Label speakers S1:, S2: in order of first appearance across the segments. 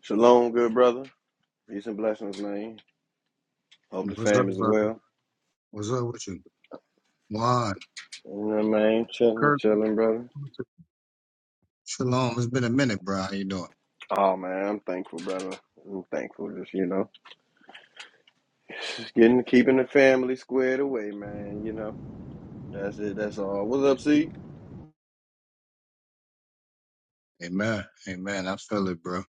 S1: Shalom, good brother. Peace and blessings, man. Hope the
S2: What's up,
S1: fam is
S2: brother?
S1: well.
S2: What's up with you? Juan,
S1: You know what I mean? Chilling,
S2: Kirk,
S1: chilling, brother.
S2: Shalom. It's been a minute, bro. How you doing?
S1: Oh man, I'm thankful, brother. I'm thankful, just you know, just getting keeping the family squared away, man. You know, that's it. That's all. What's up, C?
S2: Amen. Amen. I feel it, bro.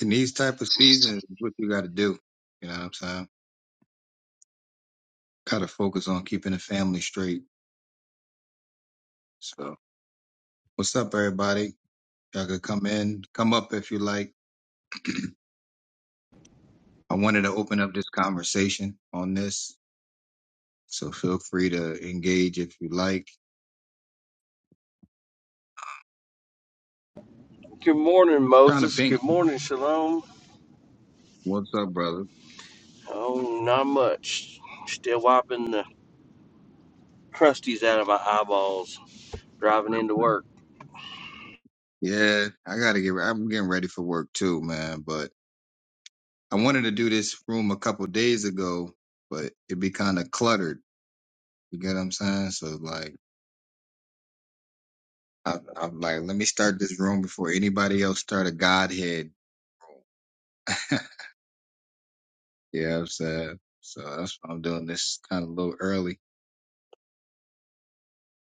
S2: In these type of seasons, what you got to do. You know what I'm saying? Got to focus on keeping the family straight. So, what's up, everybody? Y'all could come in, come up if you like. I wanted to open up this conversation on this, so feel free to engage if you like.
S3: Good morning,
S2: Trying to
S3: Moses.
S2: pink.
S3: Good morning, Shalom.
S2: What's up, brother?
S3: Oh, not much. Still wiping the crusties out of my eyeballs, driving into work.
S2: Yeah, I gotta get. I'm getting ready for work too, man. But I wanted to do this room a couple days ago, but it would be kind of cluttered. You get what I'm saying? So like, I, I'm like, let me start this room before anybody else start a Godhead. yeah, I'm saying. So that's why I'm doing this kind of a little early.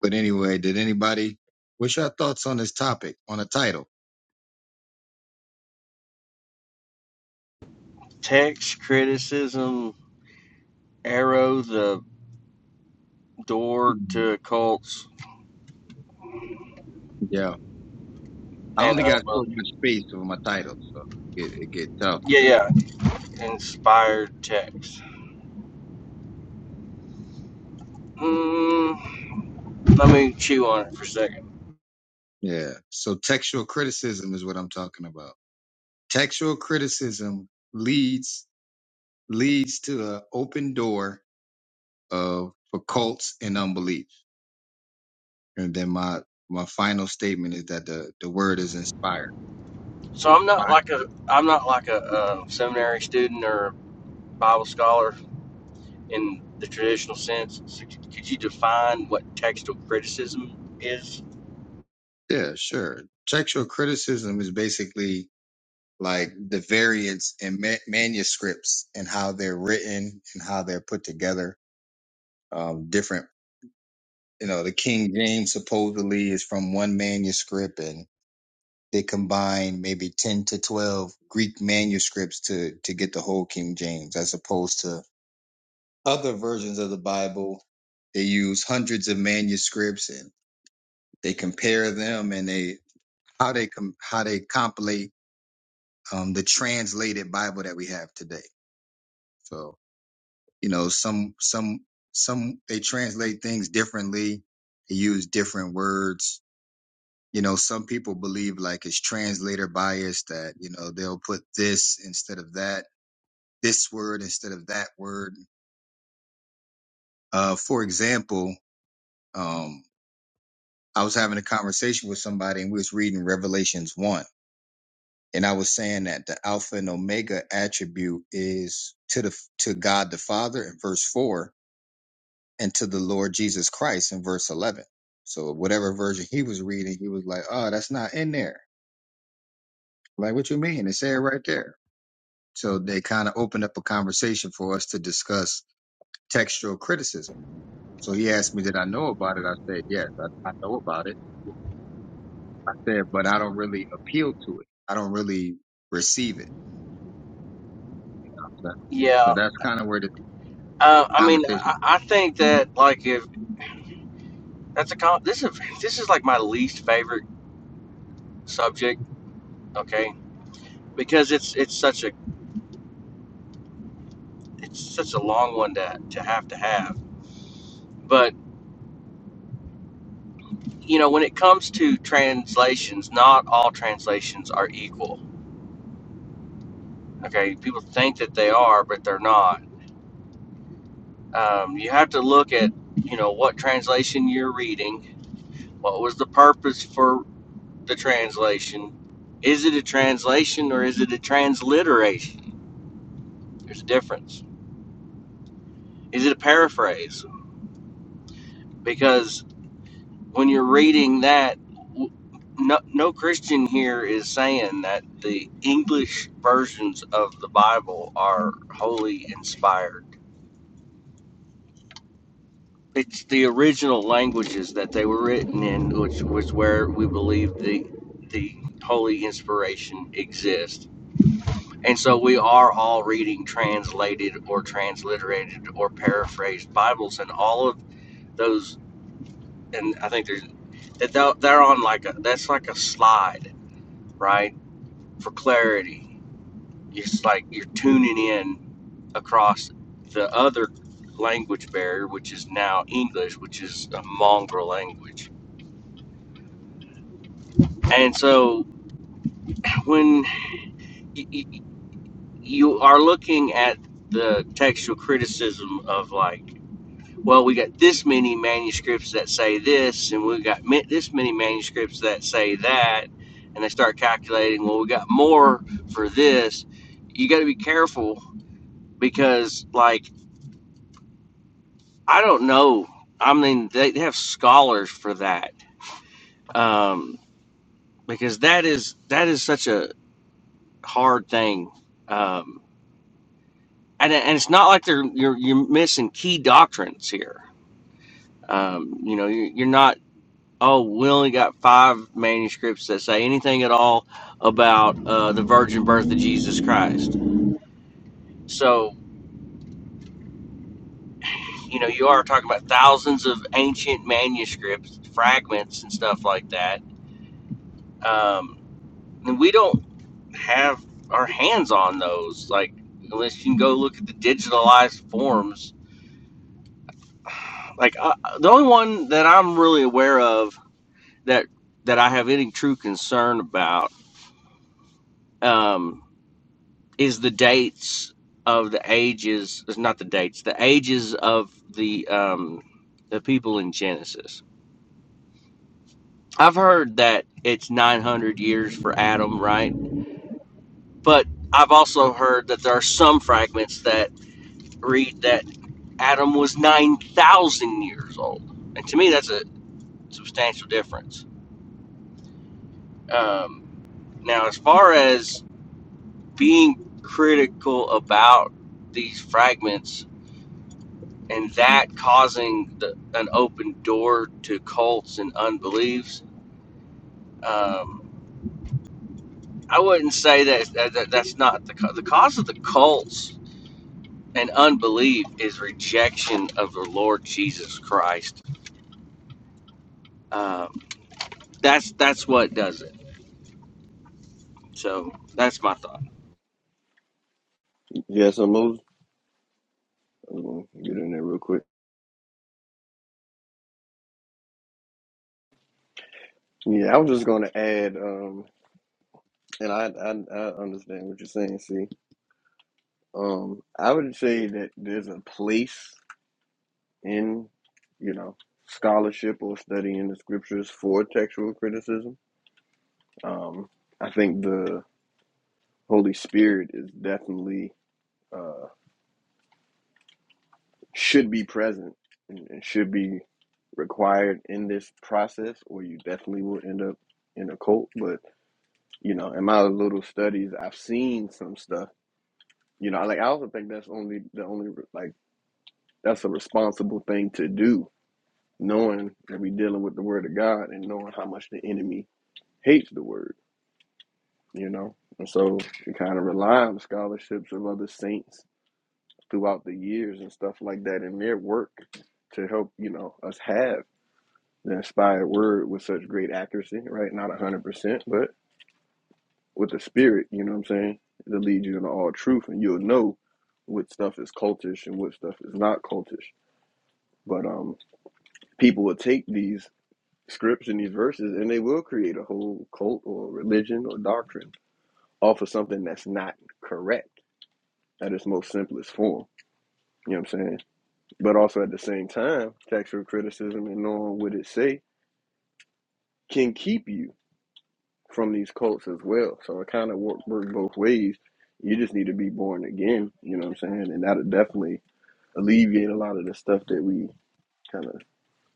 S2: But anyway, did anybody? What's your thoughts on this topic on the title?
S3: Text, criticism, arrow the door
S2: Mhm.
S3: to cults,
S2: Yeah, I
S3: and
S2: only got so
S3: unbelief.
S2: much space over my title, so it it get tough.
S3: Yeah,
S2: To,
S3: yeah. Inspired text. Mm, let me chew on it for a second.
S2: yeah. So textual criticism is what I'm talking about. Textual criticism leads leads to the open door of for cults and unbelief. And then my my final statement is that the the word is inspired.
S3: So I'm not
S2: Inspired.
S3: like a I'm not like a, uh seminary student or Bible scholar in the traditional sense. So could you define what textual criticism is?
S2: Yeah, sure. Textual criticism is basically like the variants in ma- manuscripts and how they're written and how they're put together. Um, different, you know, the King James supposedly is from one manuscript and they combine maybe 10 to 12 Greek manuscripts to, to get the whole King James as opposed to other versions of the Bible, they use hundreds of manuscripts and they compare them and they how they com- how they compilate um, the translated Bible that we have today. So you know, some some some they translate things differently. They use different words. You know, some people believe like it's translator bias that you know they'll put this instead of that, this word instead of that word. Uh, for example, um, I was having a conversation with somebody and we was reading Revelations 1 and I was saying that the alpha and omega attribute is to the to God the Father in verse 4 and to the Lord Jesus Christ in verse 11. So whatever version he was reading he was like, "Oh, that's not in there." Like, "What you mean? It said it right there." So they kind of opened up a conversation for us to discuss textual criticism. So he asked me, "Did I know about it?" I said, "Yes, I, I know about it." I said, but I don't really appeal to it. I don't really receive it. So, so
S3: Yeah,
S2: that's kind of where the
S3: uh, I mean,
S2: conversation
S3: I, I think that like if that's a con- this is this is like my least favorite subject. Okay, because it's it's such a it's such a long one to to have to have. But you know, when it comes to translations, not all translations are equal. Okay, people think that they are, but they're not. Um, you have to look at you know what translation you're reading What was the purpose for the translation? Is it a translation or is it a transliteration? There's a difference. Is it a paraphrase? Because when you're reading that, no, no Christian here is saying that the English versions of the Bible are wholly inspired. It's the original languages that they were written in, which was where we believe the the holy inspiration exists And so we are all reading translated or transliterated or paraphrased Bibles, and all of those. And I think there's that they'll- they're on like a that's like a slide, right? For clarity, it's like you're tuning in across the other language barrier, which is now English, which is a mongrel language. And so when y- y- you are looking at the textual criticism of like well, we got this many manuscripts that say this, and we got this many manuscripts that say that, and they start calculating, well, we got more for this. You got to be careful because, like, I don't know. I mean, they they have scholars for that um, because that is that is such a hard thing, um, and and it's not like they're you're you're missing key doctrines here. Um, you know, you you're not. oh, we only got five manuscripts that say anything at all about uh, the virgin birth of Jesus Christ. So, you know, you are talking about thousands of ancient manuscripts, fragments, and stuff like that. Um, and we don't have our hands on those, like, unless you can go look at the digitalized forms. Like, uh, the only one that I'm really aware of that that I have any true concern about. Um, is the dates of the ages not the dates the ages of the um the people in genesis i've heard that it's 900 years for adam right but i've also heard that there are some fragments that read that adam was 9000 years old and to me that's a substantial difference um, now as far as being critical about these fragments and that causing the, an open door to cults and unbeliefs. Um, I wouldn't say that, that, that that's not the the cause of the cults and unbelief is rejection of the Lord Jesus Christ. Um, that's that's what does it. So that's my thought.
S1: Yes, I'm Moses. I'm gonna get in there real quick. Yeah, I was just gonna add, um, and I I, I understand what you're saying, C. Um, I would say that there's a place. in, you know, scholarship or studying the scriptures for textual criticism. Um, I think the Holy Spirit is definitely uh, should be present and, and should be required in this process, or you definitely will end up in a cult. But you know, in my little studies, I've seen some stuff. You know, like I also think that's only the only like that's a responsible thing to do, knowing that we're dealing with the Word of God and knowing how much the enemy hates the word, you know. And so we kind of rely on scholarships of other saints throughout the years and stuff like that in their work to help, you know, us have the inspired word with such great accuracy, right? Not 100%, but with the spirit, you know what I'm saying? It'll lead you into all truth and you'll know what stuff is cultish and what stuff is not cultish. But um, people will take these scripts and these verses and they will create a whole cult or religion or doctrine off of something that's not correct at its most simplest form. You know what I'm saying? But also at the same time, textual criticism and knowing what it say can keep you from these cults as well. So it kind of work, work both ways. You just need to be born again. You know what I'm saying? And that'll definitely alleviate a lot of the stuff that we kind of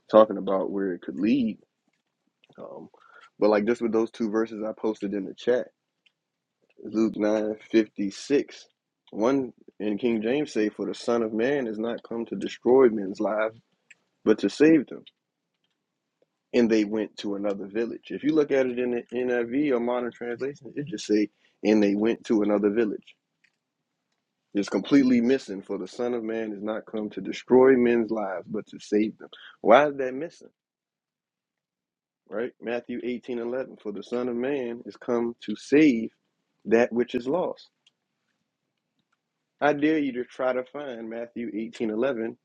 S1: talking about where it could lead. Um, but like just with those two verses I posted in the chat, Luke nine fifty six. One in King James say, "For the Son of Man is not come to destroy men's lives." but to save them. And they went to another village. If you look at it in the NIV or modern translation, it just say, and they went to another village. It's completely missing, for the Son of Man is not come to destroy men's lives, but to save them. Why is that missing? Right? Matthew 18 11. For the Son of Man is come to save that which is lost. I dare you to try to find Matthew 18 11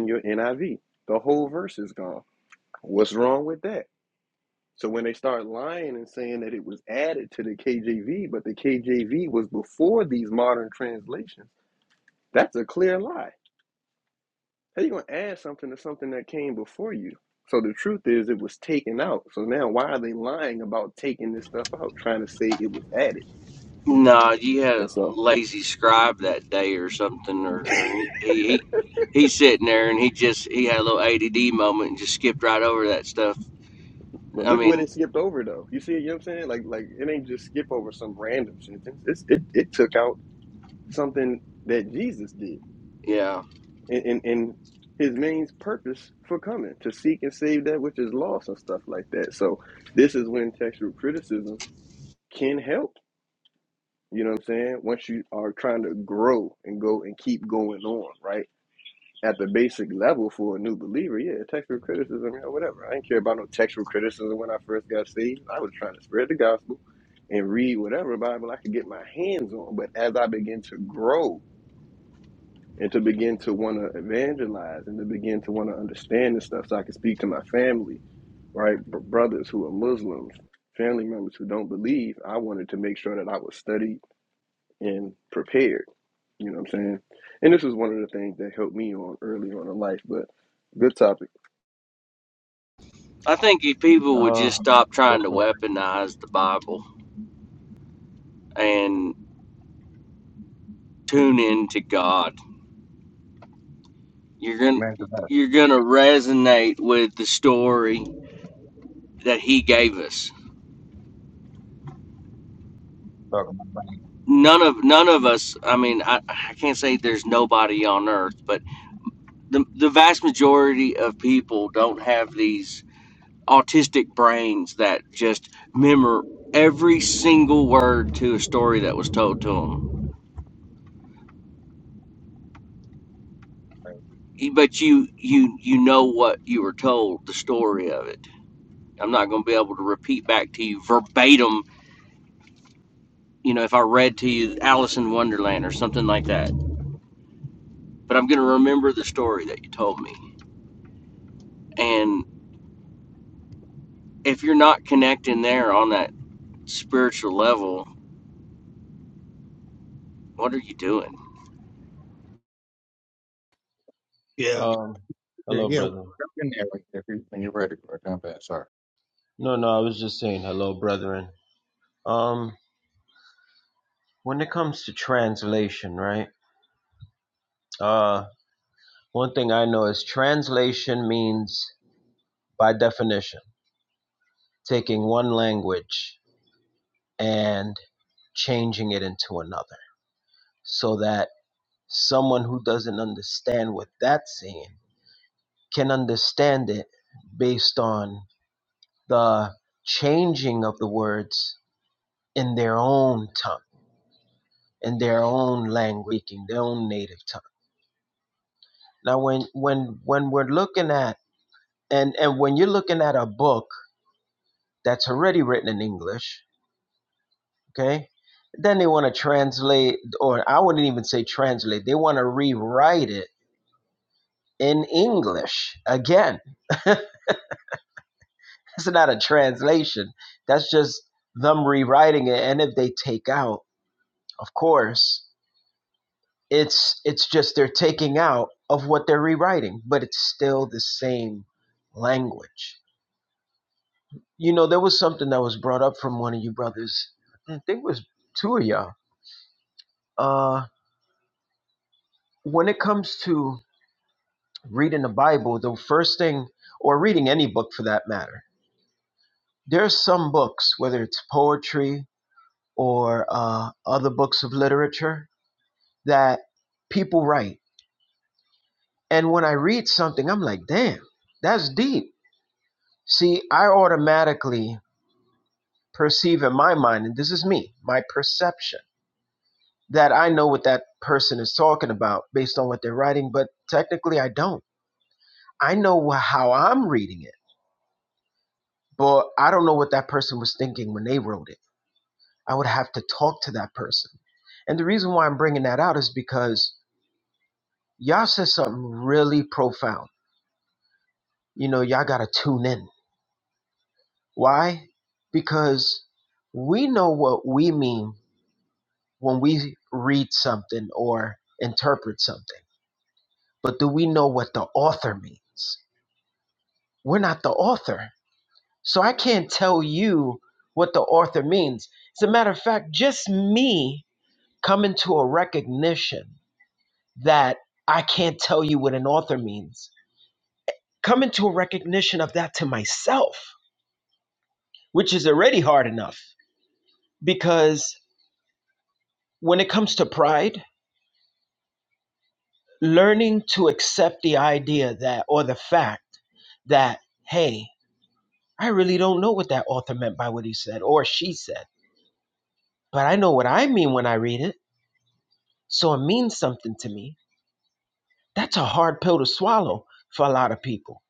S1: in your NIV. The whole verse is gone. What's wrong with that? So when they start lying and saying that it was added to the KJV, but the KJV was before these modern translations, that's a clear lie. How are you going to add something to something that came before you? So the truth is, it was taken out. So now, why are they lying about taking this stuff out, trying to say it was added?
S3: No, you had a
S1: And so,
S3: lazy scribe that day or something, or, or he. he He's sitting there, and he just he had a little ADD moment and just skipped right over that stuff.
S1: but
S3: I
S1: look what
S3: mean,
S1: it skipped over, though. You see, it, you know what I'm saying? Like, like it ain't just skip over some random sentence. It's, it it took out something that Jesus did.
S3: yeah.
S1: and, and, and his main purpose for coming to seek and save that which is lost and stuff like that. So this is when textual criticism can help. You know what I'm saying? Once you are trying to grow and go and keep going on, right? At the basic level for a new believer, yeah, textual criticism, yeah, whatever. I didn't care about no textual criticism when I first got saved. I was trying to spread the gospel and read whatever Bible I could get my hands on. But as I began to grow, and to begin to want to evangelize and to begin to want to understand this stuff so I can speak to my family, right? Br- brothers who are Muslims, family members who don't believe. I wanted to make sure that I was studied and prepared. You know what I'm saying? And this was one of the things that helped me on early on in life, but good topic.
S3: I think if people would
S4: Uh,
S3: just stop
S4: hello,
S3: trying to
S4: brother.
S3: weaponize the Bible and tune in to God, you're gonna
S2: came into that.
S3: you're gonna resonate with the story that He gave us.
S2: So,
S3: None of none of us. I mean, I, I can't say there's nobody on earth, but the the vast majority of people don't have these autistic brains that just memor every single word to a story that was told to them but you you you know what you were told the story of it i'm not going to be able to repeat back to you verbatim you know if i read to you alice in wonderland or something like that but i'm going to remember the story that you told me and if you're not connecting there on that spiritual level what are you doing
S2: Yeah.
S4: Um,
S2: yeah,
S4: hello,
S2: yeah,
S4: brother.
S2: jump in there when if you- when you're ready, bro. Jump in. Sorry.
S4: No, no, I was just saying hello, brethren. Um, when it comes to translation, right? Uh, one thing I know is translation means, by definition, taking one language and changing it into another so that someone who doesn't understand what that's saying can understand it based on the changing of the words in their own tongue in their own language, in their own native tongue. Now, when when when we're looking at and and when you're looking at a book that's already written in English, okay, then they want to translate, or I wouldn't even say translate. They want to rewrite it in English again. It's not a translation. That's just them rewriting it. And if they take out, of course. It's it's just they're taking out of what they're rewriting, but it's still the same language. You know, there was something that was brought up from one of you brothers. I think it was two of y'all. Uh, when it comes to reading the Bible, the first thing, or reading any book for that matter, there are some books, whether it's poetry or uh, other books of literature, that people write. And when I read something, I'm like, damn, that's deep. See, I automatically perceive in my mind, and this is me, my perception, that I know what that person is talking about based on what they're writing, but technically I don't. I know how I'm reading it, but I don't know what that person was thinking when they wrote it. I would have to talk to that person. And the reason why I'm bringing that out is because y'all said something really profound. You know, y'all got to tune in. Why? Because we know what we mean when we read something or interpret something. But do we know what the author means? We're not the author. So I can't tell you what the author means. As a matter of fact, just me coming to a recognition that I can't tell you what an author means, coming to a recognition of that to myself, which is already hard enough because when it comes to pride, learning to accept the idea that or the fact that hey i really don't know what that author meant by what he said or she said but i know what i mean when i read it so it means something to me that's a hard pill to swallow for a lot of people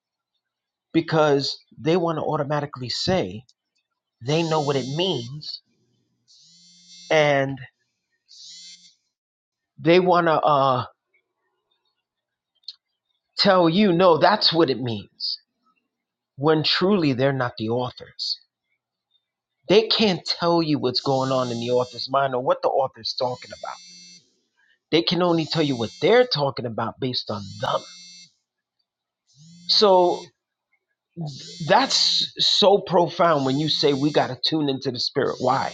S4: because they want to automatically say they know what it means and they want to uh, tell you no that's what it means when truly they're not the authors They can't tell you what's going on in the author's mind or what the author's talking about. They can only tell you what they're talking about based on them. So that's so profound when you say we got to tune into the spirit. Why?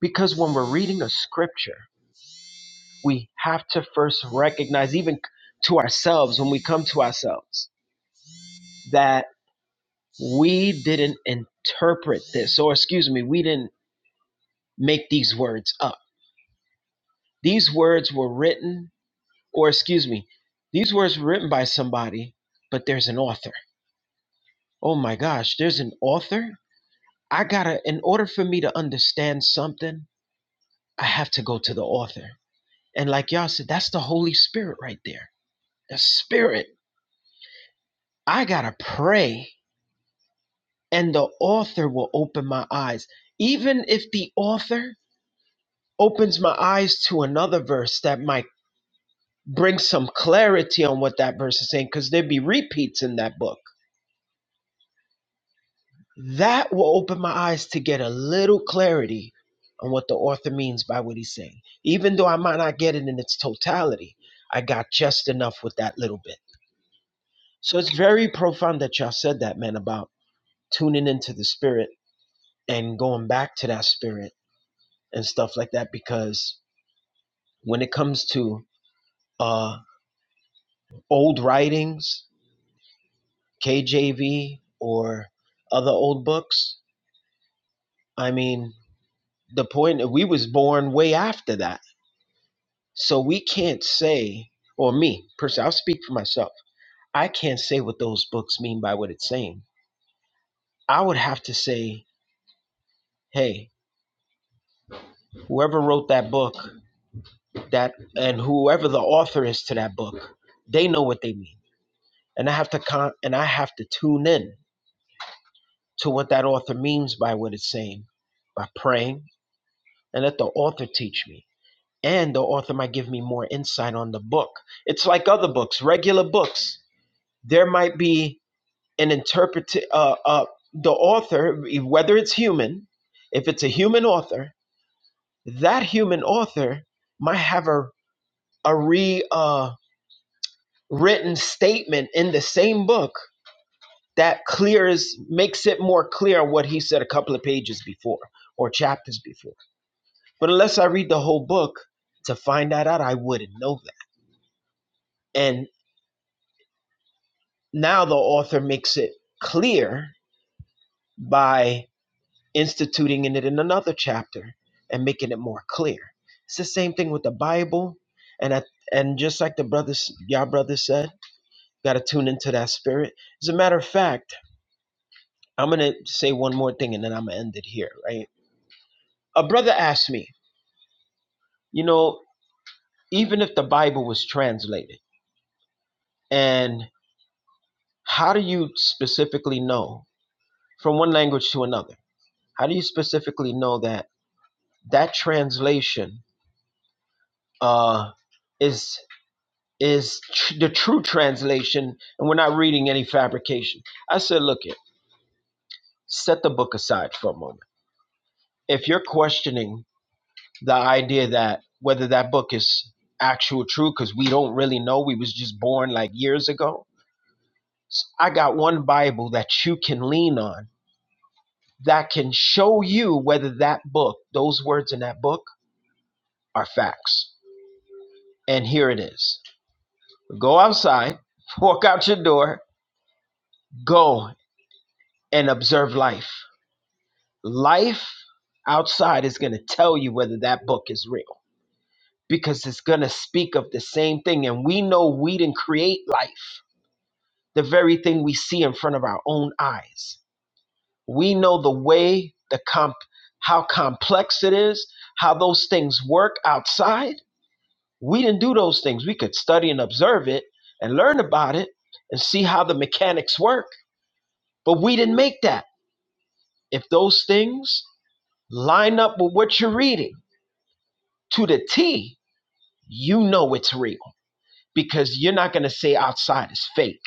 S4: Because when we're reading a scripture, we have to first recognize, even to ourselves, when we come to ourselves, that we didn't interpret this, or excuse me, we didn't make these words up. These words were written Or excuse me, these words were written by somebody, but there's an author. Oh my gosh, there's an author? I gotta, in order for me to understand something, I have to go to the author. And like y'all said, that's the Holy Spirit right there. The Spirit. I gotta pray, and the author will open my eyes. Even if the author opens my eyes to another verse that might bring some clarity on what that verse is saying, because there'd be repeats in that book That will open my eyes to get a little clarity on what the author means by what he's saying. Even though I might not get it in its totality, I got just enough with that little bit. So it's very profound that y'all said that, man, about tuning into the spirit and going back to that spirit and stuff like that. Because when it comes to uh, old writings, KJV or other old books, I mean, the point we was born way after that So we can't say, or me personally, I'll speak for myself. I can't say what those books mean by what it's saying. I would have to say, hey, whoever wrote that book, that and whoever the author is to that book, they know what they mean. And I have to con- and I have to tune in to what that author means by what it's saying, by praying, and let the author teach me. And the author might give me more insight on the book. It's like other books, regular books. There might be an interpret uh, uh, the author, whether it's human, if it's a human author, that human author might have a a re uh, written statement in the same book that clears makes it more clear what he said a couple of pages before or chapters before. But unless I read the whole book to find that out, I wouldn't know that. And now the author makes it clear by. instituting it in another chapter and making it more clear. It's the same thing with the Bible, and I, and just like the brothers, y'all brothers said, got to tune into that spirit. As a matter of fact, I'm gonna say one more thing, and then I'm gonna end it here. Right? A brother asked me, you know, even if the Bible was translated, and how do you specifically know from one language to another? How do you specifically know that that translation uh, is is tr- the true translation, and we're not reading any fabrication. I said, look it, set the book aside for a moment. If you're questioning the idea that whether that book is actual true, because we don't really know, we was just born like years ago. I got one Bible that you can lean on that can show you whether that book, those words in that book, are facts. And here it is. Go outside, walk out your door, go and observe life Life outside is going to tell you whether that book is real because it's going to speak of the same thing. And we know we didn't create life, the very thing we see in front of our own eyes. We know the way, the comp, how complex it is, how those things work outside. We didn't do those things. We could study and observe it and learn about it and see how the mechanics work, but we didn't make that. If those things line up with what you're reading to the T, you know it's real because you're not going to say outside is fake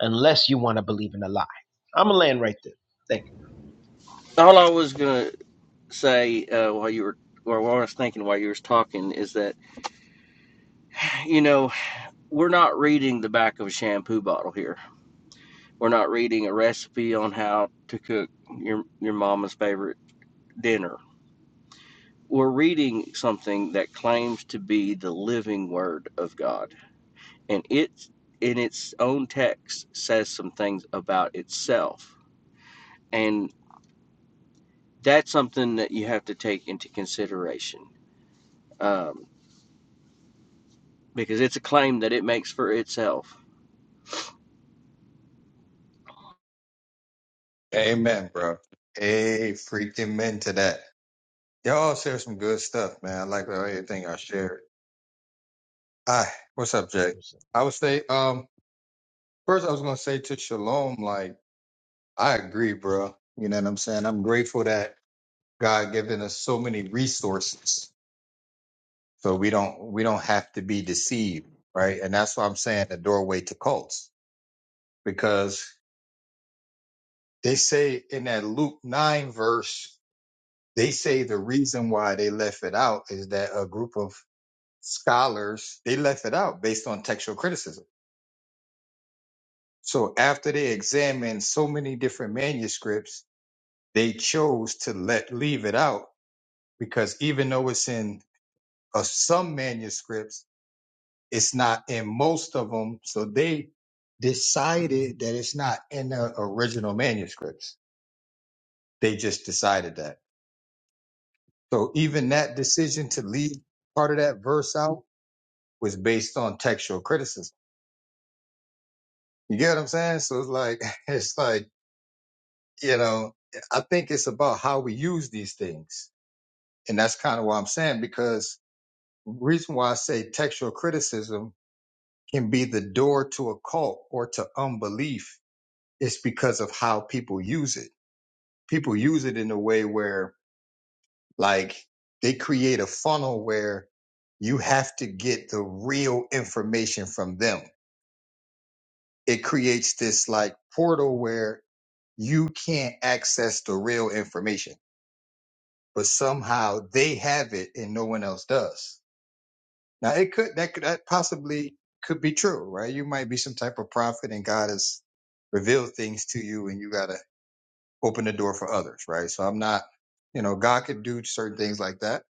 S4: unless you want to believe in a lie. I'm going to land right there. Thank
S3: all i was going to say uh, while you were or what i was thinking while you were talking is that you know we're not reading the back of a shampoo bottle here We're not reading a recipe on how to cook your your mama's favorite dinner. We're reading something that claims to be the living word of God, and it in its own text says some things about itself, and that's something that you have to take into consideration um, because it's a claim that it makes for itself
S2: Amen, bro. Hey, freaking men to that. Y'all share some good stuff, man. I like everything I shared. Hi, what's up, Jay? I would say, um, first I was gonna say to Shalom, like I agree, bro. You know what I'm saying? I'm grateful that God given us so many resources So we don't we don't have to be deceived, right? And that's why I'm saying the doorway to cults because they say in that Luke nine verse, they say the reason why they left it out is that a group of scholars they left it out based on textual criticism. So after they examined so many different manuscripts, they chose to let leave it out because even though it's in uh, some manuscripts It's not in most of them. So they decided that it's not in the original manuscripts. They just decided that. So even that decision to leave part of that verse out was based on textual criticism. You get what I'm saying? So it's like, it's like, you know, I think it's about how we use these things. And that's kind of what I'm saying because reason why I say textual criticism can be the door to a cult or to unbelief is because of how people use it people use it in a way where like they create a funnel where you have to get the real information from them. It creates this like portal where you can't access the real information, but somehow they have it and no one else does. Now it could that could that possibly could be true, right? You might be some type of prophet and God has revealed things to you and you gotta open the door for others, right? So I'm not, you know, God could do certain things like that.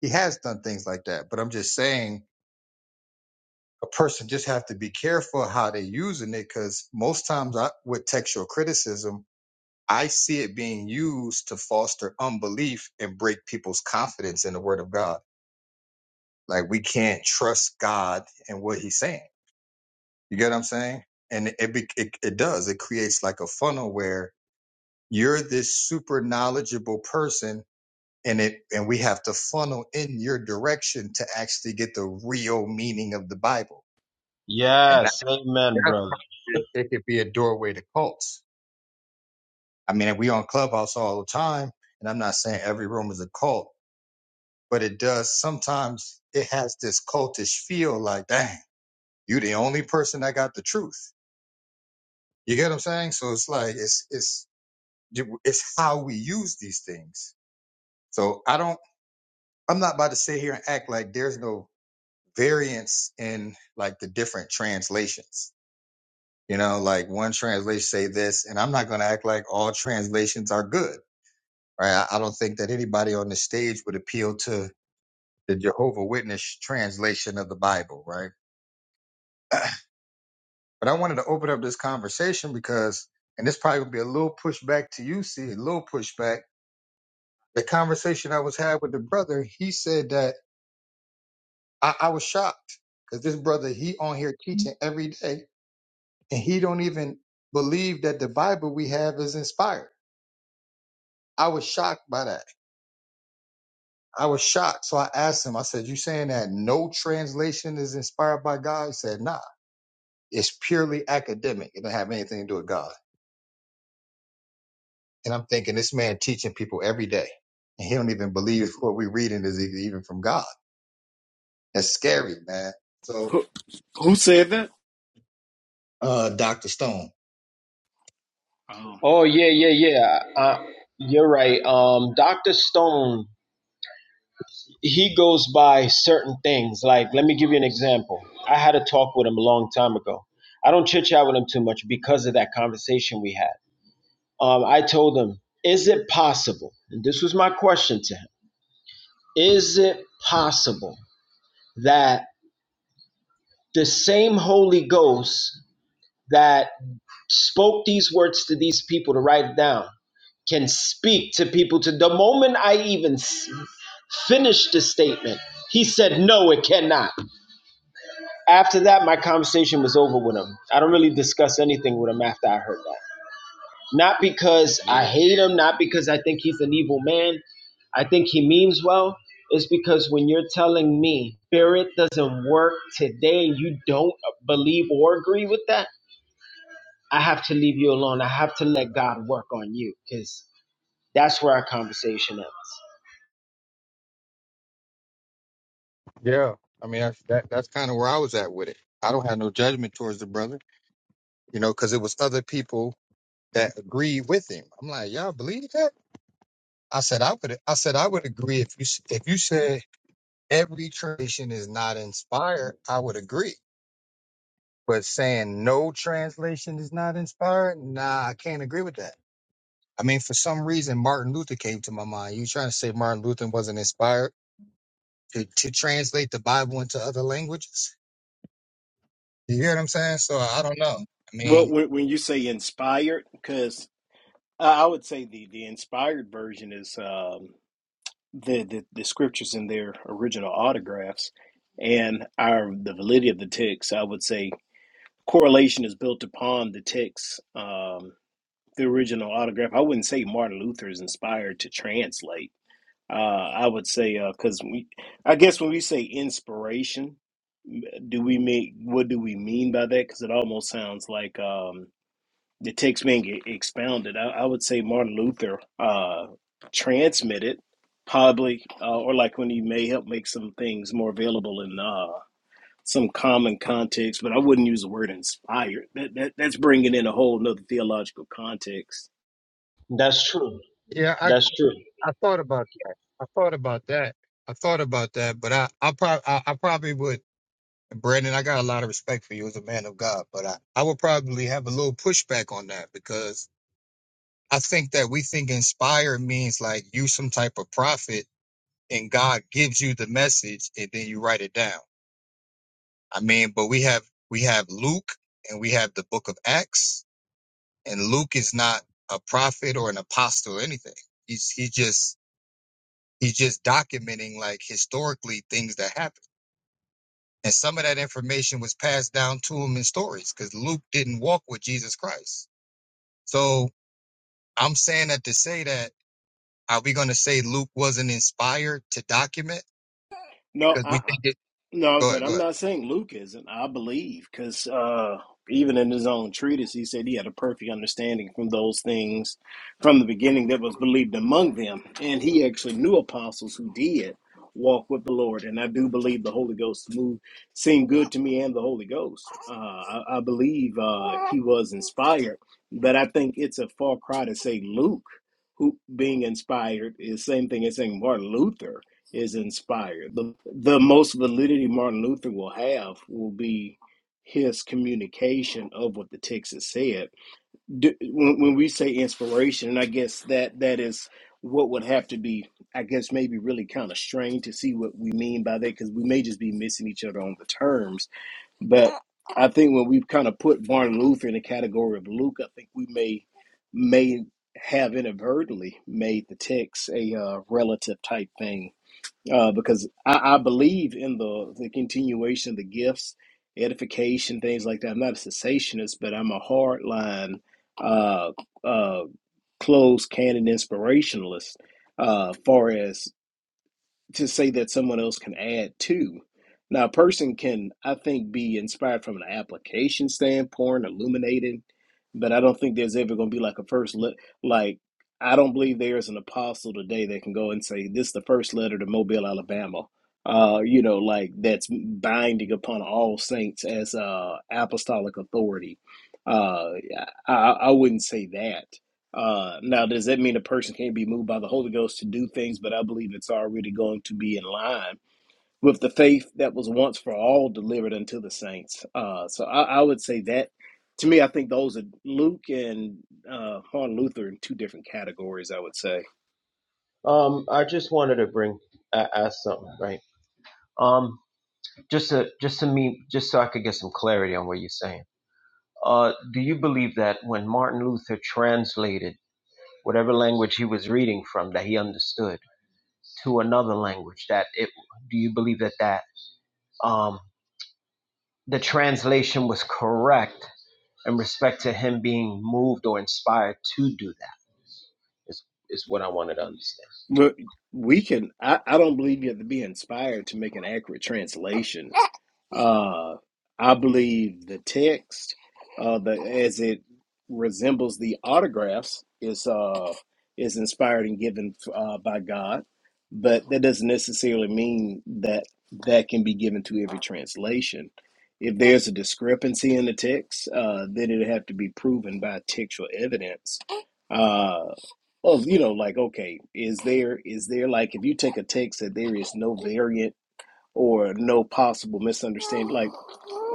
S2: He has done things like that, but I'm just saying a person just have to be careful how they are using it because most times I, with textual criticism, I see it being used to foster unbelief and break people's confidence in the Word of God. Like we can't trust God and what He's saying. You get what I'm saying? And it be, it, it does. It creates like a funnel where you're this super knowledgeable person and it and we have to funnel in your direction to actually get the real meaning of the Bible.
S4: you.
S2: And that,
S4: Yes, amen,
S2: that's
S4: brother.
S2: why it, it could be a doorway to cults. I mean, we on Clubhouse all the time, and I'm not saying every room is a cult, but it does sometimes. It has this cultish feel, like, dang, you the only person that got the truth. You get what I'm saying? So it's like it's it's it's how we use these things. So I don't. I'm not about to sit here and act like there's no variance in like the different translations. You know, like one translation say this, and I'm not going to act like all translations are good, right? I, I don't think that anybody on the stage would appeal to the Jehovah Witness translation of the Bible, right? but I wanted to open up this conversation because, and this probably would be a little pushback to you, see, a little pushback. The conversation I was had with the brother, he said that I, I was shocked because this brother, he on here teaching every day and he don't even believe that the Bible we have is inspired. I was shocked by that. I was shocked. So I asked him, I said, You saying that no translation is inspired by God? He said, Nah. It's purely academic. It don't have anything to do with God. And I'm thinking this man teaching people every day. And he don't even believe what we're reading is e- even from God. That's scary, man. So
S5: Who, who said that?
S2: uh Dr. Stone.
S5: Oh.
S4: Oh yeah, yeah, yeah. Uh, you're right. Um, Doctor Stone, he goes by certain things. Like, let me give you an example. I had a talk with him a long time ago. I don't chit chat with him too much because of that conversation we had. Um, I told him, is it possible? And this was my question to him: Is it possible that the same Holy Ghost that spoke these words to these people to write it down can speak to people to the moment I even s- finished the statement. He said, No, it cannot. After that, my conversation was over with him. I don't really discuss anything with him after I heard that. Not because I
S6: Yeah,
S4: hate him, not because I think he's an evil man. I think he means well. It's because when you're telling me spirit doesn't work today and you don't believe or agree with that, I have to leave you alone. I have to let God work on you because that's where our conversation ends.
S2: Yeah. I mean that's that, that's kind of where I was at with it. I don't have no judgment towards the brother, you know, because it was other people that agreed with him. I'm like, y'all believe that? I said I would. I said I would agree if you s- if you said every translation is not inspired. I would agree. But saying no translation is not inspired, nah, I can't agree with that. I mean, for some reason, Martin Luther came to my mind. You trying to say Martin Luther wasn't inspired to, to translate the Bible into other languages? You hear what I'm saying? So I don't know. I mean,
S5: Well, when, when you say inspired, because I I would say the, the inspired version is um, the, the the scriptures in their original autographs, and our the validity of the text. I would say correlation is built upon the text, um, the original autograph. I wouldn't say Martin Luther is inspired to translate. Uh, I would say uh, because we, I guess when we say inspiration, m- do we mean what do we mean by that? Because it almost sounds like um, the text being e- expounded. I, I would say Martin Luther uh, transmitted probably, uh, or like when he may help make some things more available in uh, some common context. But I wouldn't use the word inspired. That, that that's bringing in a whole nother theological context.
S4: That's true.
S2: Yeah, I
S4: That's true.
S2: I thought about that. I thought about that. I thought about that, but I I probably I, I probably would. Brandon, I got a lot of respect for you as a man of God, but I, I would probably have a little pushback on that because I think that we think inspired means like you some type of prophet and God gives you the message and then you write it down. I mean, but we have we have Luke and we have the book of Acts and Luke is not a prophet or an apostle or anything. He's he just He's just documenting like historically things that happened. And some of that information was passed down to him in stories because Luke didn't walk with Jesus Christ. So I'm saying that to say that, are we going to say Luke wasn't inspired to document?
S5: No,
S2: Because we
S5: I,
S2: think it,
S5: No, I
S2: go
S5: said
S2: ahead, go
S5: I'm
S2: ahead.
S5: not saying Luke isn't. I believe because uh, even in his own treatise, he said he had a perfect understanding from those things from the beginning that was believed among them, and he actually knew apostles who did walk with the Lord. And I do believe the Holy Ghost moved, seemed good to me, and the Holy Ghost. Uh, I, I believe uh, he was inspired, but I think it's a far cry to say Luke, who being inspired, is the same thing as saying Martin Luther is inspired. The, the most validity Martin Luther will have will be his communication of what the text has said. Do, when, when we say inspiration, and I guess that that is what would have to be, I guess, maybe really kind of strained to see what we mean by that because we may just be missing each other on the terms. But I think when we've kind of put Martin Luther in the category of Luke, I think we may may have inadvertently made the text a uh, relative type thing uh, because I, I believe in the the continuation of the gifts, edification, things like that. I'm not a cessationist, but I'm a hardline, uh, uh, closed canon inspirationalist. Uh, far as to say that someone else can add to. Now, a person can, I think, be inspired from an application standpoint, illuminated, but I don't think there's ever going to be like a first le- Like, I don't believe there is an apostle today that can go and say, This is the first letter to Mobile, Alabama. Uh, you know, like that's binding upon all saints as uh, apostolic authority. Uh, I, I I wouldn't say that. Uh, now, does that mean a person can't be moved by the Holy Ghost to do things? But I believe it's already going to be in line with the faith that was once for all delivered unto the saints. Uh, so I, I would say that to me, I think those are Luke and uh, Martin Luther in two different categories. I would say
S4: Um, I just wanted to bring uh, ask something, right? Um, just to just to me, just so I could get some clarity on what you're saying. Uh, do you believe that when Martin Luther translated whatever language he was reading from that he understood to another language, that it do you believe that that um the translation was correct in respect to him being moved or inspired to do that is is what I wanted to understand.
S5: but we can. I, I don't believe you have to be inspired to make an accurate translation Uh, I believe the text, uh, the as it resembles the autographs, is uh, is inspired and given uh, by God, but that doesn't necessarily mean that that can be given to every translation. If there's a discrepancy in the text, uh, then it'd have to be proven by textual evidence. Uh, of you know, like okay, is there is there like if you take a text that there is no variant or no possible misunderstanding. Like,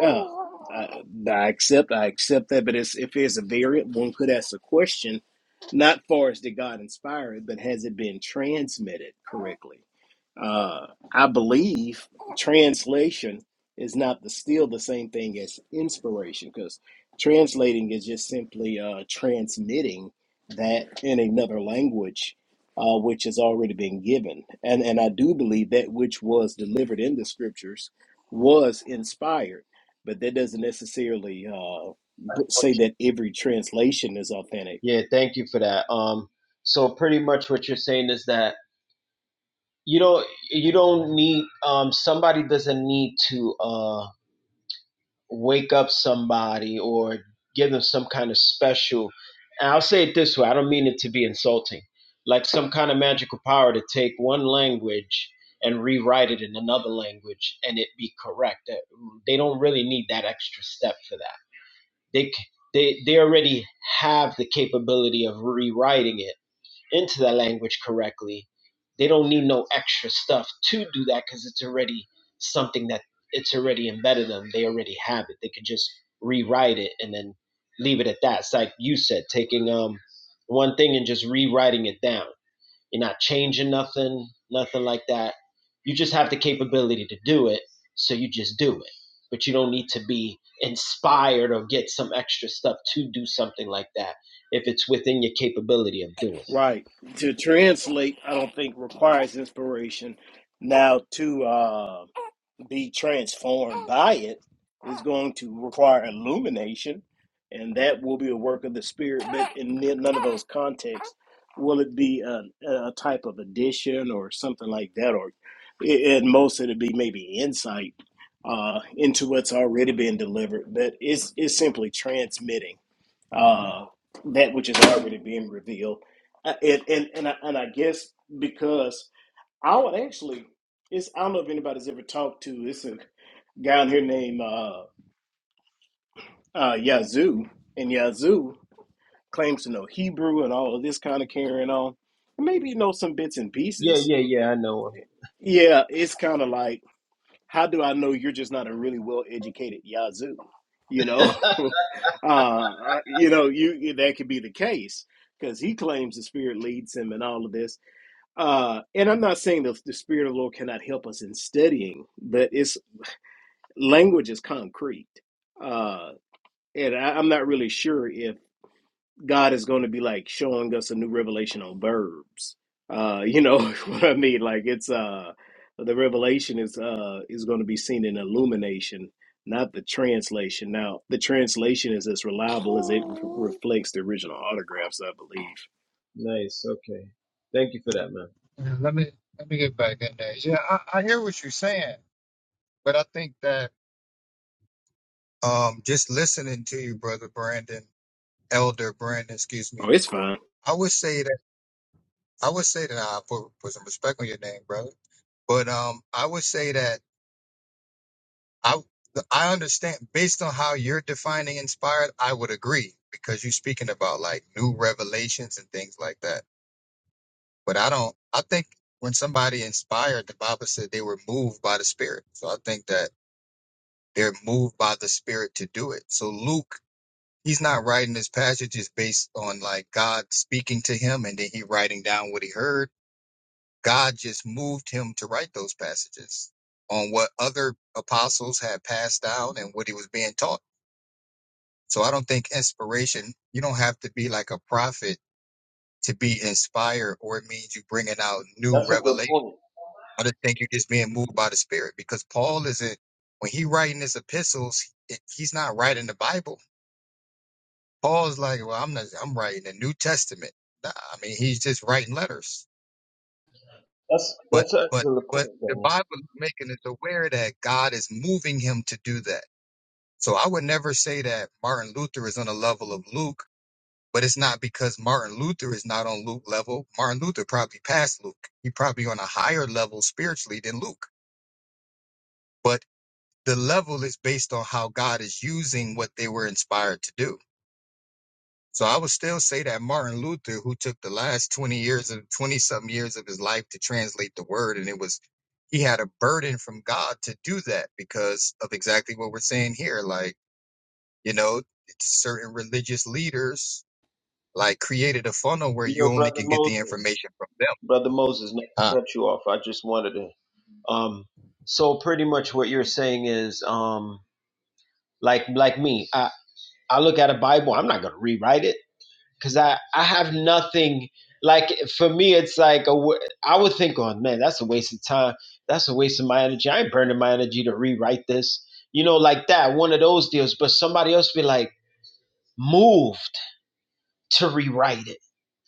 S5: yeah, I, I accept, I accept that. But it's, if there's a variant, one could ask a question, not far as did God inspire it, but has it been transmitted correctly? Uh, I believe translation is not the, still the same thing as inspiration because translating is just simply uh, transmitting that in another language uh, which has already been given. And, and I do believe that which was delivered in the scriptures was inspired, but that doesn't necessarily uh, b- say that every translation is authentic.
S4: Yeah, thank you for that. Um so pretty much what you're saying is that you don't you don't need um somebody doesn't need to uh. wake up somebody or give them some kind of special. And I'll say it this way I don't mean it to be insulting, like some kind of magical power to take one language and rewrite it in another language and it be correct. That- mm, They don't really need that extra step for that. They, c- they, they already have the capability of rewriting it into that language correctly, they don't need no extra stuff to do that because it's already something that it's already embedded them. They already have it. They could just rewrite it and then leave it at that. It's like you said, taking um one thing and just rewriting it down. You're not changing nothing, nothing like that. You just have the capability to do it, so you just do it. But you don't need to be inspired or get some extra stuff to do something like that if it's within your capability of doing it.
S5: Right. To translate, I don't think requires inspiration. Now, to uh, be transformed by it is going to require illumination, and that will be a work of the Spirit. But in none of those contexts will it be a, a type of addition or something like that, or i- at most it'll be maybe insight uh, into what's already been delivered. But it's it's simply transmitting uh, that which is already being revealed, Uh, and and and I, and I guess because I would actually it's I don't know if anybody's ever talked to this down here named uh, uh, Yazoo, and Yazoo claims to know Hebrew and all of this kind of carrying on. And maybe you know some bits and
S4: Yeah,
S5: pieces.
S4: yeah, yeah. I know him.
S5: Yeah, it's kind of like, how do I know you're just not a really well educated Yazoo? You know, uh, you know, you that could be the case because he claims the Spirit leads him and all of this. Uh, and I'm not saying that the Spirit of the Lord cannot help us in studying, but it's language is concrete Uh, and I, I'm not really sure if God is going to be like showing us a new revelation on verbs. Uh, you know what I mean? Like it's uh, the revelation is uh is going to be seen in illumination, not the translation. Now the translation is as reliable as it re- reflects the original autographs, I believe.
S4: Nice. Okay. Thank you for that, man.
S2: Yeah, Let me let me get back in there. Yeah, I, I hear what you're saying, but I think that Um, just listening to you, brother Brandon, elder Brandon, excuse me.
S5: Oh, it's fine.
S2: I would say that, I would say that I put, put some respect on your name, brother. But um, I would say that I I understand based on how you're defining inspired, I would agree because you're speaking about like new revelations and things like that. But I don't. I think when somebody inspired, the Bible said they were moved by the Spirit. So I think that they're moved by the Spirit to do it. So Luke, he's not writing his passages based on like God speaking to him and then he writing down what he heard God just moved him to write those passages on what other apostles had passed down and what he was being taught. So I don't think inspiration, you don't have to be like a prophet to be inspired or it means you bringing out new revelation.
S4: Oh,
S2: I just think you're just being moved by the spirit because Paul isn't, when he writing his epistles, it, he's not writing the Bible. Paul's like, well, I'm not, I'm writing the New Testament. Nah, I mean, he's just writing letters.
S4: That's
S2: But
S4: that's an
S2: but
S4: excellent point,
S2: but the
S4: man.
S2: Bible is making us aware that God is moving him to do that. So I would never say that Martin Luther is on the level of Luke, but it's not because Martin Luther is not on Luke level. Martin Luther probably passed Luke. He probably on a higher level spiritually than Luke. But the level is based on how God is using what they were inspired to do. So I would still say that Martin Luther, who took the last 20 years of 20 something years of his life to translate the word, and it was he had a burden from God to do that because of exactly what we're saying here. Like, you know, certain religious leaders like created a funnel where
S4: You
S2: you
S4: know,
S2: only
S4: brother
S2: can get the
S4: Moses,
S2: information from them.
S4: brother Moses, not to
S2: Huh.
S4: cut you off. I just wanted to. Um, so pretty much what you're saying is, um, like like me, I I look at a Bible. I'm not gonna rewrite it. because I, I have nothing like for me it's like a I would think oh man that's a waste of time that's a waste of my energy i ain't burning my energy to rewrite this you know like that one of those deals but somebody else be like moved to rewrite it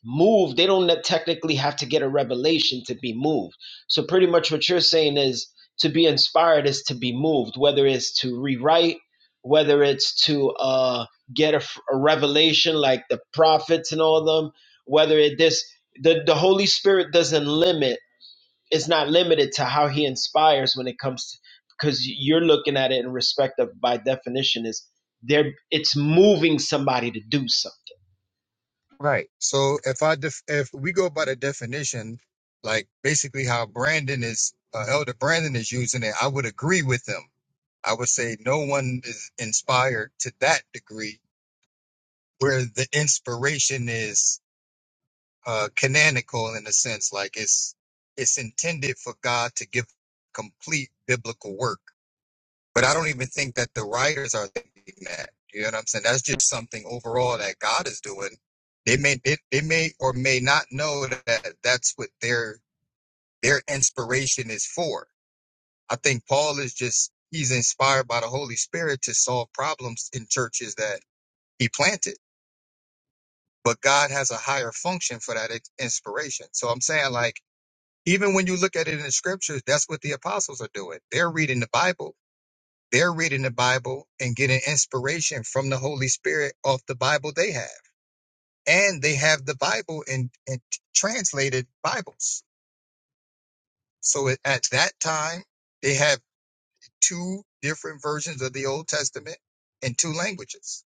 S4: move they don't technically have to get a revelation to be moved so pretty much what you're saying is to be inspired is to be moved whether it's to rewrite whether it's to uh get a a revelation like the prophets and all of them whether it this the, the holy spirit doesn't limit it's not limited to how he inspires when it comes to because you're looking at it in respect of by definition is there it's moving somebody to do something
S2: Right. So if I def- if we go by the definition, like basically how Brandon is uh, Elder Brandon is using it, I would agree with them I would say no one is inspired to that degree where the inspiration is uh, canonical in a sense, like it's it's intended for God to give complete biblical work. But I don't even think that the writers are thinking that. You know what I'm saying? That's just something overall that God is doing. They may they, they may or may not know that that's what their their inspiration is for I think Paul is just he's inspired by the Holy Spirit to solve problems in churches that he planted. But God has a higher function for that ex- inspiration. So I'm saying like even when you look at it in the scriptures, that's what the apostles are doing. They're reading the Bible. They're reading the Bible and getting inspiration from the Holy Spirit off the Bible they have. And they have the Bible in, in translated Bibles. So at at that time, they had. two different versions of the Old Testament in two languages.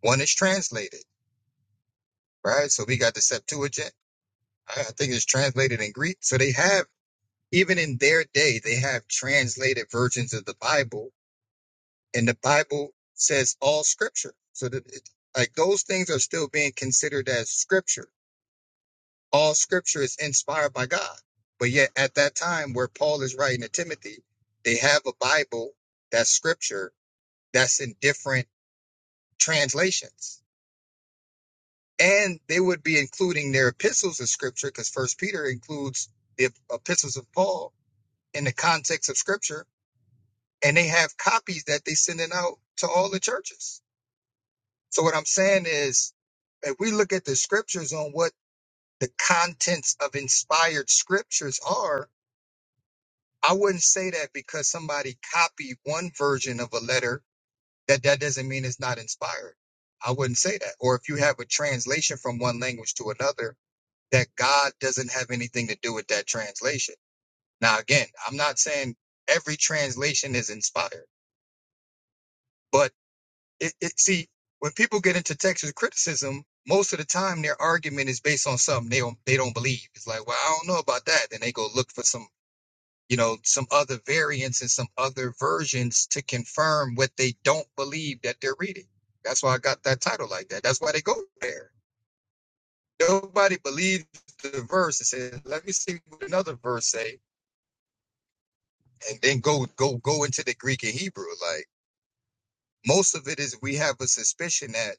S2: One is translated, right? So we got the Septuagint. I I think it's translated in Greek. So they have, even in their day, they have translated versions of the Bible, and the Bible says all scripture. So that it, like those things are still being considered as scripture. All scripture is inspired by God. But yet at that time where Paul is writing to Timothy, they have a Bible that's scripture that's in different translations and they would be including their epistles of scripture because first peter includes the epistles of paul in the context of scripture and they have copies that they sending out to all the churches so what i'm saying is if we look at the scriptures on what the contents of inspired scriptures are i wouldn't say that because somebody copied one version of a letter that that doesn't mean it's not inspired i wouldn't say that or if you have a translation from one language to another that God doesn't have anything to do with that translation. Now, again, I'm not saying every translation is inspired, but it, it see when people get into textual criticism, most of the time their argument is based on something they don't they don't believe. It's like, well, I don't know about that. Then they go look for some you know some other variants and some other versions to confirm what they don't believe that they're reading. That's why I got that title like that. That's why they go there. Nobody believes the verse and says, "Let me see what another verse say." and then go go go into the Greek and Hebrew. Like most of it is, we have a suspicion that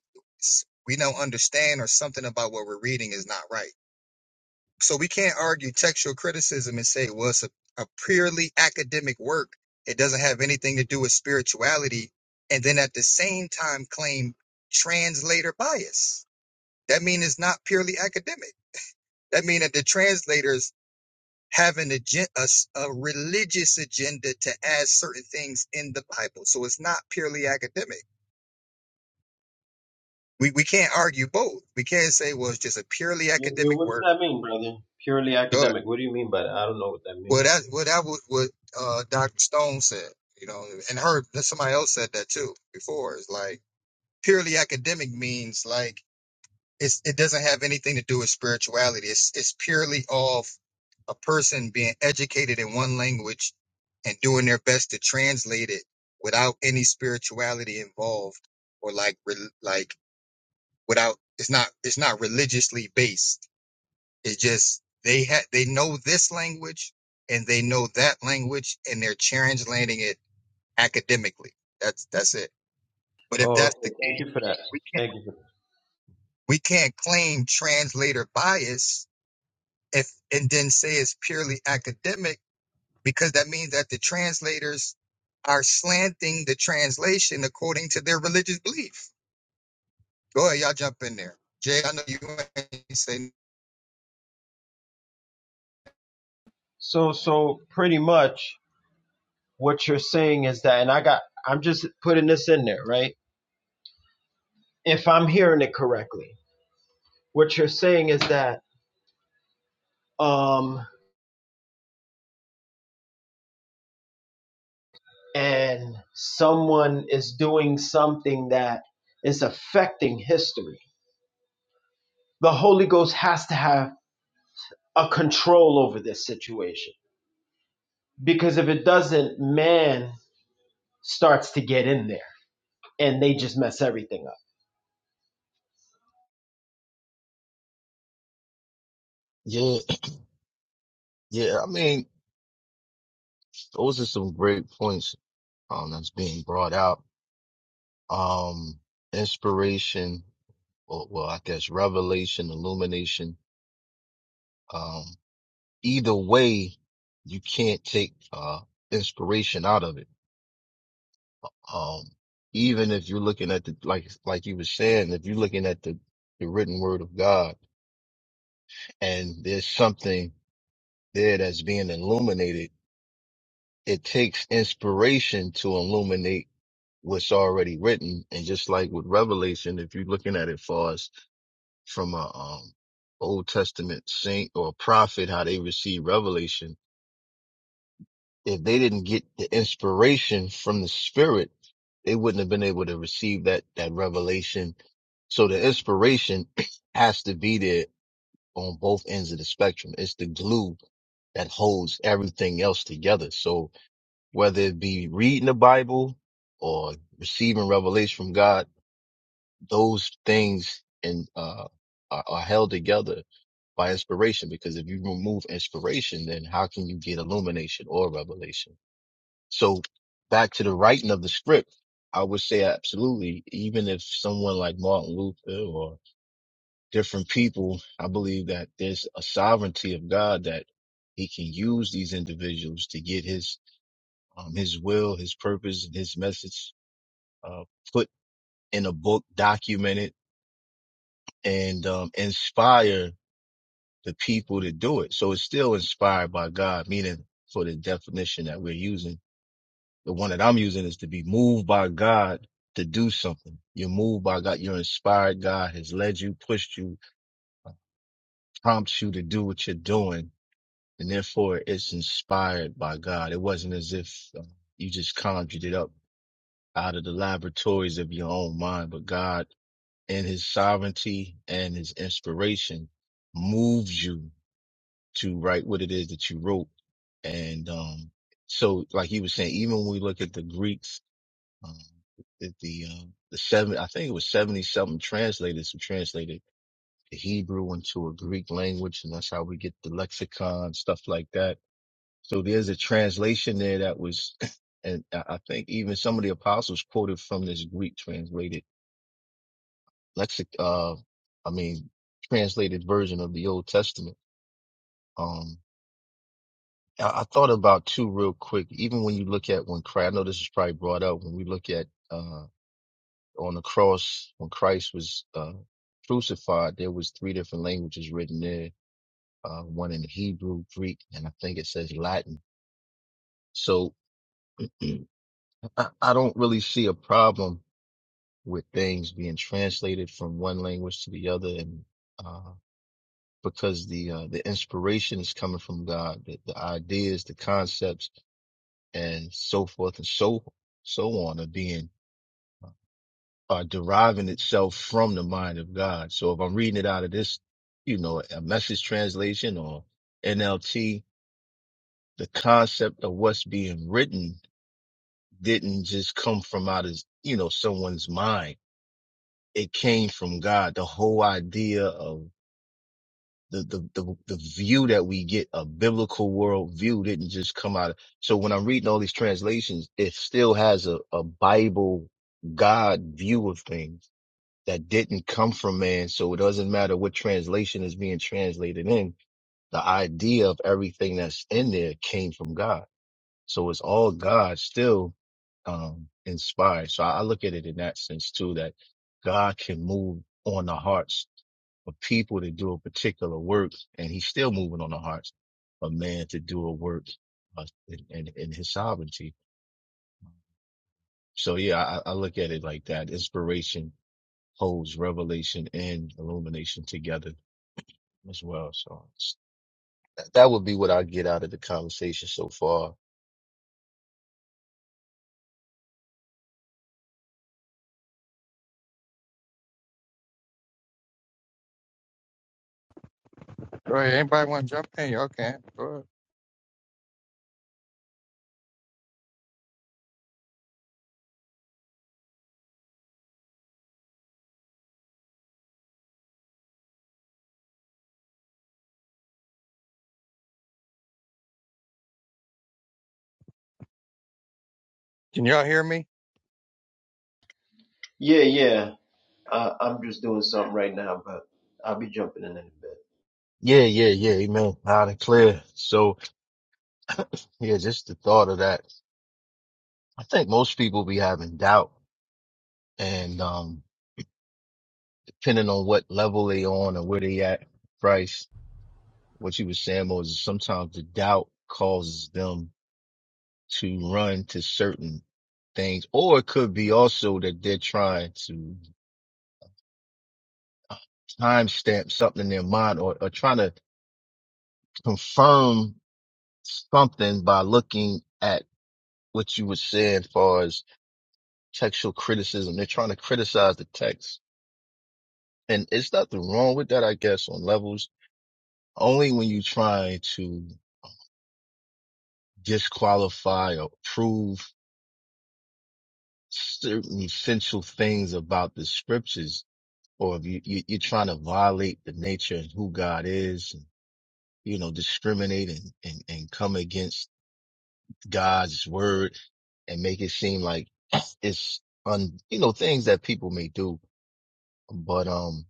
S2: we don't understand or something about what we're reading is not right. So we can't argue textual criticism and say, well, it's a, a purely academic work. It doesn't have anything to do with spirituality, and then at the same time claim translator bias. That means it's not purely academic. That means that the translators have an agenda, a, s- a religious agenda to add certain things in the Bible. So it's not purely academic. We, we can't argue both. We can't say, well, it's just a purely
S4: Yeah, yeah,
S2: academic
S4: What does
S2: work.
S4: that mean, brother? Purely
S2: Good.
S4: academic. What do you mean by that? I don't know what that
S2: Well,
S4: means.
S2: that, well, that was what uh, Dr. Stone said, you know, and her, somebody else said that too before. It's like purely academic means like It's, it doesn't have anything to do with spirituality. It's, it's purely of a person being educated in one language and doing their best to translate it without any spirituality involved or like re- like without it's not it's not religiously based it's just they had they know this language and they know that language and they're translating it academically that's that's it but if
S4: Oh,
S2: that's
S4: okay.
S2: the
S4: Thank you
S2: case
S4: for that.
S2: we can't,
S4: Thank you for that.
S2: we can't claim translator bias if and then say it's purely academic because that means that the translators are slanting the translation according to their religious belief. Go ahead, y'all jump in there. Jay, I know you ain't saying.
S4: So, so pretty much what you're saying is that, and I got, I'm just putting this in there, right? If I'm hearing it correctly, what you're saying is that, um, and someone is doing something that is affecting history. The Holy Ghost has to have a control over this situation because if it doesn't, man starts to get in there and they just mess everything up.
S6: yeah, yeah. I mean, those are some great points um, that's being brought out. Um, inspiration, or well, I guess revelation, illumination. Um, either way, you can't take uh, inspiration out of it. Um, even if you're looking at the like, like you were saying, if you're looking at the the written word of God, and there's something there that's being illuminated, it takes inspiration to illuminate what's already written. And just like with Revelation, if you're looking at it for us from a um, Old Testament saint or prophet, how they receive revelation, if they didn't get the inspiration from the Spirit, they wouldn't have been able to receive that that revelation. So the inspiration has to be there on both ends of the spectrum. It's the glue that holds everything else together. So whether it be reading the Bible or receiving revelation from God, those things and uh, are, are held together by inspiration. Because if you remove inspiration, then how can you get illumination or revelation? So back to the writing of the script, I would say absolutely. Even if someone like Martin Luther or different people, I believe that there's a sovereignty of God that He can use these individuals to get His um, His will, His purpose, and His message uh, put in a book, documented, and um, inspire the people to do it. So it's still inspired by God, meaning for the definition that we're using. The one that I'm using is to be moved by God to do something. You're moved by God. You're inspired. God has led you, pushed you, prompts you to do what you're doing. And therefore it's inspired by God. It wasn't as if uh, you just conjured it up out of the laboratories of your own mind, but God in his sovereignty and his inspiration moves you to write what it is that you wrote. And, um, so like you were saying, even when we look at the Greeks, um, at the, um, the seven, I think it was 70 something translators who translated the Hebrew into a Greek language. And that's how we get the lexicon, stuff like that. So there's a translation there that was, and I I think even some of the apostles quoted from this Greek translated lexic, uh, I mean, translated version of the Old Testament. Um, I I thought about two real quick. Even when you look at when Christ, I know this is probably brought up when we look at uh, on the cross when Christ was uh, crucified, there was three different languages written there. Uh, one in Hebrew, Greek, and I think it says Latin. So I, I don't really see a problem with things being translated from one language to the other, and uh, because the uh, the inspiration is coming from God, the, the ideas, the concepts and so forth and so so on are being are deriving itself from the mind of God. So if I'm reading it out of this, you know, a message translation or NLT, the concept of what's being written didn't just come from out of you know someone's mind. It came from God. The whole idea of the, the, the, the view that we get, a biblical world view didn't just come out. of- So when I'm reading all these translations, it still has a, a Bible God view of things that didn't come from man. So it doesn't matter what translation is being translated in. The idea of everything that's in there came from God. So it's all God still, um, inspired. So I, I look at it in that sense too, that God can move on the hearts for people to do a particular work, and he's still moving on the hearts of man to do a work uh, in, in, in his sovereignty. So yeah, I, I look at it like that. Inspiration holds revelation and illumination together as well. So it's- that that would be what I get out of the conversation so far.
S2: Go ahead. Anybody want to jump in? Y'all can. Go ahead. Can y'all hear me?
S4: Yeah, yeah. I, I'm just doing something right now, but I'll be jumping in in a bit.
S6: Yeah, yeah, yeah. Amen. Loud and clear. So yeah, just the thought of that. I think most people be having doubt and, um, depending on what level they on and where they at, Christ. What you were saying, Moses, sometimes the doubt causes them to run to certain things, or it could be also that they're trying to timestamp something in their mind or, or trying to confirm something by looking at what you were saying as far as textual criticism. They're trying to criticize the text. And it's nothing wrong with that, I guess, on levels. Only when you try to disqualify or prove certain essential things about the scriptures, or if you, you you're trying to violate the nature and who God is, and, you know, discriminate and, and and come against God's word and make it seem like it's un you know things that people may do, but um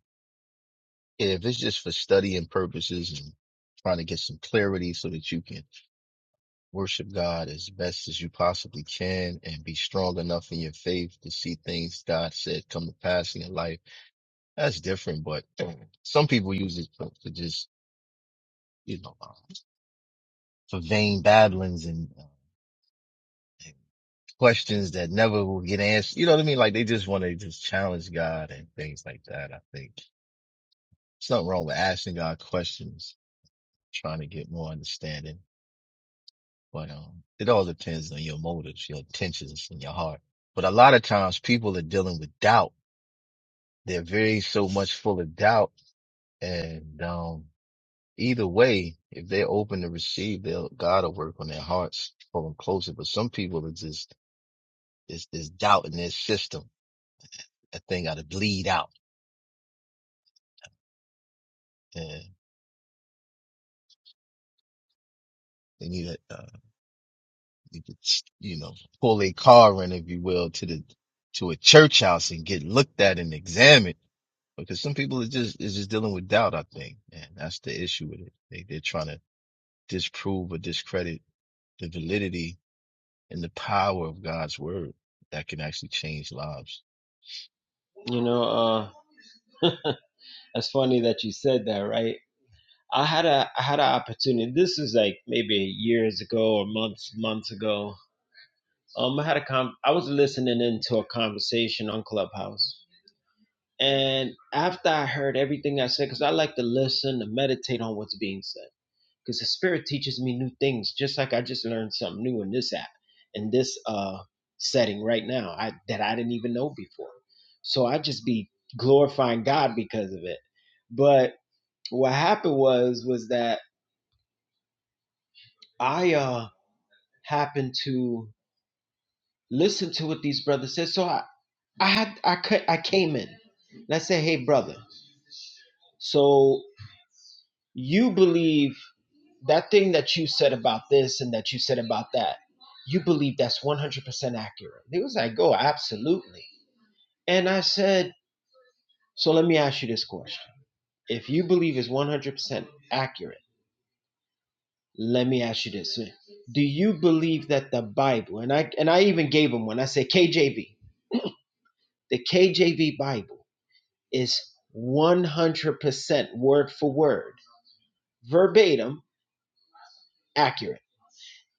S6: if it's just for studying purposes and trying to get some clarity so that you can worship God as best as you possibly can and be strong enough in your faith to see things God said come to pass in your life That's different, but some people use it for, to just, you know, uh, for vain babblings and, uh, and questions that never will get answered. You know what I mean? Like they just want to just challenge God and things like that. I think it's nothing wrong with asking God questions, trying to get more understanding, but, um, it all depends on your motives, your intentions and your heart. But a lot of times people are dealing with doubt. They're very so much full of doubt and, um Either way, if they're open to receive, they'll God will work on their hearts, pull them closer. But some people are just there's there's doubt in their system. That thing got to bleed out, and they need to uh, need to you know pull a car in, if you will, to the to a church house and get looked at and examined. Because some people are just is just dealing with doubt, I think, and that's the issue with it. They they're trying to disprove or discredit the validity and the power of God's word that can actually change lives.
S4: You know, uh, that's funny that you said that, right? I had a I had an opportunity. This is like maybe years ago or months months ago. Um, I had a com. I was listening into a conversation on Clubhouse, and after I heard everything I said, because I like to listen and meditate on what's being said. because the spirit teaches me new things just like i just learned something new in this app in this uh setting right now i that i didn't even know before so i just be glorifying god because of it but what happened was was that i uh happened to listen to what these brothers said so i i had i cut i came in and i said hey brother so you believe that thing that you said about this and that you said about that, you believe that's 100% accurate. They was like, oh, absolutely. And I said, so let me ask you this question. If you believe it's 100% accurate, let me ask you this. Do you believe that the Bible, and I, and I even gave them one, I said KJV, the KJV Bible is 100% word for word, verbatim, accurate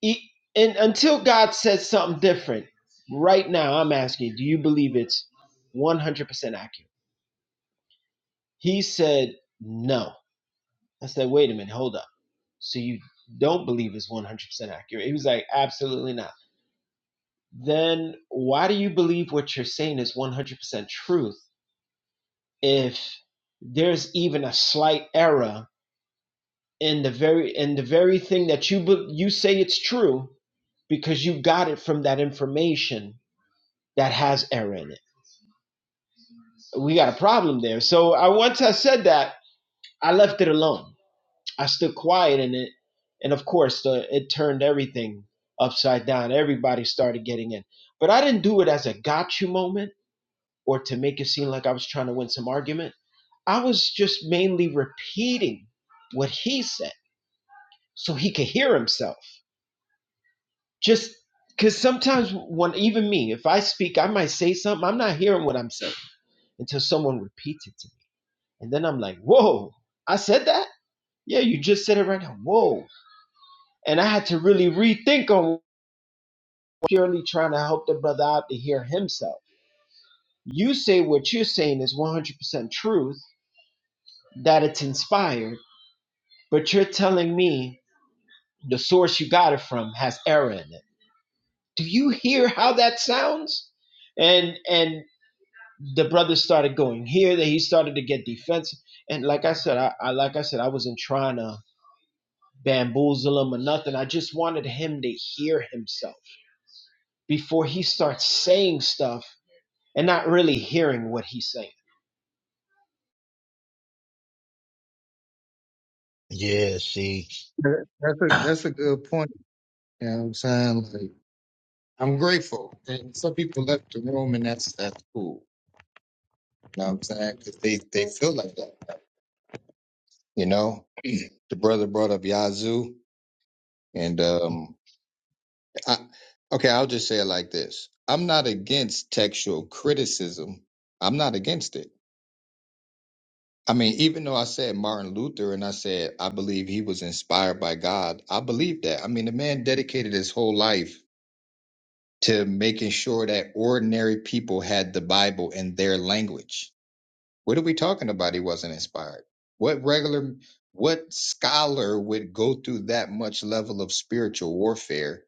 S4: E- and until God says something different, right now I'm asking, do you believe it's 100% accurate? He said no. I said, wait a minute, hold up. So you don't believe it's 100% accurate? He was like, absolutely not. Then why do you believe what you're saying is 100% truth if there's even a slight error in the very in the very thing that you be- you say it's true because you got it from that information that has error in it? we got a problem there. So I once I said that, I left it alone. I stood quiet in it, and of course, the, it turned everything upside down. Everybody started getting in, but I didn't do it as a gotcha moment or to make it seem like I was trying to win some argument. I was just mainly repeating what he said so he could hear himself. Just because sometimes when even me, if I speak, I might say something. I'm not hearing what I'm saying until someone repeats it to me, and then I'm like, "Whoa, I said that." Yeah, you just said it right now. Whoa. And I had to really rethink on purely trying to help the brother out to hear himself. You say what you're saying is 100% truth, that it's inspired, but you're telling me the source you got it from has error in it. Do you hear how that sounds? And and the brother started going here, that he started to get defensive. And like I said, I, I like I said, I wasn't trying to bamboozle him or nothing. I just wanted him to hear himself before he starts saying stuff and not really hearing what he's saying.
S6: Yeah, see,
S2: That- That's a
S6: yeah,
S2: that's a good point. You know what I'm saying? Like I'm grateful. And some people left the room and that's that's cool. You know what I'm saying? Because they, they feel like that. You know? the brother brought up Yazoo and um I, okay, I'll just say it like this. I'm not against textual criticism. I'm not against it. I mean, even though I said Martin Luther and I said I believe he was inspired by God, I believe that. I mean, the man dedicated his whole life to making sure that ordinary people had the Bible in their language. What are we talking about? He wasn't inspired. What regular, what scholar would go through that much level of spiritual warfare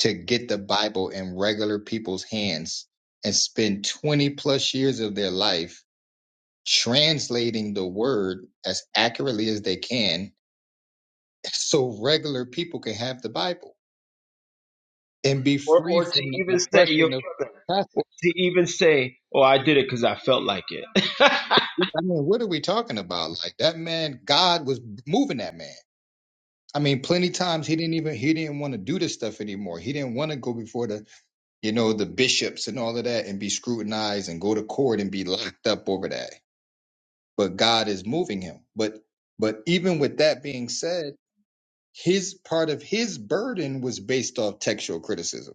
S2: to get the Bible in regular people's hands and spend 20 plus years of their life translating the word as accurately as they can so regular people can have the Bible and be
S4: Or,
S2: free
S4: or
S2: from
S4: to
S2: the
S4: even say, yo,
S2: oppression of
S4: brother, or
S2: Catholics.
S4: to even say, oh, I did it because I felt like it.
S2: I mean, what are we talking about? Like that man, God was moving that man. I mean, plenty times he didn't even he didn't want to do this stuff anymore. He didn't want to go before the you know the bishops and all of that and be scrutinized and go to court and be locked up over that but God is moving him. But but even with that being said, his part of his burden was based off textual criticism,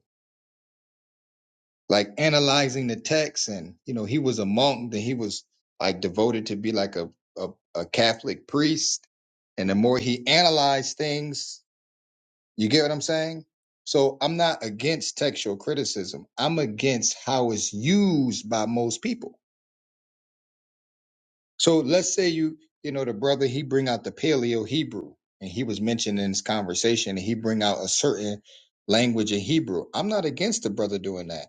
S2: like analyzing the text, and you know he was a monk, then he was like devoted to be like a a, a Catholic priest, and the more he analyzed things, you get what I'm saying. So I'm not against textual criticism. I'm against how it's used by most people So let's say you, you know, the brother he bring out the Paleo Hebrew, and he was mentioned in this conversation, and he bring out a certain language in Hebrew. I'm not against the brother doing that,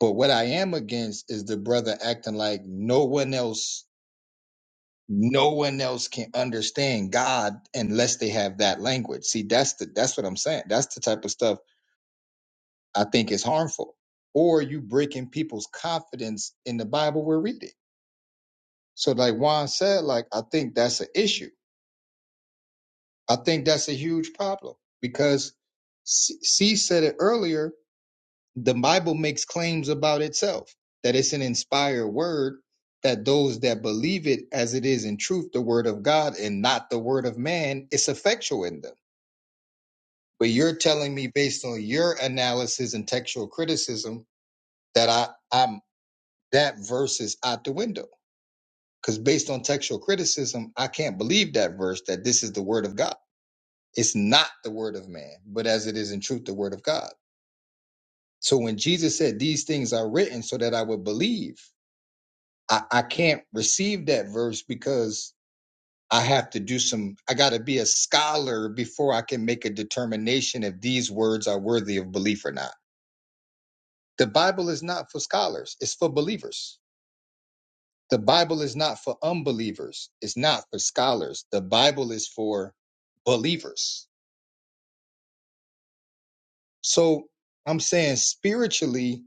S2: but what I am against is the brother acting like no one else, no one else can understand God unless they have that language. See, that's the that's what I'm saying. That's the type of stuff I think is harmful. Or you breaking people's confidence in the Bible we're reading. So, like Juan said, like I think that's an issue I think that's a huge problem because C C said it earlier. The Bible makes claims about itself that it's an inspired word, that those that believe it as it is in truth, the word of God and not the word of man, it's effectual in them. But you're telling me based on your analysis and textual criticism that I, I'm that verse is out the window. Because based on textual criticism, I can't believe that verse that this is the word of God. It's not the word of man, but as it is in truth, the word of God. So when Jesus said, These things are written so that I would believe, I, I can't receive that verse because I have to do some, I got to be a scholar before I can make a determination if these words are worthy of belief or not. The Bible is not for scholars, it's for believers. The Bible is not for unbelievers, it's not for scholars. The Bible is for believers. So I'm saying spiritually,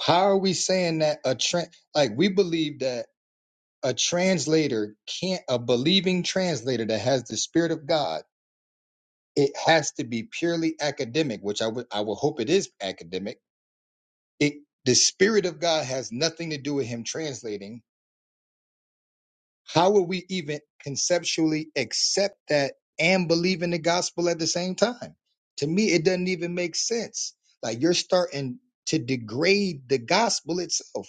S2: How are we saying that a tra- like we believe that a translator can't a believing translator that has the spirit of God, it has to be purely academic, which I would I would hope it is academic. It the spirit of God has nothing to do with him translating How will we even conceptually accept that and believe in the gospel at the same time? To me, it doesn't even make sense. Like you're starting to degrade the gospel itself.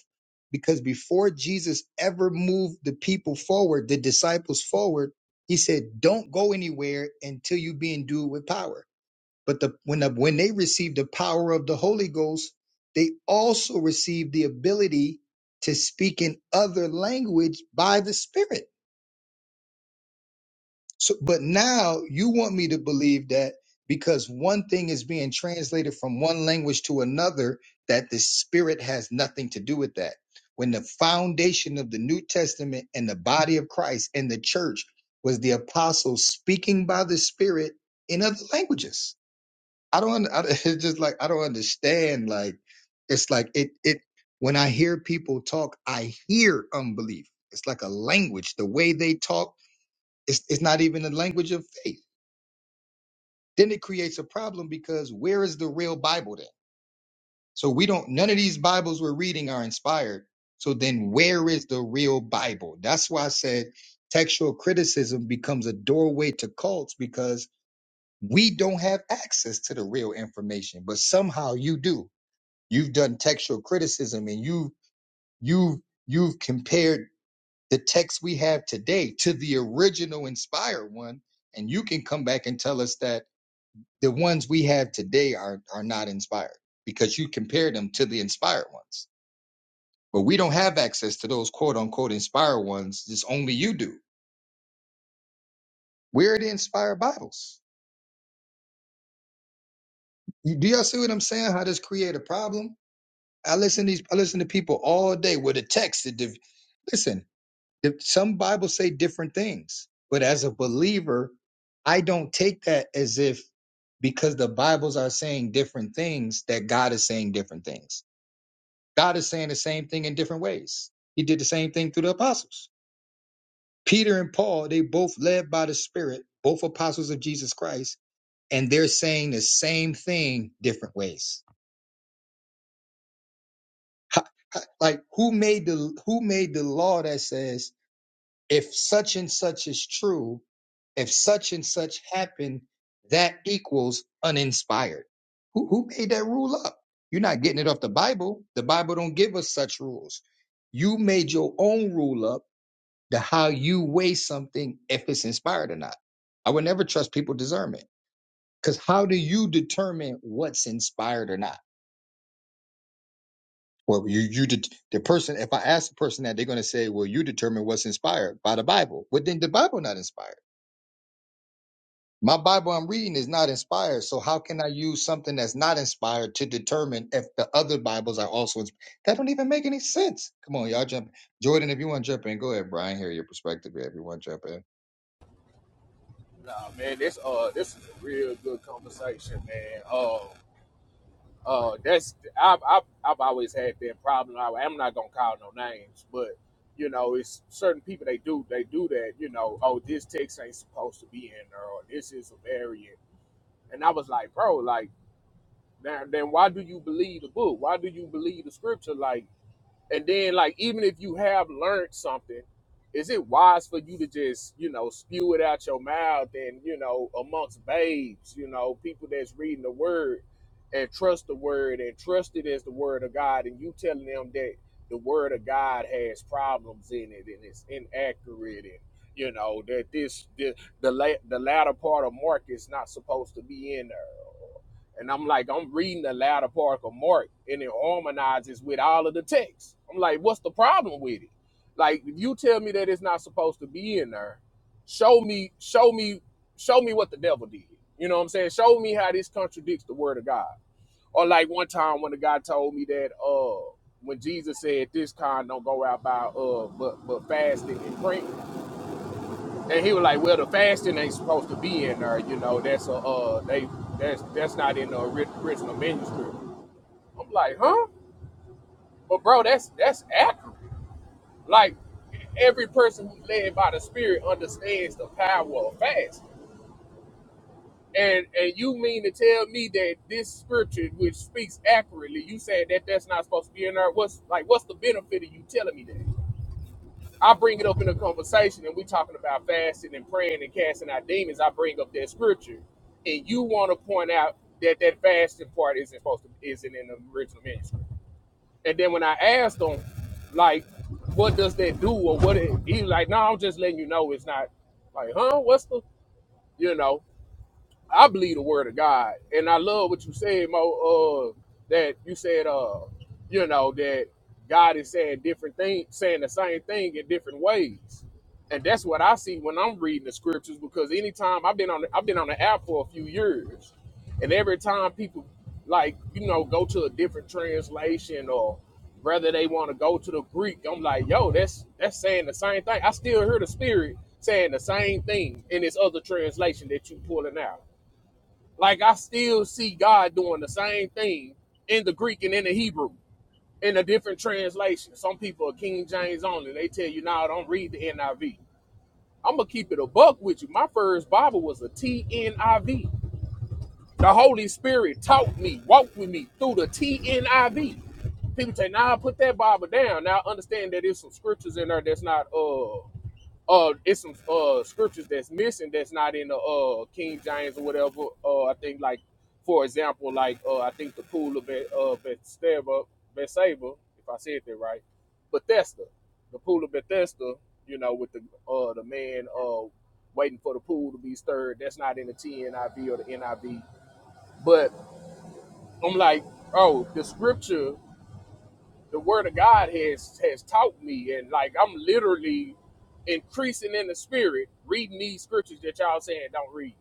S2: Because before Jesus ever moved the people forward, the disciples forward, he said, Don't go anywhere until you be endued with power. But the, when, the, when they received the power of the Holy Ghost, they also received the ability to speak in other language by the Spirit. So, but now you want me to believe that because one thing is being translated from one language to another, that the spirit has nothing to do with that. When the foundation of the New Testament and the body of Christ and the church was the apostles speaking by the spirit in other languages. I don't, I, it's just like, I don't understand. Like, it's like it, it, when I hear people talk, I hear unbelief. It's like a language, the way they talk it's, it's not even the language of faith. Then it creates a problem because where is the real Bible then? So we don't, none of these Bibles we're reading are inspired. So then where is the real Bible? That's why I said textual criticism becomes a doorway to cults because we don't have access to the real information, but somehow you do. You've done textual criticism and you, you, you've compared the text we have today to the original inspired one. And you can come back and tell us that the ones we have today are are not inspired because you compare them to the inspired ones. But we don't have access to those quote unquote inspired ones. It's only you do. Where are the inspired Bibles. You, do y'all see what I'm saying? How this create a problem? I listen to these. I listen to people all day with a text. That div- listen, if some Bibles say different things, but as a believer, I don't take that as if because the Bibles are saying different things that God is saying different things. God is saying the same thing in different ways. He did the same thing through the apostles. Peter and Paul, they both led by the Spirit, both apostles of Jesus Christ, and they're saying the same thing different ways. Like who made the who made the law that says if such and such is true, if such and such happened, that equals uninspired. Who who made that rule up? You're not getting it off the Bible. The Bible don't give us such rules. You made your own rule up the how you weigh something if it's inspired or not. I would never trust people discernment because how do you determine what's inspired or not? Well, you you det the person. If I ask the person that, they're going to say, "Well, you determine what's inspired by the Bible." But then the Bible not inspired. My Bible I'm reading is not inspired. So how can I use something that's not inspired to determine if the other Bibles are also inspired? That don't even make any sense. Come on, y'all jump. Jordan, if you want to jump in, go ahead, Brian. Hear your perspective. Everyone jump in.
S7: Nah, man, this uh, this is a real good conversation, man. Uh, uh, that's I've I've, I've always had that problem. I, I'm not gonna call no names, but you know, it's certain people they do they do that. You know, oh, this text ain't supposed to be in there, or this is a variant. And I was like, bro, like, now then, why do you believe the book? Why do you believe the scripture? Like. And then, like, even if you have learned something, is it wise for you to just, you know, spew it out your mouth and, you know, amongst babes, you know, people that's reading the word and trust the word and trust it as the word of God and you telling them that the word of God has problems in it and it's inaccurate and you know that this the the, la- the latter part of Mark is not supposed to be in there and I'm like, I'm reading the latter part of Mark, and it harmonizes with all of the text. I'm like, what's the problem with it? Like, if you tell me that it's not supposed to be in there, show me, show me, show me what the devil did. You know what I'm saying? Show me how this contradicts the word of God. Or like one time when the guy told me that uh when Jesus said this kind don't go out by uh but but fasting and praying. And he was like, "Well, the fasting ain't supposed to be in there. You know, that's a uh, they that's that's not in the ori- original manuscript." I'm like, "Huh?" But bro, that's that's accurate. Like every person who's led by the Spirit understands the power of fast. And and you mean to tell me that this scripture, which speaks accurately, you said that that's not supposed to be in there? What's like? What's the benefit of you telling me that? I bring it up in a conversation and we talking about fasting and praying and casting out demons. I bring up that scripture, and you want to point out that that fasting part isn't supposed to isn't in the original manuscript. And then when I asked them, like, what does that do or what it, he like? No, I'm just letting you know it's not. Like, huh? What's the you know? I believe the word of God, and I love what you said, Mo. Uh, that you said, uh, you know, that God is saying different things, saying the same thing in different ways, and that's what I see when I'm reading the scriptures. Because anytime I've been on, the, I've been on the app for a few years, and every time people like you know go to a different translation or whether they want to go to the Greek, I'm like, yo, that's that's saying the same thing. I still hear the Spirit saying the same thing in this other translation that you pulling out. Like I still see God doing the same thing in the Greek and in the Hebrew in a different translation. Some people are King James only. They tell you, now don't read the NIV. I'm gonna keep it a buck with you. My first Bible was a TNIV. The Holy Spirit taught me, walked with me through the TNIV. People say, now nah, put that Bible down. Now I understand that there's some scriptures in there that's not uh uh it's some uh scriptures that's missing that's not in the uh King James or whatever. Uh I think like for example, like uh I think the pool of Be- uh Bethsaida, Bethsaida, if I said that right, Bethesda, the pool of Bethesda, you know, with the uh the man uh waiting for the pool to be stirred. That's not in the TNIV or the NIV. But I'm like, oh, the scripture the word of God has has taught me, and like I'm literally increasing in the spirit, reading these scriptures that y'all saying don't read,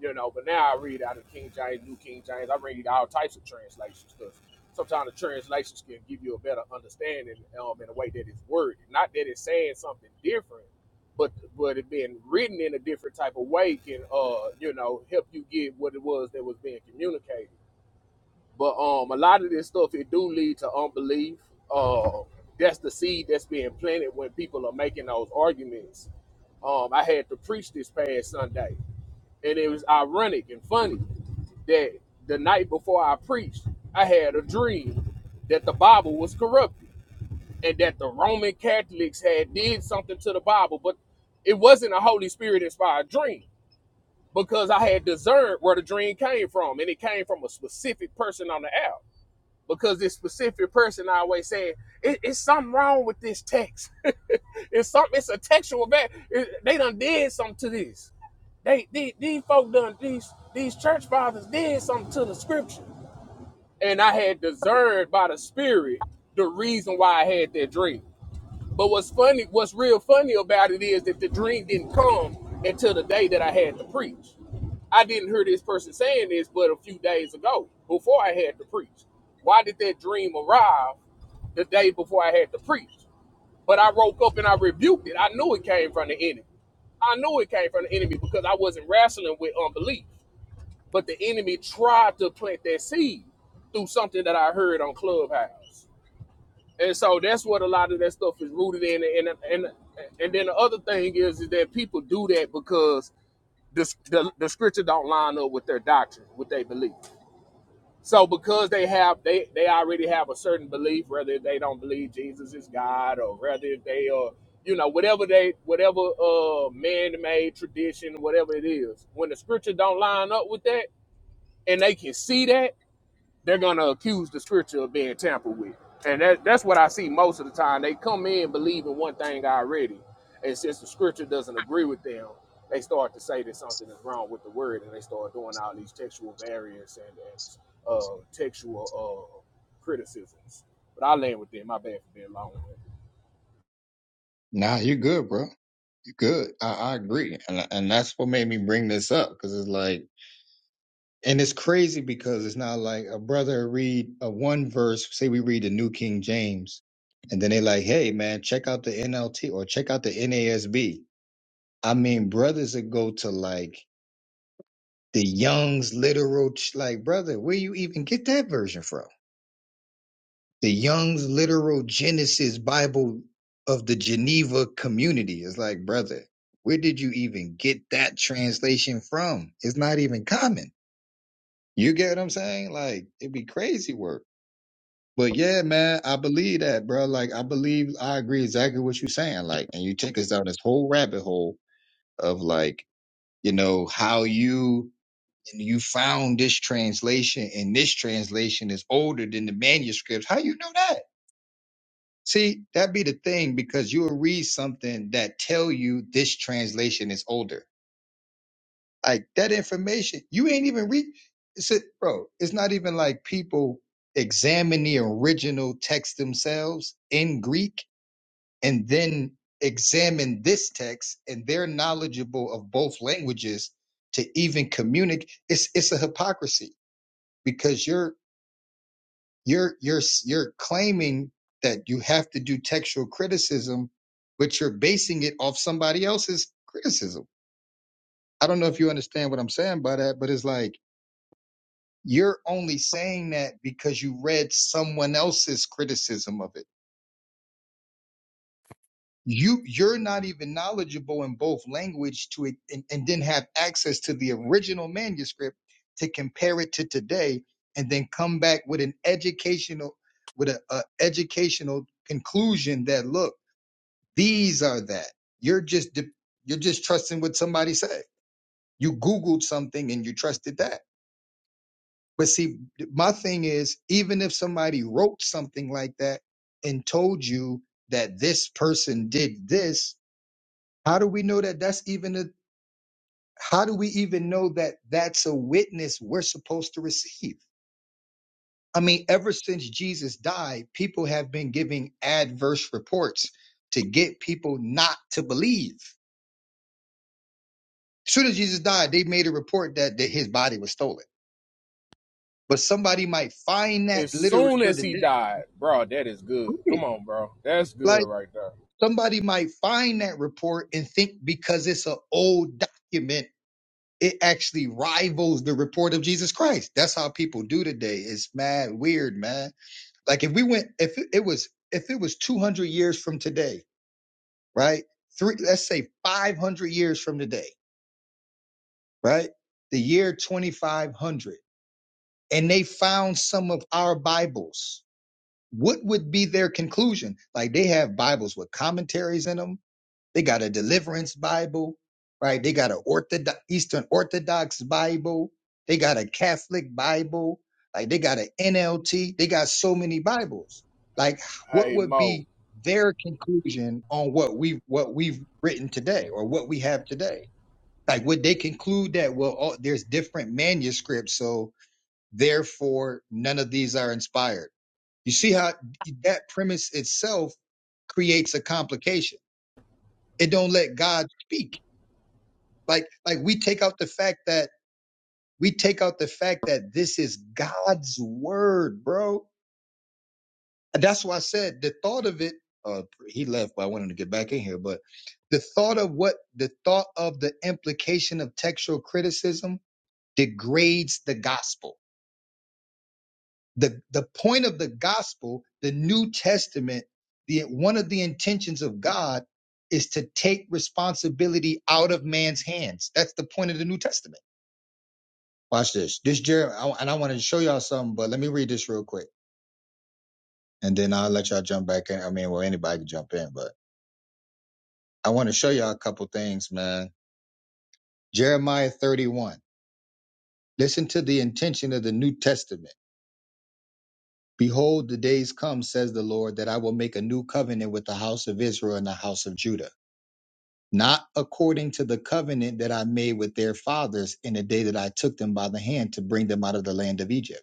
S7: you know. But now I read out of King James, New King James. I read all types of translations because sometimes the translations can give you a better understanding um, in a way that it's worded. Not that it's saying something different, but but it being written in a different type of way can uh you know help you get what it was that was being communicated. But um, a lot of this stuff it do lead to unbelief. Uh, that's the seed that's being planted when people are making those arguments. Um, I had to preach this past Sunday, and it was ironic and funny that the night before I preached, I had a dream that the Bible was corrupted and that the Roman Catholics had did something to the Bible, but it wasn't a Holy Spirit inspired dream because I had discerned where the dream came from, and it came from a specific person on the app because this specific person always saying it, it's something wrong with this text. it's something. It's a textual bad. It, they done did something to this. They, these these folk done these these church fathers did something to the scripture, and I had discerned by the Spirit the reason why I had that dream. But what's funny, what's real funny about it is that the dream didn't come until the day that I had to preach. I didn't hear this person saying this but a few days ago before I had to preach. Why did that dream arrive the day before I had to preach? But I woke up and I rebuked it. I knew it came from the enemy. I knew it came from the enemy because I wasn't wrestling with unbelief. But the enemy tried to plant that seed through something that I heard on Clubhouse and so that's what a lot of that stuff is rooted in and and and then the other thing is, is that people do that because the, the, the scripture don't line up with their doctrine with their belief so because they have they they already have a certain belief whether they don't believe jesus is god or whether they are you know whatever they whatever uh man-made tradition whatever it is when the scripture don't line up with that and they can see that they're gonna accuse the scripture of being tampered with. And that, that's what I see most of the time. They come in believing one thing already. And since the scripture doesn't agree with them, they start to say that something is wrong with the word and they start doing all these textual variants and, and uh, textual uh, criticisms. But I land with them. My bad for being long.
S2: Nah, you good, bro. Good. I, I agree. And, and that's what made me bring this up because it's like, and it's crazy because it's not like a brother read a one verse, say we read the New King James, and then they like, hey, man, check out the NLT or check out the NASB. I mean, brothers that go to like the Young's literal, ch- like, brother, where you even get that version from? the Young's Literal Genesis Bible of the Geneva Community. It's like, brother, where did you even get that translation from? It's not even common. You get what I'm saying? Like, it'd be crazy work. But yeah, man, I believe that, bro. Like, I believe I agree exactly what you're saying. Like, and you take us down this whole rabbit hole of like, you know, how you you found this translation and this translation is older than the manuscripts. How you know that? See, that be the thing because you'll read something that tell you this translation is older. Like that information, you ain't even read. It's a, bro. It's not even like people examine the original text themselves in Greek and then examine this text, and they're knowledgeable of both languages to even communicate. It's it's a hypocrisy because you're You're you're you're claiming that you have to do textual criticism, but you're basing it off somebody else's criticism. I don't know if you understand what I'm saying by that, but it's like you're only saying that because you read someone else's criticism of it. You you're not even knowledgeable in both language to it and, and then have access to the original manuscript to compare it to today and then come back with an educational with a, a educational conclusion that look These are that. You're just de- you're just trusting what somebody said. You googled something and you trusted that. But see, my thing is, even if somebody wrote something like that and told you that this person did this, how do we know that that's even a? How do we even know that that's a witness we're supposed to receive? I mean, ever since Jesus died, people have been giving adverse reports to get people not to believe soon as Jesus died, they made a report that, that his body was stolen. But somebody might find that
S7: As soon
S2: literature
S7: as he
S2: today.
S7: died, bro, that is good.
S2: Right.
S7: Come on, bro. That's good
S2: Like
S7: right there.
S2: somebody might find that report and think because it's an old document, it actually rivals the report of Jesus Christ. That's how people do today. It's mad weird, man. Like if we went, if it it was, if it was 200 years from today, right? Three, let's say 500 years from today, right? The year 2500 and they found some of our Bibles, what would be their conclusion? Like they have Bibles with commentaries in them. They got a deliverance Bible, right? They got an Orthodox, Eastern Orthodox Bible. They got a Catholic Bible. Like they got an NLT. They got so many Bibles. Like what
S7: Hey,
S2: would
S7: Mo.
S2: be their conclusion on what we what we've written today or what we have today? Like would they conclude that well, oh, there's different manuscripts, so Therefore, none of these are inspired. You see how that premise itself creates a complication. It don't let God speak. Like like we take out the fact that we take out the fact that this is God's word, bro. And that's why I said the thought of it. Uh, he left, but I wanted to get back in here. But the thought of what the thought of the implication of textual criticism degrades the gospel the the point of the gospel the new testament the one of the intentions of god is to take responsibility out of man's hands that's the point of the new testament watch this this jeremiah and i wanted to show y'all something but let me read this real quick and then i'll let y'all jump back in i mean well anybody can jump in but i want to show y'all a couple things man jeremiah 31 listen to the intention of the new testament behold the days come says the lord that i will make a new covenant with the house of israel and the house of judah not according to the covenant that I made with their fathers in the day that I took them by the hand to bring them out of the land of Egypt.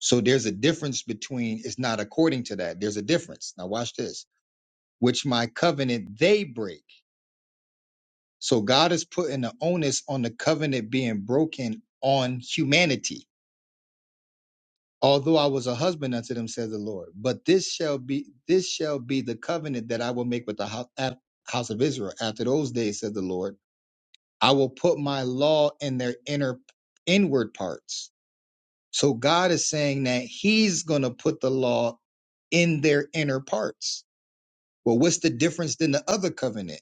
S2: So there's a difference between it's not according to that. There's a difference. Now watch this, which my covenant they break. So God is putting the onus on the covenant being broken on humanity. Although I was a husband unto them, says the Lord, but this shall be this shall be the covenant that I will make with the house, house of Israel after those days, says the Lord. I will put my law in their inner inward parts. So God is saying that he's going to put the law in their inner parts. Well, what's the difference than the other covenant?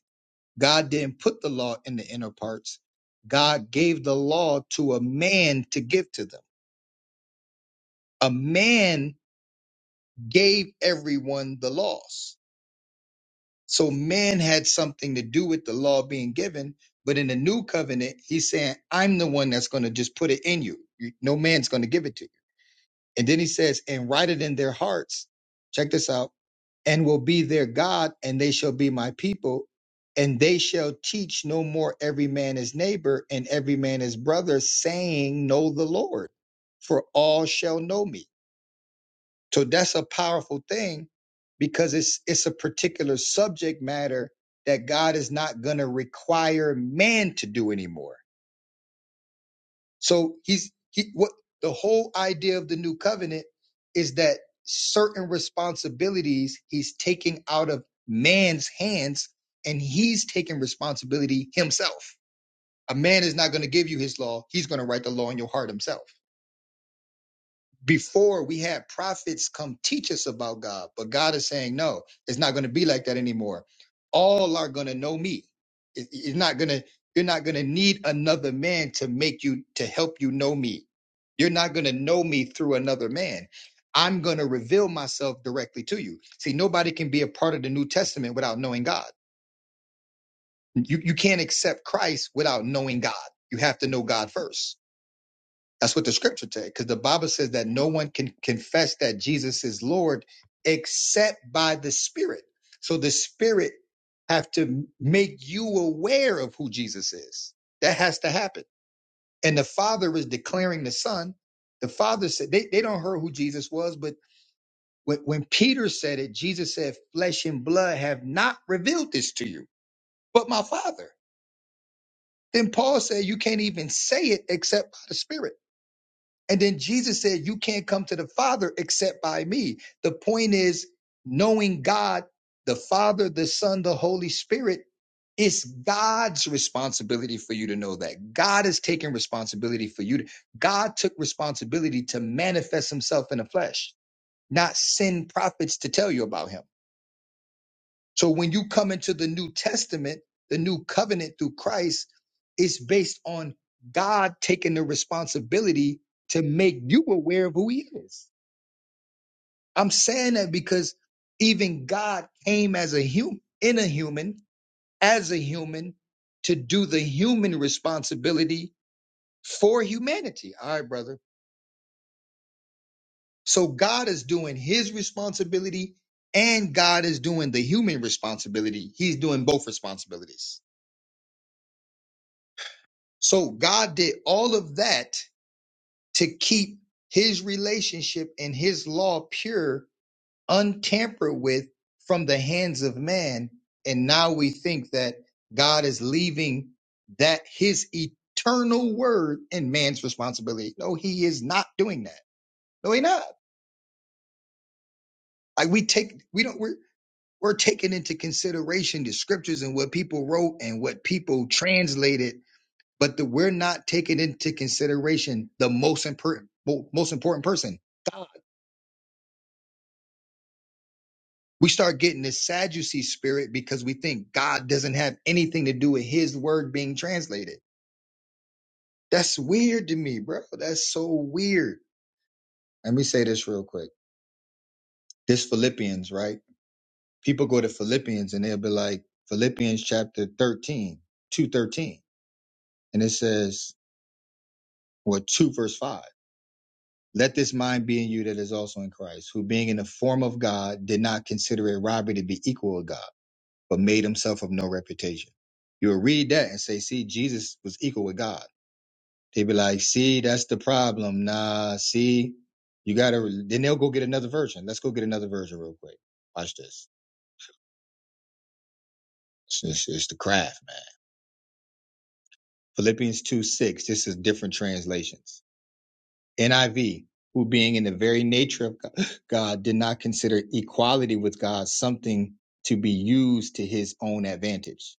S2: God didn't put the law in the inner parts. God gave the law to a man to give to them. A man gave everyone the laws. So man had something to do with the law being given, but in the new covenant, he's saying, I'm the one that's going to just put it in you. You- No man's going to give it to you. And then he says, and write it in their hearts. Check this out. And will be their God, and they shall be my people. And they shall teach no more every man his neighbor and every man his brother, saying, Know the Lord, for all shall know me so that's a powerful thing because it's it's a particular subject matter that God is not going to require man to do anymore. So he's he what the whole idea of the new covenant is that certain responsibilities he's taking out of man's hands and he's taking responsibility himself. A man is not going to give you his law. He's going to write the law in your heart himself. before we had prophets come teach us about God, but God is saying, no, it's not going to be like that anymore. All are going to know me. It- It's not going to, you're not going to need another man to make you, to help you know me. You're not going to know me through another man. I'm going to reveal myself directly to you. See, nobody can be a part of the New Testament without knowing God. You, you can't accept Christ without knowing God. You have to know God first that's what the scripture says, because the Bible says that no one can confess that Jesus is Lord except by the Spirit. So the Spirit have to make you aware of who Jesus is. That has to happen. And the Father is declaring the Son. The Father said they, they don't hear who Jesus was, but when, when Peter said it, Jesus said, Flesh and blood have not revealed this to you, but my Father. Then Paul said, You can't even say it except by the Spirit. And then Jesus said, You can't come to the Father except by me. The point is, knowing God, the Father, the Son, the Holy Spirit, it's God's responsibility for you to know that. God is taking responsibility for you. to- God took responsibility to manifest himself in the flesh, not send prophets to tell you about him. So when you come into the New Testament, the new covenant through Christ, it's based on God taking the responsibility to make you aware of who he is. I'm saying that because even God came as a human, in a human, as a human, to do the human responsibility for humanity. All right, brother. So God is doing his responsibility and God is doing the human responsibility. He's doing both responsibilities. So God did all of that to keep his relationship and his law pure, untampered with from the hands of man. And now we think that God is leaving that his eternal word in man's responsibility. No, he is not doing that. No, he not. Like we take, we don't, we're, we're taking into consideration the scriptures and what people wrote and what people translated but the, we're not taking into consideration the most important most important person god we start getting this sadducee spirit because we think god doesn't have anything to do with his word being translated that's weird to me bro that's so weird let me say this real quick this philippians right people go to philippians and they'll be like philippians chapter thirteen, two thirteen, and it says well 2 verse 5 Let this mind be in you that is also in Christ, who being in the form of God did not consider it robbery to be equal with God, but made himself of no reputation. You'll read that and say, see, Jesus was equal with God. They'd be like, see, that's the problem. Nah, see, you gotta, then they'll go get another version. Let's go get another version real quick. Watch this. It's, it's, it's the craft, man. Philippians 2 6. This is different translations. NIV, who being in the very nature of God did not consider equality with God something to be used to his own advantage.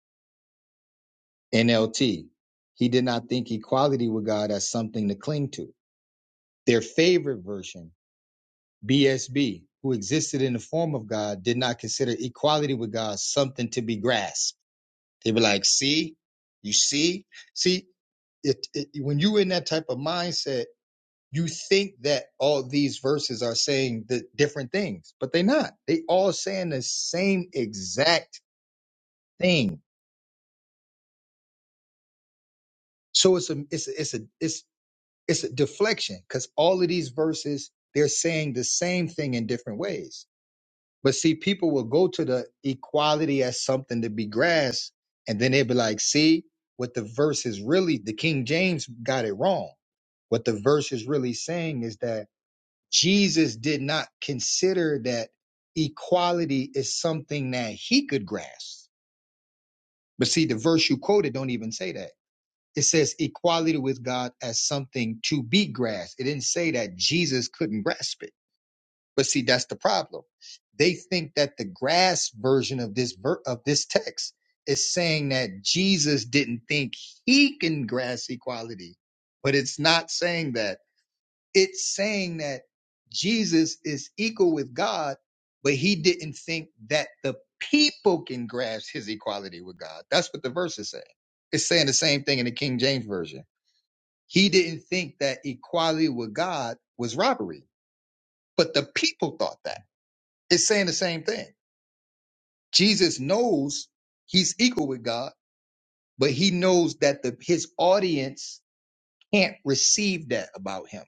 S2: NLT, he did not think equality with God as something to cling to. Their favorite version, BSB, who existed in the form of God, did not consider equality with God something to be grasped. They were like, see, you see, see, it, it, when you in that type of mindset, You think that all these verses are saying the different things, but they're not. They all saying the same exact thing. So it's a it's a, it's a it's it's a deflection because all of these verses they're saying the same thing in different ways. But see, people will go to the equality as something to be grasped, and then they'll be like, "See, what the verse is really the King James got it wrong." What the verse is really saying is that Jesus did not consider that equality is something that he could grasp. But see, the verse you quoted don't even say that. It says equality with God as something to be grasped. It didn't say that Jesus couldn't grasp it. But see, that's the problem. They think that the grasp version of this ver- of this text is saying that Jesus didn't think he can grasp equality, but it's not saying that it's saying that Jesus is equal with God, but he didn't think that the people can grasp his equality with God. That's what the verse is saying. It's saying the same thing in the King James Version. He didn't think that equality with God was robbery, but the people thought that. It's saying the same thing. Jesus knows he's equal with God, but he knows that the his audience can't receive that about him.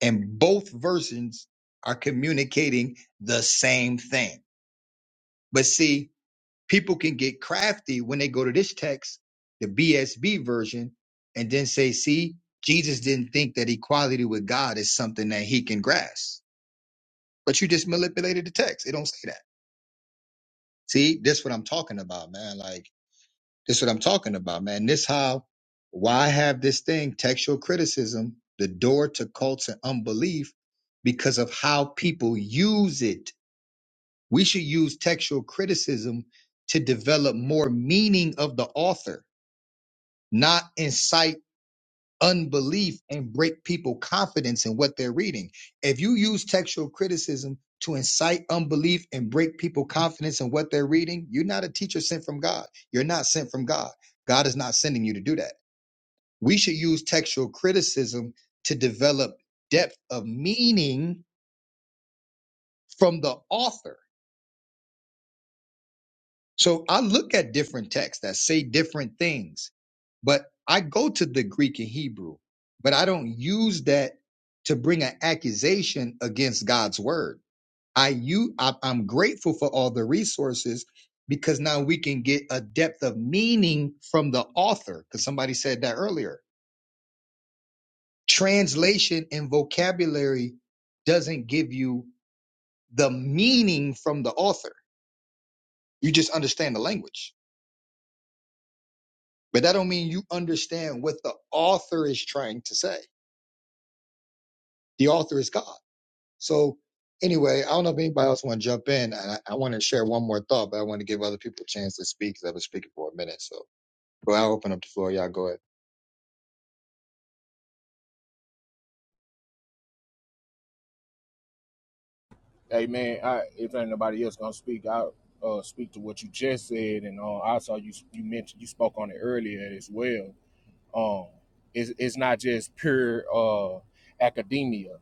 S2: and both versions are communicating the same thing. But see, people can get crafty when they go to this text, the BSB version, and then say, see, Jesus didn't think that equality with God is something that he can grasp. But you just manipulated the text. It don't say that. See, this what I'm talking about, man. Like, this what I'm talking about, man. This how why I have this thing, textual criticism, the door to cults and unbelief, because of how people use it We should use textual criticism to develop more meaning of the author, not incite unbelief and break people confidence in what they're reading. If you use textual criticism to incite unbelief and break people confidence in what they're reading, you're not a teacher sent from God. You're not sent from God. God is not sending you to do that. We should use textual criticism to develop depth of meaning from the author So I look at different texts that say different things, but I go to the Greek and Hebrew, but I don't use that to bring an accusation against God's word. I you I, I'm grateful for all the resources because now we can get a depth of meaning from the author because somebody said that earlier. Translation and vocabulary doesn't give you the meaning from the author. You just understand the language. But that don't mean you understand what the author is trying to say. The author is God. So anyway, I don't know if anybody else want to jump in. And I, I want to share one more thought, but I want to give other people a chance to speak because I've been speaking for a minute. So bro, I'll open up the floor. Y'all go ahead.
S7: Hey man, I, if ain't nobody else gonna speak, I uh, speak to what you just said, and uh, I saw you you mentioned you spoke on it earlier as well. Um, it's it's not just pure uh, academia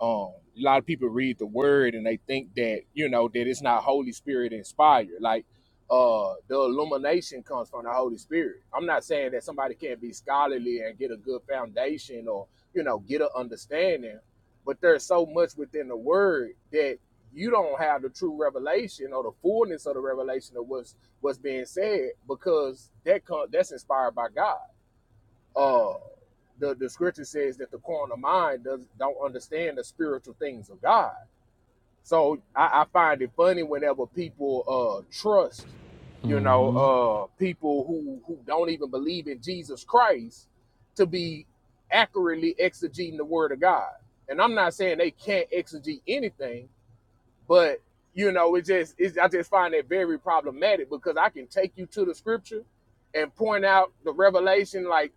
S7: um a lot of people read the word and they think that you know that it's not holy spirit inspired like uh the illumination comes from the holy spirit i'm not saying that somebody can't be scholarly and get a good foundation or you know get an understanding but there's so much within the word that you don't have the true revelation or the fullness of the revelation of what's what's being said because that comes that's inspired by god uh the, the scripture says that the carnal mind does don't understand the spiritual things of God. So I, I find it funny whenever people uh trust, you know,
S8: Mm-hmm.
S7: uh people who who don't even believe in Jesus Christ to be accurately exegeting the word of God. And I'm not saying they can't exegete anything, but you know, it just it's, I just find it very problematic because I can take you to the scripture and point out the revelation, like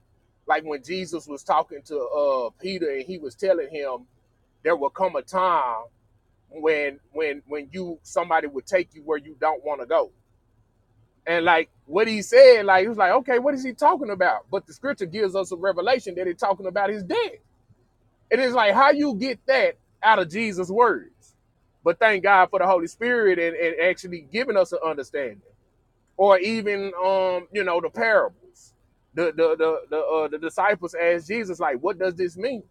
S7: like when Jesus was talking to uh Peter and he was telling him there will come a time when when when you somebody would take you where you don't want to go. And like what he said, like he was like, okay, what is he talking about? But the scripture gives us a revelation that he's talking about his death. And it's like how you get that out of Jesus' words. But thank God for the Holy Spirit and, and actually giving us an understanding. Or even um, you know, the parables. The the the the, uh, the disciples asked Jesus, like, what does this mean?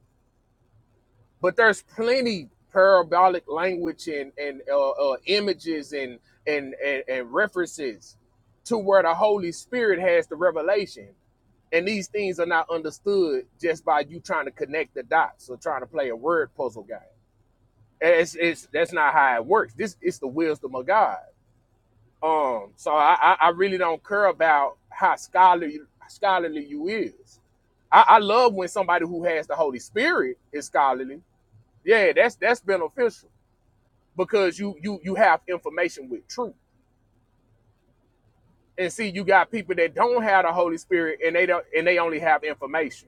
S7: But there's plenty parabolic language and and uh, uh, images and, and and and references to where the Holy Spirit has the revelation. And these things are not understood just by you trying to connect the dots or trying to play a word puzzle game it's, it's that's not how it works. This is the wisdom of God. Um, so I, I, I really don't care about how scholarly scholarly you is. I, I love when somebody who has the Holy Spirit is scholarly. Yeah, that's that's beneficial because you you you have information with truth. And see, you got people that don't have the Holy Spirit and they don't and they only have information.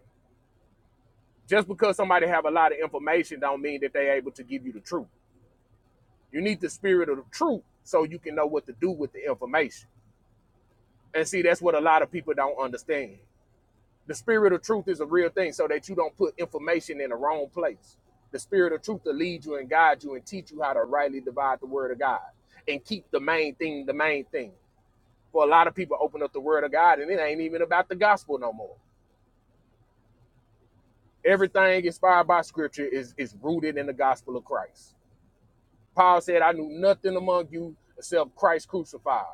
S7: Just because somebody have a lot of information don't mean that they are able to give you the truth. You need the spirit of the truth so you can know what to do with the information. And see, that's what a lot of people don't understand. The spirit of truth is a real thing so that you don't put information in the wrong place. The spirit of truth to lead you and guide you and teach you how to rightly divide the word of God and keep the main thing the main thing. For a lot of people open up the word of God and it ain't even about the gospel no more. Everything inspired by scripture is, is rooted in the gospel of Christ. Paul said, I knew nothing among you except Christ crucified.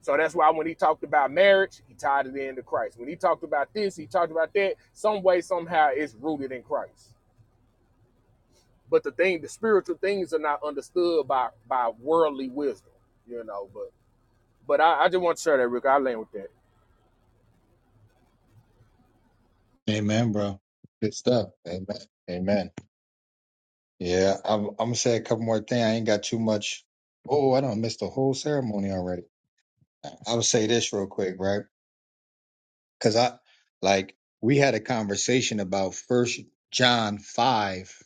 S7: So that's why when he talked about marriage, he tied it into Christ. When he talked about this, he talked about that. Some way, somehow, it's rooted in Christ. But the thing, the spiritual things are not understood by by worldly wisdom, you know. But but I, I just want to share that, Rick. I land with that.
S2: Amen, bro. Good stuff. Amen. Amen. Yeah, I'm, I'm gonna say a couple more things. I ain't got too much. Oh, I don't miss the whole ceremony already. I would say this real quick, right? Because I like we had a conversation about First John five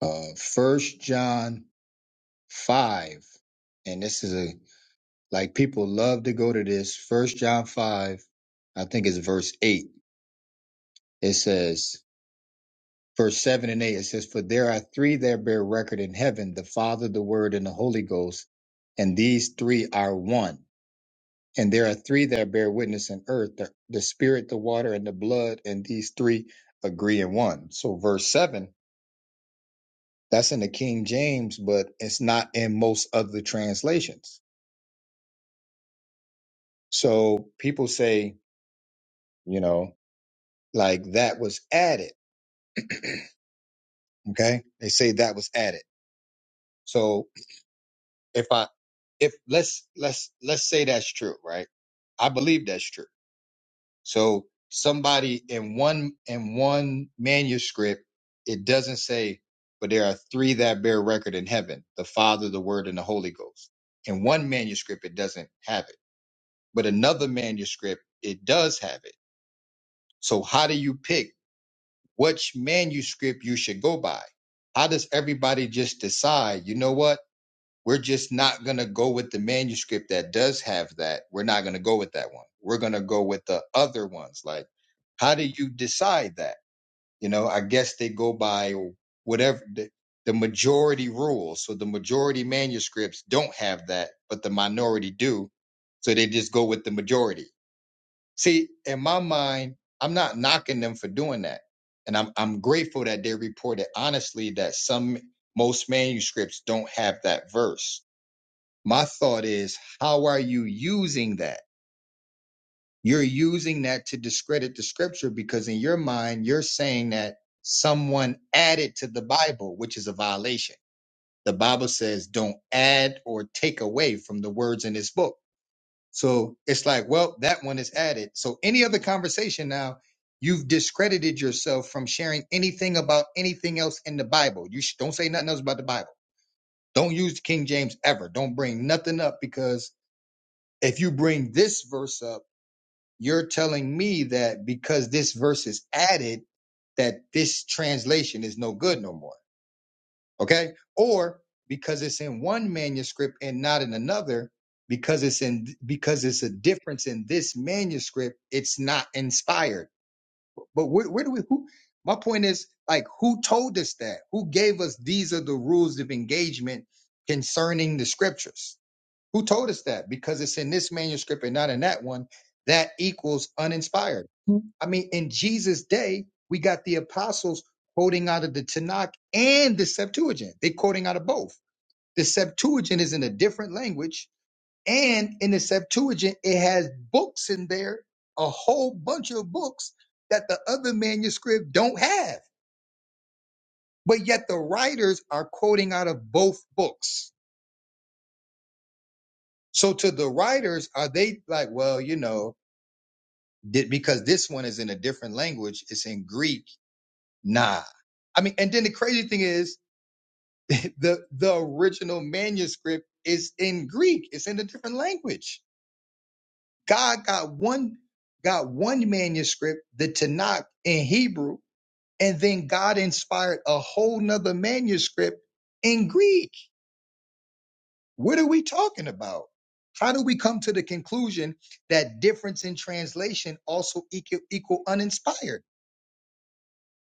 S2: uh first john 5 and this is a like people love to go to this first john 5 i think it's verse 8 it says verse 7 and 8 it says for there are three that bear record in heaven the father the word and the holy ghost and these three are one and there are three that bear witness in earth the, the spirit the water and the blood and these three agree in one so verse 7 that's in the king james but it's not in most other translations So people say, you know, like that was added. Okay. They say that was added. So if I, if let's, let's, let's say that's true, right? I believe that's true. So somebody in one, in one manuscript, it doesn't say, but there are three that bear record in heaven, the Father, the Word, and the Holy Ghost. In one manuscript, it doesn't have it, but another manuscript, it does have it. So how do you pick? which manuscript you should go by. How does everybody just decide, you know what? We're just not going to go with the manuscript that does have that. We're not going to go with that one. We're going to go with the other ones. Like, how do you decide that? You know, I guess they go by whatever the, the majority rules. So the majority manuscripts don't have that, but the minority do. So they just go with the majority See, in my mind, I'm not knocking them for doing that. And I'm I'm grateful that they reported honestly that some most manuscripts don't have that verse. My thought is, how are you using that? You're using that to discredit the scripture because in your mind, you're saying that someone added to the Bible, which is a violation. The Bible says don't add or take away from the words in this book. So it's like, well, that one is added. So any other conversation now, you've discredited yourself from sharing anything about anything else in the Bible. You sh- don't say nothing else about the Bible. Don't use the King James ever. Don't bring nothing up because if you bring this verse up, you're telling me that because this verse is added, that this translation is no good no more okay? Or because it's in one manuscript and not in another, because it's in because it's a difference in this manuscript, it's not inspired. But where, where do we? Who? My point is like who told us that? Who gave us these are the rules of engagement concerning the scriptures? Who told us that? Because it's in this manuscript and not in that one. That equals uninspired. Hmm. I mean, in Jesus' day, we got the apostles quoting out of the Tanakh and the Septuagint. They're quoting out of both. The Septuagint is in a different language. And in the Septuagint, it has books in there, a whole bunch of books that the other manuscript don't have. But yet the writers are quoting out of both books. So to the writers, are they like, well, you know, Did, because this one is in a different language. It's in Greek. Nah. I mean, and then the crazy thing is the, the original manuscript is in Greek. It's in a different language. God got one, got one manuscript, the Tanakh in Hebrew, and then God inspired a whole nother manuscript in Greek. What are we talking about? How do we come to the conclusion that difference in translation also equal, equal uninspired?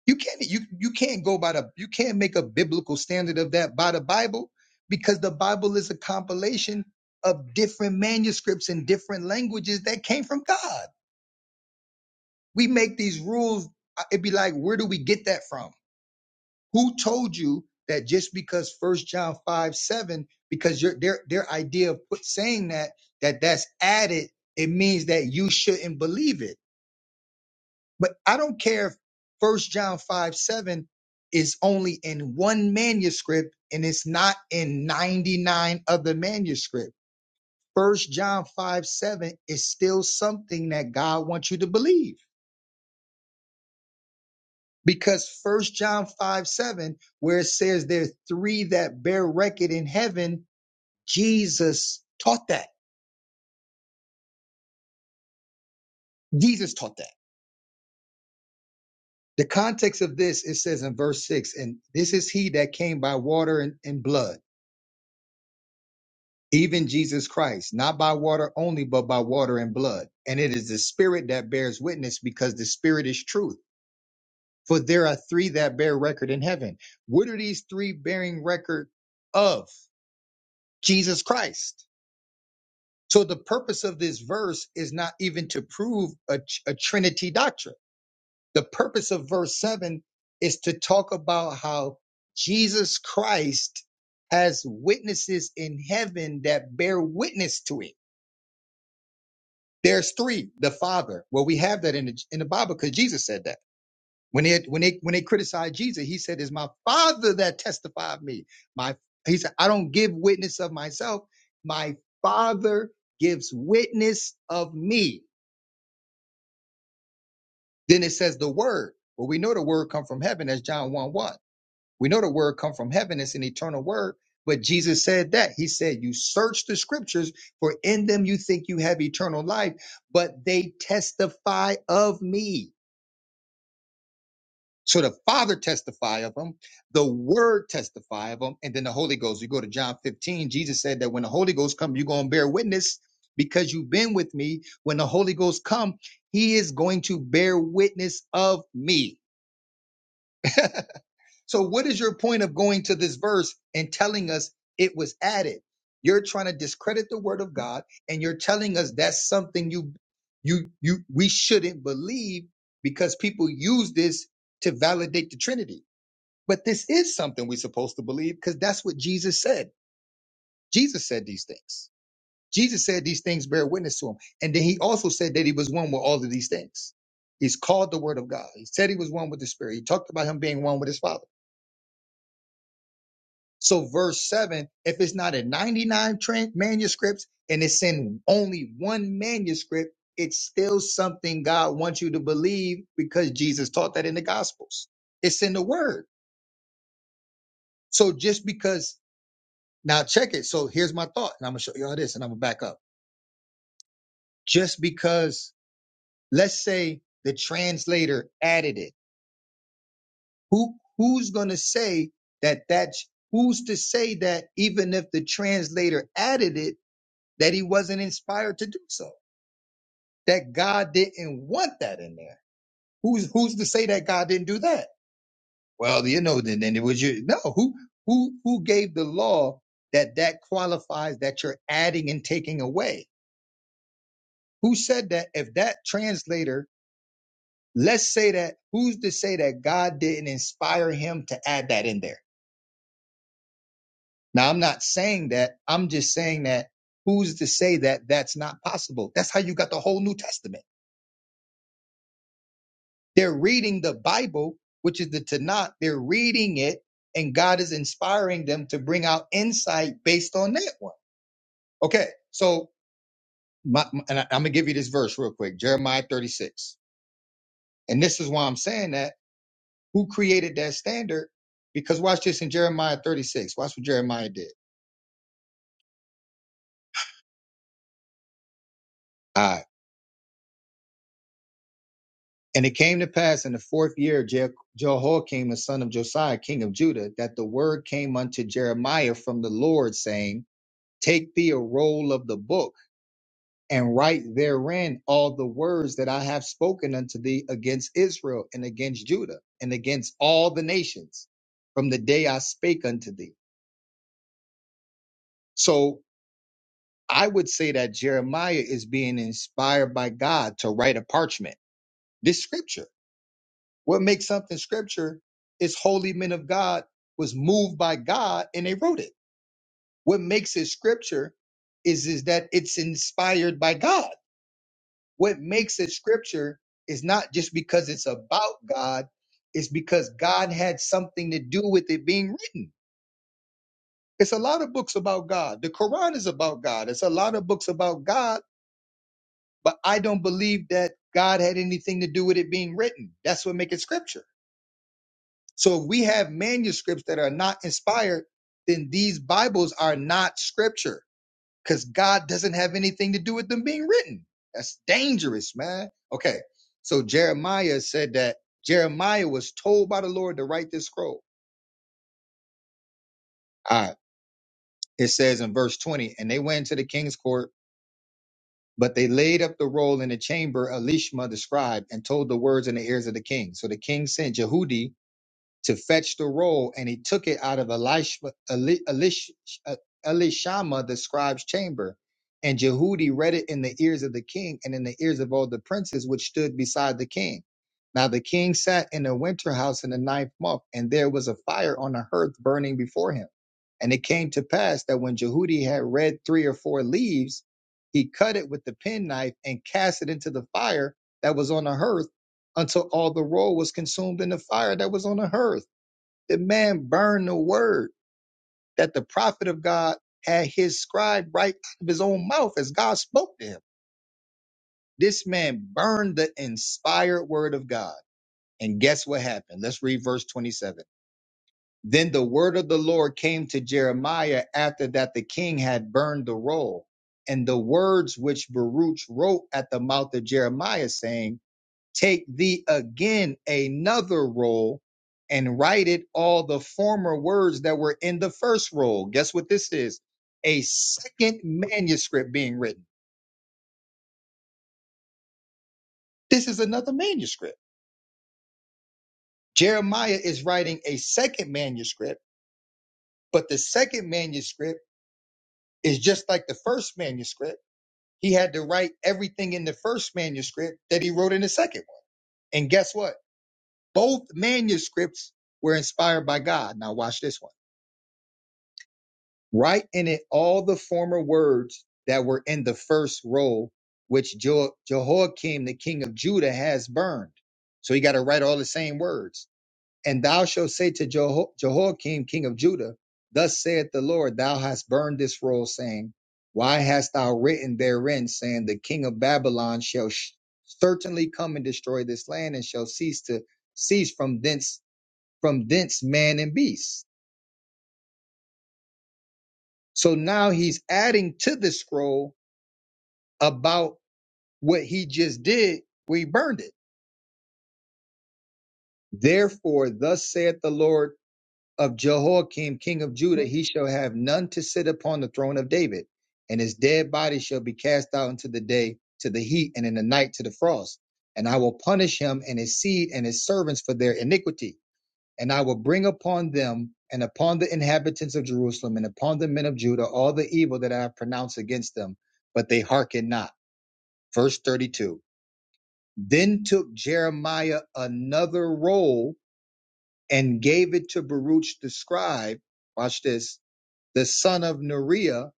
S2: You can't you you can't go by the you can't make a biblical standard of that by the Bible because the Bible is a compilation of different manuscripts in different languages that came from God. We make these rules. uh, It'd be like, where do we get that from? Who told you that just because First John five seven, because your their their idea of put saying that that that's added, it means that you shouldn't believe it. But I don't care if First John five seven is only in one manuscript and it's not in ninety nine other manuscripts. First John five seven is still something that God wants you to believe. Because First John 5 7, where it says there are three that bear record in heaven, Jesus taught that. Jesus taught that. The context of this, it says in verse 6, and this is he that came by water and and blood even Jesus Christ, not by water only, but by water and blood. And it is the Spirit that bears witness because the Spirit is truth. For there are three that bear record in heaven. What are these three bearing record of? Jesus Christ. So the purpose of this verse is not even to prove a, a Trinity doctrine. The purpose of verse 7 is to talk about how Jesus Christ has witnesses in heaven that bear witness to it There's three. The Father. Well, we have that in the, in the Bible because Jesus said that. When they when they when they criticized Jesus, he said, "It's my Father that testified me." My he said, "I don't give witness of myself. My Father gives witness of me." Then it says the Word. Well, we know the Word come from heaven. That's John one one. We know the Word come from heaven. It's an eternal Word. But Jesus said that. He said, "You search the Scriptures, for in them you think you have eternal life, but they testify of me." So the Father testify of him, the Word testify of him, and then the Holy Ghost. You go to John 15, Jesus said that when the Holy Ghost comes, you're going to bear witness because you've been with me. When the Holy Ghost come, he is going to bear witness of me. so what is your point of going to this verse and telling us it was added? You're trying to discredit the word of God and you're telling us that's something you you you we shouldn't believe because people use this to validate the Trinity. But this is something we're supposed to believe because that's what Jesus said. Jesus said these things. Jesus said these things bear witness to him. And then he also said that he was one with all of these things. He's called the word of God. He said he was one with the spirit. He talked about him being one with his father. So verse seven, if it's not in 99 tran manuscripts and it's in only one manuscript, it's still something God wants you to believe because Jesus taught that in the gospels. It's in the word. So just because Now check it. So here's my thought, and I'm gonna show y'all this, and I'm gonna back up. Just because, let's say the translator added it, who who's gonna say that that's who's to say that even if the translator added it, that he wasn't inspired to do so, that God didn't want that in there. Who's who's to say that God didn't do that? Well, you know, then then it was you. No, who who who gave the law that that qualifies that you're adding and taking away? Who said that if that translator, let's say that, who's to say that God didn't inspire him to add that in there? Now, I'm not saying that. I'm just saying that who's to say that that's not possible? That's how you got the whole New Testament. They're reading the Bible, which is the Tanakh. They're reading it, and God is inspiring them to bring out insight based on that one. Okay, so my, and I, I'm going to give you this verse real quick Jeremiah 36. And this is why I'm saying that who created that standard. Because watch this in Jeremiah 36. Watch what Jeremiah did. All right. And it came to pass in the fourth year of Je- Jehoiakim, the son of Josiah, king of Judah, that the word came unto Jeremiah from the Lord, saying, Take thee a roll of the book and write therein all the words that I have spoken unto thee against Israel and against Judah and against all the nations from the day I spake unto thee. So I would say that Jeremiah is being inspired by God to write a parchment. This scripture. What makes something scripture is holy men of God was moved by God and they wrote it. What makes it scripture is, is that it's inspired by God. What makes it scripture is not just because it's about God, it's because God had something to do with it being written. It's a lot of books about God. The Quran is about God. It's a lot of books about God but I don't believe that God had anything to do with it being written. That's what makes it scripture. So if we have manuscripts that are not inspired, then these Bibles are not scripture because God doesn't have anything to do with them being written. That's dangerous, man. Okay. So Jeremiah said that Jeremiah was told by the Lord to write this scroll. All right. It says in verse 20, and they went into the king's court But they laid up the roll in the chamber Elishma the scribe, and told the words in the ears of the king. So the king sent Jehudi to fetch the roll, and he took it out of Elish, Elish, uh, Elishama, the scribe's chamber. And Jehudi read it in the ears of the king and in the ears of all the princes which stood beside the king. Now the king sat in a winter house in the ninth month, and there was a fire on the hearth burning before him. And it came to pass that when Jehudi had read three or four leaves, he cut it with the penknife and cast it into the fire that was on the hearth until all the roll was consumed in the fire that was on the hearth. The man burned the word that the prophet of God had his scribe write out of his own mouth as God spoke to him. This man burned the inspired word of God. And guess what happened? Let's read verse 27. Then the word of the Lord came to Jeremiah after that the king had burned the roll. And the words which Baruch wrote at the mouth of Jeremiah, saying, Take thee again another roll and write it all the former words that were in the first roll. Guess what this is? A second manuscript being written. This is another manuscript. Jeremiah is writing a second manuscript, but the second manuscript is just like the first manuscript. He had to write everything in the first manuscript that he wrote in the second one. And guess what? Both manuscripts were inspired by God. Now watch this one. Write in it all the former words that were in the first roll, which jo- Jehoiakim, the king of Judah, has burned. So you got to write all the same words. And thou shalt say to Jeho- Jehoiakim, king of Judah, Thus saith the Lord, thou hast burned this roll, saying, Why hast thou written therein, saying, The king of Babylon shall sh- certainly come and destroy this land, and shall cease to cease from thence from thence man and beast. So now he's adding to the scroll about what he just did, we burned it. Therefore, thus saith the Lord of Jehoiakim, king of Judah, he shall have none to sit upon the throne of David, and his dead body shall be cast out into the day to the heat, and in the night to the frost. And I will punish him and his seed and his servants for their iniquity. And I will bring upon them and upon the inhabitants of Jerusalem and upon the men of Judah all the evil that I have pronounced against them, but they hearken not. Verse 32. Then took Jeremiah another roll and gave it to Baruch the scribe, watch this, the son of Neriah,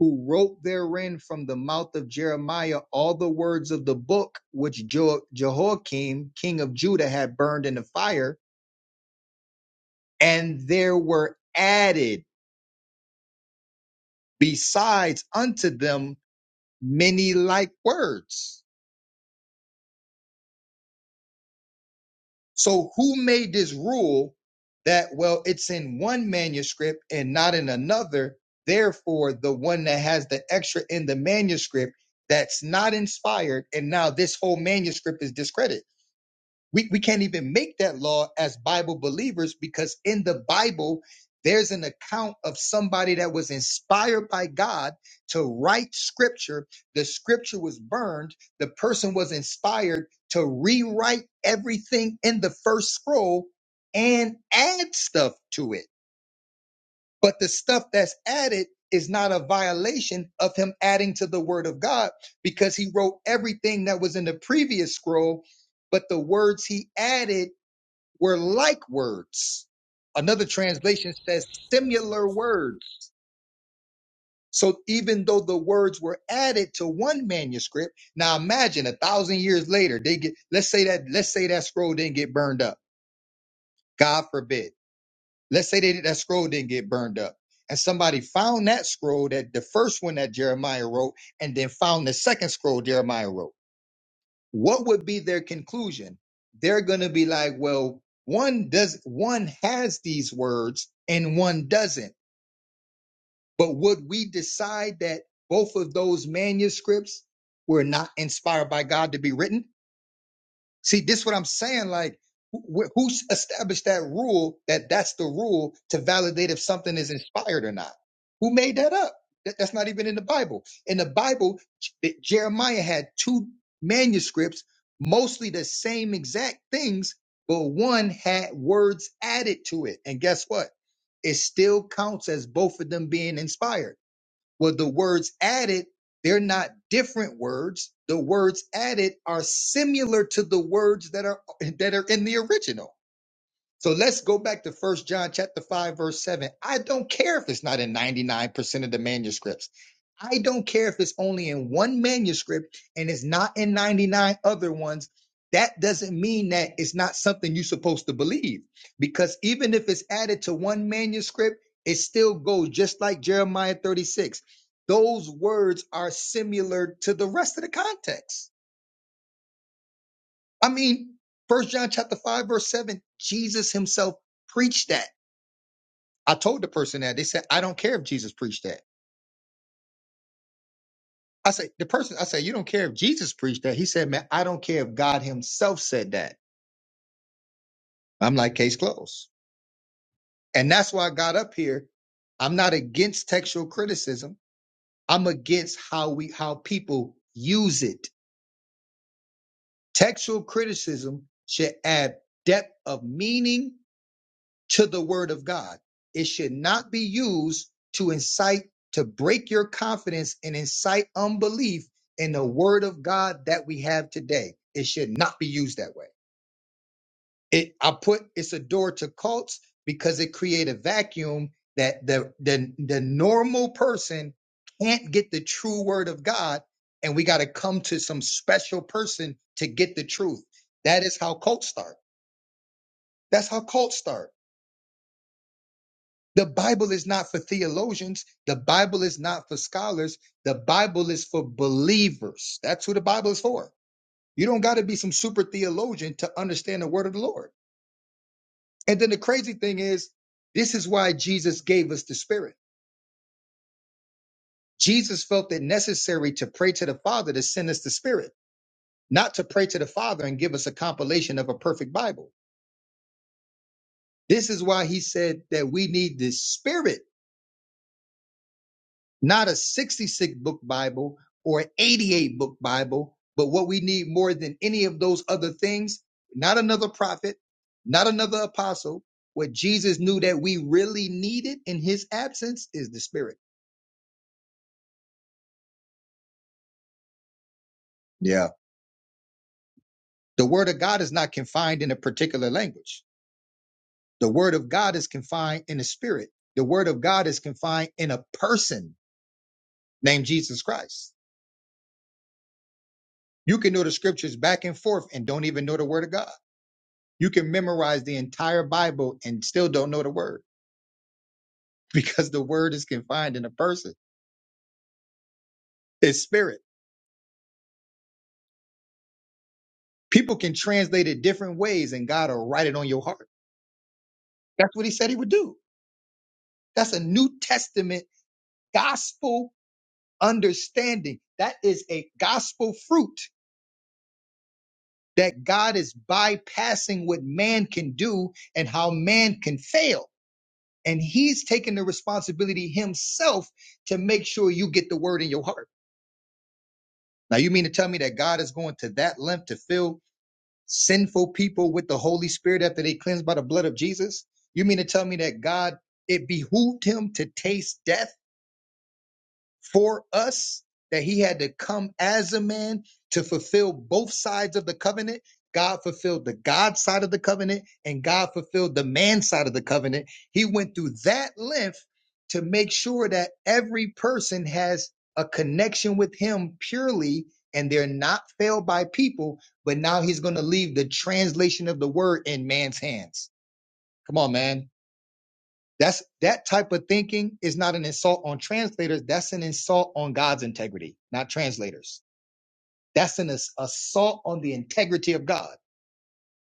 S2: who wrote therein from the mouth of Jeremiah all the words of the book which Jo- Jehoiakim, king of Judah, had burned in the fire. And there were added besides unto them many like words. So who made this rule that well it's in one manuscript and not in another? Therefore, the one that has the extra in the manuscript that's not inspired, and now this whole manuscript is discredited we, we can't even make that law as Bible believers because in the Bible, there's an account of somebody that was inspired by God to write scripture. The scripture was burned. The person was inspired to rewrite everything in the first scroll and add stuff to it. But the stuff that's added is not a violation of him adding to the word of God because he wrote everything that was in the previous scroll, but the words he added were like words. Another translation says
S7: That's
S2: similar
S7: Interesting.
S2: words. So even though the words were added to one manuscript, now imagine a thousand years later, they get, let's say that, let's say that scroll didn't get burned up. God forbid. Let's say that, that scroll didn't get burned up. And somebody found that scroll that the first one that Jeremiah wrote and then found the second scroll Jeremiah wrote. what would be their conclusion? They're going to be like, well, one does, one has these words and one doesn't. But would we decide that both of those manuscripts were not inspired by God to be written? See, this what I'm saying. Like, wh- who s- established that rule that that's the rule to validate if something is inspired or not? Who made that up? That- That's not even in the Bible. In the Bible, J- Jeremiah had two manuscripts, mostly the same exact things, but one had words added to it. And guess what? It still counts as both of them being inspired. Well, the words added, they're not different words. The words added are similar to the words that are that are in the original. So let's go back to First John chapter 5 verse 7. I don't care if it's not in 99% of the manuscripts. I don't care if it's only in one manuscript and it's not in 99 other ones. That doesn't mean that it's not something you're supposed to believe because even if it's added to one manuscript, it still goes just like Jeremiah 36. Those words are similar to the rest of the context. I mean, First John chapter 5 verse 7, Jesus himself preached that. I told the person that. They said, I don't care if Jesus preached that. I said, the person, I said, you don't care if Jesus preached that. He said, man, I don't care if God himself said that. I'm like, case closed. And that's why I got up here. I'm not against textual criticism. I'm against how we, how people use it. Textual criticism should add depth of meaning to the word of God. It should not be used to incite, to break your confidence and incite unbelief in the word of God that we have today. It should not be used that way. It, I put it's a door to cults because it create a vacuum that the, the, the normal person can't get the true word of God. And we got to come to some special person to get the truth. That is how cults start. That's how cults start The Bible is not for theologians. The Bible is not for scholars. The Bible is for believers. That's who the Bible is for. You don't got to be some super theologian to understand the word of the Lord. And then the crazy thing is, this is why Jesus gave us the Spirit. Jesus felt it necessary to pray to the Father to send us the Spirit, not to pray to the Father and give us a compilation of a perfect Bible. This is why he said that we need the Spirit not a 66 book Bible or an 88 book Bible, but what we need more than any of those other things, not another prophet, not another apostle. What Jesus knew that we really needed in his absence is the Spirit. Yeah. The Word of God is not confined in a particular language, the Word of God is confined in a spirit. The Word of God is confined in a person named Jesus Christ. You can know the scriptures back and forth and don't even know the Word of God. You can memorize the entire Bible and still don't know the word because the word is confined in a person. It's spirit. People can translate it different ways and God will write it on your heart. That's what he said he would do. That's a New Testament gospel understanding. That is a gospel fruit that God is bypassing what man can do and how man can fail. And he's taking the responsibility himself to make sure you get the word in your heart. Now, you mean to tell me that God is going to that length to fill sinful people with the Holy Spirit after they cleansed by the blood of Jesus? You mean to tell me that God, it behooved him to taste death? for us that he had to come as a man to fulfill both sides of the covenant. God fulfilled the God side of the covenant and God fulfilled the man side of the covenant. He went through that length to make sure that every person has a connection with him purely and they're not failed by people. But now he's going to leave the translation of the word in man's hands. Come on, man. That's that type of thinking is not an insult on translators. That's an insult on God's integrity, not translators. That's an ass- assault on the integrity of God.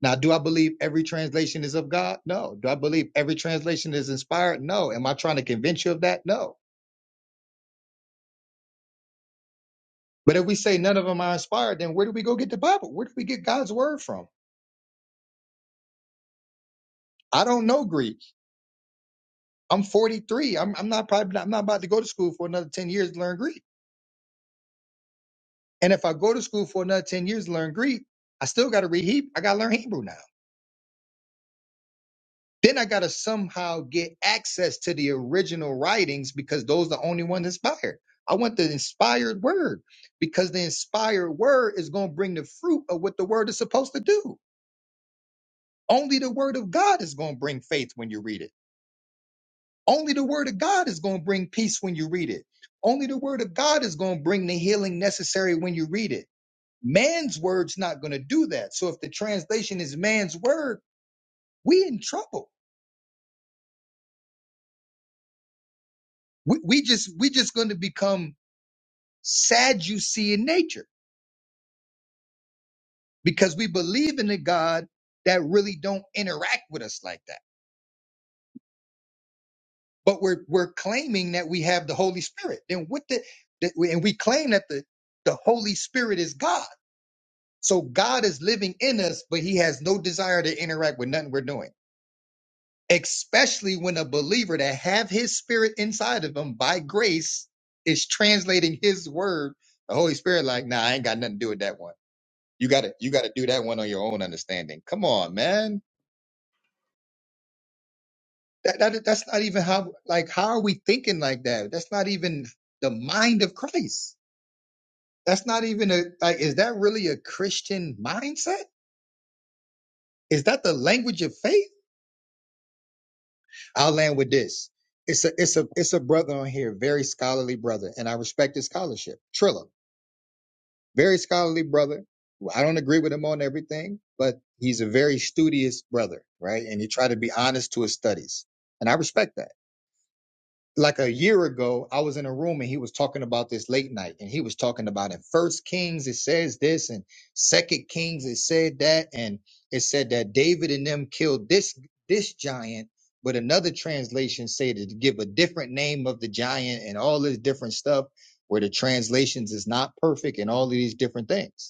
S2: Now, do I believe every translation is of God? No. Do I believe every translation is inspired? No. Am I trying to convince you of that? No. But if we say none of them are inspired, then where do we go get the Bible? Where do we get God's word from? I don't know Greek. I'm 43. I'm, I'm not probably I'm not about to go to school for another 10 years to learn Greek. And if I go to school for another 10 years to learn Greek, I still got to read Hebrew. I got to learn Hebrew now. Then I got to somehow get access to the original writings because those are the only ones inspired. I want the inspired word because the inspired word is going to bring the fruit of what the word is supposed to do. Only the word of God is going to bring faith when you read it. Only the word of God is going to bring peace when you read it. Only the word of God is going to bring the healing necessary when you read it. Man's word's not going to do that. So if the translation is man's word, we in trouble. We, we just we just going to become Sadducee in nature because we believe in a God that really don't interact with us like that. But we're we're claiming that we have the Holy Spirit. Then what the that we, and we claim that the the Holy Spirit is God. So God is living in us, but He has no desire to interact with nothing we're doing. especially when a believer that have his spirit inside of him by grace is translating his word the holy spirit like nah i ain't got nothing to do with that one you gotta you gotta do that one on your own understanding come on man that, that that's not even how like how are we thinking like that that's not even the mind of christ that's not even a like is that really a christian mindset is that the language of faith i'll land with this it's a it's a it's a brother on here, very scholarly brother, and I respect his scholarship. Trilla. Very scholarly brother. I don't agree with him on everything, but he's a very studious brother, right? And he tried to be honest to his studies. And I respect that. Like a year ago, I was in a room and he was talking about this late night and he was talking about in first Kings, it says this and second Kings, it said that. And it said that David and them killed this, this giant but another translation say to give a different name of the giant and all this different stuff where the translations is not perfect and all of these different things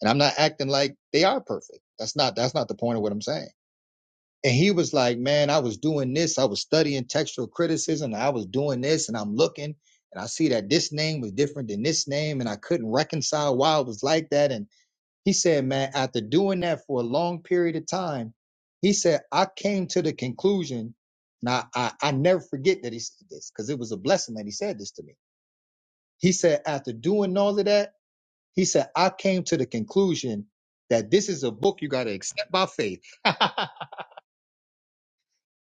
S2: and I'm not acting like they are perfect. That's not that's not the point of what I'm saying. And he was like, Man, I was doing this, I was studying textual criticism, and I was doing this, and I'm looking, and I see that this name was different than this name, and I couldn't reconcile why it was like that. And he said, Man, after doing that for a long period of time, he said, I came to the conclusion, Now I, I never forget that he said this, because it was a blessing that he said this to me. He said, after doing all of that, he said, I came to the conclusion that this is a book you got to accept by faith.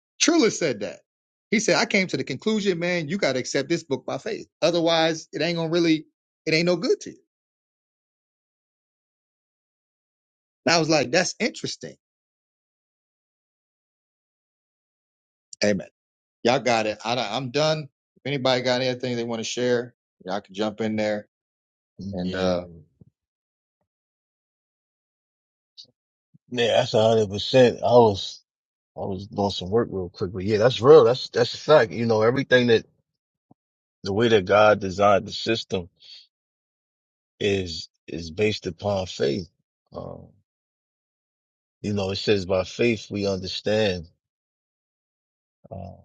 S2: Triller said that. He said, I came to the conclusion, man, you got to accept this book by faith. Otherwise, it ain't going to really, it ain't no good to you. And I was like, that's interesting. Amen. Y'all got it. I, I'm done. If anybody got anything they want to share, y'all can jump in there. And,
S6: yeah,
S2: uh,
S6: that's a hundred percent. I was, I was doing some work real quick, but yeah, that's real. That's that's a fact. You know, everything that the way that God designed the system is is based upon faith. Um, you know, it says by faith we understand. Uh,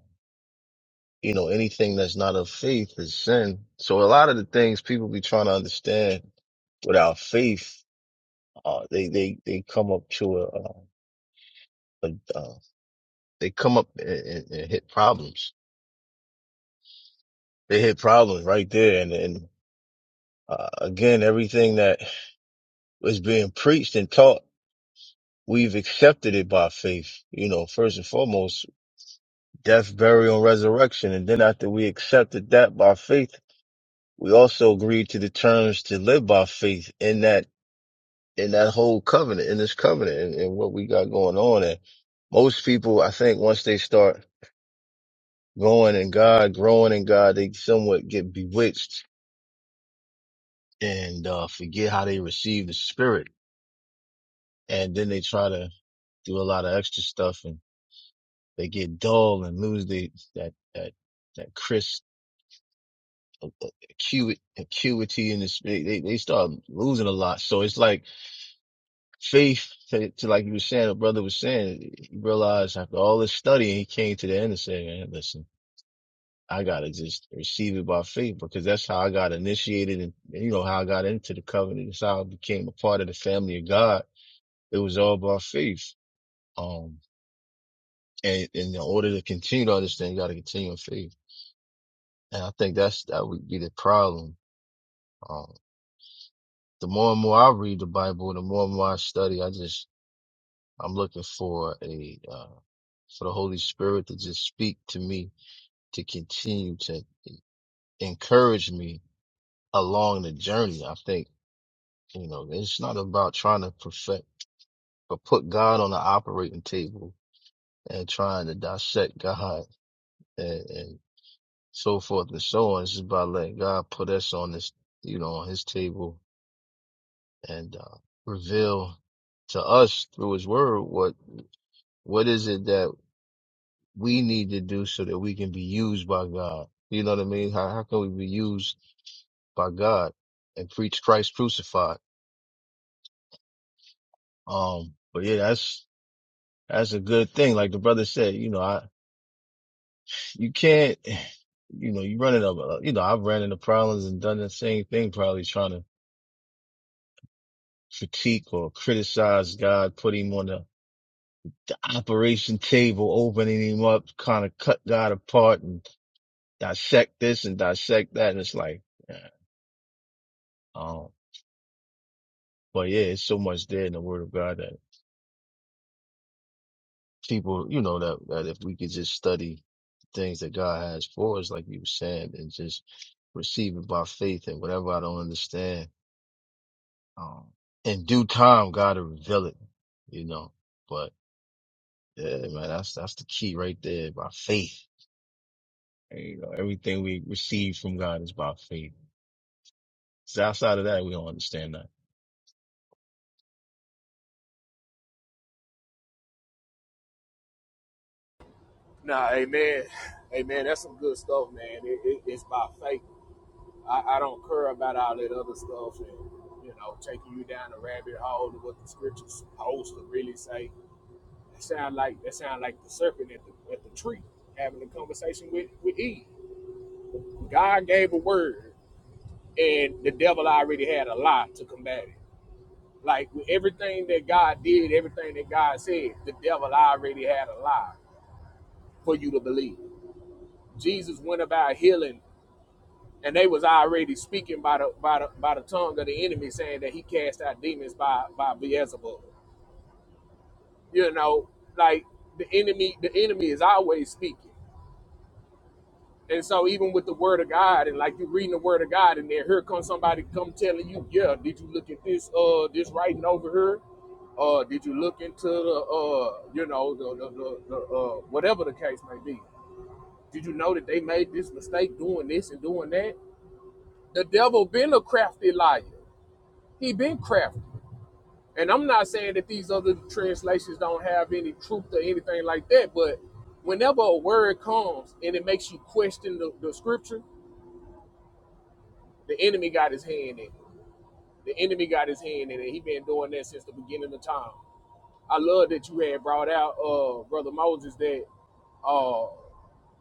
S6: you know, anything that's not of faith is sin. So a lot of the things people be trying to understand without faith, uh, they they they come up to a, uh, a uh, they come up and, and, and hit problems They hit problems right there. And, and uh, again, everything that was being preached and taught, we've accepted it by faith. You know, first and foremost, death, burial, and resurrection. And then after we accepted that by faith, we also agreed to the terms to live by faith in that, in that whole covenant, in this covenant and, and what we got going on. And most people, I think once they start growing in God, growing in God, they somewhat get bewitched and uh, forget how they receive the spirit and then they try to do a lot of extra stuff and they get dull and lose the that that that crisp acuity, acuity in this they, they they start losing a lot so it's like faith to, to like you were saying a brother was saying he realized after all this studying he came to the end and said man listen I gotta just receive it by faith because that's how I got initiated and you know how I got into the covenant. It's how I became a part of the family of God. It was all by faith. Um, And, and in order to continue to understand, you got to continue in faith. And I think that's that would be the problem. Um, the more and more I read the Bible, the more and more I study, I just I'm looking for a uh, for the Holy Spirit to just speak to me to continue to encourage me along the journey. I think you know it's not about trying to perfect, but put God on the operating table and trying to dissect God and. so forth and so on. It's just about letting God put us on this, you know, on his table and uh, reveal to us through his word what what is it that we need to do so that we can be used by God. You know what I mean? How how can we be used by God and preach Christ crucified? Um but yeah, that's that's a good thing. Like the brother said, you know, I you can't you know, you run into, you know, I've ran into problems and done the same thing, probably trying to critique or criticize God, put him on the, the operation table, opening him up, kind of cut God apart and dissect this and dissect that. And it's like, yeah, um, but yeah, it's so much there in the word of God that people, you know, that, that if we could just study things that God has for us, like you were saying, and just receive it by faith and whatever I don't understand, um, in due time, God will reveal it, you know, but yeah, man, that's, that's the key right there by faith And, you know, everything we receive from God is by faith. So outside of that, we don't understand that.
S7: Nah, amen, amen. That's some good stuff, man. It, it, it's by faith. I, I don't care about all that other stuff and you know taking you down the rabbit hole to what the scriptures supposed to really say. sound like that sound like the serpent at the at the tree having a conversation with with Eve. God gave a word, and the devil already had a lie to combat it. Like with everything that God did, everything that God said, the devil already had a lie for you to believe. Jesus went about healing, and they was already speaking by the by the by the tongue of the enemy, saying that he cast out demons by by Beelzebub. You know, like the enemy, the enemy is always speaking. And so even with the word of God, and like you're reading the word of God, and then here comes somebody come telling you, yeah, did you look at this uh this writing over here? Uh, did you look into the uh you know the the, the, the uh whatever the case may be? Did you know that they made this mistake doing this and doing that? The devil been a crafty liar. He been crafty. And I'm not saying that these other translations don't have any truth or anything like that, but whenever a word comes and it makes you question the, the scripture, The enemy got his hand in it. The enemy got his hand in it. He been doing that since the beginning of time. I love that you had brought out, uh, brother Moses, that uh,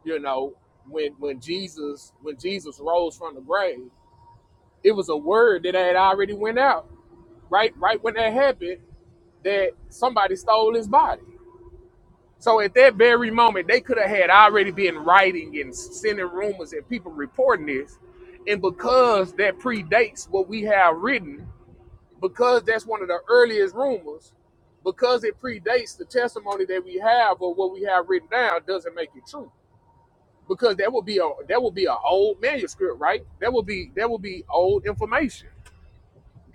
S7: you know, when when Jesus when Jesus rose from the grave, it was a word that had already went out right right when that happened that somebody stole his body. So at that very moment, they could have had already been writing and sending rumors and people reporting this, and because that predates what we have written because that's one of the earliest rumors, because it predates the testimony that we have or what we have written down doesn't make it true. Because that would be a that would be an old manuscript, right? That would be that would be old information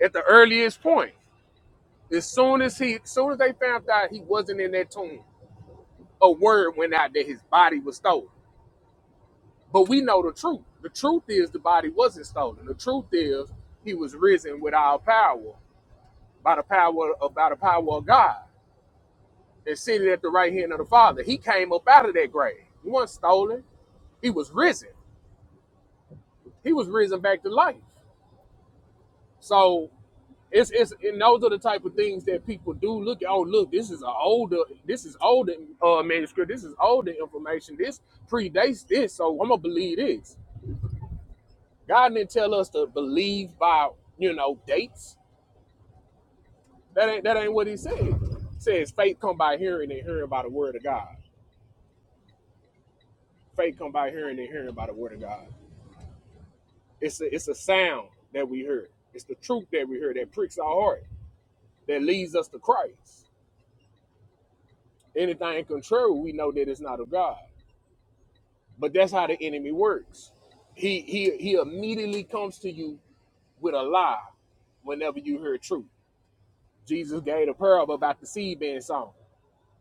S7: at the earliest point. As soon as he as soon as they found out he wasn't in that tomb, a word went out that his body was stolen. But we know the truth. The truth is the body wasn't stolen. The truth is he was risen with our power by the power of by the power of God. and seated at the right hand of the Father. He came up out of that grave. He wasn't stolen. He was risen. He was risen back to life. So it's it's and those are the type of things that people do look at. Oh, look, this is an older, this is older uh manuscript, this is older information, this predates this, so I'm gonna believe this. God didn't tell us to believe by, you know, dates. That ain't that ain't what he said. He says faith come by hearing and hearing by the word of God. Faith come by hearing and hearing by the word of God. It's a, it's a sound that we heard. It's the truth that we heard that pricks our heart, that leads us to Christ. Anything contrary, we know that it's not of God. But that's how the enemy works. He he he immediately comes to you with a lie whenever you hear truth. Jesus gave a parable about the seed being sown.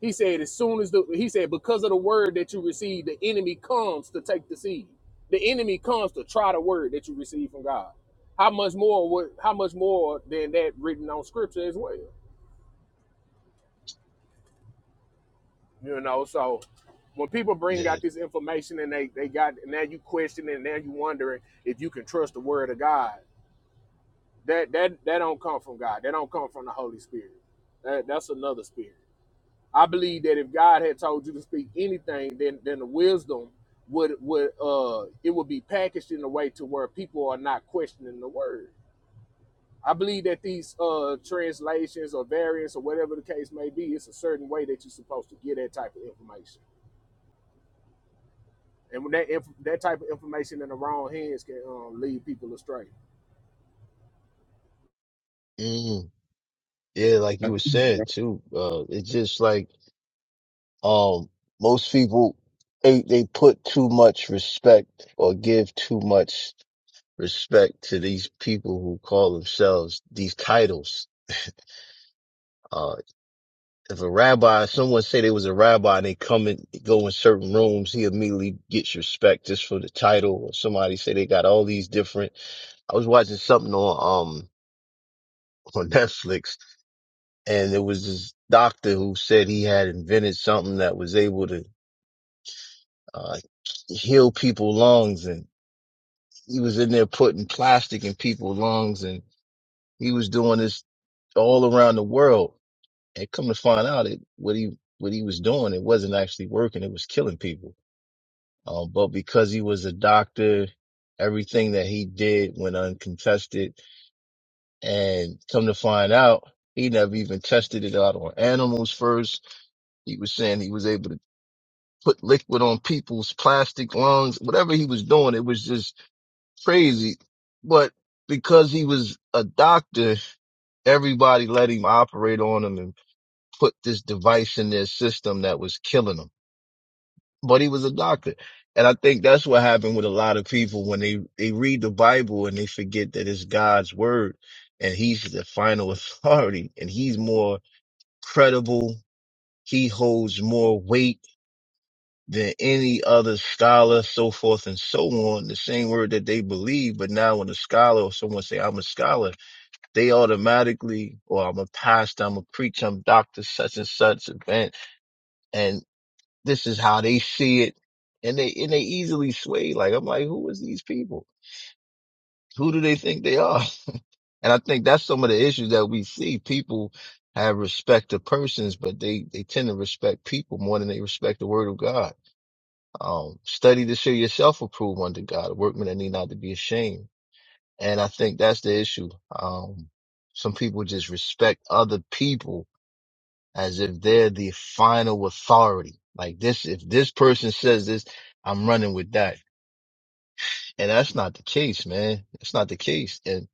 S7: He said, as soon as the he said, because of the word that you receive, the enemy comes to take the seed. The enemy comes to try the word that you receive from God. How much more would how much more than that written on scripture as well? You know, so when people bring
S6: Yeah.
S7: out this information and they they got now you questioning and now you wondering if you can trust the word of God. That that that don't come from God. That don't come from the Holy Spirit. That that's another spirit. I believe that if God had told you to speak anything, then then the wisdom would would uh it would be packaged in a way to where people are not questioning the word. I believe that these uh translations or variants or whatever the case may be, it's a certain way that you're supposed to get that type of information. And when that inf- that type of information in the wrong hands can um, lead people astray.
S6: Mm. Yeah, like you were saying too. Uh, it's just like um most people they they put too much respect or give too much respect to these people who call themselves these titles. Uh, if a rabbi, someone say they was a rabbi and they come and go in certain rooms, he immediately gets respect just for the title. Or somebody say they got all these different I was watching something on um on Netflix, and there was this doctor who said he had invented something that was able to uh, heal people's lungs, and he was in there putting plastic in people's lungs, and he was doing this all around the world. And come to find out, it what he what he was doing, it wasn't actually working; it was killing people. Um, but because he was a doctor, everything that he did went uncontested And come to find out, he never even tested it out on animals first. He was saying he was able to put liquid on people's plastic lungs, whatever he was doing. It was just crazy. But because he was a doctor, everybody let him operate on him and put this device in their system that was killing them but he was a doctor. And I think that's what happened with a lot of people when they, they read the Bible and they forget that it's God's word and he's the final authority and he's more credible. He holds more weight than any other scholar, so forth and so on. The same word that they believe, but now when a scholar or someone say, I'm a scholar, they automatically, or I'm a pastor, I'm a preacher, I'm Dr. such and such event. and this is how they see it and they and they easily sway like i'm like who is these people who do they think they are and i think that's some of the issues that we see people have respect to persons but they they tend to respect people more than they respect the word of god um study to show yourself approved unto god a workman that need not to be ashamed and i think that's the issue um some people just respect other people as if they're the final authority like this if this person says this i'm running with that And that's not the case, man. It's not the case. And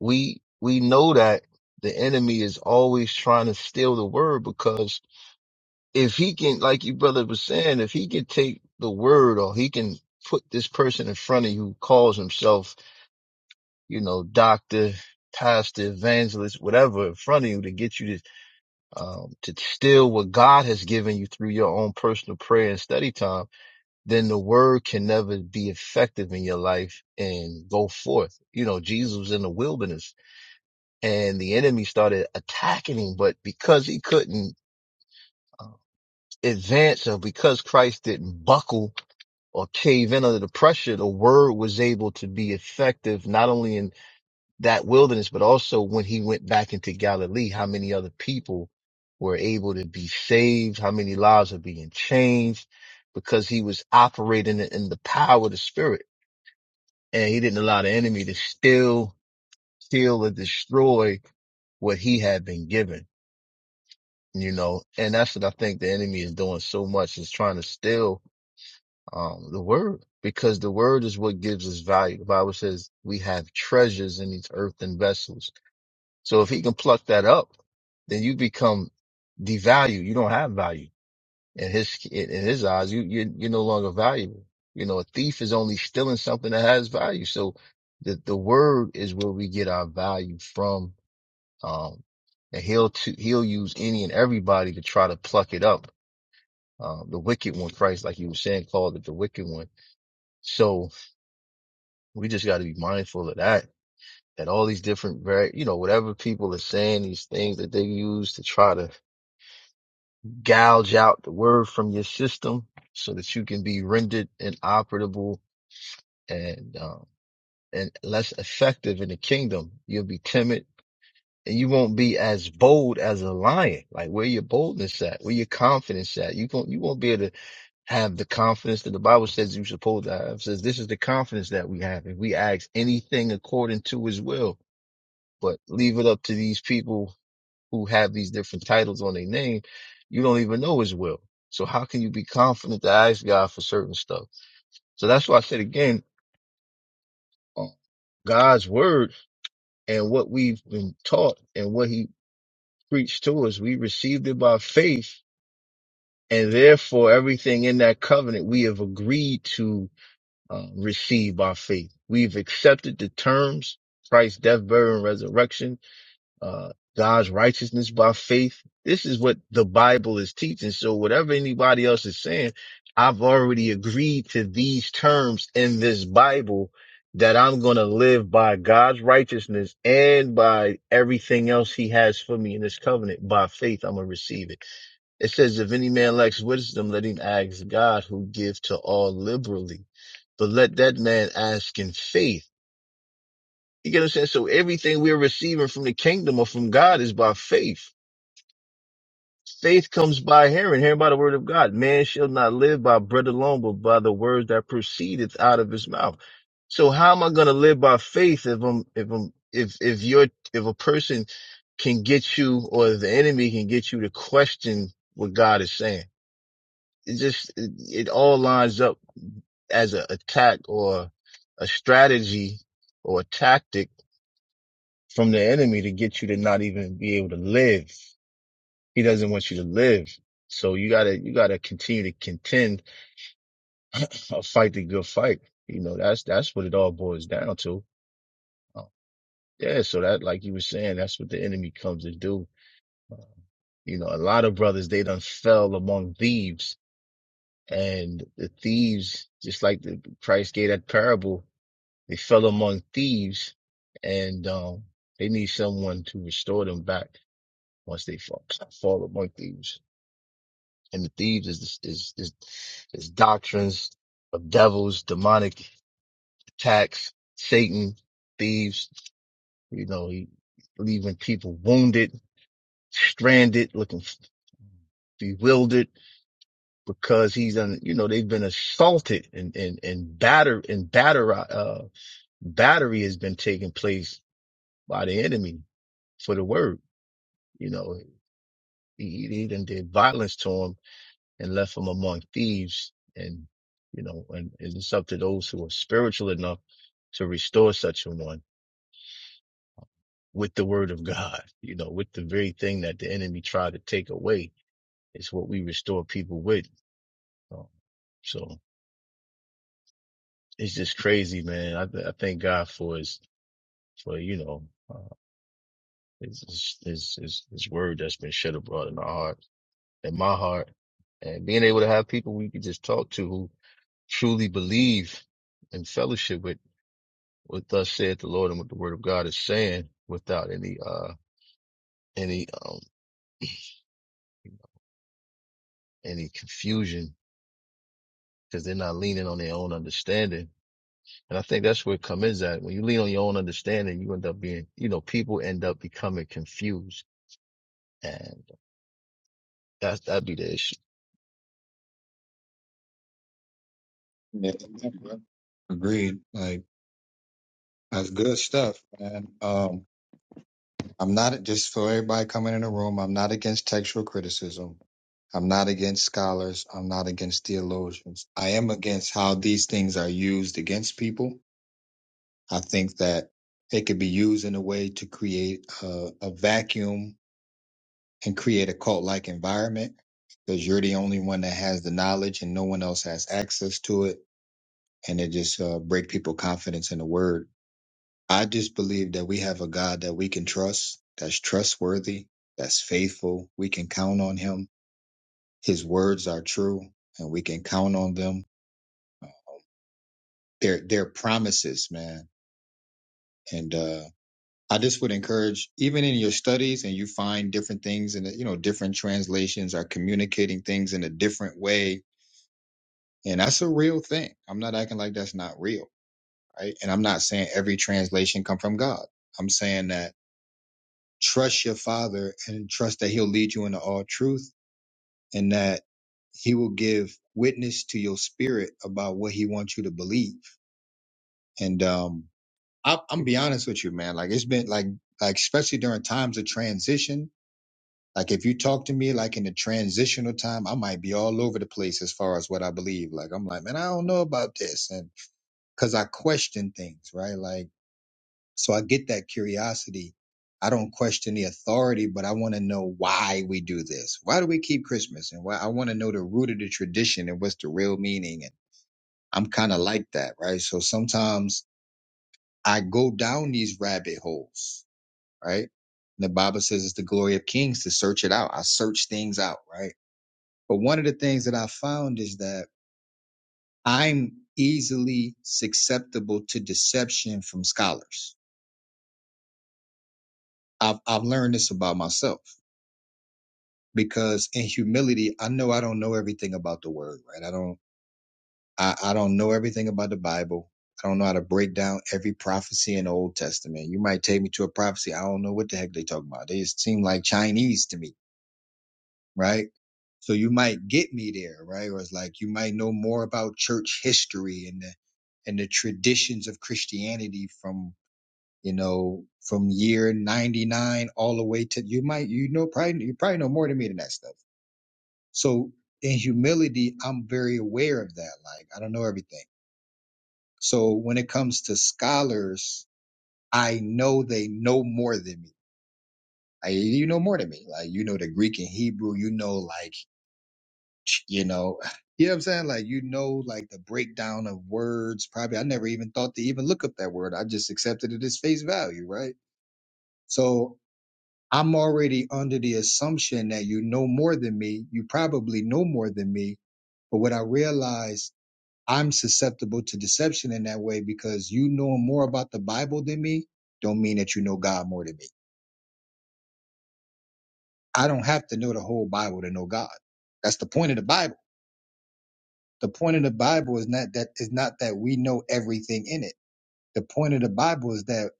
S6: we, we know that the enemy is always trying to steal the word because if he can, like your brother was saying, if he can take the word or he can put this person in front of you who calls himself, you know, doctor, pastor, evangelist, whatever in front of you to get you to, um, to steal what God has given you through your own personal prayer and study time then the word can never be effective in your life and go forth. You know, Jesus was in the wilderness and the enemy started attacking him, but because he couldn't uh, advance or because Christ didn't buckle or cave in under the pressure, the word was able to be effective not only in that wilderness, but also when he went back into Galilee, how many other people were able to be saved? How many lives are being changed? Because he was operating in the power of the spirit. and he didn't allow the enemy to steal, steal or destroy what he had been given, you know, and that's what I think the enemy is doing so much is trying to steal, um, the word because the word is what gives us value. The Bible says we have treasures in these earthen vessels. So if he can pluck that up, then you become devalued. You don't have value in his in his eyes, you you you're no longer valuable. You know, a thief is only stealing something that has value. So the the word is where we get our value from. Um, and he'll to, he'll use any and everybody to try to pluck it up. Um, the wicked one, Christ, like you were saying, called it the wicked one. So we just got to be mindful of that. That all these different, very, you know, whatever people are saying, these things that they use to try to gouge out the word from your system so that you can be rendered inoperable and um, and less effective in the kingdom. You'll be timid and you won't be as bold as a lion. Like where your boldness at? Where your confidence at? You won't you won't be able to have the confidence that the Bible says you're supposed to have. It says this is the confidence that we have if we ask anything according to His will. But leave it up to these people who have these different titles on their name. You don't even know His will. So how can you be confident to ask God for certain stuff? So that's why I said again, um, God's word and what we've been taught and what he preached to us, we received it by faith. And therefore, everything in that covenant we have agreed to uh, receive by faith. We've accepted the terms, Christ's death, burial, and resurrection uh, God's righteousness by faith. This is what the Bible is teaching. So whatever anybody else is saying, I've already agreed to these terms in this Bible that I'm going to live by God's righteousness and by everything else he has for me in this covenant. By faith, I'm going to receive it. It says, if any man lacks wisdom, let him ask God who gives to all liberally. But let that man ask in faith you get what I'm saying? So everything we're receiving from the kingdom or from God is by faith. Faith comes by hearing, hearing by the word of God. Man shall not live by bread alone, but by the words that proceedeth out of his mouth. So how am I going to live by faith if I'm, if I'm, if, if you're, if a person can get you or the enemy can get you to question what God is saying? It just, it, it all lines up as an attack or a strategy or a tactic from the enemy to get you to not even be able to live. He doesn't want you to live. So you gotta, you gotta continue to contend or fight the good fight. You know, that's, that's what it all boils down to. Uh, Yeah. So that, like you were saying, that's what the enemy comes to do. Uh, You know, a lot of brothers, they done fell among thieves and the thieves, just like the Christ gave that parable, they fell among thieves and, um, they need someone to restore them back once they fall, fall among thieves. and the thieves is is is, is doctrines of devils, demonic attacks, Satan, thieves. You know, he leaving people wounded, stranded, looking f- bewildered because he's on. You know, they've been assaulted and and and batter and batter uh battery has been taking place by the enemy for the word. You know, he, he done did violence to him and left from among thieves. And, you know, and it's up to those who are spiritual enough to restore such a one with the word of God, you know, with the very thing that the enemy tried to take away is what we restore people with. Um, so it's just crazy, man. I, th- I thank God for his, for, you know, uh, his, his, his, his word that's been shed abroad in our heart, in my heart and being able to have people we can just talk to who truly believe and fellowship with what thus saith the Lord and what the word of God is saying without any, uh, any, um, any confusion because they're not leaning on their own understanding. And I think that's where it comes at. When you lean on your own understanding, you end up being, you know, people end up becoming confused and that's, that'd be the issue.
S2: yeah, agreed. Like, that's good stuff, man. Um, I'm not just for everybody coming in the room. I'm not against textual criticism. I'm not against scholars. I'm not against theologians. I am against how these things are used against people. I think that it could be used in a way to create a, a vacuum and create a cult like environment because you're the only one that has the knowledge and no one else has access to it. And it just uh, break people confidence in the word. I just believe that we have a God that we can trust, that's trustworthy, that's faithful. We can count on him. His words are true and we can count on them. They're, they're promises, man. And, uh, I just would encourage, even in your studies and you find different things and, you know, different translations are communicating things in a different way. And that's a real thing. I'm not acting like that's not real. Right. And I'm not saying every translation come from God. I'm saying that trust your father and trust that he'll lead you into all truth and that he will give witness to your spirit about what he wants you to believe. And um, I, I'm gonna be honest with you, man. Like it's been like like especially during times of transition. Like if you talk to me like in the transitional time, I might be all over the place as far as what I believe. Like I'm like, man, I don't know about this, and because I question things, right? Like So I get that curiosity. I don't question the authority, but I want to know why we do this. Why do we keep Christmas? And why I want to know the root of the tradition and what's the real meaning. And I'm kind of like that, right? So sometimes I go down these rabbit holes, right? And the Bible says it's the glory of kings to search it out. I search things out, right? But one of the things that I found is that I'm easily susceptible to deception from scholars. I've, I've learned this about myself because in humility, I know I don't know everything about the word, right? I don't, I, I don't know everything about the Bible. I don't know how to break down every prophecy in the Old Testament. You might take me to a prophecy. I don't know what the heck they talk about. They just seem like Chinese to me, right? So you might get me there, right? Or it's like you might know more about church history and the and the traditions of Christianity from you know from year ninety nine all the way to you might you know probably you probably know more than me than that stuff so in humility, I'm very aware of that. Like I don't know everything. So when it comes to scholars, I know they know more than me. I, you know more than me. Like you know the Greek and Hebrew. You know like you know. You know what I'm saying? Like you know like the breakdown of words. Probably I never even thought to even look up that word. I just accepted it as face value, right? So I'm already under the assumption that you know more than me. You probably know more than me. But what I realized I'm susceptible to deception in that way because you know more about the Bible than me don't mean that you know God more than me. I don't have to know the whole Bible to know God. That's the point of the Bible. The point of the Bible is not that is not that we know everything in it. The point of the Bible is that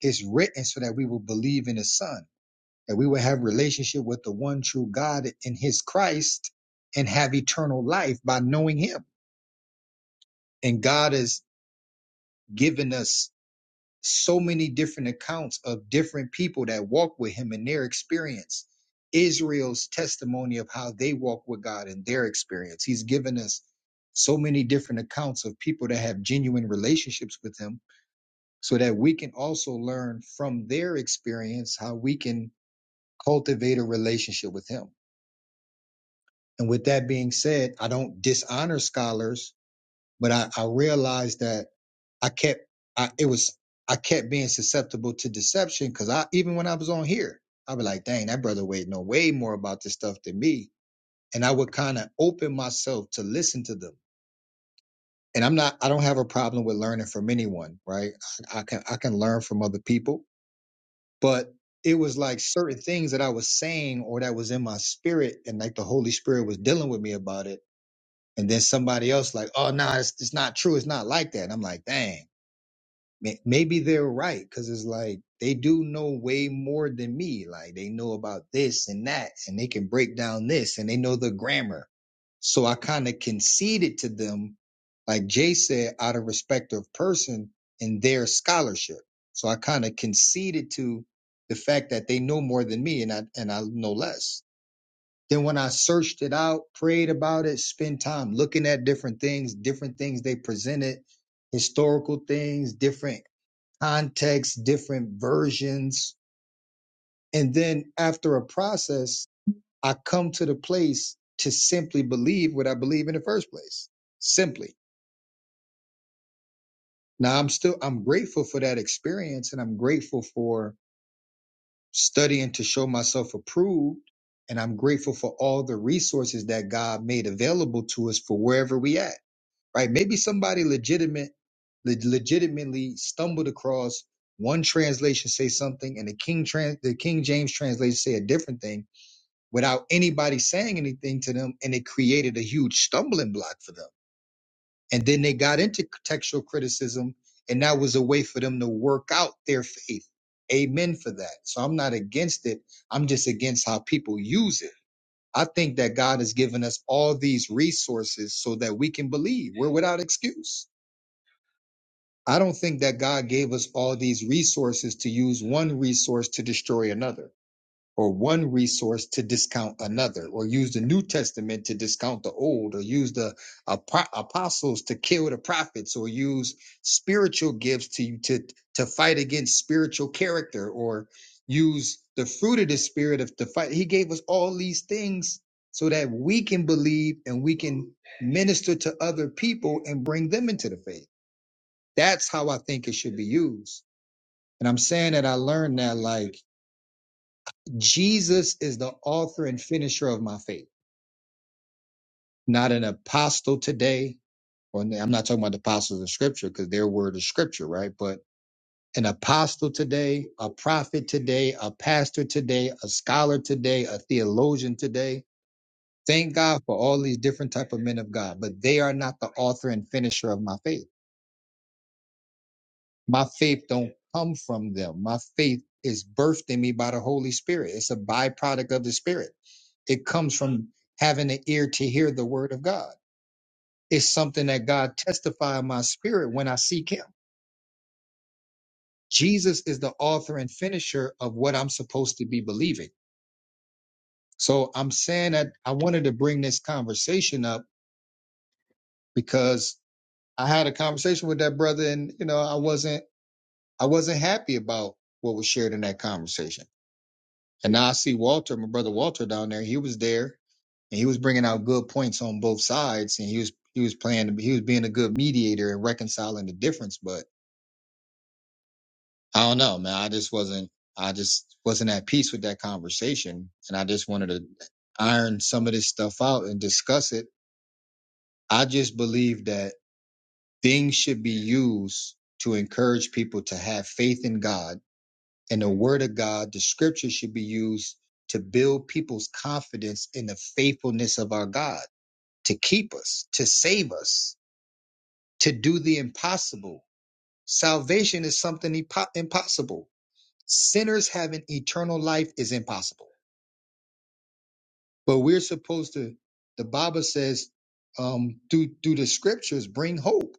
S2: it's written so that we will believe in his son, that we will have relationship with the one true God in his Christ and have eternal life by knowing him. And God has given us so many different accounts of different people that walk with him and their experience. Israel's testimony of how they walk with God and their experience. He's given us so many different accounts of people that have genuine relationships with him so that we can also learn from their experience how we can cultivate a relationship with him. And with that being said, I don't dishonor scholars, but I, I realize that I kept I it was I kept being susceptible to deception because I even when I was on here, I'd be like, dang, that brother Wade know way more about this stuff than me. And I would kind of open myself to listen to them. And I'm not I don't have a problem with learning from anyone, right? I, I can I can learn from other people, but it was like certain things that I was saying or that was in my spirit and like the Holy Spirit was dealing with me about it. And then somebody else like, oh no, nah, it's, it's not true. It's not like that. And I'm like, dang. May- Maybe they're right because it's like they do know way more than me. Like they know about this and that, and they can break down this, and they know the grammar. So I kind of conceded to them, like Jay said, out of respect of person and their scholarship. So I kind of conceded to the fact that they know more than me, and I and I know less. Then when I searched it out, prayed about it, spent time looking at different things, different things they presented, historical things, different context, different versions. And then after a process, I come to the place to simply believe what I believe in the first place. Simply. Now I'm still, I'm grateful for that experience and I'm grateful for studying to show myself approved. And I'm grateful for all the resources that God made available to us for wherever we at. right? Maybe somebody legitimate, le- legitimately stumbled across one translation say something, and the King trans, the King James translation say a different thing without anybody saying anything to them, and it created a huge stumbling block for them. And then they got into textual criticism, and that was a way for them to work out their faith. Amen for that. So I'm not against it. I'm just against how people use it. I think that God has given us all these resources so that we can believe. We're without excuse I don't think that God gave us all these resources to use one resource to destroy another, or one resource to discount another, or use the New Testament to discount the Old, or use the apo- apostles to kill the prophets, or use spiritual gifts to to to fight against spiritual character, or use the fruit of the Spirit of to fight. He gave us all these things so that we can believe and we can minister to other people and bring them into the faith. That's how I think it should be used. And I'm saying that I learned that like Jesus is the author and finisher of my faith, not an apostle today. Or i I'm not talking about the apostles of scripture because their word is scripture, right? But an apostle today, a prophet today, a pastor today, a scholar today, a theologian today. Thank God for all these different type of men of God, but they are not the author and finisher of my faith. My faith don't come from them. My faith is birthed in me by the Holy Spirit. It's a byproduct of the Spirit. It comes from having an ear to hear the word of God. It's something that God testify in my spirit when I seek him. Jesus is the author and finisher of what I'm supposed to be believing. So I'm saying that I wanted to bring this conversation up because I had a conversation with that brother and you know I wasn't I wasn't happy about what was shared in that conversation And now I see Walter, my brother Walter down there. He was there and he was bringing out good points on both sides, and he was he was playing he was being a good mediator and reconciling the difference. But I don't know, man. I just wasn't I just wasn't at peace with that conversation, and I just wanted to iron some of this stuff out and discuss it. I just believe that things should be used to encourage people to have faith in God and the word of God, the scripture should be used to build people's confidence in the faithfulness of our God, to keep us, to save us, to do the impossible. Salvation is something impo- impossible. Sinners having eternal life is impossible. But we're supposed to, the Bible says, um, through, through the scriptures, bring hope.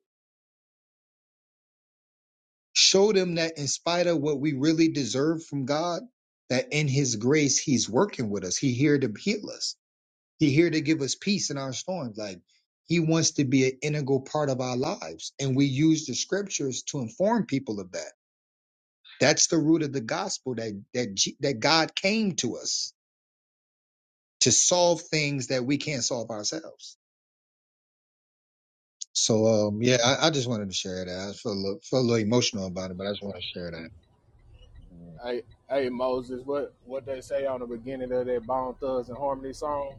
S2: Show them that in spite of what we really deserve from God, that in his grace, he's working with us. He here to heal us He here to give us peace in our storms. Like he wants to be an integral part of our lives. And we use the scriptures to inform people of that. That's the root of the gospel that that G- that God came to us to solve things that we can't solve ourselves. So um yeah, I, I just wanted to share that. I feel a little, feel a little emotional about it, but I just want to share that.
S7: Hey, hey Moses, what what they say on the beginning of that Bone Thugs and Harmony song?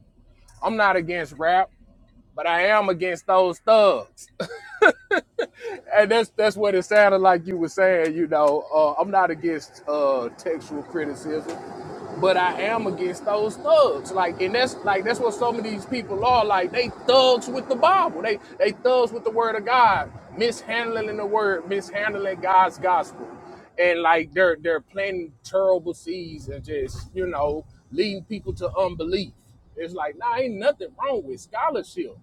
S7: I'm not against rap, but I am against those thugs. and that's that's what it sounded like you were saying. You know, uh, I'm not against uh, textual criticism, but I am against those thugs. Like, and that's like that's what some of these people are. Like, they thugs with the Bible. They they thugs with the Word of God, mishandling the Word, mishandling God's gospel, and like they're they're planting terrible seeds and just you know leading people to unbelief. It's like, nah, ain't nothing wrong with scholarship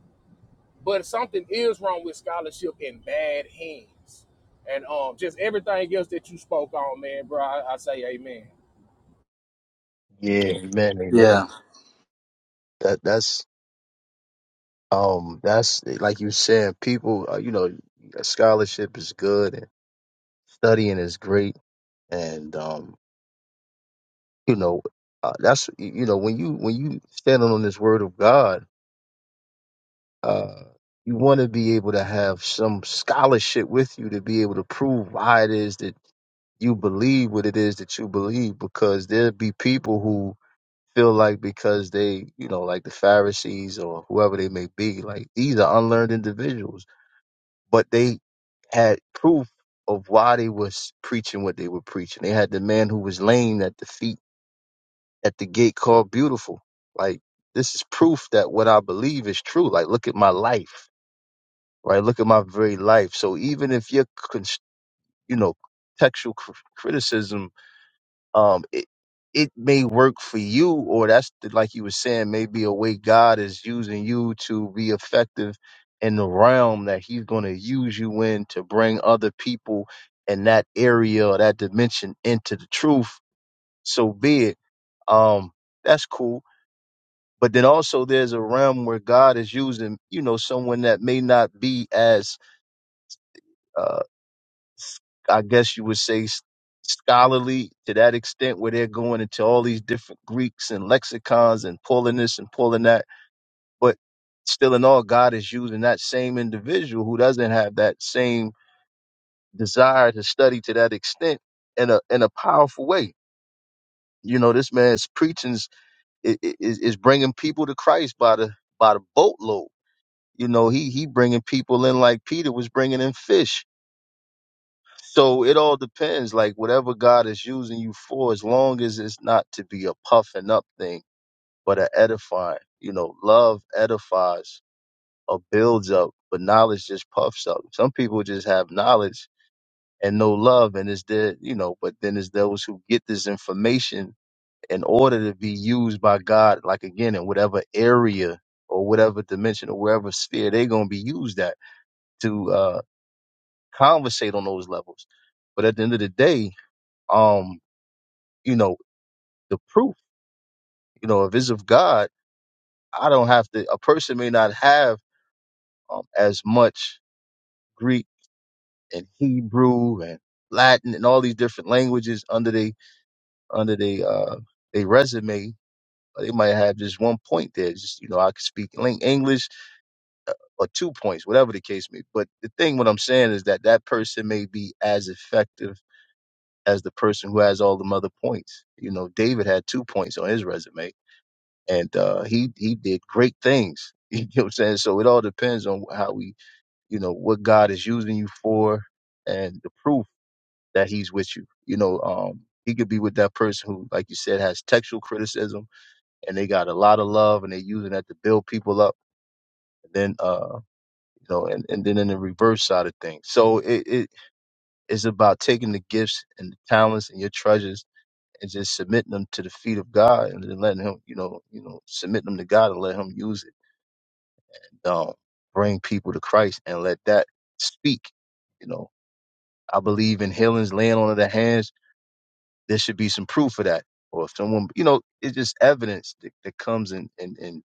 S7: but something is wrong with scholarship in bad hands. And um, just everything else that you spoke on, man, bro, I, I say amen.
S6: Yeah, amen, amen.
S9: Yeah.
S6: That that's um that's like you said, people. Uh, you know, scholarship is good and studying is great, and um you know uh, that's you know when you when you standing on this word of god uh you want to be able to have some scholarship with you to be able to prove why it is that you believe what it is that you believe because there'll be people who feel like because they you know like the pharisees or whoever they may be like these are unlearned individuals but they had proof of why they was preaching what they were preaching they had the man who was lame at the feet at the gate called beautiful. Like this is proof that what I believe is true. Like look at my life, right? Look at my very life. So even if your cons- you know textual cr- criticism, um, it it may work for you, or that's the, like you were saying, maybe a way God is using you to be effective in the realm that He's going to use you in to bring other people in that area or that dimension into the truth. So be it. Um, that's cool but then also there's a realm where God is using, you know, someone that may not be as, uh, I guess you would say, s- scholarly to that extent where they're going into all these different Greeks and lexicons and pulling this and pulling that. But still in all, God is using that same individual who doesn't have that same desire to study to that extent in a, in a powerful way. You know, this man's preachings i- is, is bringing people to Christ by the, by the boatload you know he he bringing people in like peter was bringing in fish so it all depends like whatever god is using you for as long as it's not to be a puffing up thing but a edifying you know love edifies or builds up but knowledge just puffs up some people just have knowledge and no love and it's there you know but then it's those who get this information in order to be used by god like again in whatever area or whatever dimension or wherever sphere they're going to be used at to Uh, conversate on those levels. But at the end of the day, um, you know, the proof, you know, if it's of God, I don't have to. A person may not have um, as much Greek and Hebrew and Latin and all these different languages under they under they uh they resume. Or They might have just one point there. Just you know, I could speak lin- English or two points, whatever the case may. be. But the thing, what I'm saying is that that person may be as effective as the person who has all the other points. You know, David had two points on his resume, and uh, he he did great things. You know what I'm saying? So it all depends on how we, you know, what God is using you for, and the proof that He's with you. You know, um, He could be with that person who, like you said, has textual criticism, and they got a lot of love, and they're using that to build people up. And Then, uh, you know, and, and then in the reverse side of things. So it, it is about taking the gifts and the talents and your treasures and just submitting them to the feet of God and then letting him, you know, you know, submit them to God and let him use it. Um, bring people to Christ and let that speak. You know, I believe in healings laying on of the hands. There should be some proof of that. Or if someone, you know, it's just evidence that, that comes and, and, and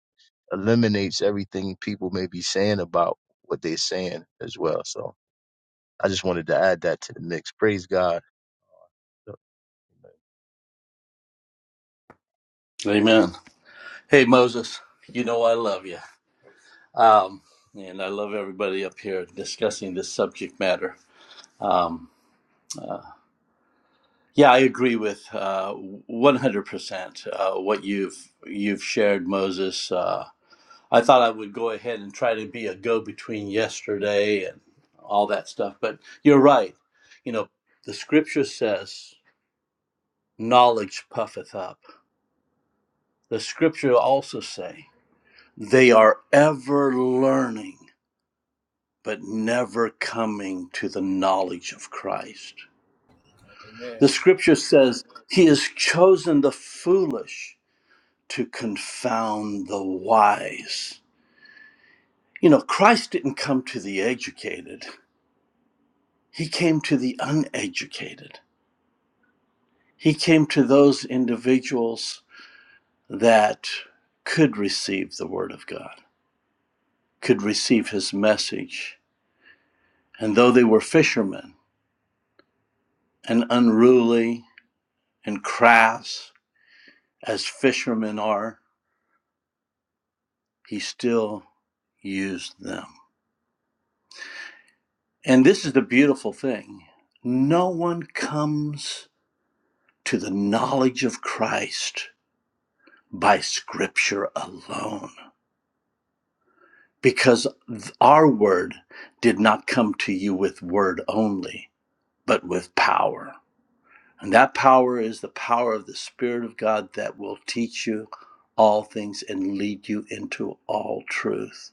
S6: eliminates everything people may be saying about what they're saying as well. So I just wanted to add that to the mix. Praise God.
S9: Amen. Hey, Moses, you know I love you. Um, and I love everybody up here discussing this subject matter. Um, yeah, I agree with uh, 100% uh, what you've you've shared, Moses. Uh, I thought I would go ahead and try to be a go-between yesterday and all that stuff, but you're right. You know, the scripture says, "Knowledge puffeth up." The scripture also say, "They are ever learning." but never coming to the knowledge of Christ.
S7: Amen.
S9: The scripture says he has chosen the foolish to confound the wise. You know, Christ didn't come to the educated, he came to the uneducated. He came to those individuals that could receive the word of God, could receive his message. And though they were fishermen and unruly and crass, as fishermen are, he still used them. And this is the beautiful thing no one comes to the knowledge of Christ by Scripture alone, because our word did not come to you with word only, but with power. And that power is the power of the Spirit of God that will teach you all things and lead you into all truth.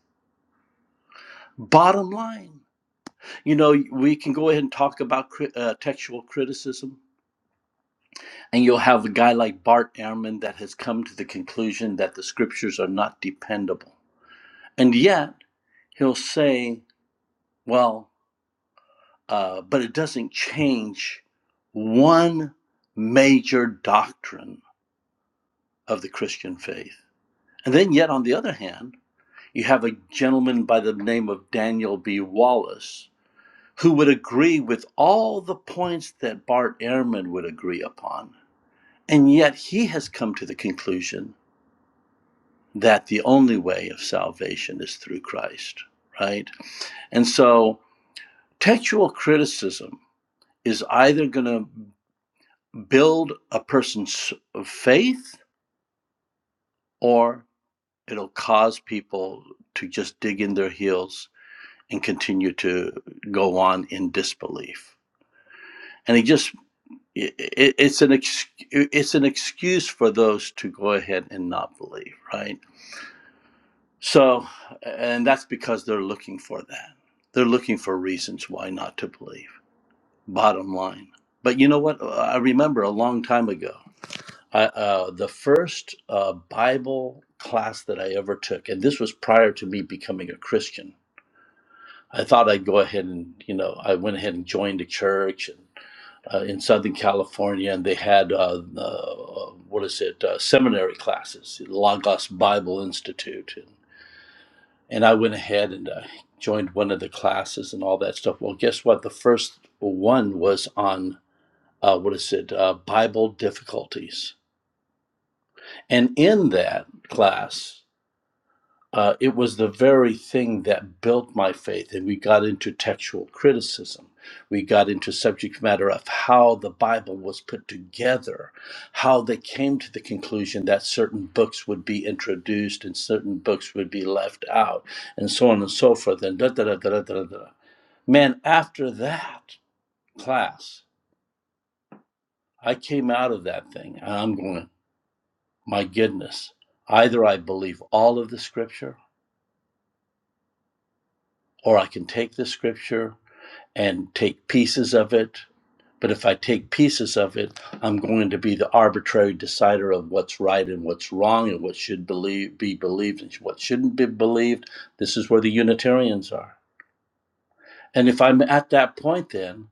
S9: Bottom line. You know, we can go ahead and talk about cri- uh, textual criticism, and you'll have a guy like Bart Ehrman that has come to the conclusion that the scriptures are not dependable. And yet, he'll say, well, uh, but it doesn't change one major doctrine of the Christian faith. And then, yet, on the other hand, you have a gentleman by the name of Daniel B. Wallace who would agree with all the points that Bart Ehrman would agree upon And yet he has come to the conclusion that the only way of salvation is through Christ, right? And so textual criticism is either going to build a person's faith or it'll cause people to just dig in their heels and continue to go on in disbelief. And he just it- it's an ex, it's an excuse for those to go ahead and not believe, right? So, and that's because they're looking for that. They're looking for reasons why not to believe, bottom line. But you know what? I remember a long time ago, I, uh, the first uh, Bible class that I ever took, and this was prior to me becoming a Christian. I thought I'd go ahead and, you know, I went ahead and joined a church and, uh, in Southern California, and they had, uh, uh, what is it, uh, seminary classes, Lagos Bible Institute. And and I went ahead and uh, joined one of the classes and all that stuff. Well, guess what? The first one was on uh, what is it? Uh, Bible difficulties, and in that class, uh, it was the very thing that built my faith, and we got into textual criticism. We got into subject matter of how the Bible was put together, how they came to the conclusion that certain books would be introduced and certain books would be left out, and so on and so forth. And da da da da da da. da. Man, after that class, I came out of that thing, and I'm going, my goodness, either I believe all of the Scripture, or I can take the Scripture and take pieces of it. But if I take pieces of it, I'm going to be the arbitrary decider of what's right and what's wrong and what should believe, be believed and what shouldn't be believed. This is where the Unitarians are. And if I'm at that point then,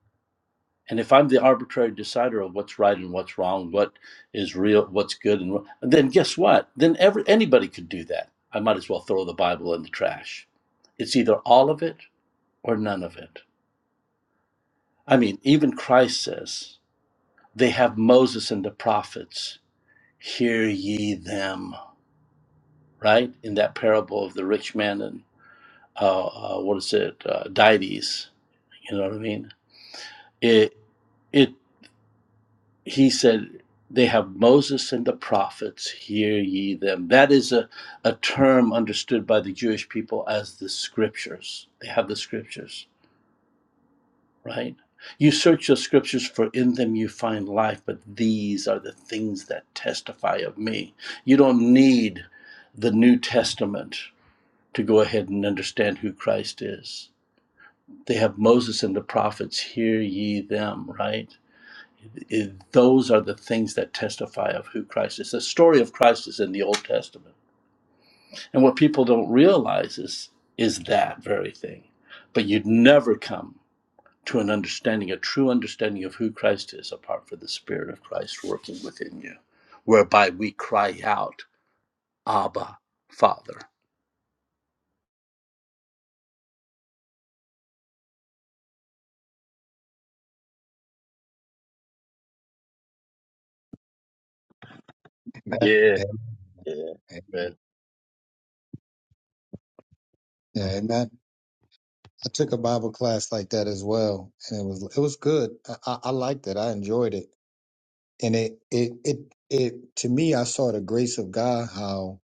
S9: and if I'm the arbitrary decider of what's right and what's wrong, what is real, what's good, and what, then guess what? Then every, anybody could do that. I might as well throw the Bible in the trash. It's either all of it or none of it. I mean, even Christ says They have Moses and the prophets. Hear ye them, right? In that parable of the rich man and uh, uh, what is it, uh, Dides? You know what I mean? It it he said they have moses and the prophets hear ye them that is a, a term understood by the jewish people as the scriptures they have the scriptures right? You search your scriptures, for in them you find life, but these are the things that testify of me. You don't need the New Testament to go ahead and understand who Christ is. They have Moses and the prophets, hear ye them, right? It- those are the things that testify of who Christ is. The story of Christ is in the Old Testament. And what people don't realize is, is that very thing. But you'd never come to an understanding, a true understanding of who Christ is, apart from the Spirit of Christ working within you, whereby we cry out, Abba, Father.
S2: Amen.
S6: Yeah, yeah,
S2: Amen.
S6: man.
S2: Yeah, and that I took a Bible class like that as well, and it was it was good. I, I, I liked it. I enjoyed it and it it it it to me I saw the grace of God how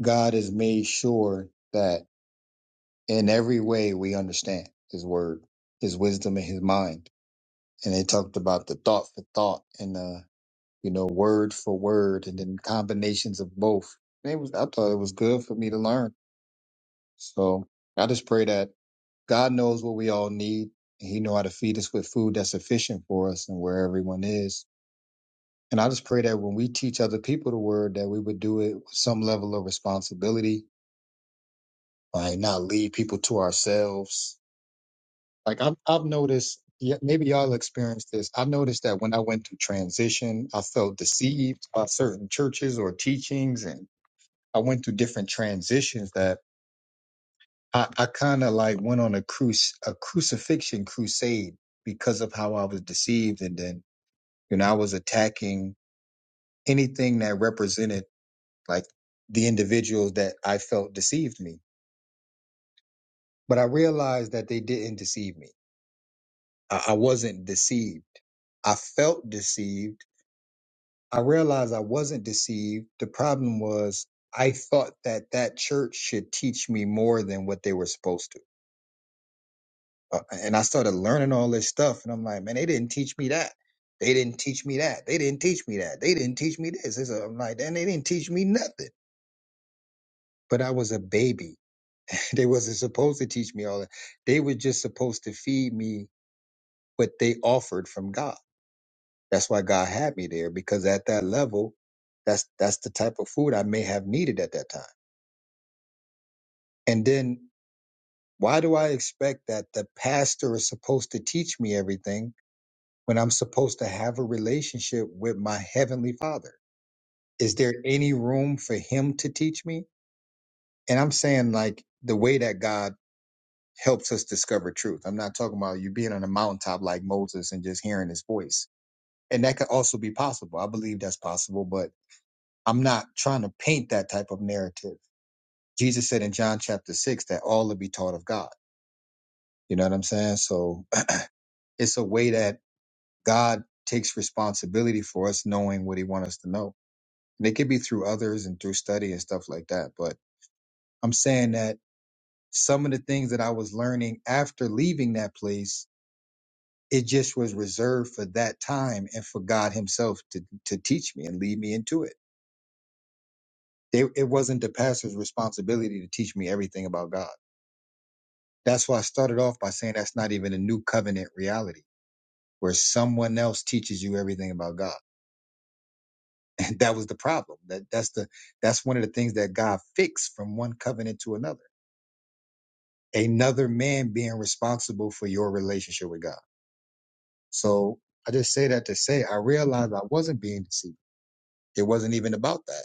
S2: God has made sure that in every way we understand his word, his wisdom and his mind. And it talked about the thought for thought and uh you know word for word and then combinations of both. And it was I thought it was good for me to learn. So I just pray that God knows what we all need and he know how to feed us with food that's sufficient for us and where everyone is. And I just pray that when we teach other people the word, that we would do it with some level of responsibility, like not leave people to ourselves. Like I've, I've noticed, yeah, maybe y'all experienced this. I've noticed that when I went through transition, I felt deceived by certain churches or teachings, and I went through different transitions that I, I kind of like went on a cruise, a crucifixion crusade because of how I was deceived, and then you know I was attacking anything that represented like the individuals that I felt deceived me. But I realized that they didn't deceive me. I, I wasn't deceived. I felt deceived. I realized I wasn't deceived. The problem was I thought that that church should teach me more than what they were supposed to. Uh, and I started learning all this stuff, and I'm like, man, they didn't teach me that. They didn't teach me that. They didn't teach me that. They didn't teach me this. It's a- I'm like, and they didn't teach me nothing. But I was a baby. They wasn't supposed to teach me all that. They were just supposed to feed me what they offered from God. That's why God had me there because at that level, that's that's the type of food I may have needed at that time. And then why do I expect that the pastor is supposed to teach me everything when I'm supposed to have a relationship with my heavenly father? Is there any room for him to teach me? And I'm saying like the way that God helps us discover truth. I'm not talking about you being on a mountaintop like Moses and just hearing his voice. And that could also be possible. I believe that's possible, but I'm not trying to paint that type of narrative. Jesus said in John chapter six that all will be taught of God. You know what I'm saying? So it's a way that God takes responsibility for us knowing what he wants us to know. And it could be through others and through study and stuff like that. But I'm saying that some of the things that I was learning after leaving that place It just was reserved for that time and for God Himself to, to teach me and lead me into it. They, it wasn't the pastor's responsibility to teach me everything about God. That's why I started off by saying that's not even a new covenant reality where someone else teaches you everything about God. And that was the problem. That that's the that's one of the things that God fixed from one covenant to another. Another man being responsible for your relationship with God. So I just say that to say I realized I wasn't being deceived. It wasn't even about that.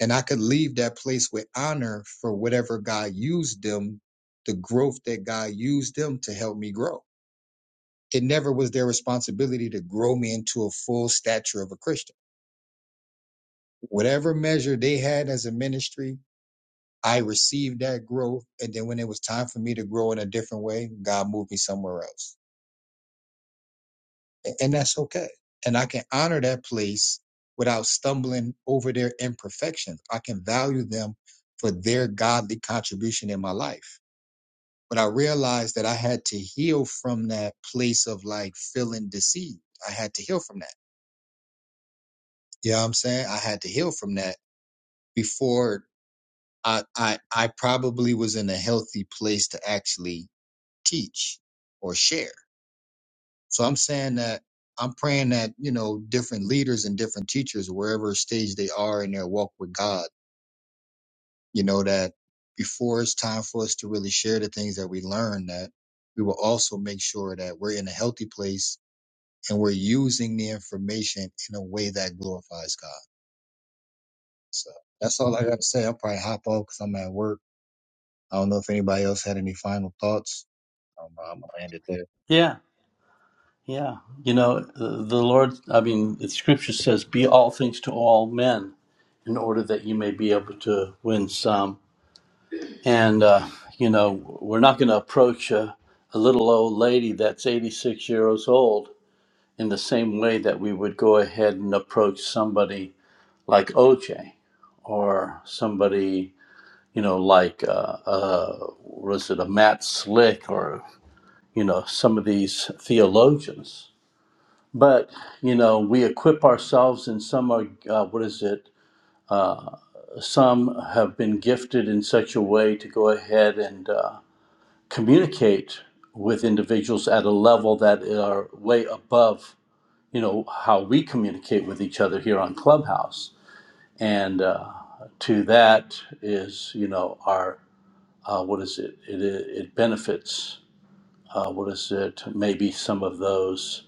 S2: and I could leave that place with honor for whatever God used them, the growth that God used them to help me grow. It never was their responsibility to grow me into a full stature of a Christian. Whatever measure they had as a ministry, I received that growth. And then when it was time for me to grow in a different way, God moved me somewhere else. A- And that's okay. And I can honor that place without stumbling over their imperfections. I can value them for their godly contribution in my life But I realized that I had to heal from that place of like feeling deceived. I had to heal from that. You know what I'm saying? I had to heal from that before I, I, I probably was in a healthy place to actually teach or share. So I'm saying that I'm praying that, you know, different leaders and different teachers, wherever stage they are in their walk with God, you know, that before it's time for us to really share the things that we learn, that we will also make sure that we're in a healthy place and we're using the information in a way that glorifies God. So that's all I got to say. I'll probably hop off because I'm at work. I don't know if anybody else had any final thoughts. Um, I'm gonna land it there.
S9: Yeah, yeah. You know, the, the Lord, I mean, the scripture says, be all things to all men in order that you may be able to win some. And, uh, you know, we're not going to approach a, a little old lady that's 86 years old in the same way that we would go ahead and approach somebody like OJ or somebody, you know, like, uh, uh, was it a Matt Slick or, you know, some of these theologians. But, you know, we equip ourselves and some are, uh, what is it? Some have been gifted in such a way to go ahead and uh, communicate with individuals at a level that are way above, you know, how we communicate with each other here on Clubhouse and uh, to that is you know our uh, what is it it, it benefits uh, what is it maybe some of those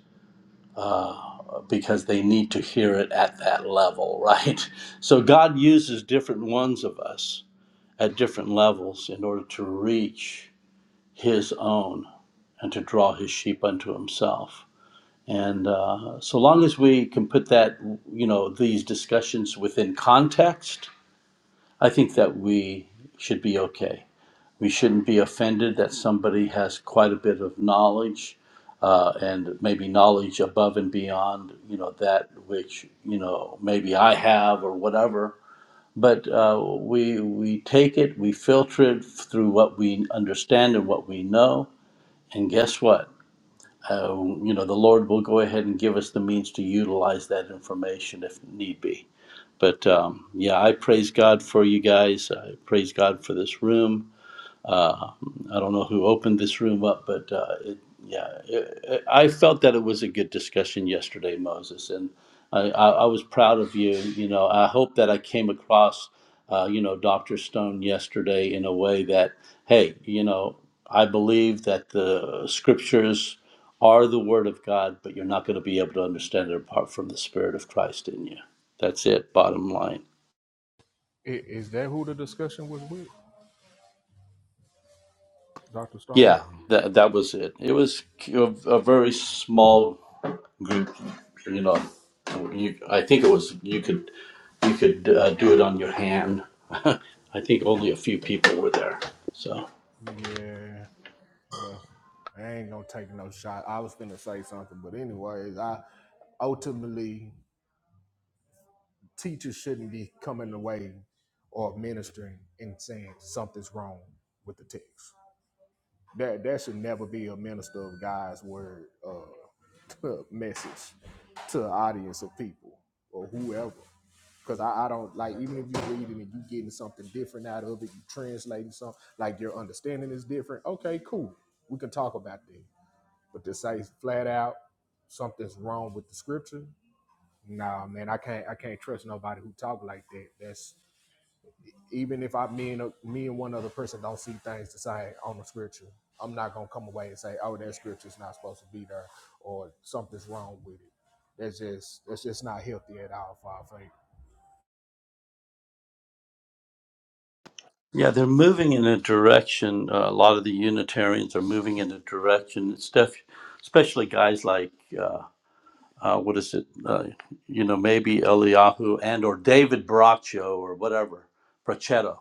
S9: uh, because they need to hear it at that level right so god uses different ones of us at different levels in order to reach his own and to draw his sheep unto himself and uh, so long as we can put that you know these discussions within context i think that we should be okay we shouldn't be offended that somebody has quite a bit of knowledge uh, and maybe knowledge above and beyond you know that which you know maybe I have or whatever but uh, we we take it we filter it through what we understand and what we know and guess what uh, you know the Lord will go ahead and give us the means to utilize that information if need be but um, yeah I praise God for you guys I praise God for this room uh, I don't know who opened this room up, but uh, it, yeah, it, it, I felt that it was a good discussion yesterday, Moses, and I, I, I was proud of you. You know, I hope that I came across, uh, you know, Doctor Stone yesterday in a way that, hey, you know, I believe that the scriptures are the word of God, but you're not going to be able to understand it apart from the Spirit of Christ in you. That's it. Bottom line.
S7: I- Is that who the discussion was with? Dr. Stone?
S9: Yeah, that that was it. It was a, a very small group. You know, you, I think it was you could you could uh, do it on your hand. I think only a few people were there. So
S7: Yeah. Well, I ain't gonna take no shot. I was gonna say something, but anyways, I ultimately teachers shouldn't be coming away or ministering and saying something's wrong with the text. That that should never be a minister of God's word uh, message to an audience of people or whoever. Because I, I don't like even if you read it and you getting something different out of it, you translating something like your understanding is different. Okay, cool. We can talk about that. But to say flat out something's wrong with the scripture, nah, man, I can't I can't trust nobody who talk like that. That's even if I me and me and one other person don't see things the same on the scripture, I'm not gonna come away and say, "Oh, that scripture's not supposed to be there," or something's wrong with it. That's just that's just not healthy at all for our faith.
S9: yeah, they're moving in a direction. Uh, a lot of the Unitarians are moving in a direction. It's def- especially guys like uh, uh, what is it? Uh, you know, maybe Eliyahu and or David Braccio or whatever Brachetto.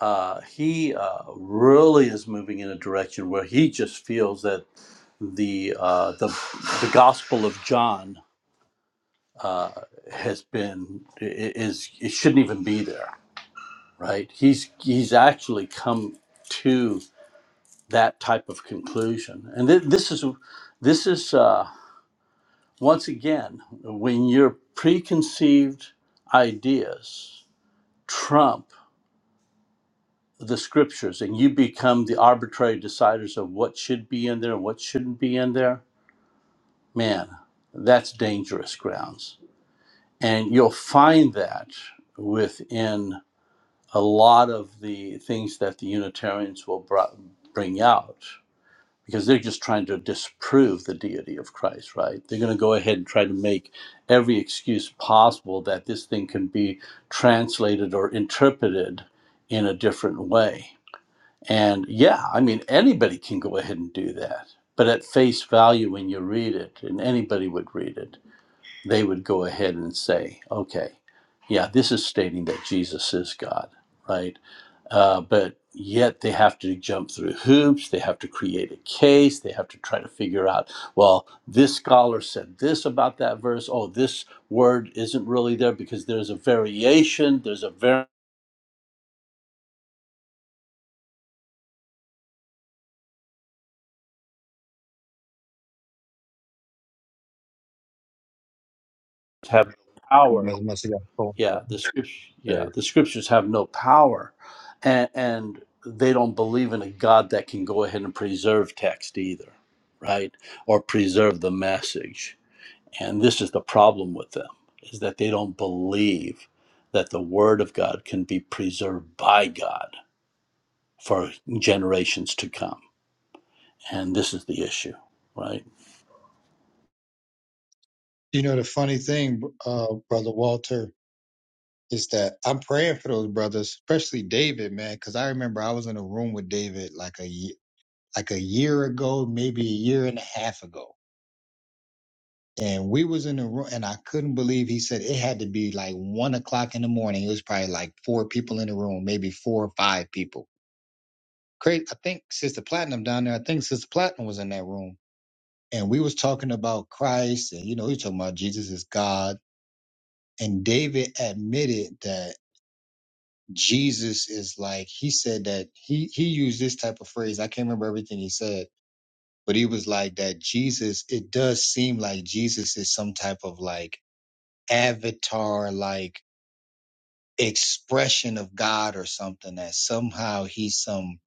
S9: uh, he uh, really is moving in a direction where he just feels that the uh, the, the Gospel of John uh, has been i- i- is it shouldn't even be there, right? He's he's actually come to that type of conclusion, and th- this is this is uh, once again when your preconceived ideas trump the scriptures and you become the arbitrary deciders of what should be in there and what shouldn't be in there, man, that's dangerous grounds. And you'll find that within a lot of the things that the Unitarians will br- bring out because they're just trying to disprove the deity of Christ, right? They're going to go ahead and try to make every excuse possible that this thing can be translated or interpreted in a different way and yeah, I mean, anybody can go ahead and do that. But at face value, when you read it, and anybody would read it, they would go ahead and say, okay, yeah, this is stating that Jesus is God, right? Uh, but yet they have to jump through hoops. They have to create a case. They have to try to figure out, well, this scholar said this about that verse. Oh, this word isn't really there because there's a variation, there's a variant. Have power
S2: Must, must have got cold. but-
S9: yeah the scripture
S2: Okay.
S9: yeah
S2: You go.
S9: the scriptures have no power and and they don't believe in a god that can go ahead and preserve text either right or preserve the message and this is the problem with them is that they don't believe that the word of god can be preserved by god for generations to come and this is the issue right
S2: You know, the funny thing, uh, brother Walter, is that I'm praying for those brothers, especially David, man, because I remember I was in a room with David like a ye- like a year ago, maybe a year and a half ago and we was in the room and i couldn't believe he said it had to be like one o'clock in the morning it was probably like four people in the room maybe four or five people Cra i think sister platinum down there i think sister platinum was in that room and we was talking about christ and you know we was talking about jesus is god and david admitted that jesus is like he said that he he used this type of phrase i can't remember everything he said but he was like that jesus it does seem like jesus is some type of like avatar like expression of God or something that somehow he's some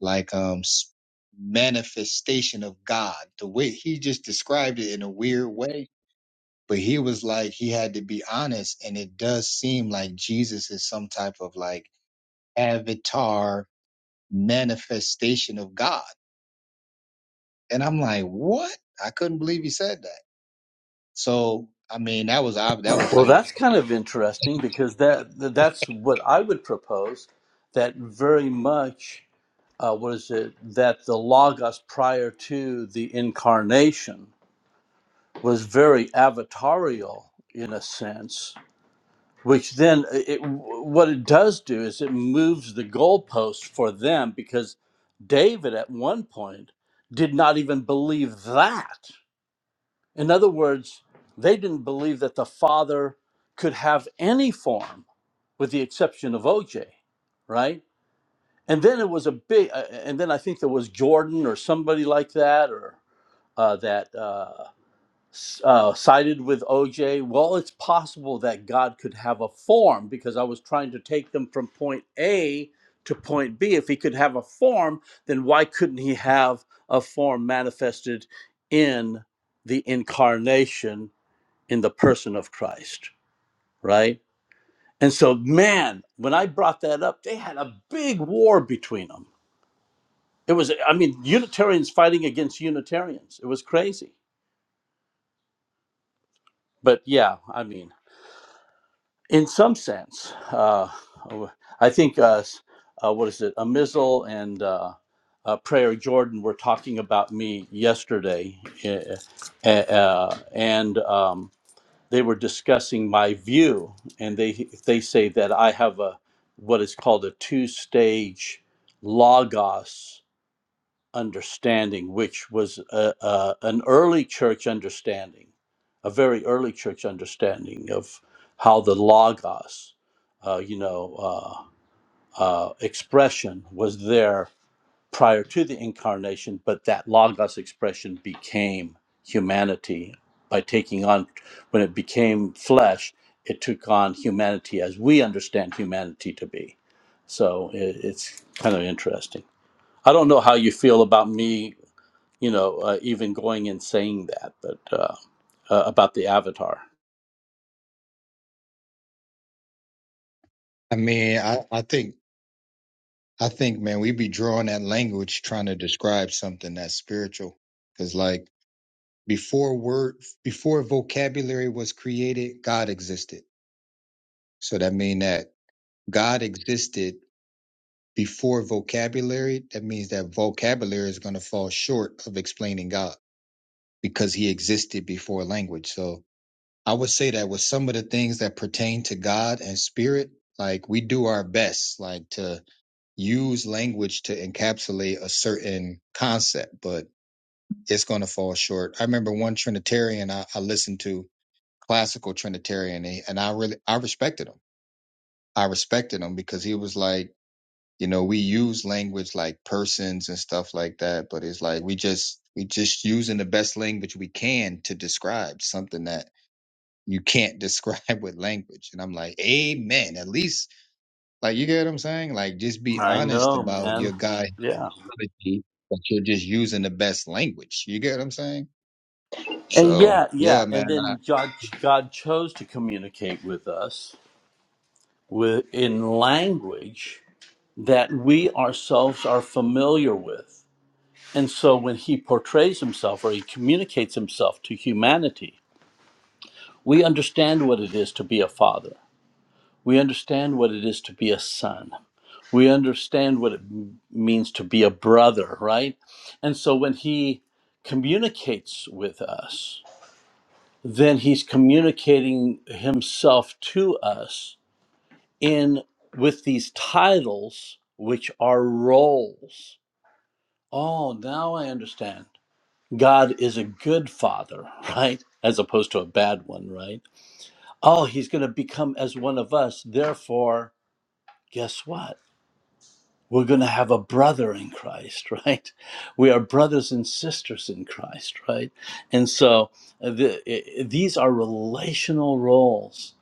S2: like um s- manifestation of God. The way he just described it in a weird way, but he was like he had to be honest, and it does seem like Jesus is some type of like avatar manifestation of God. And I'm like, what? I couldn't believe he said that. So I mean, that was ob- that was
S9: well
S2: like,
S9: that's kind of interesting because that that's what i would propose that very much uh, what is it that the logos prior to the incarnation was very avatarial in a sense which then uh, it, what it does do is it moves the goalpost for them because david at one point did not even believe that in other words they didn't believe that the father could have any form with the exception of oj right and then it was a big uh, uh, and then i think there was jordan or somebody like that or uh, that uh, s- uh, sided with oj well it's possible that god could have a form because i was trying to take them from point a to point b if he could have a form then why couldn't he have a form manifested in the incarnation in the person of christ right and so man when i brought that up they had a big war between them It was, I mean, Unitarians fighting against Unitarians. It was crazy. But yeah, I mean, in some sense, uh, I think, uh, s- uh, what is it, a missile and uh, uh, Prayer Jordan were talking about me yesterday, uh, uh, and um, they were discussing my view, and they they say that I have a what is called a two stage logos understanding, which was uh, uh, an early church understanding, a very early church understanding of how the logos, uh, you know, uh, uh, expression was there prior to the incarnation, but that logos expression became humanity by taking on when it became flesh. It took on humanity as we understand humanity to be. So it, it's kind of interesting. I don't know how you feel about me you know, uh, even going and saying that, but uh, uh, about the avatar.
S2: I mean, I I think I think, man, we be drawing that language trying to describe something that's spiritual. Because, like, before word, before vocabulary was created, God existed. So that mean that God existed before vocabulary. That means that vocabulary is going to fall short of explaining God because he existed before language. So I would say that with some of the things that pertain to God and spirit, like we do our best, like to use language to encapsulate a certain concept, but it's going to fall short. I remember one Trinitarian I, I listened to, classical Trinitarian, and I really I respected him. I respected him because he was like, you know, we use language like persons and stuff like that, but it's like we just we just using the best language we can to describe something that you can't describe with language. And I'm like, amen. At least like you get what I'm saying? Like just be
S9: I
S2: honest
S9: know,
S2: about
S9: man.
S2: your God
S9: Yeah,
S2: technology, but you're just using the best language. You get what I'm saying?
S9: and
S2: So
S9: yeah,
S2: yeah,
S9: yeah,
S2: man,
S9: and
S2: I
S9: then God, God chose to communicate with us with in language that we ourselves are familiar with, and so when He portrays Himself or He communicates Himself to humanity, we understand what it is to be a father. We understand what it is to be a son. we understand what it means to be a brother, right? And so when he communicates with us, then he's communicating himself to us in with these titles which are roles. Oh, now I understand. God is a good father, right? As opposed to a bad one, right? Oh, he's going to become as one of us. Therefore, guess what? we're going to have a brother in Christ, right? We are brothers and sisters in Christ, right? And so uh, the, i- these are relational roles.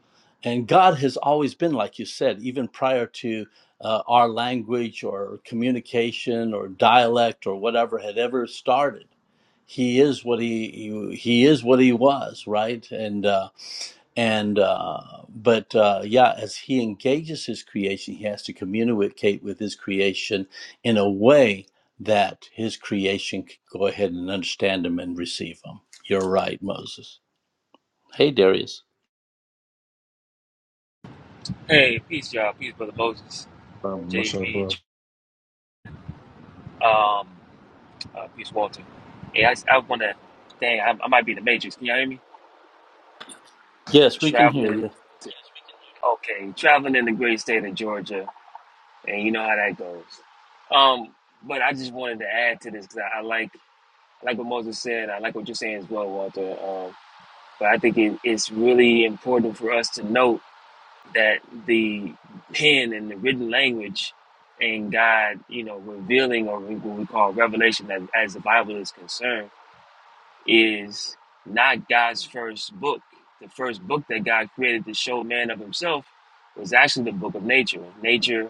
S9: And God has always been, like you said, even prior to uh, our language or communication or dialect or whatever had ever started. He is what he, he he is what he was, right? And uh, and uh, but uh, yeah, as he engages his creation, he has to communicate with his creation in a way that his creation can go ahead and understand him and receive him. You're right, Moses. Hey, Darius.
S10: Hey, peace, y'all. Peace, brother Moses,
S2: Um, what's up,
S10: JV,
S2: bro?
S10: um, uh, peace, Walter. Hey, I, I want to, dang, I, I might be in the Matrix. Can y'all hear me?
S9: Yes, we can hear
S10: Traveling,
S9: you.
S10: to, okay, traveling in the great state of Georgia, and you know how that goes. Um, but I just wanted to add to this because I, I like, I like what Moses said. I like what you're saying as well, Walter. Um, but I think it, it's really important for us to note. that the pen and the written language and God, you know, revealing or what we call revelation as, as the Bible is concerned is not God's first book. The first book that God created to show man of himself was actually the book of nature. Nature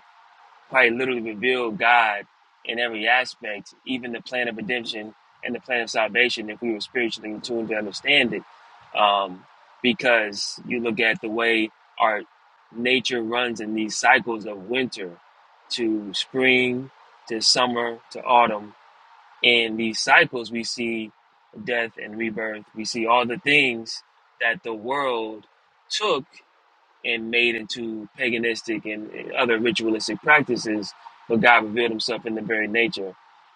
S10: Quite literally revealed God in every aspect, even the plan of redemption and the plan of salvation, if we were spiritually in tune to understand it. Um, because you look at the way our nature runs in these cycles of winter to spring to summer to autumn. In these cycles, we see death and rebirth. We see all the things that the world took and made into paganistic and and other ritualistic practices, but God revealed himself in the very nature.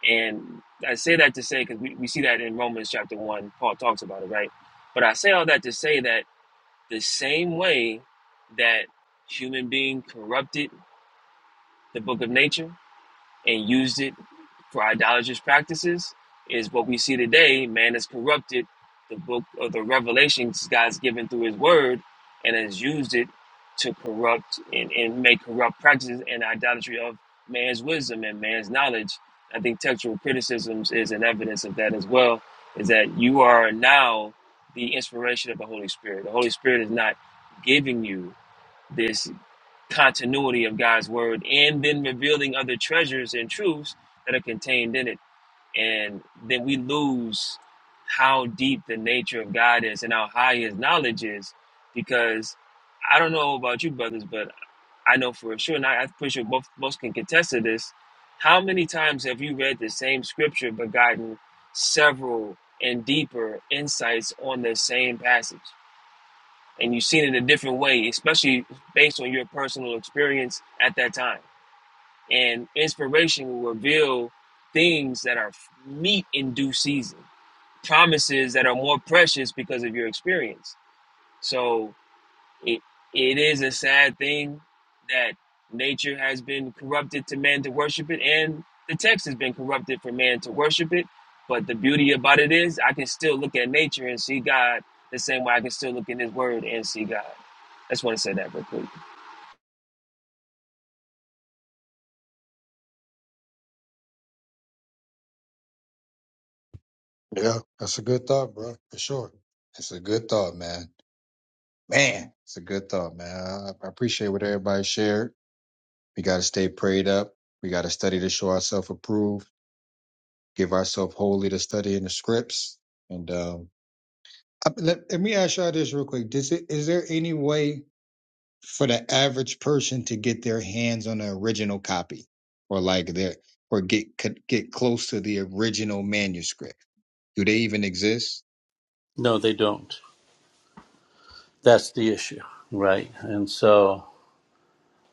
S10: And I say that to say, because we, we see that in Romans chapter 1, Paul talks about it, right? But I say all that to say that the same way that human being corrupted the book of nature, and used it for idolatrous practices is what we see today. Man has corrupted the book of the revelations God's given through his word and has used it to corrupt and, and make corrupt practices and idolatry of man's wisdom and man's knowledge. I think textual criticisms is an evidence of that as well, is that you are now the inspiration of the Holy Spirit. The Holy Spirit is not giving you this continuity of God's word and then revealing other treasures and truths that are contained in it. And then we lose how deep the nature of God is and how high his knowledge is because I don't know about you brothers, but I know for sure, and I, I'm pretty sure both, both can contest to this. How many times have you read the same scripture but gotten several and deeper insights on the same passage? and you've seen it a different way, especially based on your personal experience at that time. And inspiration will reveal things that are meet in due season, promises that are more precious because of your experience. So it it is a sad thing that nature has been corrupted to man to worship it, and the text has been corrupted for man to worship it. But the beauty about it is, I can still look at nature and see God the same way I can still look in His Word and see God. I just want to say that real quick.
S2: Yeah, that's a good thought, bro, for sure. it's a good thought, man. Man, it's a good thought, man. I, I appreciate what everybody shared. We gotta stay prayed up. We gotta study to show ourselves approved, give ourselves wholly to study in the scripts. And um I, let, let me ask y'all this real quick. Does it is there any way for the average person to get their hands on the original copy or like their or get could get close to the original manuscript do they even exist
S9: No, they don't. That's the issue, right? And so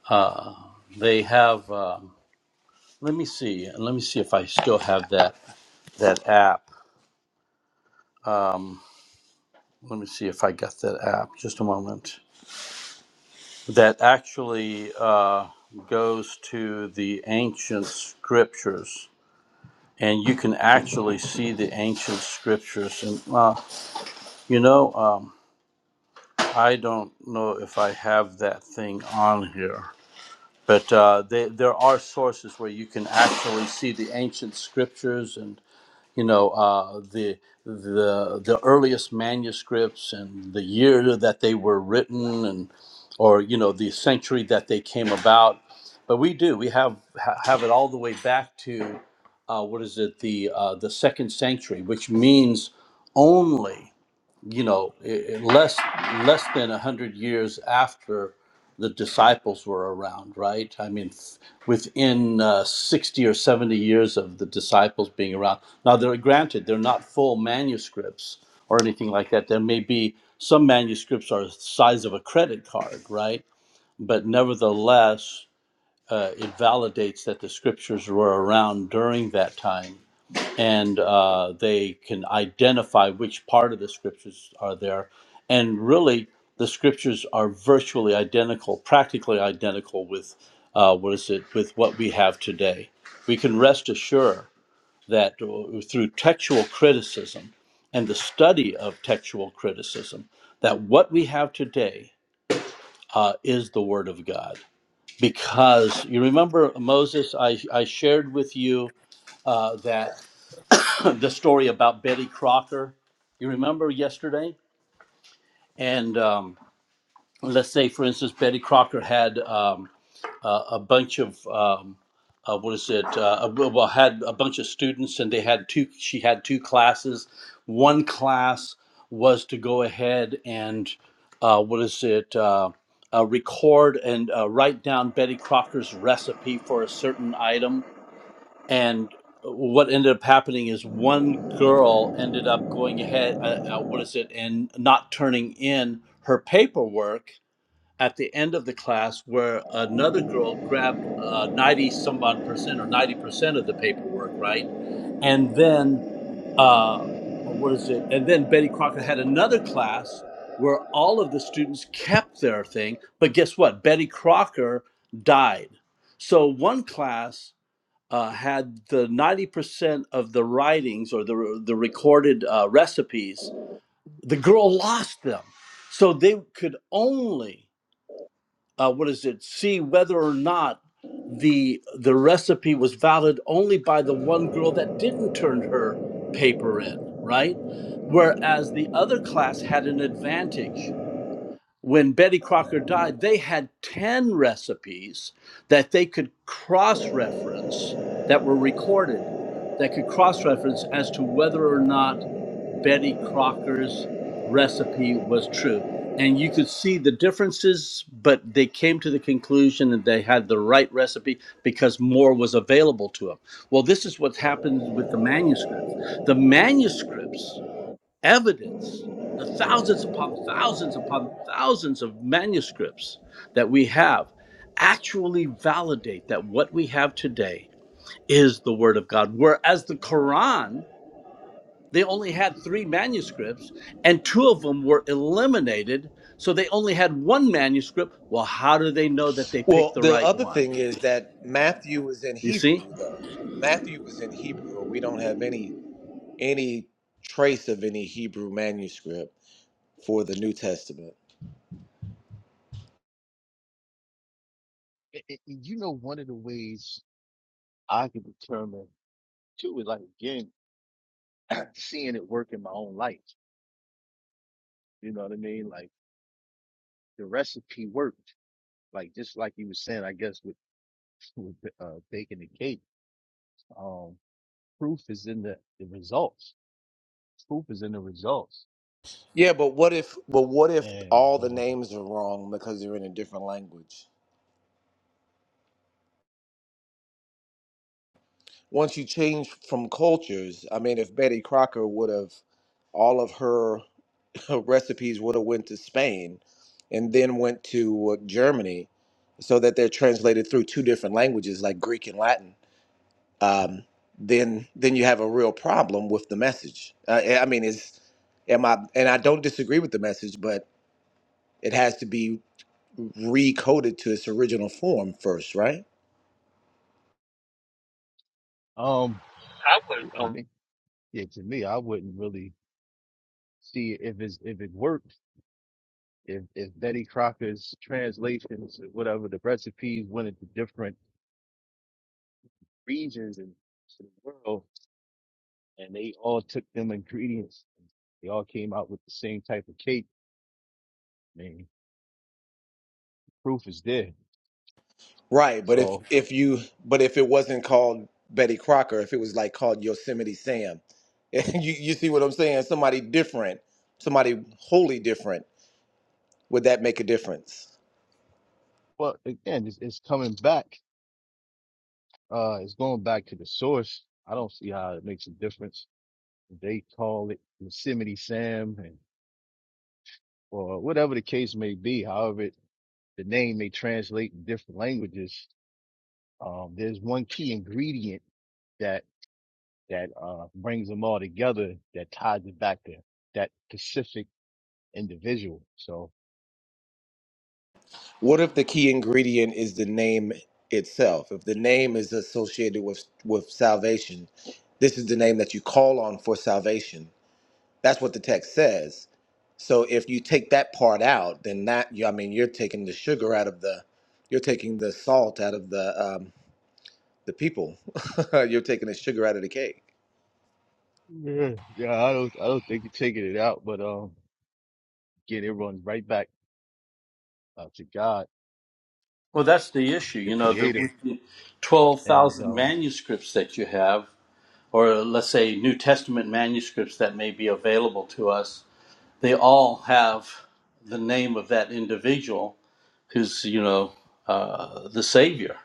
S9: uh, they have. Um, let me see. Let me see if I still have that that app. Um, let me see if I got that app. Just a moment. that actually uh, goes to the ancient scriptures, and you can actually see the ancient scriptures. And uh, you know, um, I don't know if I have that thing on here, but uh, they, there are sources where you can actually see the ancient scriptures, and. you know uh, the the the earliest manuscripts and the year that they were written and or you know the century that they came about but we do we have ha- have it all the way back to uh, what is it the uh, the second century which means only you know, i- i- less less than a hundred years after the disciples were around, right? I mean, f- within uh, sixty or seventy years of the disciples being around. Now, they're granted they're not full manuscripts or anything like that. There may be some manuscripts are the size of a credit card, right? But nevertheless, uh, it validates that the scriptures were around during that time and uh, they can identify which part of the scriptures are there. And really, the scriptures are virtually identical, practically identical with uh, what is it with what we have today. We can rest assured that uh, through textual criticism and the study of textual criticism, that what we have today uh, is the Word of God. Because you remember Moses, I, I shared with you uh, that. the story about Betty Crocker. You remember yesterday? And um, let's say, for instance, Betty Crocker had um, a, a bunch of um, uh, what is it? Uh, well, well, had a bunch of students, and they had two. She had two classes. One class was to go ahead and uh, what is it? Uh, uh, record and uh, write down Betty Crocker's recipe for a certain item and what ended up happening is one girl ended up going ahead uh, uh, what is it and not turning in her paperwork at the end of the class where another girl grabbed uh, 90 some odd percent or 90 percent of the paperwork right and then uh, what is it and then betty crocker had another class where all of the students kept their thing but guess what betty crocker died so one class uh, had the 90% of the writings or the, the recorded uh, recipes, the girl lost them. So they could only, uh, what is it, see whether or not the, the recipe was valid only by the one girl that didn't turn her paper in, right? Whereas the other class had an advantage when Betty Crocker died, they had 10 recipes that they could cross reference that were recorded that could cross reference as to whether or not Betty Crocker's recipe was true. And you could see the differences, but they came to the conclusion that they had the right recipe because more was available to them. Well, this is what happened with the manuscripts. The manuscripts evidence, the thousands upon thousands upon thousands of manuscripts that we have actually validate that what we have today is the Word of God. Whereas the Quran, they only had three manuscripts and two of them were eliminated. So they only had one manuscript. Well, how do they know that they picked
S11: Well,
S9: the
S11: the
S9: right
S11: other
S9: one?
S11: thing is that Matthew is in
S9: You see?
S11: Hebrew, though. Matthew was in Hebrew. or We don't have any any trace of any Hebrew manuscript for the New Testament.
S6: And and- and you know, one of the ways. I can determine too is like again seeing it work in my own life. You know what I mean? Like the recipe worked. Like just like you were saying, I guess with with uh, baking the cake, um, proof is in the, the results. Proof is in the results.
S11: Yeah, but what if? But what if
S6: And
S11: all the
S6: um,
S11: names are wrong because they're in a different language? Once you change from cultures, I mean, if Betty Crocker would have all of her her recipes would have went to Spain and then went to uh, Germany so that they're translated through two different languages like Greek and Latin um, then then you have a real problem with the message uh, I I mean is am I and I don't disagree with the message but it has to be recoded to its original form first right
S6: um,
S10: I would.
S6: to
S10: Oh,
S6: me, yeah, to me, I wouldn't really see if it's if it worked. If if Betty Crocker's translations, or whatever the recipes went into different regions and to the world, and they all took them ingredients. They all came out with the same type of cake. I mean, proof is there.
S11: Right, but if
S6: So,
S11: if you but if it wasn't called Betty Crocker, if it was like called Yosemite Sam, you you see what I'm saying? Somebody different, somebody wholly different. Would that make a difference?
S6: but again, it's, it's coming back. Uh, it's going back to the source. I don't see how it makes a difference. They call it Yosemite Sam and, or whatever the case may be. However, it, the name may translate in different languages. Um, there's one key ingredient that, that, uh, brings them all together that ties it back to that specific individual. So,
S11: What if the key ingredient is the name itself? If the name is associated with with salvation, this is the name that you call on for salvation. That's what the text says. So if you take that part out, then that you I mean you're taking the sugar out of the you're taking the salt out of the um, the people. You're taking the sugar out of the cake.
S6: Yeah, yeah, I don't, I don't think you're taking it out, but um, again, it runs right back uh, to God,
S9: Well, that's the issue,
S6: the
S9: you know, the,
S6: Creator, and
S9: 12,000
S6: um,
S9: manuscripts that you have or let's say New Testament manuscripts that may be available to us, they all have the name of that individual who's, you know, uh, the Savior.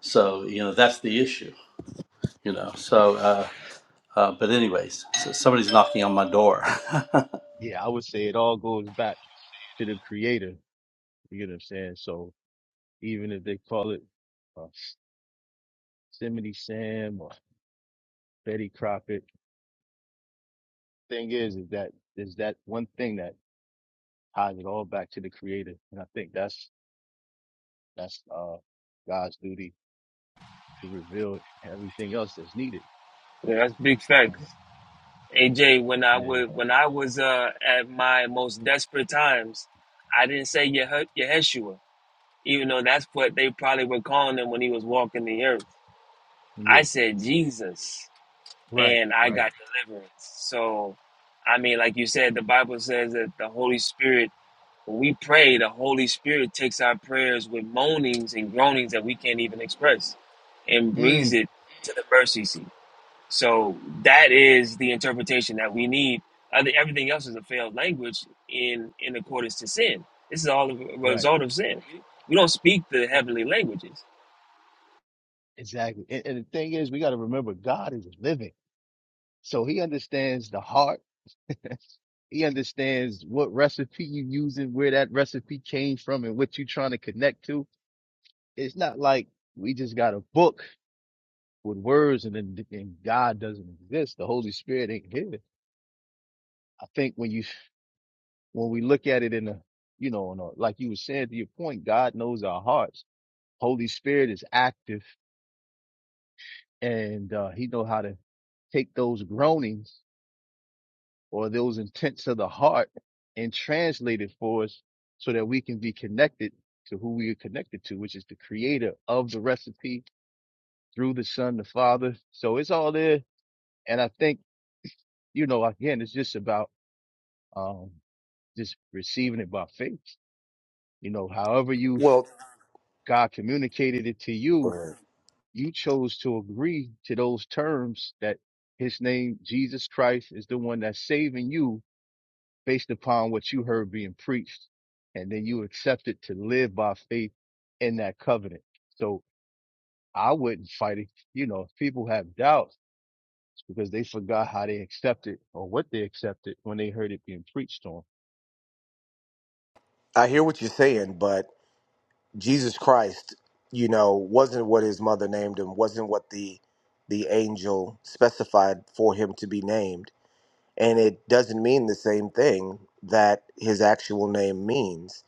S9: So, you know, that's the issue, you know. So, uh, uh, but, anyways, so somebody's knocking on my door.
S6: yeah, I would say it all goes back to the Creator. You know what I'm saying? So even if they call it uh, Simony Sam or Betty Crockett, thing is, is that is that one thing that ties it all back to the Creator, and I think that's that's uh God's duty to reveal everything else that's needed.
S10: yeah, that's big
S6: Um,
S10: facts. AJ, when I
S6: yeah,
S10: would, when I was uh, at my most desperate times, I didn't say Yeh- Yeshua, even though that's what they probably were calling him when he was walking the earth. I
S6: yeah, yeah,
S10: said Jesus,
S6: right,
S10: and I
S6: right.
S10: got deliverance. So, I mean, like you said, the Bible says that the Holy Spirit. When we pray, the Holy Spirit takes our prayers with moanings and groanings that we can't even express, and
S6: Hmm.
S10: brings it to the mercy seat. So that is the interpretation that we need. I think everything else is a failed language in in accordance to sin. This is all a
S6: Right.
S10: result of sin. We don't speak the
S6: E-
S10: heavenly languages.
S6: Exactly. And, and the thing is, we got to remember God is living. So he understands the heart. he understands what recipe you using, where that recipe came from and what you're trying to connect to. It's not like we just got a book with words and then and God doesn't exist. The Holy Spirit ain't here. I think when you, when we look at it in a, you know, in a, like you were saying to your point, God knows our hearts. Holy Spirit is active and, uh, he know how to take those groanings or those intents of the heart and translate it for us so that we can be connected to who we are connected to, which is the creator of the recipe through the son, the father. So it's all there. And I think, you know, again, it's just about, um, just receiving it by faith. You know, however you,
S11: Well,
S6: God communicated it to
S11: go
S6: you,
S11: ahead.
S6: you chose to agree to those terms that his name, Jesus Christ is the one that's saving you based upon what you heard being preached. And then you accepted to live by faith in that covenant. So I wouldn't fight it. You know, if people have doubts because they forgot how they accepted or what they accepted when they heard it being preached on.
S11: I hear what you're saying, but Jesus Christ, you know, wasn't what his mother named him, wasn't what the the angel specified for him to be named, and it doesn't mean the same thing that his actual name means.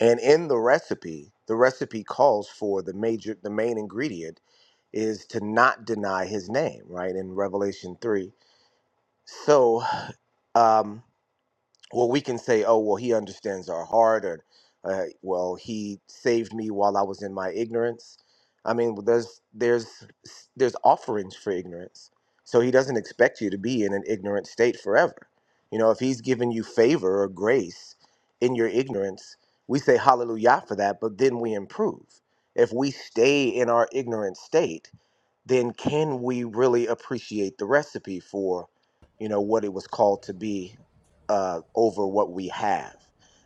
S11: And in the recipe, the recipe calls for the major the main ingredient is to not deny his name, right? In Revelation 3. So, um well, we can say, oh, well, he understands our heart, or, uh, well, he saved me while I was in my ignorance. I mean, well, there's there's there's offerings for ignorance, so he doesn't expect you to be in an ignorant state forever. You know, if he's given you favor or grace in your ignorance, we say hallelujah for that, but then we improve. If we stay in our ignorant state, then can we really appreciate the recipe for you know what it was called to be uh, over what we have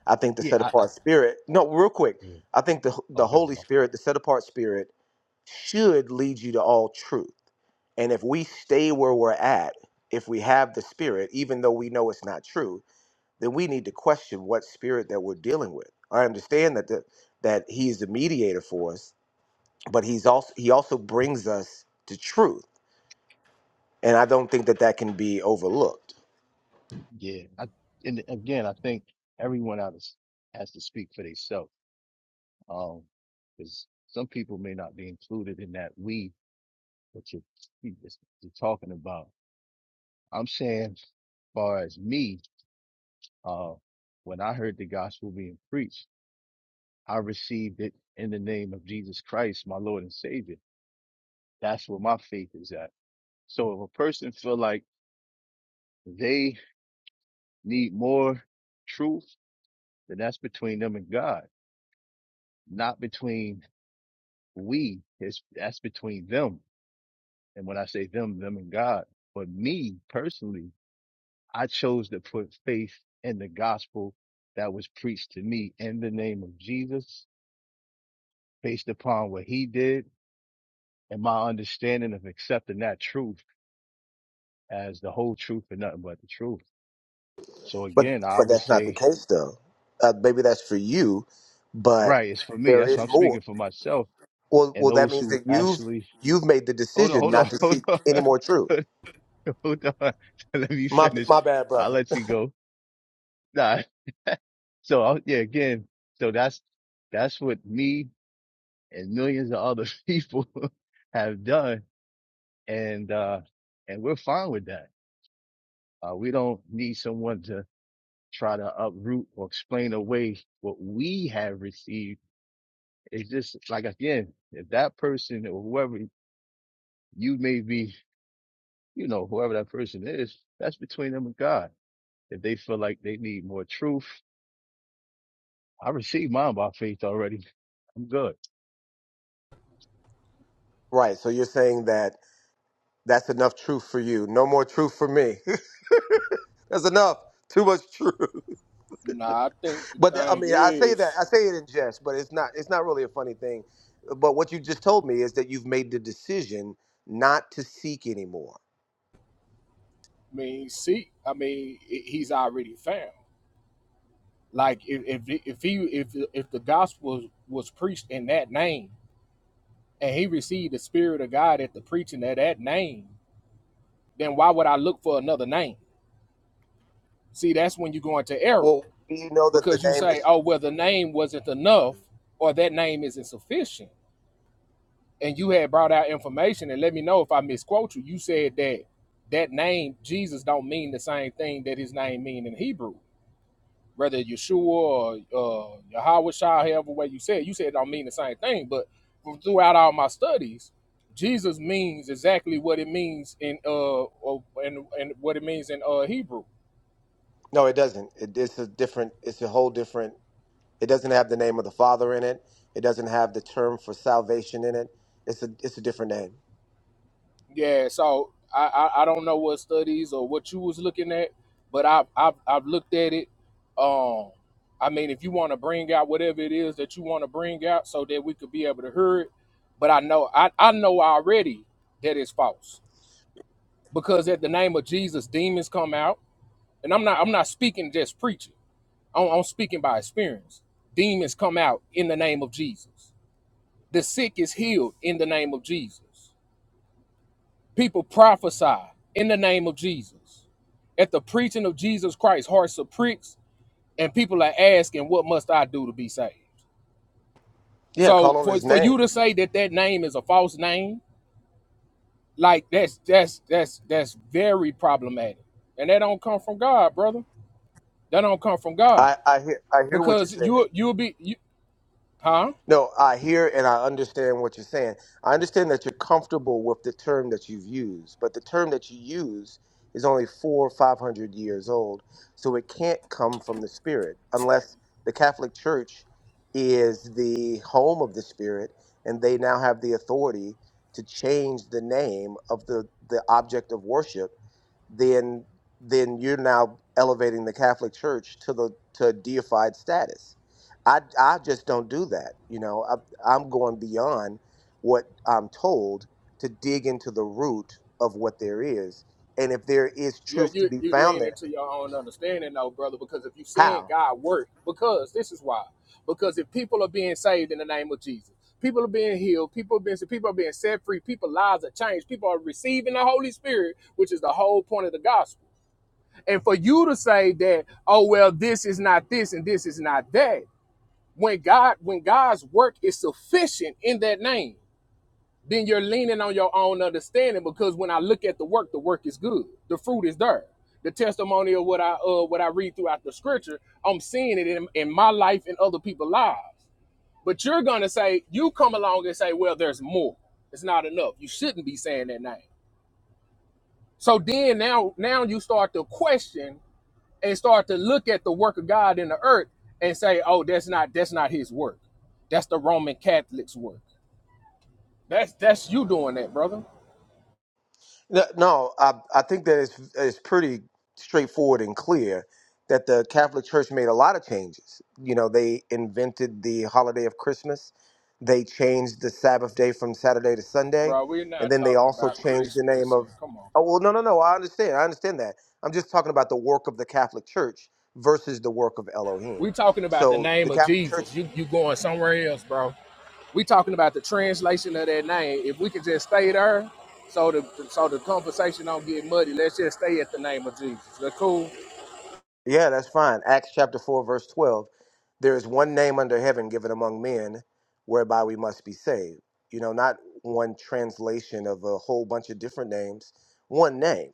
S11: i think the
S6: Yeah,
S11: set
S6: I, I
S11: apart spirit no real quick
S6: yeah.
S11: i think the, the
S6: okay,
S11: holy
S6: my fault.
S11: spirit the set apart spirit should lead you to all truth and if we stay where we're at if we have the spirit even though we know it's not true then we need to question what spirit that we're dealing with i understand that the, that He is the mediator for us but he's also he also brings us to truth and I don't think that that can be overlooked.
S6: Yeah, I, and again, I think everyone has, has to speak for themselves. Um, because some people may not be included in that we that you're, you're talking about. I'm saying, as far as me, Uh, when I heard the gospel being preached, I received it in the name of Jesus Christ, my Lord and Savior. That's where my faith is at. So if a person feel like they need more truth, then that's between them and God, not between we. It's, that's between them. And when I say them, them and God, but me personally, I chose to put faith in the gospel that was preached to me in the name of Jesus based upon what he did and my understanding of accepting that truth as the whole truth and nothing but the truth. So
S11: But
S6: again, I
S11: but
S6: would
S11: that's not the
S6: say,
S11: case though. Uh, maybe that's for you, but
S6: right, it's for me.
S11: there
S6: That's what
S11: is
S6: I'm
S11: more.
S6: speaking for myself
S11: Well,
S6: and
S11: well, that
S6: those
S11: means
S6: who
S11: that you've
S6: actually
S11: you've made the
S6: hold on,
S11: decision
S6: hold
S11: not
S6: on,
S11: to seek
S6: hold on,
S11: any more truth.
S6: hold on. let me
S11: My
S6: finish.
S11: my bad,
S6: I'll
S11: brother.
S6: let you go. Nah. So I, yeah, again, so that's that's what me and millions of other people have done, and uh and we're fine with that. Uh, we don't need someone to try to uproot or explain away what we have received. It's just like again, if that person or whoever you may be, you know, whoever that person is, that's between them and God. If they feel like they need more truth, I received mine by faith already. I'm good.
S11: Right. So you're saying that that's enough truth for you. No more truth for me. that's enough. Too much truth.
S7: Nah, I think the
S11: But I
S7: thing
S11: mean, I say that
S7: is,
S11: I say it in jest, but it's not it's not really a funny thing. But what you just told me is that you've made the decision not to seek anymore.
S7: I mean, see, I mean, i- he's already found. Like, if if if he if if the gospel was, was preached in that name, and he received the spirit of God at the preaching of that name, then why would I look for another name? See, that's when you go into error.
S11: Well, do you know that the
S7: because you
S11: name
S7: say,
S11: is
S7: oh, well, the name wasn't enough or that name isn't sufficient. And you had brought out information and let me know if I misquote you. You said that that name, Jesus, don't mean the same thing that his name mean in Hebrew. Whether Yeshua or uh, Yahweh however way you said, you said it don't mean the same thing. But from throughout all my studies, Jesus means exactly what it means in uh and and what it means in uh Hebrew.
S11: no, it doesn't. It, it's a different. It's a whole different. It doesn't have the name of the Father in it. It doesn't have the term for salvation in it. It's a it's a different name.
S7: Yeah, so I, I, I don't know what studies or what you was looking at, but I've I've, I've looked at it. Um, I mean, if you want to bring out whatever it is that you want to bring out, so that we could be able to hear it. But I know I, I know already that it's false because at the name of Jesus, demons come out, and I'm not I'm not speaking just preaching. I'm, I'm speaking by experience. Demons come out in the name of Jesus. The sick is healed in the name of Jesus. People prophesy in the name of Jesus. At the preaching of Jesus Christ, hearts are pricks, and people are asking, What must I do to be saved?
S11: Yeah, call
S7: So
S11: on
S7: for,
S11: His
S7: for
S11: name.
S7: you to say that that name is a false name, like that's that's that's that's very problematic. And that don't come from God, brother. That don't come from God.
S11: I I hear I hear what you're
S7: Because
S11: saying.
S7: you you'll be you, huh?
S11: No, I hear and I understand what you're saying. I understand that you're comfortable with the term that you've used, but the term that you use is only four or five hundred years old, so it can't come from the Spirit unless the Catholic Church is the home of the Spirit and they now have the authority to change the name of the, the object of worship then then you're now elevating the Catholic Church to the to deified status. I I just don't do that. You know, I, I'm going beyond what I'm told to dig into the root of what there is, and if there is
S7: Yeah,
S11: truth to
S7: you
S11: be
S7: you
S11: found
S7: lean
S11: there,
S7: into your own understanding though, brother, because if you're seeing
S11: how?
S7: God work, because this is why. Because if people are being saved in the name of Jesus, people are being healed, people are being people are being set free, people's lives are changed, people are receiving the Holy Spirit, which is the whole point of the gospel. And for you to say that, oh well, this is not this and this is not that, when God when God's work is sufficient in that name then you're leaning on your own understanding because when I look at the work, the work is good. The fruit is there. The testimony of what I uh, what I read throughout the scripture, I'm seeing it in, in my life and other people's lives. But you're gonna say, you come along and say, well, there's more. It's not enough. You shouldn't be saying that name. So then now now you start to question and start to look at the work of God in the earth and say, oh, that's not that's not his work. That's the Roman Catholic's work. That's that's you doing that, brother.
S11: No, no, I, I think that it's, it's pretty straightforward and clear that the Catholic Church made a lot of changes. You know, they invented the holiday of Christmas, they changed the Sabbath day from Saturday to Sunday,
S7: Bro, we're
S11: and
S7: not
S11: then they
S7: talking
S11: also
S7: about
S11: changed the name
S7: Christmas
S11: of.
S7: and come on,
S11: Oh,
S7: bro.
S11: well, no, no, no, I understand. I understand that. I'm just talking about the work of the Catholic Church versus the work of Elohim.
S7: We talking about the
S11: So
S7: name
S11: the
S7: of
S11: Catholic Church.
S7: Jesus. You you going somewhere else, bro. We talking about the translation of that name. If we could just stay there, so the so the conversation don't get muddy. Let's just stay at the name of Jesus. That's cool.
S11: Yeah, that's fine. Acts chapter 4, verse 12. There is one name under heaven given among men whereby we must be saved. You know, not one translation of a whole bunch of different names, one name.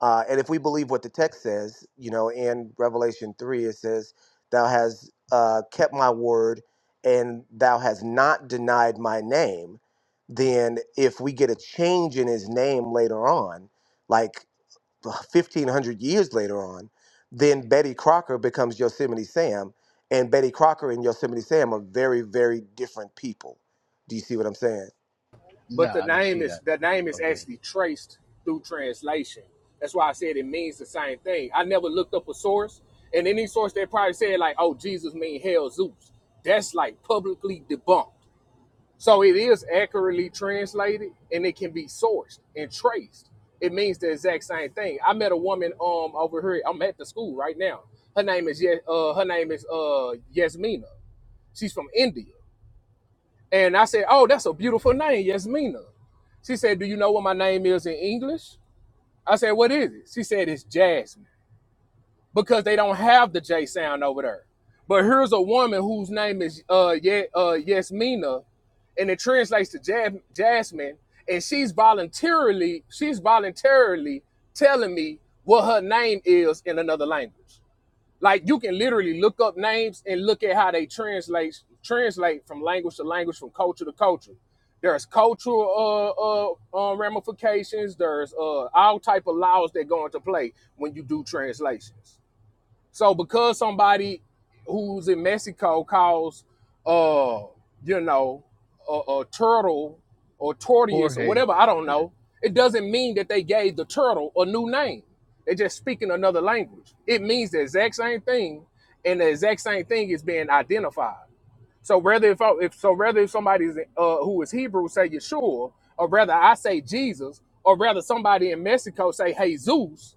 S11: Uh, and if we believe what the text says, you know, in Revelation 3, it says, Thou hast uh, kept my word and thou hast not denied my name. Then if we get a change in his name later on, like 1500 years later on, then Betty Crocker becomes Yosemite Sam, and Betty Crocker and Yosemite Sam are very, very different people. Do you see what I'm saying?
S7: But
S6: Nah,
S7: the
S6: I don't
S7: name
S6: see
S7: is
S6: that.
S7: the name is
S6: Okay.
S7: actually traced through translation. That's why I said it means the same thing. I never looked up a source, and any source that probably said like, "Oh, Jesus mean hell Zeus." That's like publicly debunked. So it is accurately translated and it can be sourced and traced. It means the exact same thing. I met a woman um over here. I'm at the school right now. Her name is Ye- uh her name is uh Yasmina. She's from India. And I said, "Oh, that's a beautiful name, Yasmina." She said, "Do you know what my name is in English?" I said, "What is it?" She said, "It's Jasmine." because they don't have the J sound over there. But here's a woman whose name is uh, Ye- uh Yasmina, and it translates to Jab- Jasmine, and she's voluntarily she's voluntarily telling me what her name is in another language. Like you can literally look up names and look at how they translate translate from language to language, from culture to culture. There's cultural uh, uh, uh, ramifications. There's uh, all type of laws that go into play when you do translations. So because somebody who's in Mexico calls, uh, you know, a, a turtle or tortoise or
S6: Jorge.
S7: whatever, I don't
S6: Yeah.
S7: know, it doesn't mean that they gave the turtle a new name. They're just speaking another language. It means the exact same thing, and the exact same thing is being identified. So whether if, I, if so, whether if somebody's uh, who is Hebrew say Yeshua, or rather I say Jesus, or rather somebody in Mexico say Jesus,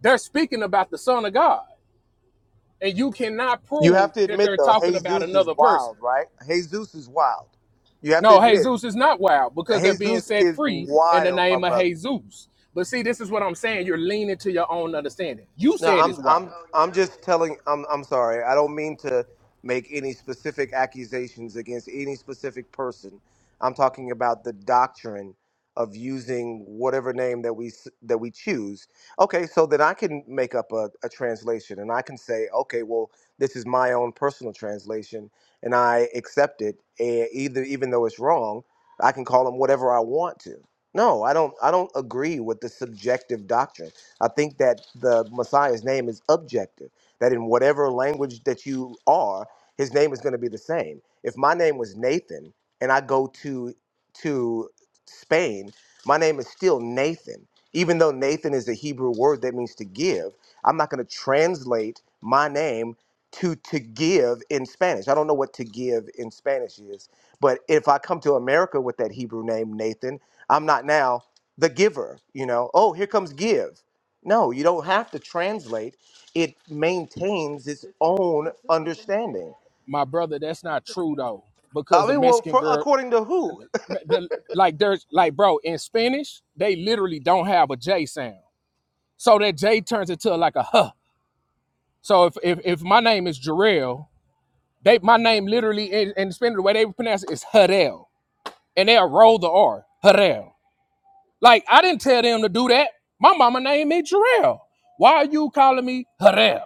S7: they're speaking about the Son of God and you cannot
S11: You have
S7: prove
S11: to
S7: that
S11: admit,
S7: they're
S11: though,
S7: talking about
S11: Jesus is
S7: another person.
S11: wild, right? Jesus is wild. You have to
S7: No,
S11: admit,
S7: Jesus is not wild because they're being
S11: Jesus
S7: set
S11: is
S7: free in the
S11: wild, my
S7: name of
S11: brother.
S7: Jesus. But see, this is what I'm saying. You're leaning to your own understanding. You
S11: No,
S7: said
S11: I'm
S7: it's wild,
S11: I'm I'm just telling I'm I'm sorry. I don't mean to make any specific accusations against any specific person. I'm talking about the doctrine of using whatever name that we s- that we choose. Okay, so then I can make up a, a translation and I can say, okay, well, this is my own personal translation and I accept it And either even though it's wrong, I can call them whatever I want to. No, I don't I don't agree with the subjective doctrine I think that the Messiah's name is objective, that in whatever language that you are, his name is going to be the same. If my name was Nathan and I go to to Spain, my name is still Nathan. Even though Nathan is a Hebrew word that means to give, I'm not going to translate my name to to give in Spanish. I don't know what to give in Spanish is, but if I come to America with that Hebrew name Nathan, I'm not now the giver, you know. Oh, here comes give. No, you don't have to translate. It maintains its own understanding.
S7: my brother. That's not true though,
S11: I
S7: because the
S11: mean, well,
S7: Mexican
S11: for,
S7: girl,
S11: according to who?
S7: the- like there's like bro in Spanish, they literally don't have a J sound, so that J turns into like a huh. So if if, if my name is Jarrell, they my name literally in, in Spanish the way they pronounce it is Hadel. and they'll roll the R. Harrell. Like I didn't tell them to do that. My mama named me Jarrell. Why are you calling me Harrell?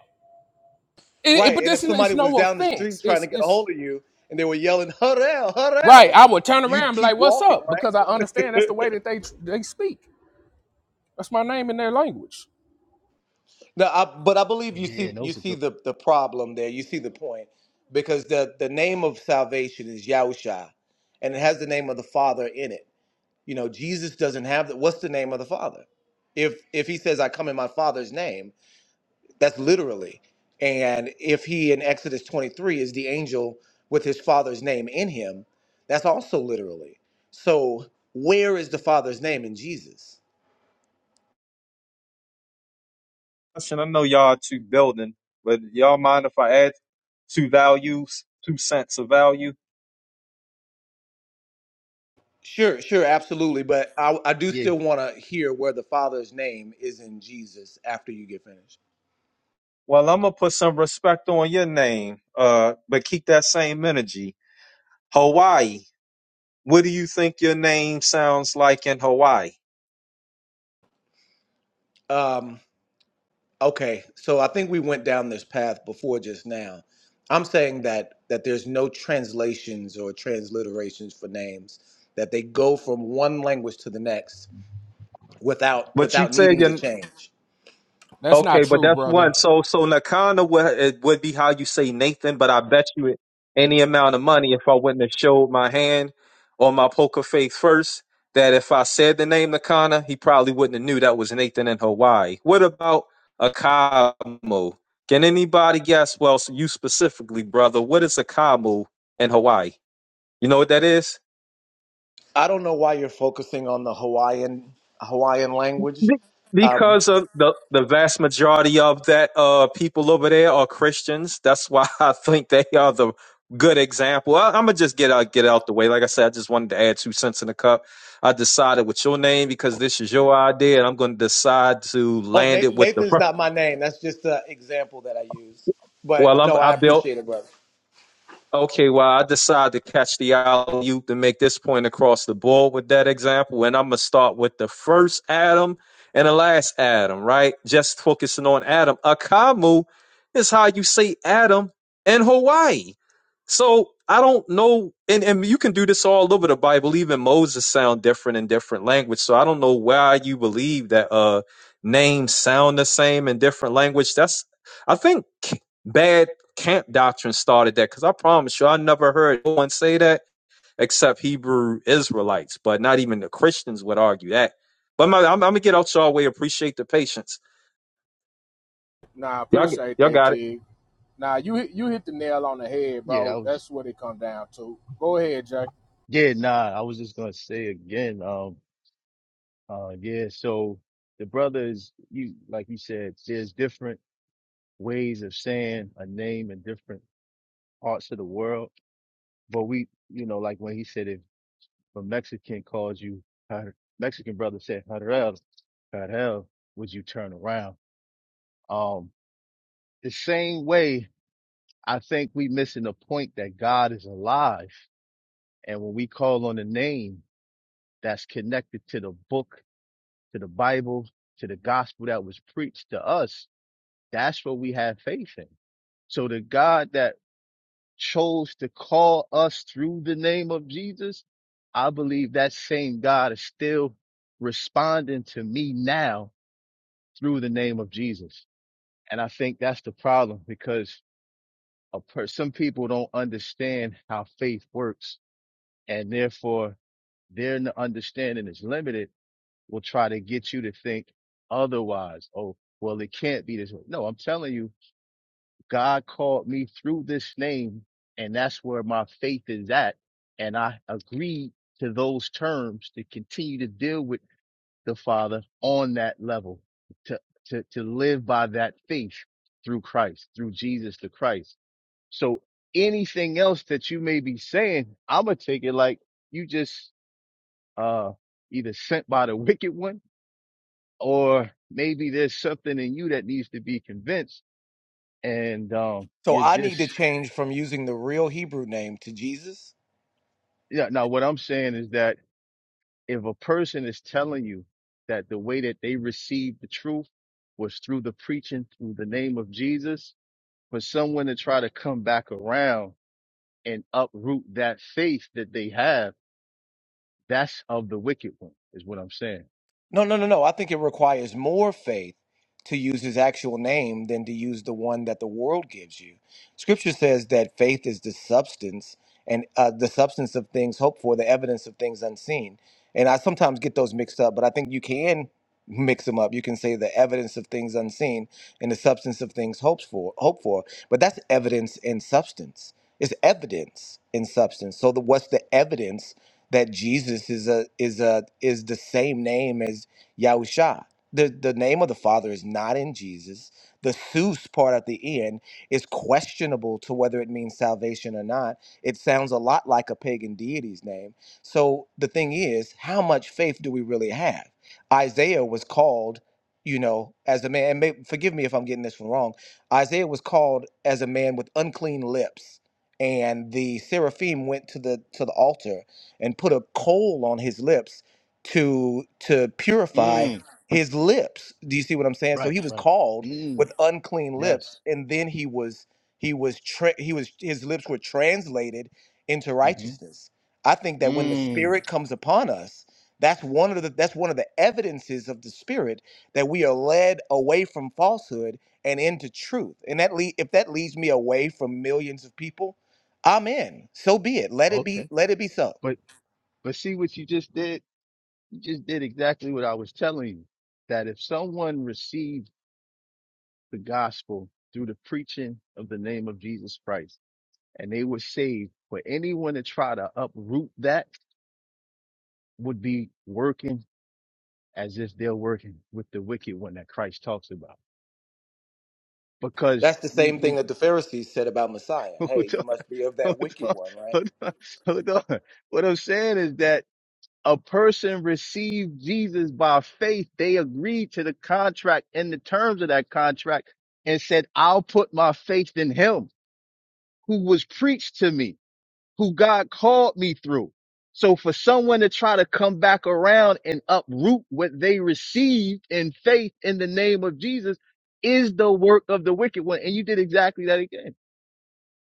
S7: It, it-
S11: right.
S7: but
S11: And if
S7: this is
S11: somebody
S7: it's
S11: was
S7: no
S11: down the street
S7: offense.
S11: trying to
S7: It's
S11: get a
S7: it's
S11: hold of you and they were yelling, Harel,
S7: right.
S11: Harel,
S7: I would turn around
S11: you'd
S7: and be
S11: keep
S7: like, "What's
S11: walking,
S7: up?"
S11: right?
S7: Because I understand that's the way that they they speak. That's my name in their language.
S11: No, I, but I believe you
S6: Yeah,
S11: see
S6: that
S11: you
S6: was a
S11: see
S6: good
S11: the, the problem there. You see the point because the the name of salvation is Yahusha, and it has the name of the Father in it. You know, Jesus doesn't have the, what's the name of the Father? If if he says I come in my Father's name, That's literally. And if he in Exodus 23 is the angel with his father's name in him, that's also literally. So where is the father's name in Jesus?
S12: question. I know y'all two building, but y'all mind if I add two values, two cents of value?
S11: Sure, sure, absolutely. But I, I do
S6: yeah,
S11: still want to hear where the father's name is in Jesus after you get finished.
S12: Well, I'm gonna put some respect on your name, uh, but keep that same energy. Hawaii. What do you think your name sounds like in Hawaii?
S11: Um, okay, so I think we went down this path before just now. I'm saying that that there's no translations or transliterations for names, that they go from one language to the next without
S12: But you
S11: without
S12: said
S11: needing
S12: your
S11: to change.
S7: That's not
S12: Okay, but
S7: true,
S12: that's
S7: brother.
S12: one. So so Nakana would it would be how you say Nathan, but I bet you it any amount of money if I wouldn't have showed my hand or my poker face first, that if I said the name Nakana, he probably wouldn't have knew that was Nathan in Hawaii. What about Akamu? Can anybody guess? Well, so you specifically, brother, what is Akamu in Hawaii? You know what that is?
S11: I don't know why you're focusing on the Hawaiian Hawaiian language.
S12: Be-
S11: Um,
S12: Because of the, the vast majority of that uh, people over there are Christians. That's why I think they are the good example. I, I'm gonna just get out get out the way. Like I said, I just wanted to add two cents in the cup. I decided with your name because this is your idea, and I'm gonna decide to
S11: oh,
S12: land
S11: Na-
S12: it with the.
S11: Nathan's
S12: fir-
S11: not my name. That's just an example that I use. But
S12: Well, I'm
S11: no,
S12: I
S11: I
S12: built.
S11: appreciate it, brother.
S12: Okay, well, I decided to catch the alley oop to make this point across the board with that example, and I'm gonna start with the first Adam and the last Adam, right? Just focusing on Adam. Akamu is how you say Adam in Hawaii. So I don't know, and, and you can do this all over the Bible. Even Moses sound different in different language. So I don't know why you believe that uh names sound the same in different language. That's I think bad camp doctrine started that because I promise you, I never heard no one say that except Hebrew Israelites, but not even the Christians would argue that. But my, I'm, I'm gonna get out y'all way. Appreciate the patience.
S7: Nah, I
S12: Y'all, get-
S7: appreciate
S12: y'all
S7: that,
S12: got it.
S7: Jig. Nah, you hit- you hit the nail on the head,
S6: yeah, that
S7: bro.
S6: was
S7: That's what it come down to. Go ahead, Jay.
S6: yeah, nah, I was just gonna say again, um, uh yeah, so the brothers, you like you said, there's different ways of saying a name in different parts of the world. But we, you know, like when he said if a Mexican calls you, Mexican brother said, Harel, Harel, would you turn around? Um, the same way, I think we missing the point that God is alive. And when we call on a name that's connected to the book, to the Bible, to the gospel that was preached to us, that's what we have faith in. So the God that chose to call us through the name of Jesus, I believe that same God is still responding to me now through the name of Jesus. And I think that's the problem because a per- some people don't understand how faith works and therefore their n- understanding is limited will try to get you to think otherwise. Oh, well, it can't be this way. No, I'm telling you God called me through this name, and that's where my faith is at. And I agreed to those terms to continue to deal with the Father on that level, to, to, to live by that faith through Christ, through Jesus the Christ. So anything else that you may be saying, I'm going to take it like you just, uh, either sent by the wicked one or maybe there's something in you that needs to be convinced and, um,
S11: So
S6: you're
S11: I need to
S6: just
S11: change from using the real Hebrew name to Jesus
S6: Yeah. Now, what I'm saying is that if a person is telling you that the way that they received the truth was through the preaching through the name of Jesus, for someone to try to come back around and uproot that faith that they have, that's of the wicked one, is what I'm saying.
S11: No, no, no, no. I think it requires more faith to use his actual name than to use the one that the world gives you. Scripture says that faith is the substance and uh, the substance of things hoped for, the evidence of things unseen. And I sometimes get those mixed up, but I think you can mix them up. You can say the evidence of things unseen and the substance of things hoped for, hope for. But that's evidence and substance. It's evidence in substance. So the, what's the evidence that Jesus is a is a is the same name as Yahusha. The the name of the Father is not in Jesus. The Seuss part at the end is questionable to whether it means salvation or not. It sounds a lot like a pagan deity's name. So the thing is, how much faith do we really have? Isaiah was called, you know, as a man. And may, forgive me if I'm getting this one wrong. Isaiah was called as a man with unclean lips, and the seraphim went to the to the altar and put a coal on his lips to to purify
S6: Mm,
S11: his lips. Do you see what I'm saying? So
S6: right,
S11: he was
S6: right.
S11: called
S6: Mm,
S11: with unclean lips,
S6: yes.
S11: and then he was he was tra- he was his lips were translated into
S6: hmm
S11: righteousness. I think that when the
S6: Mm,
S11: Spirit comes upon us, that's one of the that's one of the evidences of the Spirit that we are led away from falsehood and into truth. And that le- if that leads me away from millions of people, I'm in. So be it. Let it be.
S6: okay.
S11: Let it be so.
S6: But but see what you just did? You just did exactly what I was telling you. That if someone receives the gospel through the preaching of the name of Jesus Christ, and they were saved. For anyone to try to uproot that would be working as if they're working with the wicked one that Christ talks about. Because
S11: That's the
S6: you,
S11: same thing
S6: you,
S11: that the Pharisees said about Messiah. Hey,
S6: hold on,
S11: you must be of that
S6: hold
S11: wicked
S6: on,
S11: one, right?
S6: hold on, hold on. What I'm saying is that a person received Jesus by faith. They agreed to the contract and the terms of that contract and said, I'll put my faith in him who was preached to me. who God called me through. So for someone to try to come back around and uproot what they received in faith in the name of Jesus is the work of the wicked one. And you did exactly that again.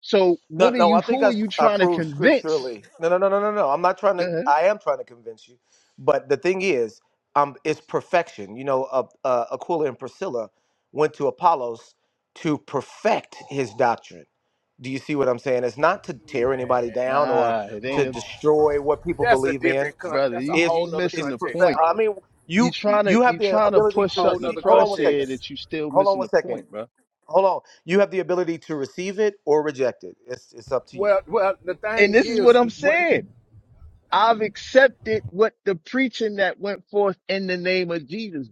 S6: So what
S11: No,
S6: are
S11: no,
S6: you,
S11: I think
S6: who are
S11: I,
S6: you
S11: I
S6: trying to
S11: proved
S6: convince?
S11: scripturally. No, no, no, no, no, no. I'm not trying
S6: Go
S11: to.
S6: ahead.
S11: I am trying to convince you, but the thing is, um, it's perfection. You know, uh, uh, Aquila and Priscilla went to Apollos to perfect his doctrine. Do you see what I'm saying? It's not to tear
S7: Man,
S11: anybody down or
S6: Nah, it
S11: to
S6: ain't
S7: come
S6: a
S7: on, bro.
S11: destroy what people
S7: That's a
S11: believe in.
S7: different. Con-
S6: brother.
S7: that's a
S6: You,
S11: It's
S7: whole
S6: you
S7: nother
S6: missing
S11: it's
S6: the
S7: context,
S11: perfect.
S6: point.
S11: I
S7: brother.
S11: mean,
S6: You
S11: you
S6: trying to,
S11: you have
S6: you
S11: the
S6: trying to
S11: ability
S7: A
S6: push
S11: to
S7: whole
S6: something
S11: receive.
S6: across
S7: nother
S11: Hold on one second
S6: here
S7: context.
S6: that you still
S11: hold on
S6: missing
S11: one
S6: the
S11: second.
S6: point, bro.
S11: Hold on. You have the ability to receive it or reject it. It's it's up to you.
S7: Well, well, the
S6: And
S7: thing
S6: this is what
S7: is,
S6: I'm
S7: we're
S6: saying. I've accepted what the preaching that went forth in the name of Jesus.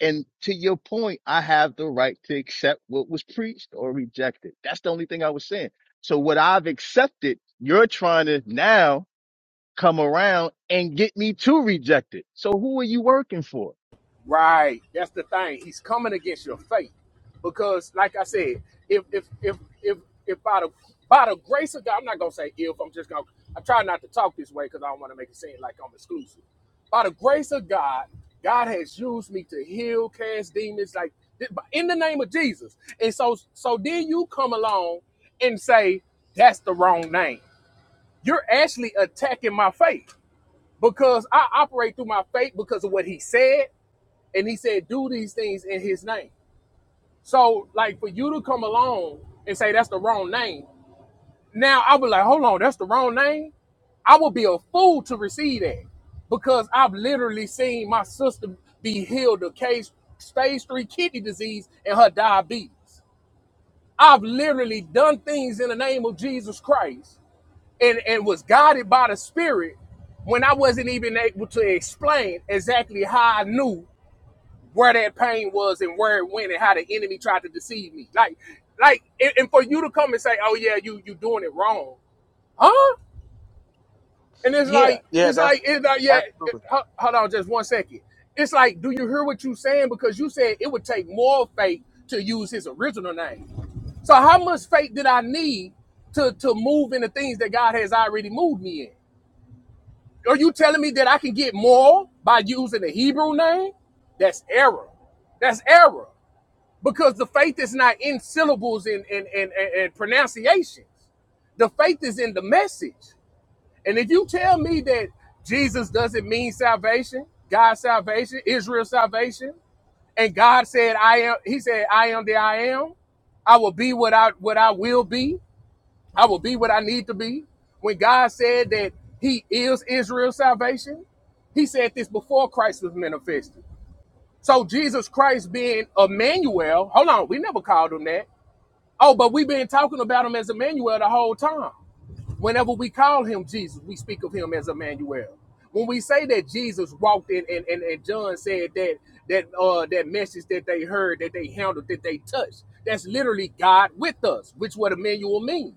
S6: And to your point, I have the right to accept what was preached or rejected. That's the only thing I was saying. So what I've accepted, you're trying to now come around and get me to reject it. So who are you working for?
S7: Right. That's the thing. He's coming against your faith. Because like I said, if if if if if by the by the grace of God, I'm not gonna say if I'm just gonna I try not to talk this way because I don't want to make it seem like I'm exclusive. By the grace of God, God has used me to heal, cast demons, like th- in the name of Jesus. And so so then you come along and say, that's the wrong name. You're actually attacking my faith because I operate through my faith because of what he said and he said, do these things in his name. So, like, for you to come along and say that's the wrong name, now I would like, hold on, that's the wrong name. I would be a fool to receive that because I've literally seen my sister be healed of case stage three kidney disease and her diabetes. I've literally done things in the name of Jesus Christ and, and was guided by the Spirit when I wasn't even able to explain exactly how I knew where that pain was and where it went and how the enemy tried to deceive me. Like, like, and, and for you to come and say, "Oh yeah, you you doing it wrong," huh? And it's
S11: Yeah,
S7: like,
S11: yeah,
S7: it's
S11: that's
S7: like, it's like, yeah. It,
S11: absolutely.
S7: hold on, just one second. It's like, do you hear what you saying? Because you said it would take more faith to use his original name. So how much faith did I need to to move in the things that God has already moved me in? Are you telling me that I can get more by using the Hebrew name? That's error. That's error. because the faith is not in syllables and and, and, and, pronunciations. The faith is in the message. And if you tell me that Jesus doesn't mean salvation, God's salvation, Israel's salvation, and God said, I am, He said, I am the I am, I will be what I what I will be, I will be what I need to be. When God said that He is Israel's salvation, He said this before Christ was manifested. So Jesus Christ being Emmanuel, hold on, we never called him that. Oh, but we've been talking about him as Emmanuel the whole time. Whenever we call him Jesus, we speak of him as Emmanuel. When we say that Jesus walked in and, and, and John said that that uh that message that they heard, that they handled, that they touched, that's literally God with us, which what Emmanuel means.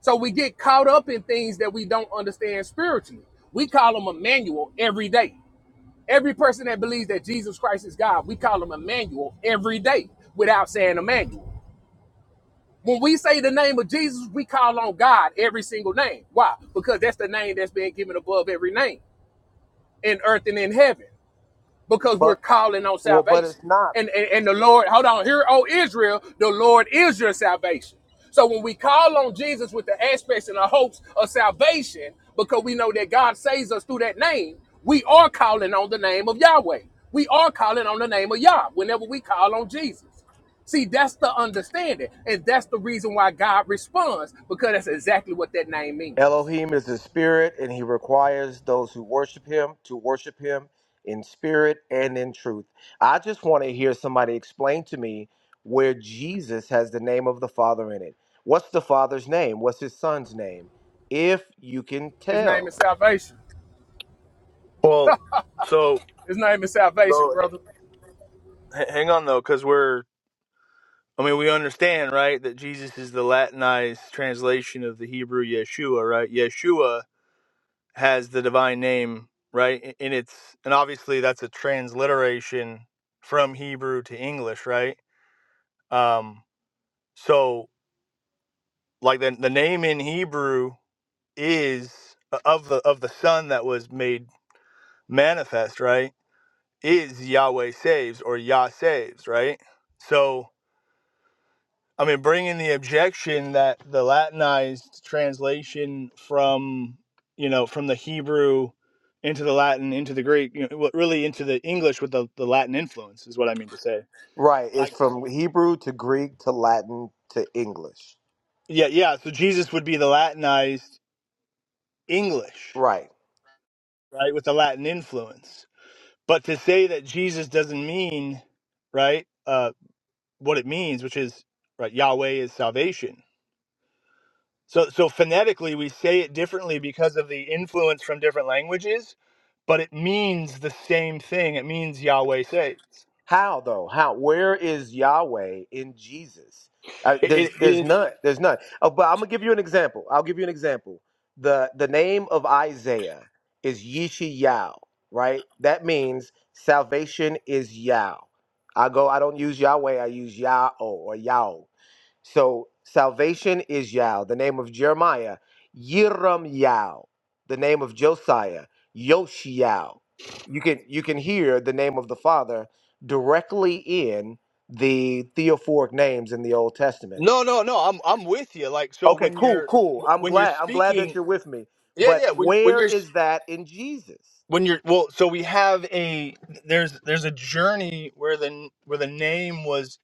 S7: So we get caught up in things that we don't understand spiritually. We call him Emmanuel every day. Every person that believes that Jesus Christ is God, we call him Emmanuel every day without saying Emmanuel. When we say the name of Jesus, we call on God every single name. Why? Because that's the name that's been given above every name in earth and in heaven because we're
S11: But
S7: calling on
S11: well, but
S7: salvation.
S11: it's not.
S7: And, and, and the Lord, hold on, here, oh Israel, the Lord is your salvation. So when we call on Jesus with the aspects and the hopes of salvation, because we know that God saves us through that name, we are calling on the name of Yahweh. We are calling on the name of Yah whenever we call on Jesus. See, that's the understanding. And that's the reason why God responds, because that's exactly what that name means.
S11: Elohim is a spirit, and he requires those who worship him to worship him in spirit and in truth. I just want to hear somebody explain to me where Jesus has the name of the Father in it. What's the Father's name? What's his son's name? If you can
S7: His name is
S11: tell.
S7: salvation.
S13: Well, so
S7: His name is salvation,
S13: so
S7: brother.
S13: h- hang on though, because we're I mean we understand right that Jesus is the Latinized translation of the Hebrew Yeshua, right? Yeshua has the divine name, right? a- And it's and obviously that's a transliteration from Hebrew to English, right? Um, so like the the name in Hebrew is uh, of the of the Son that was made manifest, right? Is Yahweh saves or Yah saves, right? So I mean, bringing the objection that the Latinized translation from you know from the Hebrew into the Latin into the Greek, you know, well, really into the English with the, the Latin influence is what I mean to say.
S11: Right, it's
S13: Like,
S11: from Hebrew to Greek to Latin to English.
S13: yeah, yeah. So Jesus would be the Latinized English,
S11: Right.
S13: right, with the Latin influence. But to say that Jesus doesn't mean right uh, what it means, which is right, Yahweh is salvation So, so phonetically, we say it differently because of the influence from different languages, but it means the same thing. It means Yahweh saves.
S11: How though? How? Where is Yahweh in Jesus? Uh,
S13: It,
S11: there's
S13: it, it
S11: there's
S13: is
S11: none. There's none. Uh, but I'm gonna give you an example. I'll give you an example. The the name of Isaiah is Yishayahu, right? That means salvation is Yah. I go. I don't use Yahweh. I use Yah or Yah. So salvation is Yah, the name of Jeremiah, Yiram Yah, the name of Josiah, Yoshiao. You can you can hear the name of the Father directly in the theophoric names in the Old Testament.
S13: no, no, no. I'm I'm with you. Like, so
S11: Okay,
S13: when
S11: cool,
S13: you're
S11: cool. I'm
S13: when you're
S11: glad I'm glad that
S13: speaking,
S11: you're with me.
S13: yeah,
S11: But
S13: yeah. When when
S11: where
S13: you're
S11: is that in Jesus?
S13: when you're well, so we have a there's there's a journey where the where the name was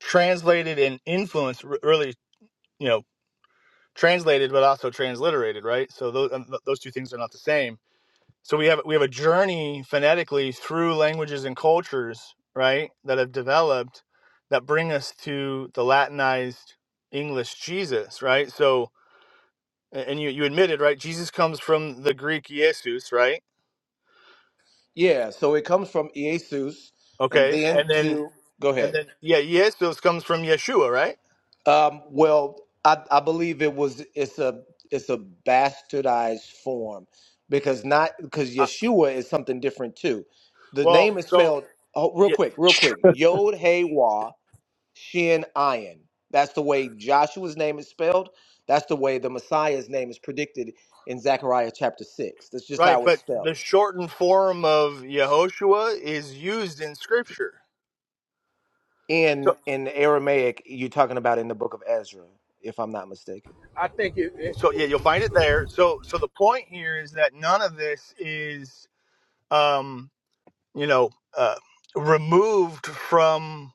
S13: translated and influenced, r- really, you know, translated, but also transliterated, right? So those um, th- those two things are not the same so we have we have a journey phonetically through languages and cultures right that have developed that bring us to the latinized english jesus right so a- and you you admitted right jesus comes from the greek jesus right
S11: Yeah, so it comes from Jesus and
S13: okay
S11: then
S13: and then
S11: to go
S13: and
S11: ahead.
S13: then yeah jesus comes from yeshua right
S11: Um, well, I, I believe it was it's a it's a bastardized form because not because
S13: uh,
S11: Yeshua is something different too. The
S13: well
S11: name is
S13: so
S11: spelled oh, real
S13: yeah,
S11: quick, real quick. Yod Hey Wah Shin Ayin. That's the way Joshua's name is spelled. That's the way the Messiah's name is predicted in Zechariah chapter six. That's just
S13: right
S11: how it's
S13: but the
S11: spelled
S13: shortened form of yehoshua is used in scripture So,
S11: in in Aramaic. You're talking about in the book of Ezra, if I'm not mistaken.
S7: I think it.
S13: so yeah, you'll find it there. So so the point here is that none of this is um, you know uh, removed from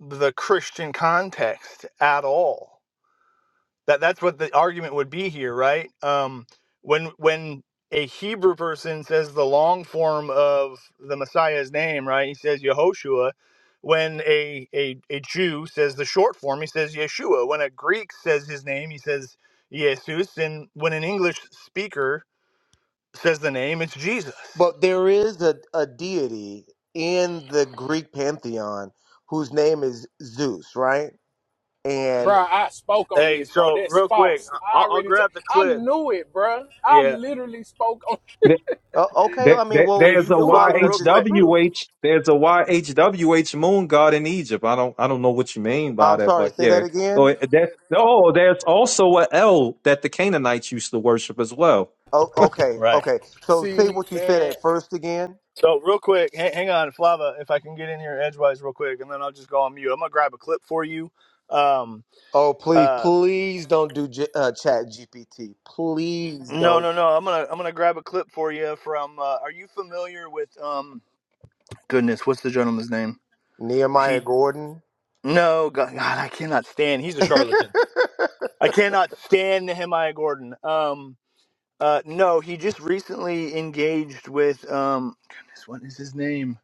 S13: the Christian context at all. That that's what the argument would be here, right? Um, when when a Hebrew person says the long form of the Messiah's name, right? He says Yehoshua. When a, a a Jew says the short form, he says Yeshua. When a Greek says his name, he says Jesus. And when an English speaker says the name, it's Jesus.
S11: But there is a, a deity in the Greek pantheon whose name is Zeus, right? And
S7: Bro, I spoke on
S13: Hey,
S7: this, bro.
S13: so
S7: That's
S13: real quick,
S7: false.
S13: I-
S7: I
S13: will I'll
S7: already, t-
S13: grab the
S7: I
S13: clip.
S7: knew it, bro. I
S13: Yeah.
S7: literally spoke on.
S12: There,
S11: uh, okay,
S12: there,
S11: I mean,
S12: there-
S11: well,
S13: Hey, F-
S12: there's
S11: you
S12: a
S11: knew it
S13: Flava,
S11: because
S13: real
S11: it's
S13: quick.
S11: true.
S12: YHWH. There's a YHWH moon god in Egypt. I don't, I don't know what you mean by
S11: I'm
S12: that,
S11: sorry,
S12: but
S11: say that
S12: yeah. Oh,
S11: again.
S12: it- that's, oh, there's also a L that the Canaanites used to worship as well.
S11: Oh, okay,
S13: Right.
S11: okay. So say
S7: See,
S11: what you said
S7: man,
S11: at first again.
S13: So real quick, hang, hang on, Flava, if I can get in here edgewise real quick, and then I'll just go on mute. I'm gonna grab a clip for you. Um,
S11: Oh, please,
S13: uh,
S11: please don't do G- uh, Chat GPT. Please
S13: no,
S11: don't.
S13: no, no. I'm gonna I'm gonna grab a clip for you from. Uh, are you familiar with um? Goodness, what's the gentleman's name?
S11: Nehemiah
S13: He.
S11: Gordon.
S13: No, God, God, I cannot stand. He's a charlatan. I cannot stand Nehemiah Gordon. Um, uh, no, he just recently engaged with um. Goodness, what is his name?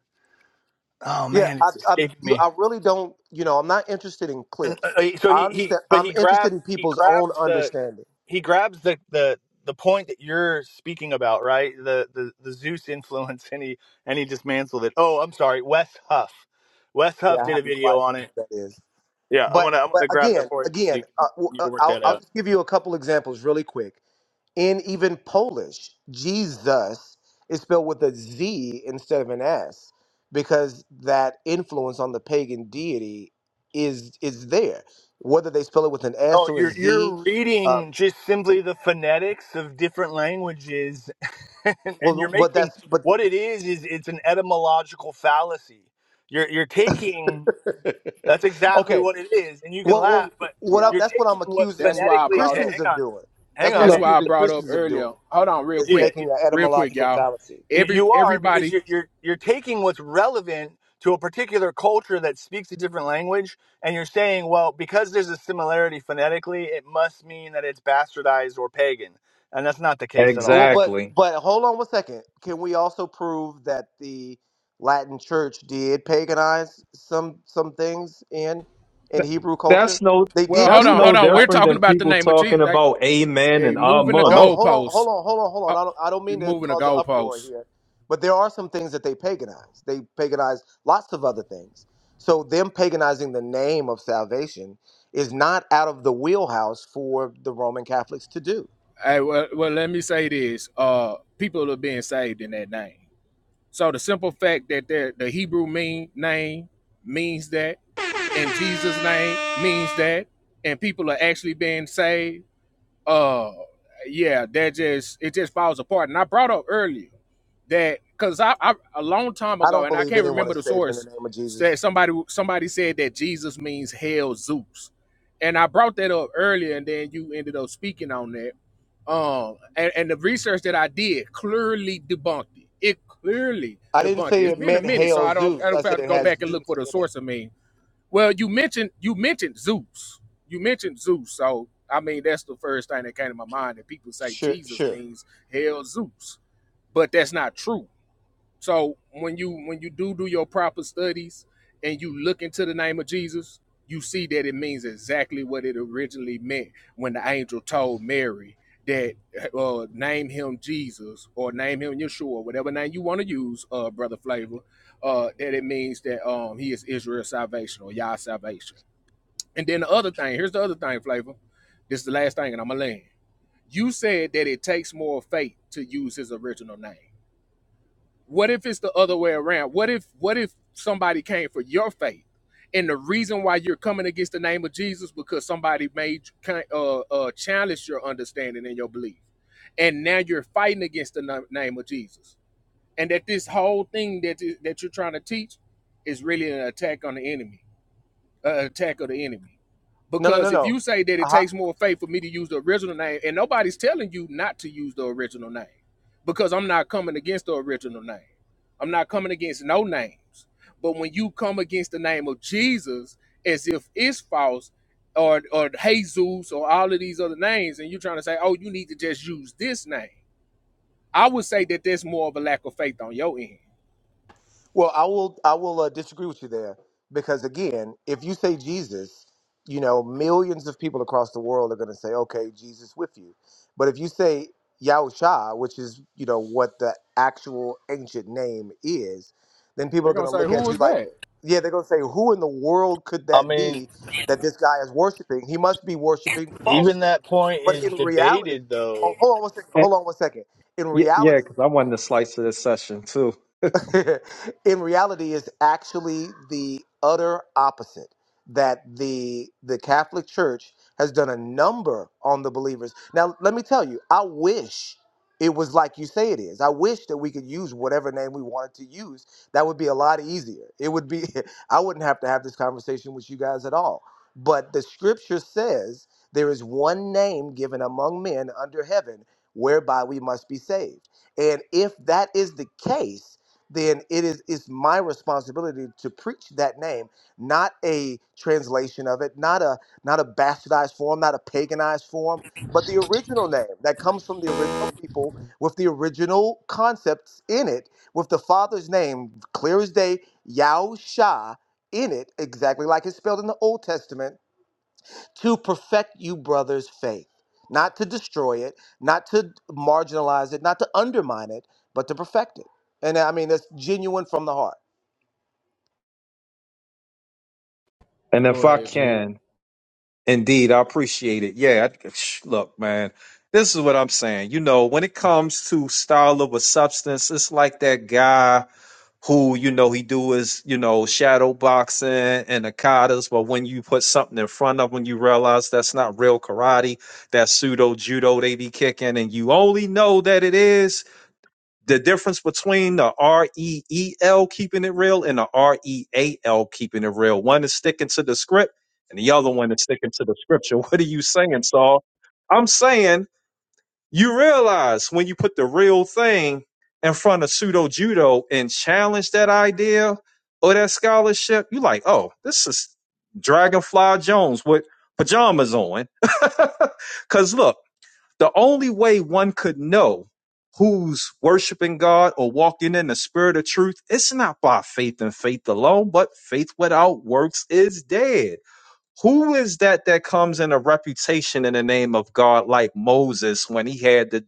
S13: Oh
S11: Yeah,
S13: man,
S11: I,
S13: it's
S11: I'm.
S13: escaping
S11: You,
S13: me
S11: I really don't. You know, I'm not interested in
S13: And, uh,
S11: clips.
S13: uh, so
S11: I
S13: he, he
S11: understand.
S13: but
S11: I'm
S13: he
S11: interested
S13: grabs
S11: in
S13: he
S11: people's own
S13: grabs the
S11: understanding.
S13: he grabs the the the point that you're speaking about right the the, the zeus influence and he and he dismantled it oh i'm sorry wes huff wes
S11: Yeah,
S13: huff
S11: I
S13: did a
S11: have no
S13: video
S11: idea
S13: on
S11: who
S13: it
S11: that is.
S13: yeah i'm
S11: But,
S13: gonna i'm
S11: but
S13: gonna grab that
S11: again,
S13: for you so you
S11: again, uh,
S13: can
S11: w-
S13: you
S11: uh,
S13: can work
S11: I'll,
S13: that
S11: I'll
S13: out
S11: just give you a couple examples really quick. In even Polish, Jesus is spelled with a Z instead of an S because that influence on the pagan deity is is there. Whether they spell it with an
S13: no
S11: S or a
S13: you're you're
S11: Z, um,
S13: reading just simply the phonetics of different languages and, and you're
S11: well, but
S13: making
S11: that's but
S13: what it is is it's an etymological fallacy you're you're taking That's exactly
S11: Okay.
S13: what it is, and you can
S11: Well, well,
S13: laugh, but
S11: what I,
S7: yeah.
S13: you're
S11: that's what
S13: taking
S11: I'm
S13: what
S7: That's
S11: accusing
S7: why I
S13: phonetically.
S7: brought
S13: ha-
S7: up.
S11: Christians
S13: Hang
S11: of
S13: on,
S11: doing.
S13: hang
S11: That's what
S13: on,
S11: I'm
S7: That's
S12: Look.
S13: man.
S7: why I
S11: accusing
S7: brought up
S11: Christians of doing
S7: earlier. Hold on, real
S11: is
S13: Yeah,
S7: quick,
S11: making an
S7: real quick,
S11: etymological
S7: y'all.
S11: fallacy.
S13: you,
S7: Every
S13: you are because you're,
S7: everybody.
S13: you're you're taking what's relevant to a particular culture that speaks a different language, and you're saying, well, because there's a similarity phonetically, it must mean that it's bastardized or pagan, and that's not the case at all,
S11: Well,
S13: man.
S11: but
S12: Exactly.
S11: but hold on one second. Can we also prove that the Latin Church did paganize some some things in in
S12: Th-
S11: Hebrew
S12: That's
S11: culture?
S12: no
S11: They
S7: Well,
S11: did
S12: that's
S7: hold
S11: do
S7: on, hold
S12: no
S11: that,
S7: on.
S11: right?
S7: We're
S12: different
S7: talking
S12: than
S7: about the
S12: people
S7: name of
S12: talking
S7: Jesus. Like,
S12: about amen
S7: hey,
S12: and
S7: moving the
S12: amen.
S11: Ho-
S12: No,
S11: Hold on, hold
S7: goalposts.
S11: on, hold on, hold
S7: Uh,
S11: on. I don't, I don't mean to
S7: moving the
S11: cause an uproar
S7: goalposts.
S11: here, but there are some things that they paganize. They paganize lots of other things. So them paganizing the name of salvation is not out of the wheelhouse for the Roman Catholics to do.
S7: Hey, well, well, let me say this. Uh, people are being saved in that name. So the simple fact that the, Hebrew mean name means that, and Jesus' name means that, and people are actually being saved, uh, yeah, that just it just falls apart. And I brought up earlier that because I, I a long time
S11: I
S7: ago,
S11: don't
S7: and I
S11: believe
S7: can't
S11: anyone
S7: remember
S11: is
S7: the
S11: saved in the
S7: source,
S11: name of Jesus.
S7: said somebody somebody said that Jesus means hell Zeus, and I brought that up earlier, and then you ended up speaking on that um, and, and the research that I did clearly debunked it. It clearly
S11: I didn't
S7: debunked it.
S11: say
S7: It's
S11: it
S7: been a
S11: meant
S7: minute, so
S11: hail
S7: I don't
S11: Zeus.
S7: I
S11: I
S7: don't
S11: said
S7: have to
S11: it
S7: go
S11: has
S7: back and look
S11: Zeus
S7: for the
S11: in it.
S7: source. I mean, well, you mentioned you mentioned Zeus. You mentioned Zeus, so I mean that's the first thing that came to my mind that people say
S11: Sure,
S7: Jesus
S11: sure.
S7: means hell Zeus, but that's not true. So when you when you do do your proper studies and you look into the name of Jesus, you see that it means exactly what it originally meant when the angel told Mary that uh, uh, name him Jesus or name him Yeshua, whatever name you want to use, uh, brother Flavor. Uh, that it means that um, he is Israel's salvation or Yah's salvation. And then the other thing, here's the other thing, Flavor. This is the last thing, and I'm gonna land. You said that it takes more faith to use his original name. What if it's the other way around? What if what if somebody came for your faith, and the reason why you're coming against the name of Jesus because somebody made you uh, uh, challenge your understanding and your belief, and now you're fighting against the name of Jesus, and that this whole thing that that you're trying to teach is really an attack on the enemy uh, attack of the enemy.
S11: No, no, no,
S7: Because if you say that it
S11: no.
S7: takes more faith for me to use the original name, and nobody's telling you not to use the original name, because I'm not coming against the original name. I'm not coming against no names. But when you come against the name of Jesus as if it's false, or or Jesus or all of these other names, and you're trying to say, oh, you need to just use this name. I would say that there's more of a lack of faith on your end.
S11: Well, I will I will uh, disagree with you there because again, if you say Jesus, you know, millions of people across the world are going to say, "Okay, Jesus with you." But if you say Yahusha, which is, you know, what the actual ancient name is, then people are
S7: They're gonna
S11: going to
S7: say,
S11: look at
S7: who
S11: you
S7: is
S11: like,
S7: that?
S11: yeah, they're going to say, "Who in the world could
S13: I
S11: that
S13: mean,
S11: be that this guy is worshiping? He must be worshiping
S13: even
S11: falsely."
S13: that point
S11: But
S13: is
S11: in reality,
S13: debated, though.
S11: oh, hold on one second.
S12: and,
S11: Hold on one second. In
S12: y- yeah,
S11: reality,
S12: because I wanted a slice of this session too.
S11: in reality is actually the utter opposite that the the Catholic Church has done a number on the believers. Now let me tell you, I wish it was like you say it is. I wish that we could use whatever name we wanted to use. That would be a lot easier. It would be I wouldn't have to have this conversation with you guys at all. But the scripture says there is one name given among men under heaven whereby we must be saved. And if that is the case, then it is it's my responsibility to preach that name, not a translation of it, not a not a bastardized form, not a paganized form, but the original name that comes from the original people with the original concepts in it, with the father's name clear as day, Yahusha, in it, exactly like it's spelled in the Old Testament to perfect you brothers' faith, not to destroy it, not to marginalize it, not to undermine it, but to perfect it. And I mean, that's genuine from the heart.
S12: And if
S7: Go
S12: I
S7: ahead, G.
S12: can, indeed, I appreciate it. Yeah, I, sh- look, man, this is what I'm saying. You know, when it comes to style of a substance, it's like that guy who you know he do is you know shadow boxing and ikatas but when you put something in front of them you realize that's not real karate that's pseudo judo they be kicking and you only know that it is the difference between the r-e-e-l keeping it real and the r-e-a-l keeping it real one is sticking to the script and the other one is sticking to the scripture what are you saying saul i'm saying you realize when you put the real thing in front of pseudo judo and challenge that idea or that scholarship, you like, oh, this is Dragonfly Jones with pajamas on. Because look, the only way one could know who's worshiping God or walking in the spirit of truth, it's not by faith and faith alone, but faith without works is dead. Who is that that comes in a reputation in the name of God, like Moses when he had to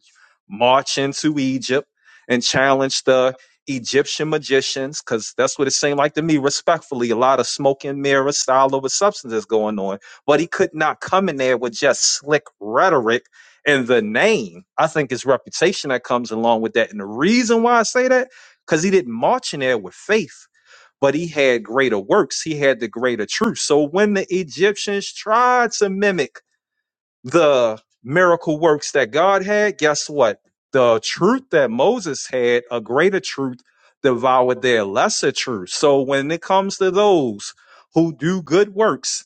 S12: march into Egypt and challenge the Egyptian magicians? Because that's what it seemed like to me, respectfully. A lot of smoke and mirror style over substances going on, but he could not come in there with just slick rhetoric and the name. I think it's reputation that comes along with that. And the reason why I say that, because he didn't march in there with faith but he had greater works. He had the greater truth. So when the Egyptians tried to mimic the miracle works that God had, guess what? The truth that Moses had, a greater truth, devoured their lesser truth. So when it comes to those who do good works,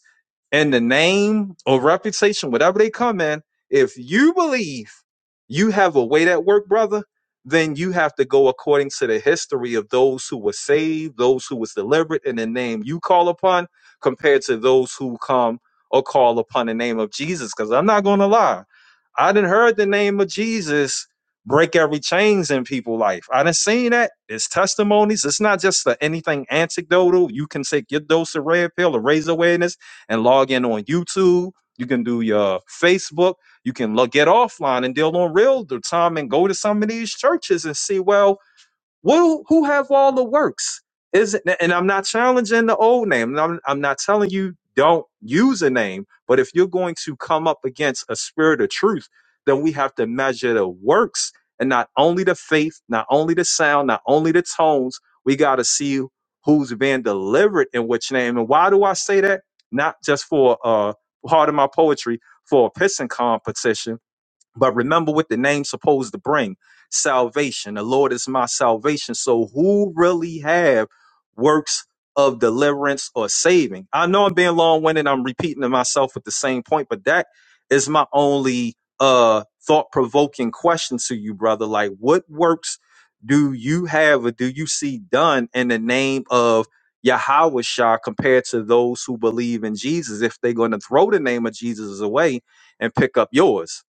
S12: and the name or reputation, whatever they come in, if you believe you have a way that work, brother, then you have to go according to the history of those who were saved, those who was delivered in the name you call upon, compared to those who come or call upon the name of Jesus. Because I'm not gonna lie, I didn't heard the name of Jesus break every chains in people's life. I didn't seen that. It's testimonies. It's not just a, anything anecdotal. You can take your dose of red pill or raise awareness and log in on YouTube. You can do your Facebook. You can look, get offline and deal on real time and go to some of these churches and see, well, well, who have all the works? Is it, and I'm not challenging the old name. and I'm, I'm not telling you don't use a name, but if you're going to come up against a spirit of truth, then we have to measure the works and not only the faith, not only the sound, not only the tones. We got to see who's being delivered in which name. And why do I say that? Not just for uh, part of my poetry for a pissing competition, but remember what the name's supposed to bring salvation. The Lord is my salvation. So who really have works of deliverance or saving? I know I'm being long winded. I'm repeating to myself at the same point, but that is my only uh thought provoking question to you, brother. Like what works do you have or do you see done in the name of Yahweh compared to those who believe in Jesus if they're going to throw the name of Jesus away and pick up yours?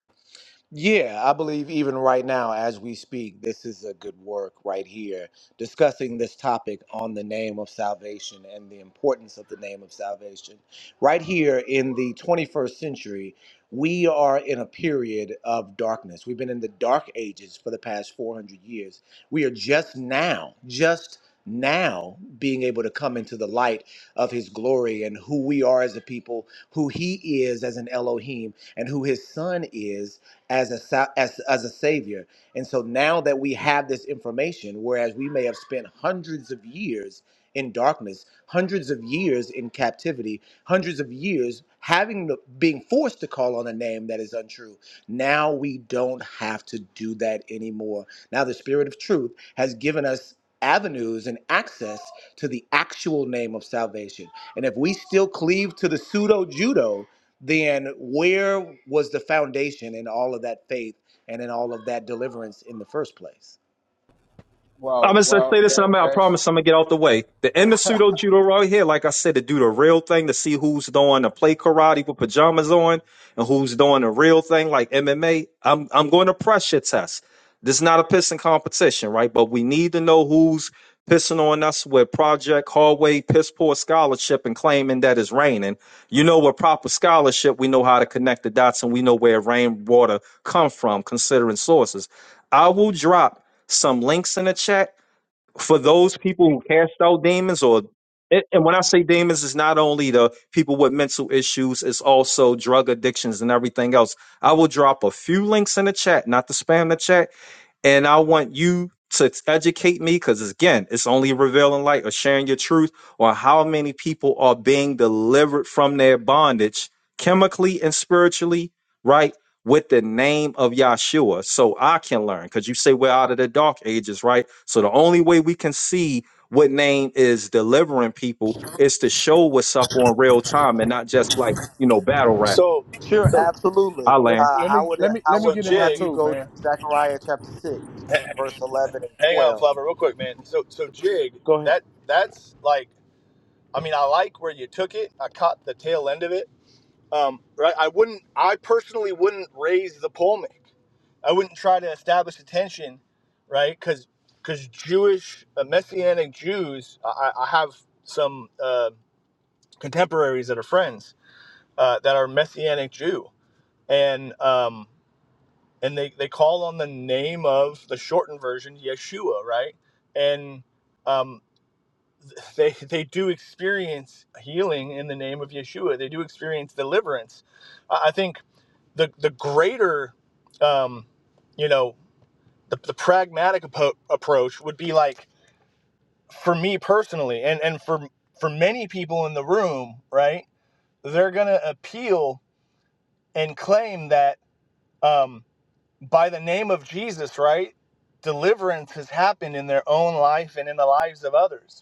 S11: Yeah, I believe even right now, as we speak, this is a good work right here, discussing this topic on the name of salvation and the importance of the name of salvation. Right here in the 21st century, we are in a period of darkness. We've been in the dark ages for the past 400 years. We are just now, just now being able to come into the light of his glory and who we are as a people, who he is as an Elohim, and who his son is as a sa- as, as a savior. And so now that we have this information, whereas we may have spent hundreds of years in darkness, hundreds of years in captivity, hundreds of years having the, being forced to call on a name that is untrue. Now we don't have to do that anymore. Now the spirit of truth has given us avenues and access to the actual name of salvation and if we still cleave to the pseudo judo, then where was the foundation in all of that faith and in all of that deliverance in the first place?
S12: I'm
S7: Well,
S12: gonna say
S7: well,
S12: this, and I'm
S7: that's
S12: I
S7: that's
S12: promise I'm gonna get out the way. The Emma pseudo judo right here, like I said, to do the real thing to see who's doing the play karate with pajamas on and who's doing the real thing like MMA. I'm I'm going to pressure test. This is not a pissing competition, right? But we need to know who's pissing on us with Project Hallway piss poor scholarship and claiming that it's raining. You know, with proper scholarship, we know how to connect the dots and we know where rainwater come from, considering sources. I will drop some links in the chat for those people who cast out demons or and and when I say demons, it's not only the people with mental issues, it's also drug addictions and everything else. I will drop a few links in the chat, not to spam the chat, and I want you to educate me because again, it's only revealing light or sharing your truth on how many people are being delivered from their bondage chemically and spiritually, right? With the name of Yahshua, so I can learn. Because you say we're out of the dark ages, right? So the only way we can see what name is delivering people is to show what's up on real time and not just like, you know, battle rap.
S13: So,
S11: Sure,
S13: so,
S12: I
S11: absolutely.
S7: let me
S12: land.
S11: Uh,
S7: let
S11: I
S7: me
S11: would
S7: let me
S11: I
S7: let me
S13: so,
S11: would
S7: get in there
S11: have you
S13: Jig.
S7: too,
S11: go to
S7: man.
S11: Zechariah chapter six, verse eleven and
S13: Hang on,
S11: twelve.
S13: Flopper, real quick, man. So, so jig
S11: Go ahead.
S13: that that's like, I mean, I like where you took it. I caught the tail end of it. Um, right. I wouldn't. I personally wouldn't raise the polemic. I wouldn't try to establish a tension, right? Because because Jewish uh, Messianic Jews, I, I have some uh, contemporaries that are friends uh, that are Messianic Jew, and um, and they they call on the name of the shortened version Yeshua, right? And um. they they do experience healing in the name of Yeshua. They do experience deliverance. I think the the greater, um, you know, the, the pragmatic appo- approach would be like for me personally, and and for for many people in the room, right? They're gonna appeal and claim that um, by the name of Jesus, right? Deliverance has happened in their own life and in the lives of others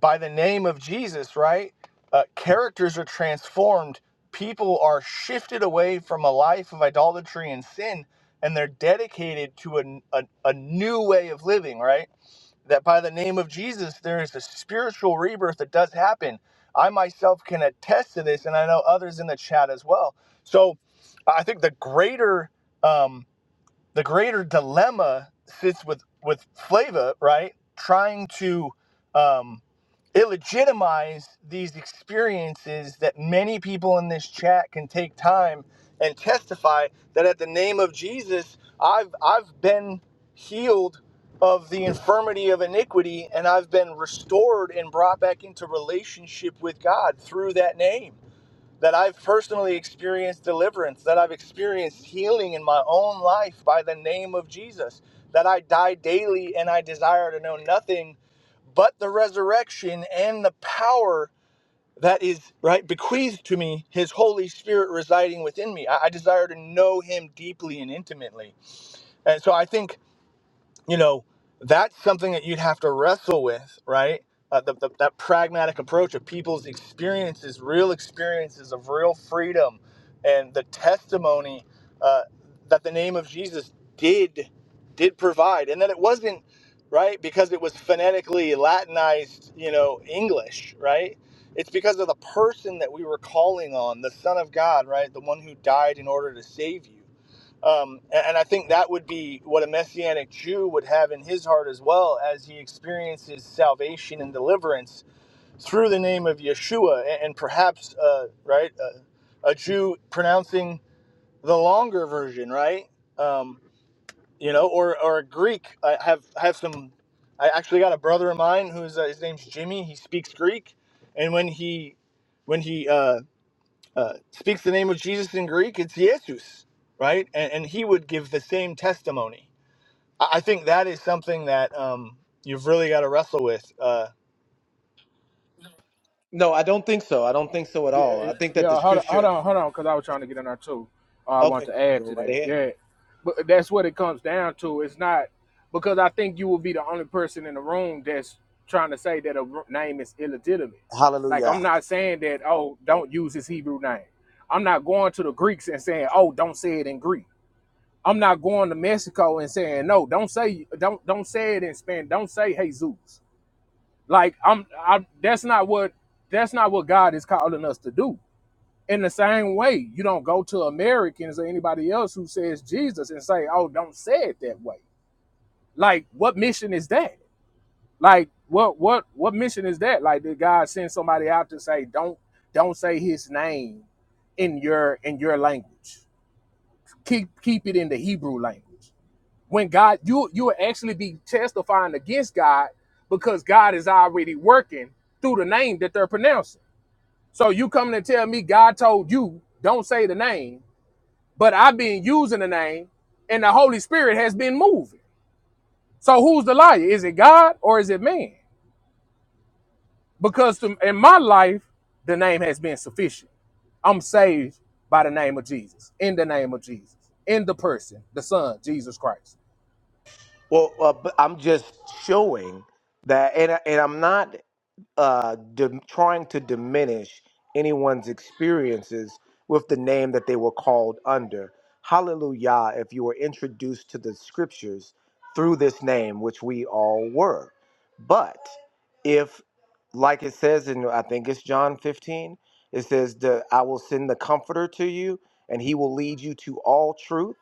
S13: by the name of Jesus, right? Uh, characters are transformed. People are shifted away from a life of idolatry and sin, and they're dedicated to a, a, a new way of living, right? That by the name of Jesus, there is a spiritual rebirth that does happen. I myself can attest to this, and I know others in the chat as well. So I think the greater. um the greater dilemma sits with with Flava, right? Trying to um, illegitimize these experiences that many people in this chat can take time and testify that at the name of Jesus, I've I've been healed of the infirmity of iniquity and I've been restored and brought back into relationship with God through that name that I've personally experienced deliverance, that I've experienced healing in my own life by the name of Jesus, that I die daily and I desire to know nothing but the resurrection and the power that is right bequeathed to me his holy spirit residing within me i, I desire to know him deeply and intimately and so i think you know, that's something that you'd have to wrestle with, right? Uh, the, the, that pragmatic approach of people's experiences, real experiences of real freedom, and the testimony uh, that the name of Jesus did did provide, and that it wasn't right because it was phonetically Latinized, you know, English, right? It's because of the person that we were calling on, the Son of God, right? The one who died in order to save you um, a- and I think that would be what a Messianic Jew would have in his heart as well as he experiences salvation and deliverance through the name of Yeshua. And, and perhaps, uh, right, a, a Jew pronouncing the longer version, right? Um, you know, or, or a Greek. I have, I have some, I actually got a brother of mine who's, uh, his name's Jimmy. He speaks Greek. And when he, when he, uh, uh, speaks the name of Jesus in Greek, it's Jesus, right? And, and he would give the same testimony. I, I think that is something that um, you've really got to wrestle with. Uh,
S11: No, I don't think so. I don't think so at
S7: Yeah,
S11: all.
S7: yeah.
S11: I think that the
S7: yeah, Hold on, hold
S11: scripture.
S7: on, hold on, because I was trying to get in there too. Uh, I want
S11: Okay,
S7: to
S11: go
S7: add to
S11: right
S7: that.
S11: ahead.
S7: Yeah, but that's what it comes down to. It's not because I think you will be the only person in the room that's trying to say that a r- name is illegitimate. Like
S11: Hallelujah.
S7: I'm not saying that. Oh, don't use his Hebrew name. I'm not going to the Greeks and saying, oh, don't say it in Greek. I'm not going to Mexico and saying, no, don't say don't don't say it in Spanish. Don't say Jesus. Like I'm, I'm. That's not what. That's not what God is calling us to do. In the same way, you don't go to Americans or anybody else who says Jesus and say, "Oh, don't say it that way." Like, what mission is that? Like, what what what mission is that? Like, did God send somebody out to say, "Don't don't say His name in your in your language. Keep keep it in the Hebrew language." when God you you will actually be testifying against God because God is already working through the name that they're pronouncing. So you coming and tell me God told you don't say the name, but I've been using the name and the Holy Spirit has been moving. So who's the liar? Is it God or is it man? Because to, in my life, the name has been sufficient. I'm saved by the name of Jesus, in the name of Jesus, in the person, the Son, Jesus Christ.
S11: Well, uh, but I'm just showing that, and I- and I'm not uh, dim trying to diminish anyone's experiences with the name that they were called under. Hallelujah! If you were introduced to the scriptures through this name, which we all were, but if, like it says in, I think it's John 15, it says, the, "I will send the Comforter to you, and He will lead you to all truth."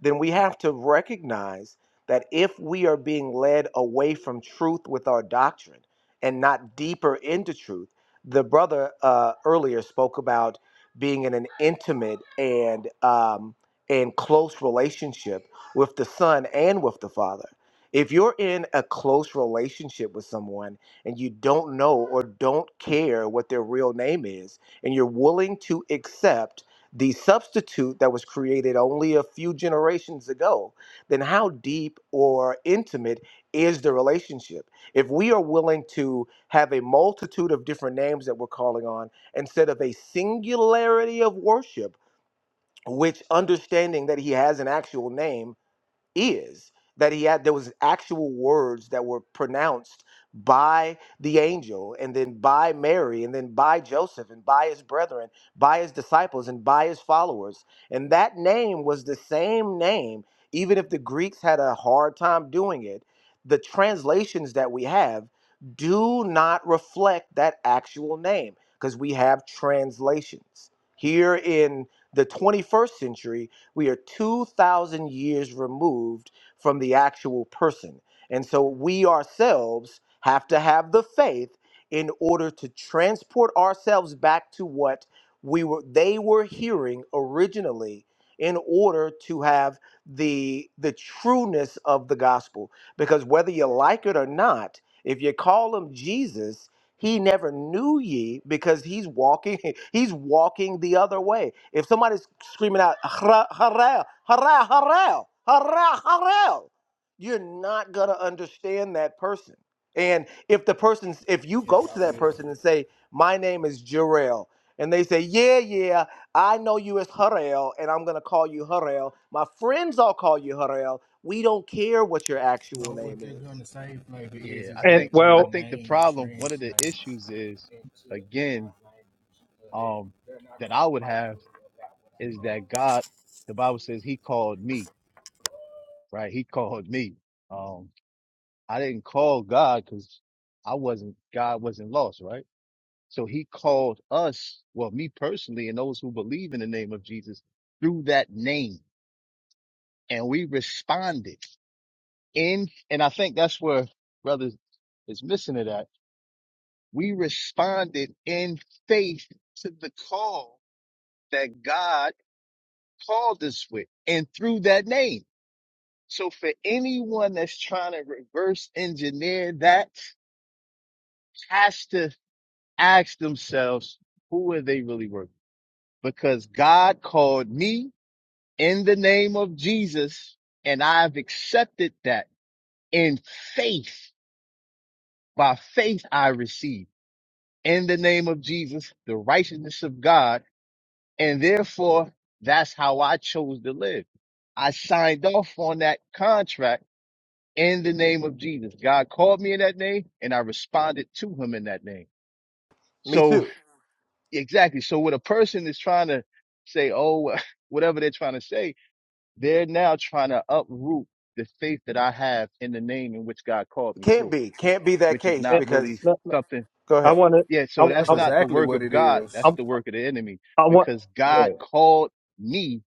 S11: then we have to recognize that if we are being led away from truth with our doctrine and not deeper into truth, the brother uh, earlier spoke about being in an intimate and um, and close relationship with the son and with the father. If you're in a close relationship with someone and you don't know or don't care what their real name is, and you're willing to accept the substitute that was created only a few generations ago, then how deep or intimate is the relationship? If we are willing to have a multitude of different names that we're calling on instead of a singularity of worship, which understanding that he has an actual name is that he had there was actual words that were pronounced by the angel and then by Mary and then by Joseph and by his brethren by his disciples and by his followers and that name was the same name even if the Greeks had a hard time doing it the translations that we have do not reflect that actual name because we have translations here in the 21st century we are 2,000 years removed from the actual person. And so we ourselves have to have the faith in order to transport ourselves back to what we were they were hearing originally in order to have the the trueness of the gospel because whether you like it or not if you call him Jesus he never knew ye because he's walking, he's walking the other way. If somebody's screaming out, "Hara- Harel, Harel, Harel, Harel, Harel, you're not going to understand that person. And if the person's, if you go to that person and say, my name is Jarrell, and they say, yeah, yeah, I know you as Harel, and I'm going to call you Harel. My friends all call you Harel. We don't care what your actual
S7: No, what
S11: name
S7: they're
S11: is.
S7: gonna say, Flavor, is
S6: Yeah, I
S7: is
S12: And
S7: that
S6: think
S7: your
S6: I
S12: well,
S6: think the
S7: name
S6: problem, one of the
S7: translates
S6: issues is
S7: into in our
S6: again,
S7: language. So that
S6: um,
S7: they're not
S6: that
S7: gonna
S6: I would
S7: fight
S6: have
S7: me about what
S6: is that God, the Bible says he called me, right? He called me. Um, I didn't call God because I wasn't God wasn't lost, right? So he called us, well, me personally, and those who believe in the name of Jesus through that name. And we responded in, and I think that's where brothers is missing it at. We responded in faith to the call that God called us with and through that name. So for anyone that's trying to reverse engineer that has to ask themselves, who are they really working? Because God called me in the name of Jesus. And I've accepted that in faith. By faith, I receive in the name of Jesus, the righteousness of God. And therefore, that's how I chose to live. I signed off on that contract in the name of Jesus. God called me in that name and I responded to him in that name.
S11: Me
S6: So
S11: too.
S6: exactly. So when a person is trying to say, Oh, whatever they're trying to say, They're now trying to uproot the faith that I have in the name in which God called me
S11: Can't
S6: through,
S11: be. Can't be that
S6: which is
S11: case
S12: and,
S6: not
S11: because
S6: really
S12: no, no,
S6: something.
S11: Go
S12: I
S11: ahead.
S12: want
S6: Yeah, so
S7: I
S12: to,
S7: said. That's
S12: I,
S6: that's not the
S7: exactly
S6: work
S7: what
S6: of
S7: it
S6: God.
S7: is.
S12: I,
S6: That's the work of the enemy
S12: I want
S6: because
S12: go
S6: God
S12: ahead
S6: called me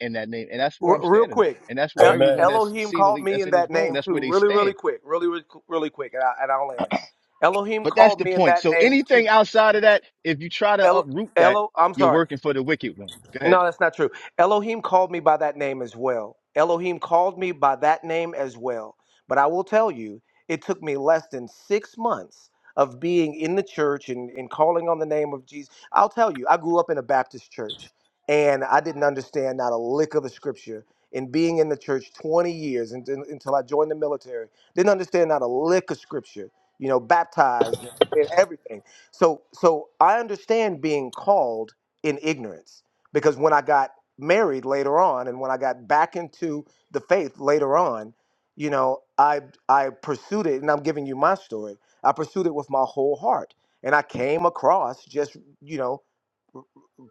S6: in that name. And that's where
S11: R-
S6: I'm
S11: real
S6: standing at.
S11: quick.
S6: And that's where
S11: El-
S6: everyone that's
S11: Elohim called
S6: seemingly
S11: me
S6: that's
S11: in
S6: in this
S11: that
S6: room,
S11: name
S6: that's where
S11: too.
S6: they
S11: Really, really
S6: stand.
S11: quick. Really, really, really quick. And, I, and I'll end. Elohim
S6: But that's
S11: called
S6: the
S11: me in
S6: point.
S11: that
S6: So
S11: name too.
S6: anything outside of that, if you try to
S11: El-
S6: uproot that,
S11: Elo, I'm
S6: you're
S11: sorry.
S6: working for the wicked one. Go ahead.
S11: No, that's not true. Elohim called me by that name as well. Elohim called me by that name as well. But I will tell you, it took me less than six months of being in the church and, and calling on the name of Jesus. I'll tell you, I grew up in a Baptist church and I didn't understand not a lick of the scripture. And being in the church 20 years and, and- until I joined the military, didn't understand not a lick of scripture, you know, baptized and everything. So, so I understand being called in ignorance because when I got married later on and when I got back into the faith later on, you know, I I pursued it and I'm giving you my story. I pursued it with my whole heart. And I came across just, you know,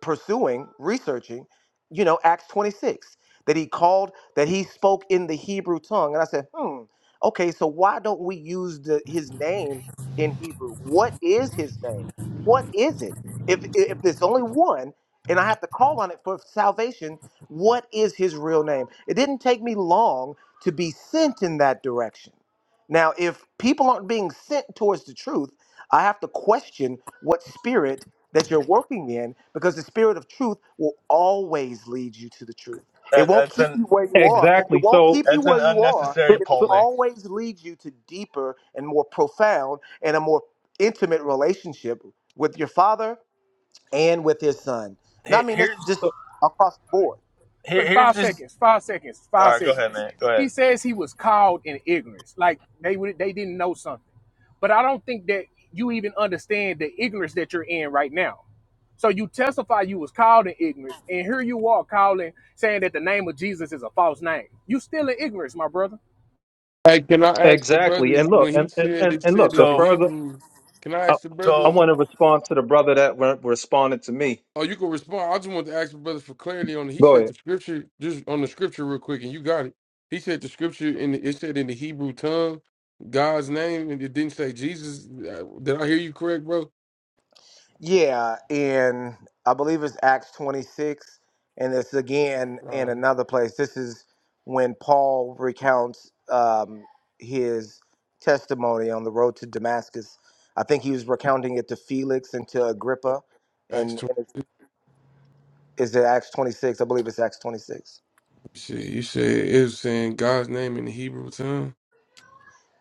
S11: pursuing, researching, you know, Acts 26, that he called, that he spoke in the Hebrew tongue. And I said, hmm, okay, so why don't we use the, his name in Hebrew? What is his name? What is it? If, if there's only one and I have to call on it for salvation, what is his real name? It didn't take me long to be sent in that direction. Now, if people aren't being sent towards the truth, I have to question what spirit that you're working in because the spirit of truth will always lead you to the truth. It
S13: that,
S11: won't
S13: that's
S11: keep
S13: an
S11: you where you are. It
S12: exactly.
S11: won't
S12: So,
S11: keep you
S13: that's an
S11: where you are.
S13: unnecessary
S12: so,
S11: It'll
S12: so,
S13: polemic.
S11: always lead you to deeper and more profound and a more intimate relationship with your father and with his son. Now, I
S13: Here,
S11: mean, that's
S13: here's
S11: just
S12: so
S11: across the board.
S13: here,
S7: But
S13: here's
S7: five
S13: just
S7: seconds, five seconds,
S13: all
S7: five
S13: right. Go ahead,
S7: seconds.
S13: man. Go
S7: He
S13: ahead.
S7: says he was called in ignorance, like they would, they didn't know something. But I don't think that you even understand the ignorance that you're in right now. So you testify you was called in ignorance, and here you are calling saying that the name of Jesus is a false name. You still in ignorance, my brother.
S14: Hey, can I ask the
S12: exactly.
S14: brother
S12: And look,
S14: when
S12: and
S14: he
S12: and and,
S14: said it
S12: and look.
S14: said
S12: The
S14: in the
S13: So
S12: further
S14: Hebrew? Can I
S12: I,
S14: ask the
S12: I
S14: brother?
S13: so
S12: want to respond to the brother that re- responded to me.
S14: Oh, you can respond. I just want to ask the brother for clarity on it. He
S12: Go
S14: said
S12: ahead.
S14: the scripture just on the scripture real quick, and you got it. He said the scripture in the, it said in the Hebrew tongue, God's name, and it didn't say Jesus. Uh, Did I hear you correct, bro?
S11: Yeah, and I believe it's Acts 26, and it's again in
S14: Uh,
S11: another place. This is when Paul recounts um, his testimony on the road to Damascus. I think he was recounting it to Felix and to Agrippa,
S14: Acts
S11: and
S14: twenty.
S11: and it's- is it Acts 26? I believe it's Acts 26.
S14: Shit, you said it was saying God's name in the Hebrew tongue.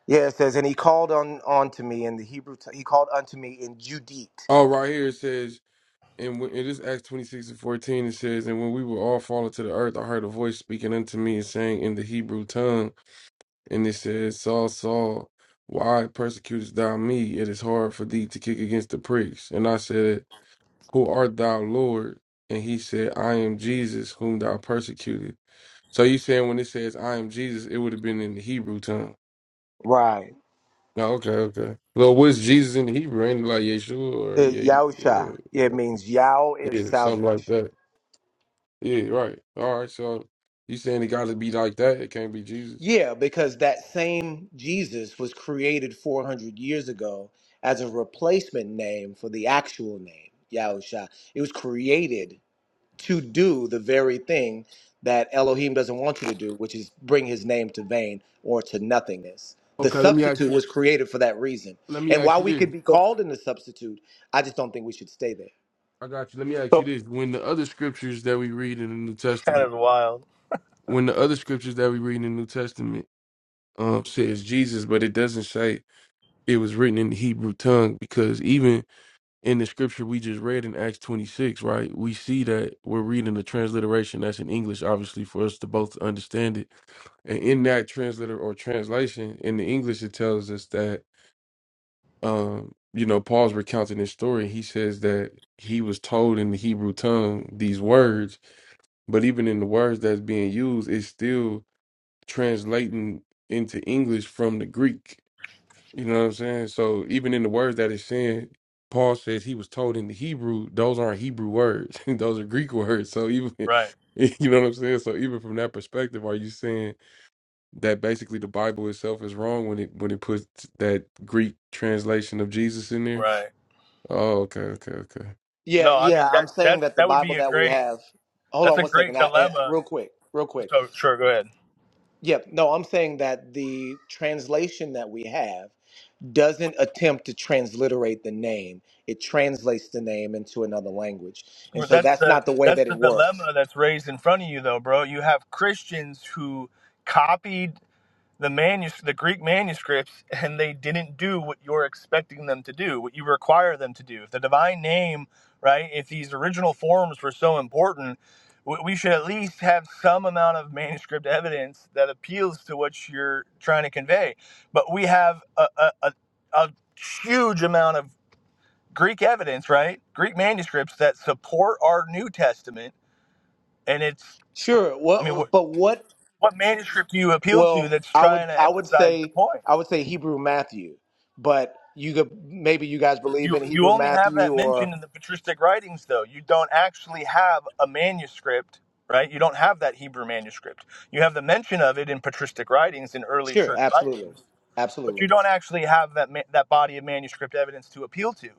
S11: Yeah, it says, and he called on unto me in the Hebrew. T- he called unto me in Judite.
S14: Oh, right here it says And when, it is Acts 26 and 14, it says, And when we were all fallen to the earth, I heard a voice speaking unto me and saying in the Hebrew tongue, and it says, Saul, Saul, why persecutest thou me? It is hard for thee to kick against the pricks. And I said, Who art thou, Lord? And he said, I am Jesus, whom thou persecuted. So you saying when it says, I am Jesus, it would have been in the Hebrew tongue.
S11: Right.
S14: No, okay, okay. Well, what's Jesus in the Hebrew? Ain't it like Yeshua or
S11: It,
S14: Ye,
S11: Yahusha. It
S14: uh, uh,
S11: means Yah is
S14: yeah, something like
S11: salvation.
S14: that? Yeah, right. All right. So you saying it got to be like that? It can't be Jesus.
S11: Yeah, because that same Jesus was created 400 years ago as a replacement name for the actual name, Yahusha. It was created to do the very thing that Elohim doesn't want you to do, which is bring his name to vain or to nothingness. The
S14: Okay. Let me ask
S11: substitute
S14: you.
S11: was created for that reason.
S14: Let me
S11: And
S14: ask
S11: while
S14: you
S11: we
S14: this.
S11: could be
S12: So,
S11: called in the substitute, I just don't think we should stay there.
S14: I got you. Let me ask you
S12: so,
S14: this. When the other scriptures that we read in the New
S13: kind
S14: Testament,
S13: of wild,
S14: when the other scriptures that we read in the New Testament um says Jesus, but it doesn't say it was written in the Hebrew tongue, because even in the scripture we just read in Acts twenty six, right, we see that we're reading the transliteration that's in English, obviously, for us to both understand it. And in that translator or translation in the English, it tells us that. um, you know, Paul's recounting his story. He says that he was told in the Hebrew tongue these words, but even in the words that's being used, it's still translating into English from the Greek. You know what I'm saying? So even in the words that it's saying, Paul says he was told in the Hebrew, those aren't Hebrew words. those are Greek words. So even
S13: right?
S14: you know what I'm saying? So even from that perspective, are you saying that basically the Bible itself is wrong when it when it puts that Greek translation of Jesus in there?
S13: Right.
S14: Oh, okay, okay, okay.
S11: Yeah,
S13: No, I mean
S11: yeah, I'm
S13: that
S11: saying
S13: that's
S11: that the
S13: that would be
S11: Bible
S13: a
S11: that we
S13: great
S11: have. Hold
S13: that's
S11: on
S13: a
S11: one
S13: great
S11: second. I, eh,
S13: dilemma.
S11: real quick, real quick.
S13: So sure, go ahead.
S11: Yep. No, I'm saying that the translation that we have doesn't attempt to transliterate the name. It translates the name into another language. And
S13: Well,
S11: so
S13: that's
S11: that's
S13: the
S11: not the way
S13: that's
S11: that
S13: the
S11: it works.
S13: dilemma that's raised in front of you, though, bro. You have Christians who copied the manus- the Greek manuscripts, and they didn't do what you're expecting them to do, what you require them to do. If the divine name, right? If these original forms were so important, w- we should at least have some amount of manuscript evidence that appeals to what you're trying to convey. But we have a, a, a, a huge amount of Greek evidence, right? Greek manuscripts that support our New Testament, and it's
S11: Sure.
S13: I mean, what
S11: Well, but what
S13: what manuscript do you appeal to
S11: well,
S13: that's
S11: I would
S13: trying to
S11: I would
S13: emphasize your
S11: say
S13: point?
S11: I would say Hebrew Matthew, but you could maybe you guys believe
S13: You
S11: in
S13: you
S11: Hebrew
S13: only have
S11: Matthew
S13: that
S11: or
S13: mentioned in the patristic writings, though. You don't actually have a manuscript, right? You don't have that Hebrew manuscript. You have the mention of it in patristic writings in early
S11: sure,
S13: church
S11: absolutely.
S13: writings, but
S11: Absolutely.
S13: you don't actually have that ma- that body of manuscript evidence to appeal to.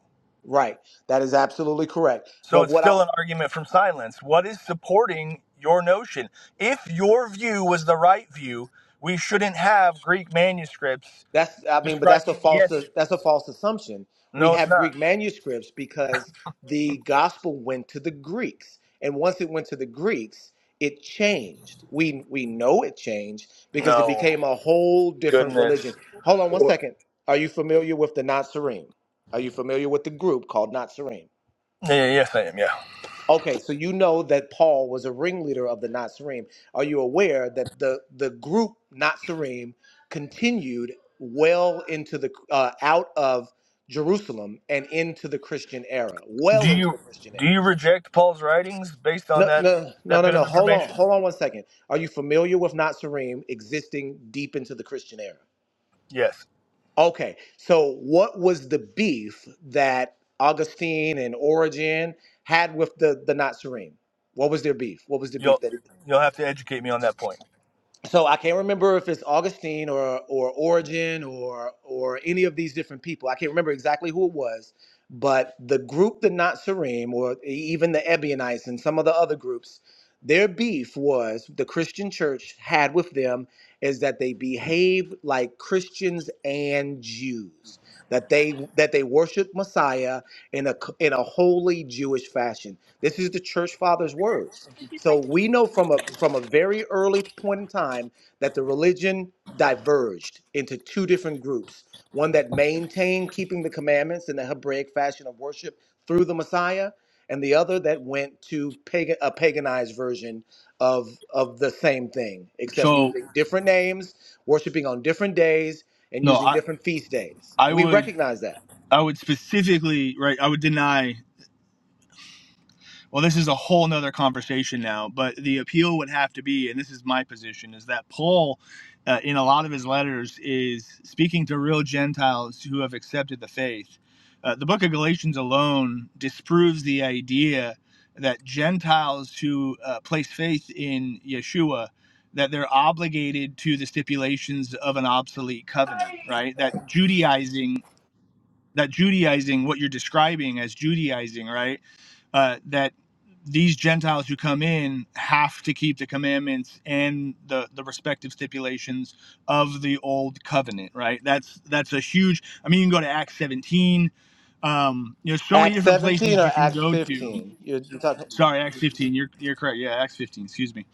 S11: Right. That is absolutely correct.
S13: So
S11: But
S13: it's
S11: what I
S13: still an argument from silence. What is supporting your notion? If your view was the right view, we shouldn't have Greek manuscripts
S11: That's I mean, but that's a
S13: describing the
S11: false that's a
S13: Yesus.
S11: false assumption. We
S13: No, it's
S11: have
S13: not.
S11: Greek manuscripts because the gospel went to the Greeks, and once it went to the Greeks, it changed. We we know it changed because it
S13: No.
S11: became a whole different religion.
S13: Goodness.
S11: Hold on one second. Are you familiar with the Nazarene? Are you familiar with the group called Nazarene?
S13: Yeah, yeah, yes, I am. Yeah.
S11: Okay, so you know that Paul was a ringleader of the Nazarene. Are you aware that the the group Nazarene continued well into the uh, out of Jerusalem and into the Christian era,
S13: Do
S11: well into
S13: you
S11: the Christian
S13: do
S11: era.
S13: you reject Paul's writings based on
S11: No,
S13: that
S11: no, no,
S13: that
S11: no,
S13: bit
S11: no.
S13: of
S11: Hold on,
S13: information?
S11: hold on one second. Are you familiar with Nazarene existing deep into the Christian era?
S13: Yes.
S11: Okay, so what was the beef that Augustine and Origen had with the the Nazarene? What was their beef? What was the beef
S13: You'll
S11: that?
S13: you'll have to educate me on that point.
S11: so I can't remember if it's Augustine or or Origin or or any of these different people. I can't remember exactly who it was, but the group the Nazarene or e, even the Ebionites and some of the other groups, their beef was the Christian church had with them is that they behaved like Christians and Jews. That they that they worship Messiah in a in a holy Jewish fashion. This is the church fathers' words so we know from a from a very early point in time that the religion diverged into two different groups. One that maintained keeping the commandments in the Hebraic fashion of worship through the Messiah, and the other that went to pagan, a paganized version of of the same thing, except
S13: So
S11: using different names, worshiping on different days, and
S13: no,
S11: using
S13: I
S11: different feast days.
S13: I
S11: We
S13: would
S11: recognize that.
S13: I would specifically right I would deny Well, this is a whole nother conversation now, but the appeal would have to be, and this is my position, is that Paul, uh, in a lot of his letters, is speaking to real Gentiles who have accepted the faith. Uh, the book of Galatians alone disproves the idea that Gentiles who uh, place faith in Yeshua that they're obligated to the stipulations of an obsolete covenant, right? That Judaizing, that Judaizing, what you're describing as Judaizing, right? uh, that these Gentiles who come in have to keep the commandments and the the respective stipulations of the old covenant, right? That's that's a huge. I mean, you can go to Acts 17. Um, you know, so many
S11: Acts
S13: different
S11: 17
S13: places
S11: or
S13: you can
S11: Acts
S13: go to.
S11: 15? you You're talking.
S13: Sorry, Acts 15. You're you're correct. Yeah, Acts 15. Excuse me.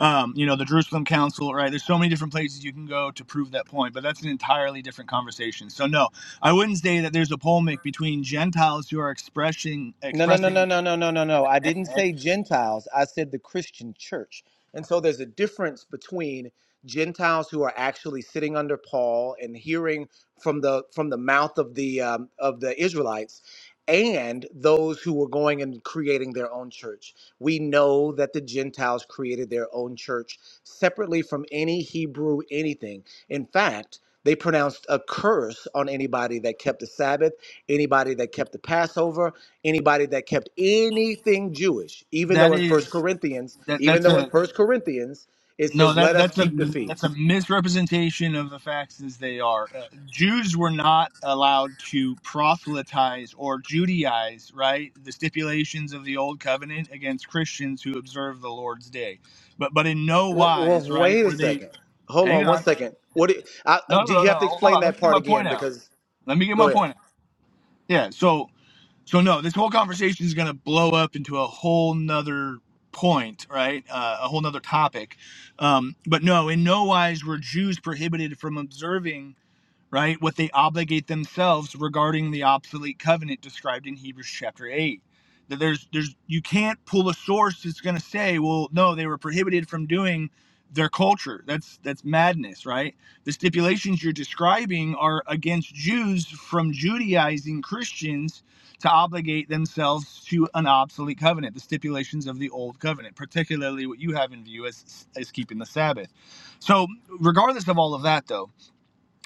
S13: Um, you know, the Jerusalem Council, right? There's so many different places you can go to prove that point, but that's an entirely different conversation. So no, I wouldn't say that there's a polemic between Gentiles who are expressing
S11: No, no, no, no,
S13: expressing.
S11: no, no, no, no, no. I didn't say Gentiles. I said the Christian church. And so there's a difference between Gentiles who are actually sitting under Paul and hearing from the from the mouth of the um, of the Israelites and those who were going and creating their own church. We know that the Gentiles created their own church separately from any Hebrew anything. In fact, they pronounced a curse on anybody that kept the Sabbath, anybody that kept the Passover, anybody that kept anything Jewish, even
S13: that
S11: though in First
S13: is
S11: Corinthians,
S13: that
S11: even
S13: that's
S11: though in
S13: a
S11: First Corinthians it
S13: no
S11: says,
S13: that
S11: "Let us
S13: that's a
S11: keep the
S13: that's a
S11: feast."
S13: misrepresentation of the facts as they are. Uh, Jews were not allowed to proselytize or Judaize, right? The stipulations of the old covenant against Christians who observe the Lord's day, but but in no
S11: Well, well
S13: wise, right?
S11: wait a
S13: Were they?
S11: second. Hold
S13: Hang
S11: on one
S13: on,
S11: second. What? do- I, I-
S13: no, no,
S11: do
S13: no,
S11: you
S13: no.
S11: have to
S13: Hold
S11: explain
S13: on, let
S11: that
S13: me get
S11: part
S13: my point
S11: again
S13: out.
S11: because
S13: Let me get my
S11: go ahead.
S13: point out. Yeah. So So no, this whole conversation is going to blow up into a whole nother point, right? Uh, a whole nother topic. Um, but no, in no wise were Jews prohibited from observing right? What they obligate themselves regarding the obsolete covenant described in Hebrews chapter 8. That there's there's you can't pull a source that's going to say, well, no, they were prohibited from doing their culture. That's that's madness, right? The stipulations you're describing are against Jews from Judaizing Christians to obligate themselves to an obsolete covenant, the stipulations of the old covenant, particularly what you have in view as as keeping the Sabbath. So, regardless of all of that though,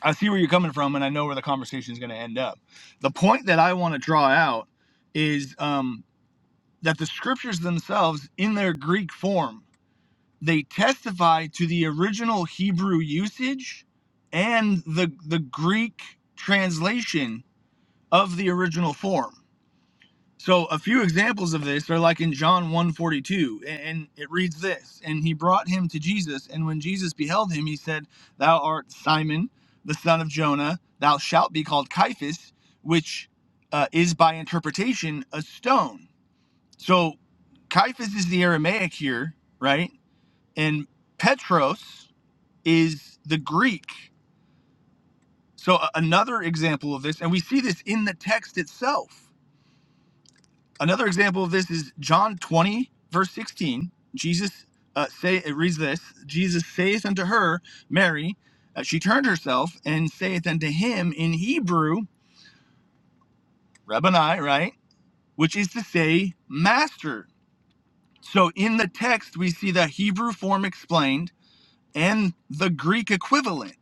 S13: I see where you're coming from, and I know where the conversation is going to end up. The point that I want to draw out is um, that the scriptures themselves, in their Greek form, they testify to the original Hebrew usage and the the Greek translation of the original form. So a few examples of this are like in John 142, and it reads this, and he brought him to Jesus, and when Jesus beheld him, he said, Thou art Simon, the son of Jonah, thou shalt be called Caiaphas, which uh, is by interpretation a stone. So Caiaphas is the Aramaic here, right? And Petros is the Greek. So a- another example of this, and we see this in the text itself Another example of this is John 20, verse 16. Jesus uh, say it reads this Jesus saith unto her, Mary, uh, she turned herself and saith unto him in Hebrew, Rabboni, right? Which is to say, Master. So in the text, we see the Hebrew form explained and the Greek equivalent.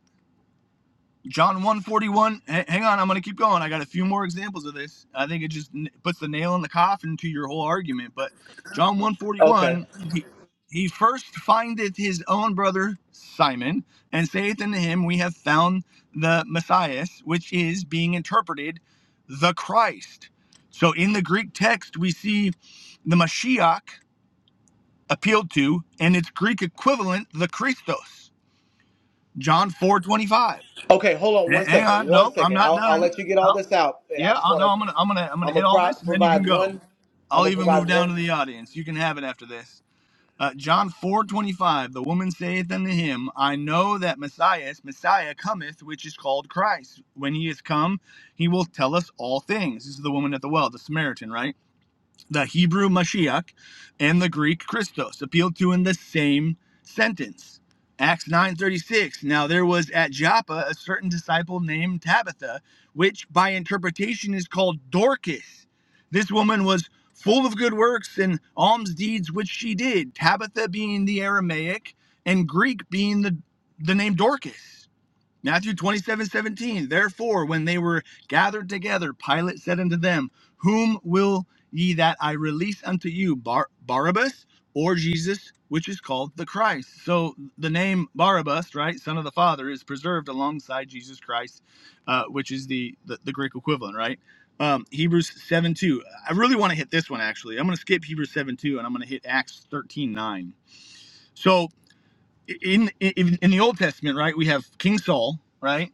S13: John 141. hang on, I'm going to keep going. I got a few more examples of this. I think it just puts the nail in the coffin to your whole argument. But John
S11: Okay.
S13: 141, he, he first findeth his own brother Simon and saith unto him, We have found the Messiah, which is being interpreted the Christ. So in the Greek text, we see the Mashiach appealed to and its Greek equivalent, the Christos. John 4:25.
S11: Okay. Hold on
S13: H-
S11: one
S13: Hang
S11: second.
S13: on,
S11: One
S13: no, I'm
S11: second.
S13: not
S11: I'll I'll
S13: done.
S11: let you get all
S13: No,
S11: this out, and I
S13: yeah,
S11: just
S13: I no,
S11: want
S13: I'm
S11: to.
S13: gonna, I'm gonna, I'm gonna
S11: I'm
S13: hit
S11: gonna
S13: all
S11: pro-
S13: this, and then you can
S11: provide
S13: go.
S11: one. I'm
S13: I'll
S11: gonna
S13: even
S11: provide
S13: move down
S11: one.
S13: to the audience. You can have it after this. Uh, John 4:25. The woman saith unto him, I know that Messiah, Messiah cometh, which is called Christ. When he is come, he will tell us all things. This is the woman at the well, the Samaritan, right? the Hebrew Mashiach and the Greek Christos appealed to in the same sentence. Acts 9:36 Now there was at Joppa a certain disciple named Tabitha which by interpretation is called Dorcas. This woman was full of good works and alms deeds which she did, Tabitha being the Aramaic and Greek being the the name Dorcas. Matthew 27 17. Therefore, when they were gathered together, Pilate said unto them, Whom will ye that I release unto you, Bar- Barabbas or Jesus, which is called the Christ? So the name Barabbas, right, son of the Father, is preserved alongside Jesus Christ, uh, which is the, the, the Greek equivalent, right? Um, Hebrews 7 2. I really want to hit this one, actually. I'm going to skip Hebrews 7 2 and I'm going to hit Acts 13 9. So in, in, in the Old Testament, right, we have King Saul, right?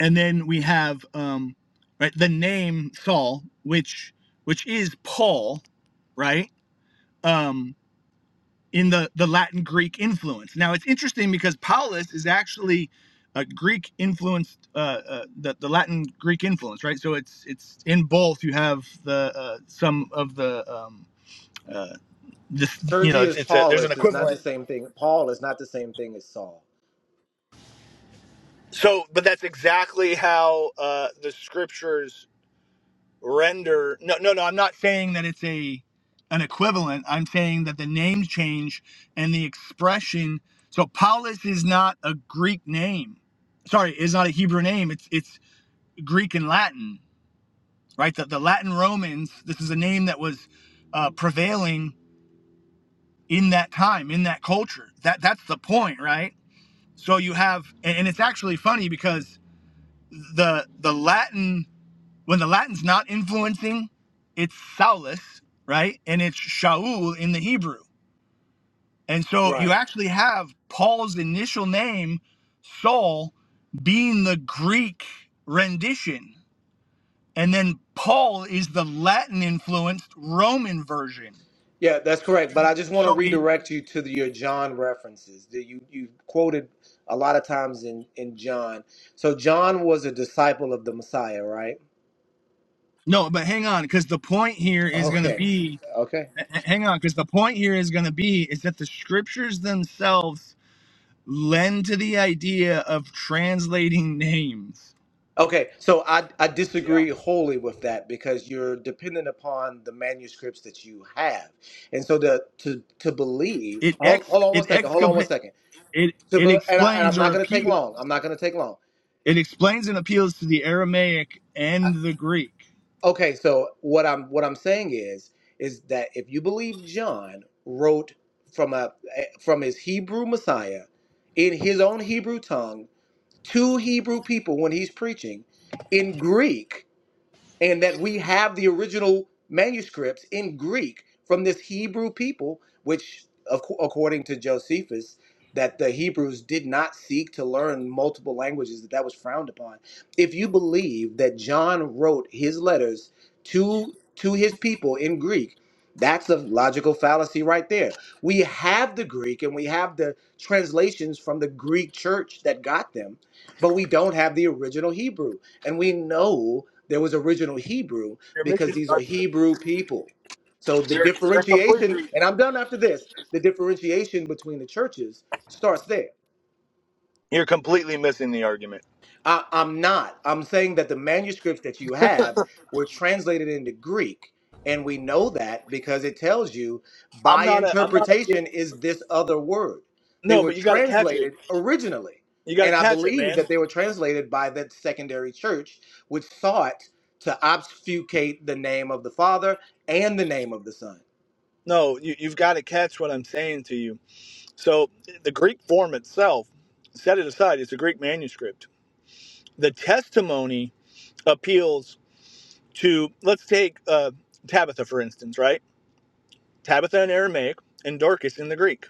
S13: and then we have um right the name Saul which which is Paul right um in the the Latin Greek influence now it's interesting because Paulus is actually a Greek influenced uh, uh the, the Latin Greek influence right so it's it's in both you have the uh, some of the um uh this you know it's,
S11: Sergius
S13: it's a, there's an
S11: Paulus is not the
S13: equivalent
S11: same thing. Paul is not the same thing as Saul.
S13: so but that's exactly how uh the scriptures render no no no i'm not saying that it's a an equivalent i'm saying that the names change and the expression so paulus is not a greek name sorry is not a hebrew name it's it's greek and latin right the, the latin romans this is a name that was uh, prevailing in that time in that culture that that's the point right so you have and, and it's actually funny because the the latin when the Latin's not influencing, it's Saulus, right? And it's Shaul in the Hebrew. And so you
S11: Right.
S13: actually have Paul's initial name, Saul, being the Greek rendition. And then Paul is the Latin influenced Roman version.
S11: Yeah, that's correct. But I just want to
S13: So it,
S11: redirect you to the, your John references that you you quoted a lot of times in in John. So John was a disciple of the Messiah, right?
S13: no, but hang on, because the point here is going to
S11: Okay,
S13: be,
S11: okay,
S13: h- h- hang on, because the point here is going to be is that the scriptures themselves lend to the idea of translating names
S11: okay. So I I
S7: Yeah,
S11: disagree wholly with that because you're dependent upon the manuscripts that you have, and so the to to believe.
S13: It
S11: Hold,
S13: ex
S11: hold on one
S13: it
S11: second. Hold on one
S13: exca-
S11: second.
S13: it
S11: To
S13: it
S11: be, and I, and I'm
S13: explains or
S11: not going to take
S13: appeals.
S11: long. I'm not going to take long.
S13: It explains and appeals to the Aramaic and the Greek.
S11: Okay, so what I'm what I'm saying is is that if you believe John wrote from a eh, from his Hebrew Messiah in his own Hebrew tongue to Hebrew people when he's preaching in Greek, and that we have the original manuscripts in Greek from this Hebrew people, which, of according to Josephus, that the Hebrews did not seek to learn multiple languages, that that was frowned upon. If you believe that John wrote his letters to to his people in Greek, that's a logical fallacy right there. We have the Greek and we have the translations from the Greek church that got them, but we don't have the original Hebrew. And we know there was original Hebrew
S13: You're
S11: because
S13: missing the
S11: these are
S13: argument.
S11: Hebrew people. So the
S13: You're, you're
S11: differentiation,
S13: completely
S11: and I'm done after this, the differentiation between the churches starts there.
S13: you're completely missing the argument.
S11: I, I'm not. I'm saying that the manuscripts that you have were translated into Greek. And we know that because it tells you
S13: I'm
S11: by
S13: not a I'm not
S11: interpretation
S13: appealing.
S11: is this other word. They
S13: No,
S11: were
S13: but you got to catch it.
S11: translated originally.
S13: You got to
S11: And I
S13: catch it,
S11: believe
S13: man.
S11: that they were translated by that secondary church, which sought to obfuscate the name of the Father and the name of the Son.
S13: No, you you've got to catch what I'm saying to you. So the Greek form itself, set it aside. It's a Greek manuscript. The testimony appeals to let's take uh, Tabitha for instance, right? Tabitha in Aramaic, and Dorcas in the Greek.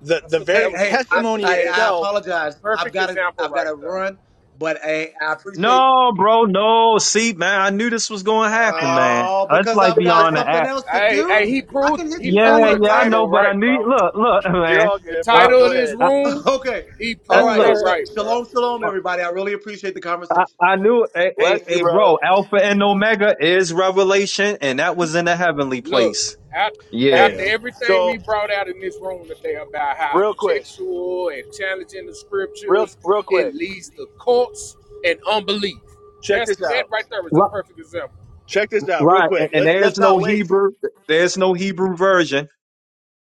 S13: The
S7: that's
S13: the
S7: the,
S11: Hey,
S7: that
S13: very
S7: was a,
S11: hey, I,
S7: that's the
S13: testimony
S11: I, I
S7: best,
S13: itself.
S11: apologize. I've
S7: perfect
S11: got to,
S7: example
S11: I've got
S7: right
S11: to
S7: there.
S11: run, but I, I appreciate
S12: no, bro, no. See, man, I knew this was going to happen, man.
S11: Oh,
S12: It's
S13: You
S11: because
S13: can
S12: like
S11: I've
S13: go,
S11: got
S12: beyond the
S13: man.
S11: something
S12: app.
S11: else to
S7: Hey, hey,
S11: do?
S7: he
S11: I
S7: proved
S11: can hit
S7: he
S11: you guys
S7: proved
S12: Yeah,
S7: the
S11: up
S12: yeah, I
S11: later.
S12: know,
S7: title
S12: but I
S7: right,
S12: knew.
S7: bro.
S12: Look, look,
S13: You're
S12: man.
S13: all
S7: The
S13: good,
S12: I,
S13: bro.
S7: title
S13: Go
S7: of this
S13: ahead.
S12: I,
S7: room,
S11: Okay.
S7: he
S12: uh,
S11: All
S7: proved
S11: right.
S7: it
S12: look.
S7: right,
S11: Sh-
S7: bro.
S11: shalom, shalom, everybody. I really appreciate the
S12: I,
S11: conversation.
S12: I knew a,
S13: Bless
S12: a,
S13: you,
S12: a
S13: bro.
S12: bro, Alpha and Omega is revelation, and that was in the heavenly
S7: Look,
S12: place.
S7: out,
S13: Hey,
S7: after
S12: Yeah.
S7: everything
S13: so
S7: we brought out in this room today about how
S13: real quick,
S7: textual and challenging the
S13: real
S7: scriptures,
S13: real
S7: it
S13: quick.
S7: leads to cults and unbelief.
S13: Check
S7: That's
S13: this
S7: that
S13: out.
S7: right there is a perfect example.
S13: Check this out, real
S12: Right, and,
S13: quick.
S12: and
S13: Let's
S12: there's
S13: let's
S12: no
S13: not waste.
S12: Hebrew, there's no Hebrew version,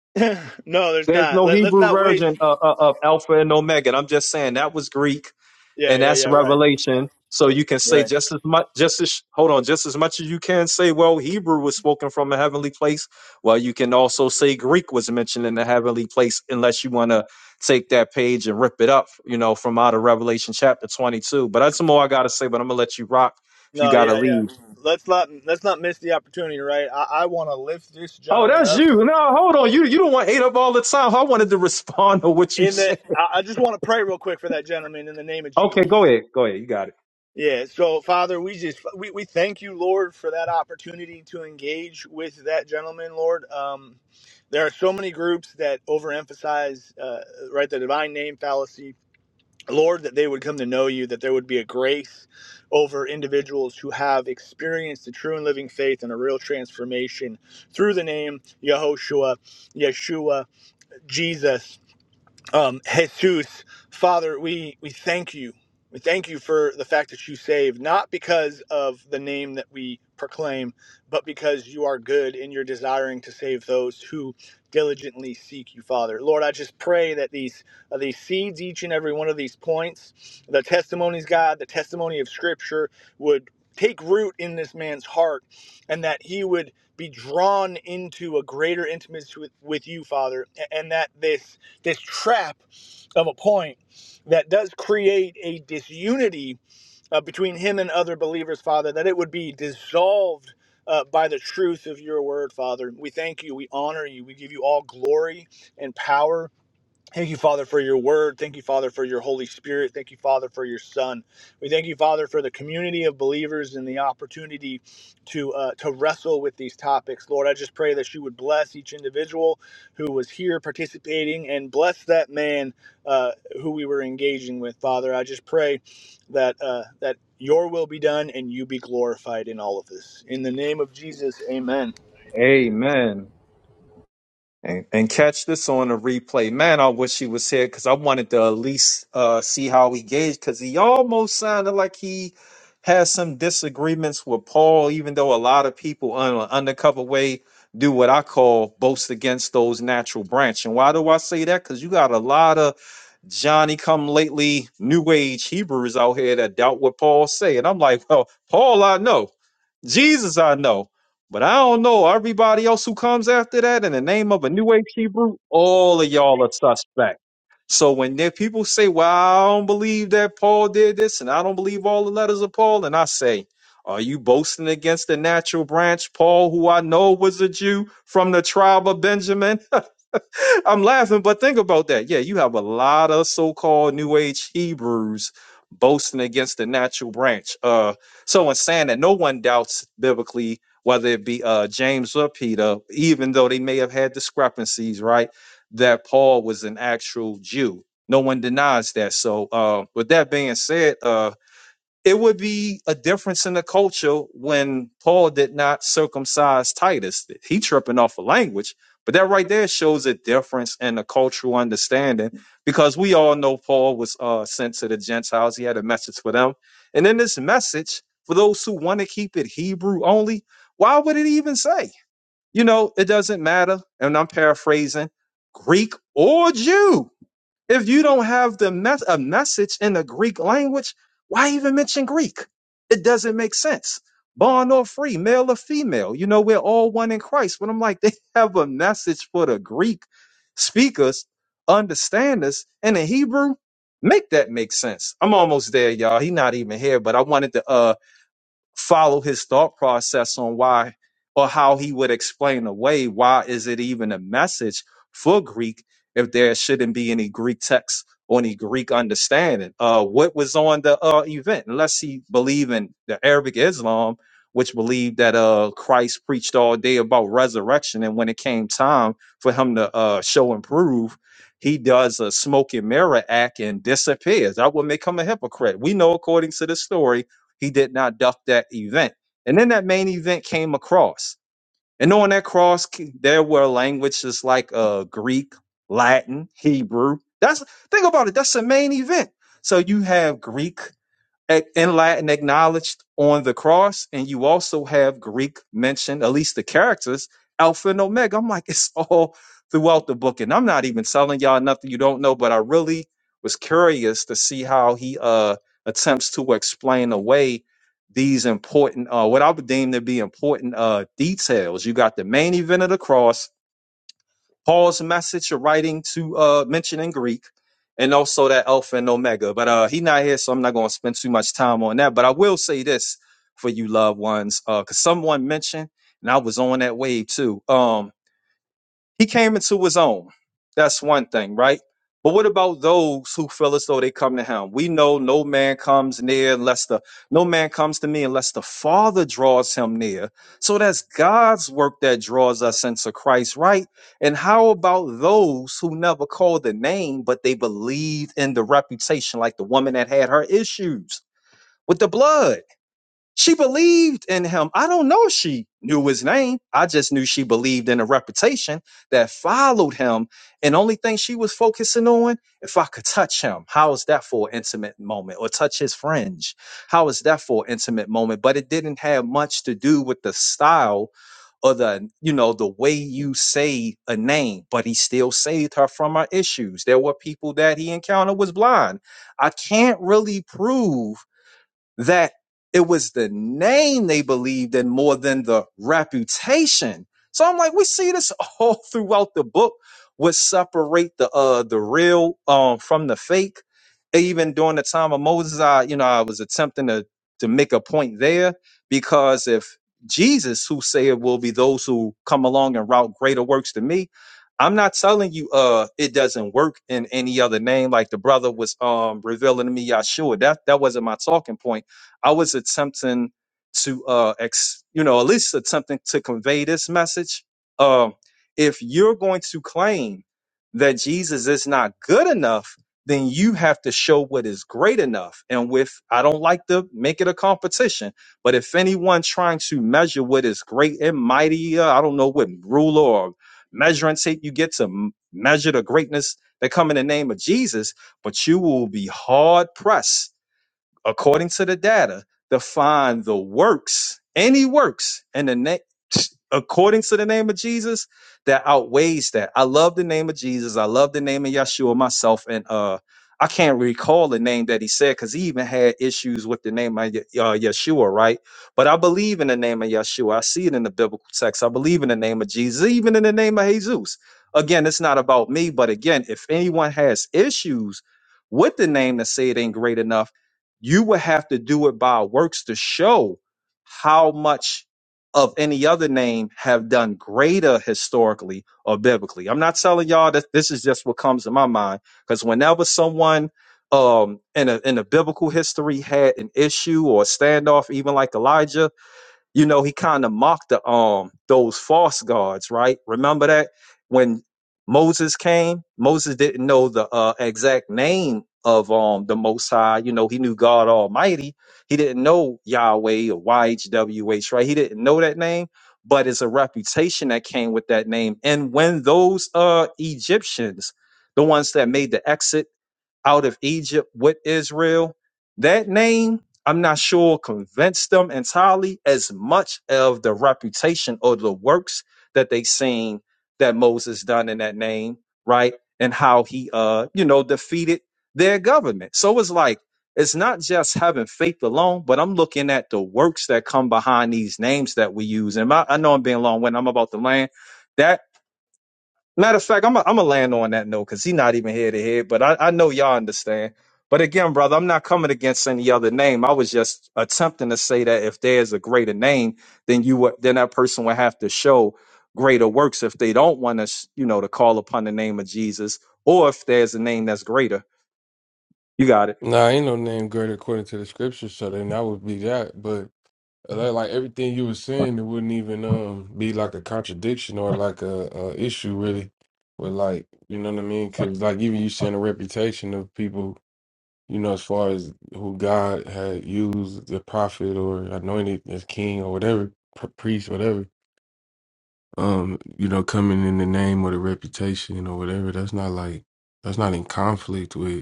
S13: no, there's
S12: there's
S13: not.
S12: no
S13: Let, let's
S12: Hebrew
S13: not waste.
S12: version of, of, of Alpha and Omega. And I'm just saying that was Greek,
S13: Yeah,
S12: and
S13: yeah,
S12: that's
S13: yeah. Right,
S12: Revelation. So you can say
S13: right.
S12: just as much, just as hold on, just as much as you can say, well, Hebrew was spoken from a heavenly place. Well, you can also say Greek was mentioned in the heavenly place, unless you want to take that page and rip it up, you know, from out of Revelation chapter 22. But that's more I gotta say. But I'm gonna let you rock if you
S13: No,
S12: gotta
S13: yeah,
S12: leave.
S13: yeah. Let's not let's not miss the opportunity. Right. I, I want to lift this
S12: Oh,
S13: gentleman
S12: that's
S13: up.
S12: you. No, hold on. You you don't want hate up all the time. I wanted to respond to what you
S13: In the,
S12: said.
S13: I, I just want to pray real quick for that gentleman in the name of
S12: Okay,
S13: Jesus.
S12: go ahead. Go ahead. You got it.
S13: Yeah. So, Father, we just we, we thank you, Lord, for that opportunity to engage with that gentleman, Lord. Um, there are so many groups that overemphasize, uh, right, the divine name fallacy, Lord, that they would come to know you, that there would be a grace over individuals who have experienced the true and living faith and a real transformation through the name Yehoshua, Yeshua, Jesus. Um, Jesus, Father, we, we thank you. We thank you for the fact that you save, not because of the name that we proclaim, but because you are good and you're desiring to save those who diligently seek you, Father. Lord, I just pray that these uh, these seeds, each and every one of these points, the testimonies, God, the testimony of Scripture, would take root in this man's heart, and that he would be drawn into a greater intimacy with, with you, Father, a- and that this this trap of a point that does create a disunity uh, between him and other believers, Father, that it would be dissolved uh, by the truth of your word, Father. We thank you. We honor you. We give you all glory and power Thank you, Father, for your word. Thank you, Father, for your Holy Spirit. Thank you, Father, for your Son. We thank you, Father, for the community of believers and the opportunity to uh, to wrestle with these topics. Lord, I just pray that you would bless each individual who was here participating and bless that man uh, who we were engaging with, Father. I just pray that uh, that your will be done and you be glorified in all of this. In the name of Jesus, Amen.
S12: Amen. And, and catch this on a replay. Man, I wish he was here because I wanted to at least uh, see how he gauged because he almost sounded like he has some disagreements with Paul, even though a lot of people on an undercover way do what I call boast against those natural branch. And why do I say that? Because you got a lot of Johnny come lately new age Hebrews out here that doubt what Paul say. And I'm like, well, Paul I know, Jesus I know, but I don't know everybody else who comes after that in the name of a new age Hebrew, all of y'all are suspect. So when there people say, Well, I don't believe that Paul did this, and I don't believe all the letters of Paul, and I say, Are you boasting against the natural branch, Paul, who I know was a Jew from the tribe of Benjamin? I'm laughing, but think about that. Yeah, you have a lot of so-called New Age Hebrews boasting against the natural branch. Uh, so in saying that no one doubts biblically, whether it be uh, James or Peter, even though they may have had discrepancies, right? That Paul was an actual Jew. No one denies that. So uh, with that being said, uh, it would be a difference in the culture when Paul did not circumcise Titus. He tripping off a language, but that right there shows a difference in the cultural understanding because we all know Paul was uh, sent to the Gentiles. He had a message for them, and in this message, for those who want to keep it Hebrew only, why would it even say? You know, it doesn't matter. And I'm paraphrasing Greek or Jew if you don't have the mes- a message in the Greek language, why even mention Greek? It doesn't make sense. Born or free, male or female, you know, we're all one in Christ. But I'm like, they have a message for the Greek speakers, understanders, and the Hebrew. Make that make sense. I'm almost there, y'all. He not even here, but I wanted to uh follow his thought process on why or how he would explain away why is it even a message for Greek if there shouldn't be any Greek text or any Greek understanding. Uh, what was on the uh, event? Unless he believe in the Arabic Islam, which believed that uh, Christ preached all day about resurrection, and when it came time for him to uh, show and prove, he does a smoke and mirror act and disappears. That would make him a hypocrite. We know, according to the story, he did not duck that event. And then that main event came across. And on that cross, there were languages like uh, Greek, Latin, Hebrew. That's think about it. That's the main event. So you have Greek, ac- in Latin acknowledged on the cross, and you also have Greek mentioned, at least the characters, Alpha and Omega. I'm like, it's all throughout the book, and I'm not even telling y'all nothing you don't know, but I really was curious to see how he uh attempts to explain away these important uh what I would deem to be important uh details. You got the main event of the cross, Paul's message of writing to uh mention in Greek and also that Alpha and Omega. But uh he not here, so I'm not gonna spend too much time on that. But I will say this for you loved ones, uh, cause someone mentioned, and I was on that wave too. Um he came into his own. That's one thing, right? But what about those who feel as though they come to him? We know no man comes near unless the no man comes to me unless the Father draws him near. So that's God's work that draws us into Christ, right? And how about those who never called the name, but they believed in the reputation, like the woman that had her issues with the blood? She believed in him. I don't know if she knew his name. I just knew she believed in a reputation that followed him. And only thing she was focusing on, if I could touch him, how is that for an intimate moment? Or touch his fringe, how is that for an intimate moment? But it didn't have much to do with the style or the you know the way you say a name but he still saved her from her issues there were people that he encountered was blind i can't really prove that it was the name they believed in more than the reputation. So I'm like, we see this all throughout the book. What separate the uh the real um from the fake? Even during the time of Moses, I you know I was attempting to to make a point there because if Jesus, who said will be those who come along and route greater works than me, I'm not telling you uh it doesn't work in any other name. Like the brother was um revealing to me, Yahshua. That that wasn't my talking point I was attempting to uh ex, you know at least attempting to convey this message. Um, if you're going to claim that Jesus is not good enough, then you have to show what is great enough. And with I don't like to make it a competition, but if anyone trying to measure what is great and mighty, uh, I don't know what ruler or measuring tape you get to m- measure the greatness that come in the name of Jesus, but you will be hard pressed according to the data, define the works, any works, and the name, according to the name of Jesus, that outweighs that. I love the name of Jesus. I love the name of Yeshua myself, and uh, I can't recall the name that he said because he even had issues with the name of Ye- uh, Yeshua, right? But I believe in the name of Yeshua. I see it in the biblical text. I believe in the name of Jesus, even in the name of Jesus. Again, it's not about me, but again, if anyone has issues with the name to say it ain't great enough you would have to do it by works to show how much of any other name have done greater historically or biblically. I'm not telling y'all that this is just what comes to my mind because whenever someone um in a in a biblical history had an issue or a standoff, even like Elijah, you know, he kind of mocked the um those false gods, right? Remember that when Moses came, Moses didn't know the uh, exact name of um the Most High. You know, he knew God Almighty. He didn't know Yahweh or YHWH, right? He didn't know that name, but it's a reputation that came with that name. And when those uh Egyptians, the ones that made the exit out of Egypt with Israel. That name, I'm not sure, convinced them entirely as much of the reputation or the works that they seen that Moses done in that name, right? And how he, uh, you know, defeated their government. So it's like, it's not just having faith alone, but I'm looking at the works that come behind these names that we use. And I, I know I'm being long winded. I'm about to land. That Matter of fact, I'm i am i gonna land on that note because he's not even here to hear. But I, I know y'all understand. But again, brother, I'm not coming against any other name. I was just attempting to say that if there's a greater name, then you would, then that person would have to show greater works if they don't want us, you know, to call upon the name of Jesus, or if there's a name that's greater. You got it.
S14: Nah, ain't no name greater according to the scripture, so then that would be that. But uh, like like everything you were saying, it wouldn't even um be like a contradiction or like a, a issue really with like you know what I mean? Because like even you saying a reputation of people, you know, as far as who God had used the prophet or anointed as king or whatever, pr- priest, whatever. Um, you know, coming in the name or the reputation or whatever, that's not like that's not in conflict with.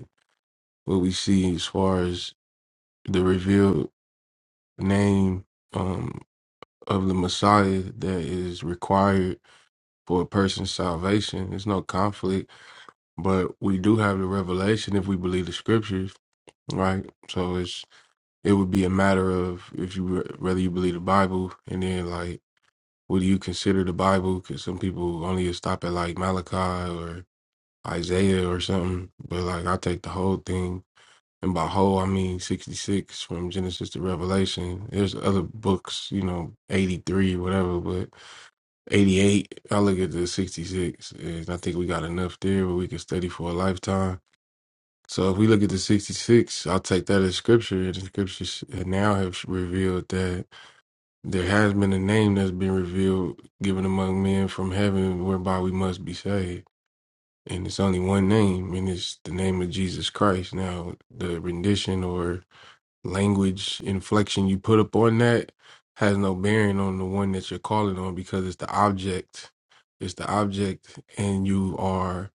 S14: what we see as far as the revealed name um, of the Messiah that is required for a person's salvation. There's no conflict, but we do have the revelation if we believe the scriptures, right? So it's it would be a matter of if you re- whether you believe the Bible and then like what do you consider the Bible? Because some people only stop at like Malachi or Isaiah or something, but like I take the whole thing And by whole, I mean 66 from Genesis to Revelation. There's other books, you know, 83, whatever, but 88, I look at the 66, and I think we got enough there where we can study for a lifetime. So if we look at the 66, I'll take that as scripture, and the scriptures now have revealed that there has been a name that's been revealed, given among men from heaven, whereby we must be saved and it's only one name, and it's the name of Jesus Christ. Now, the rendition or language inflection you put up on that has no bearing on the one that you're calling on because it's the object it's the object and you are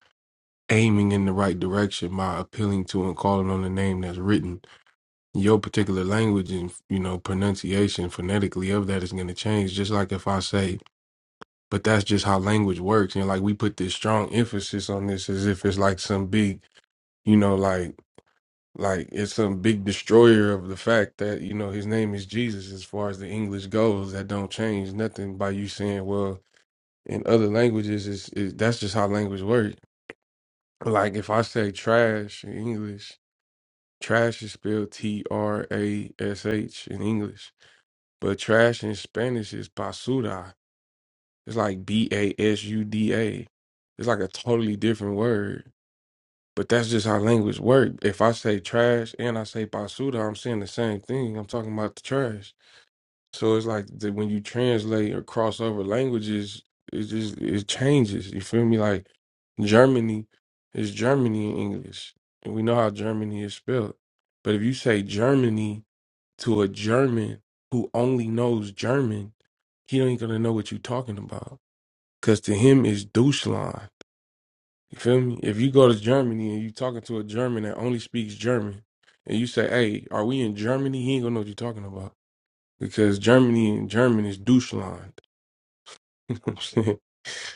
S14: aiming in the right direction by appealing to and calling on the name that's written your particular language and you know pronunciation phonetically of that is going to change just like if i say but that's just how language works and like we put this strong emphasis on this as if it's like some big you know like like it's some big destroyer of the fact that you know his name is Jesus. As far as the English goes, that don't change nothing by you saying, "Well, in other languages, is it, that's just how language works." Like if I say trash in English, trash is spelled T R A S H in English, but trash in Spanish is basura. It's like B A S U D A. It's like a totally different word. But that's just how language work. If I say trash and I say basura, I'm saying the same thing. I'm talking about the trash. So it's like that when you translate or cross over languages, it just it changes. You feel me? Like Germany is Germany in English, and we know how Germany is spelled. But if you say Germany to a German who only knows German, he ain't gonna know what you're talking about. Cause to him it's Deutschland. You feel me? If you go to Germany and you talking to a German that only speaks German, and you say, "Hey, are we in Germany?" He ain't gonna know what you're talking about because Germany in German is Deutschland. You know what I'm saying?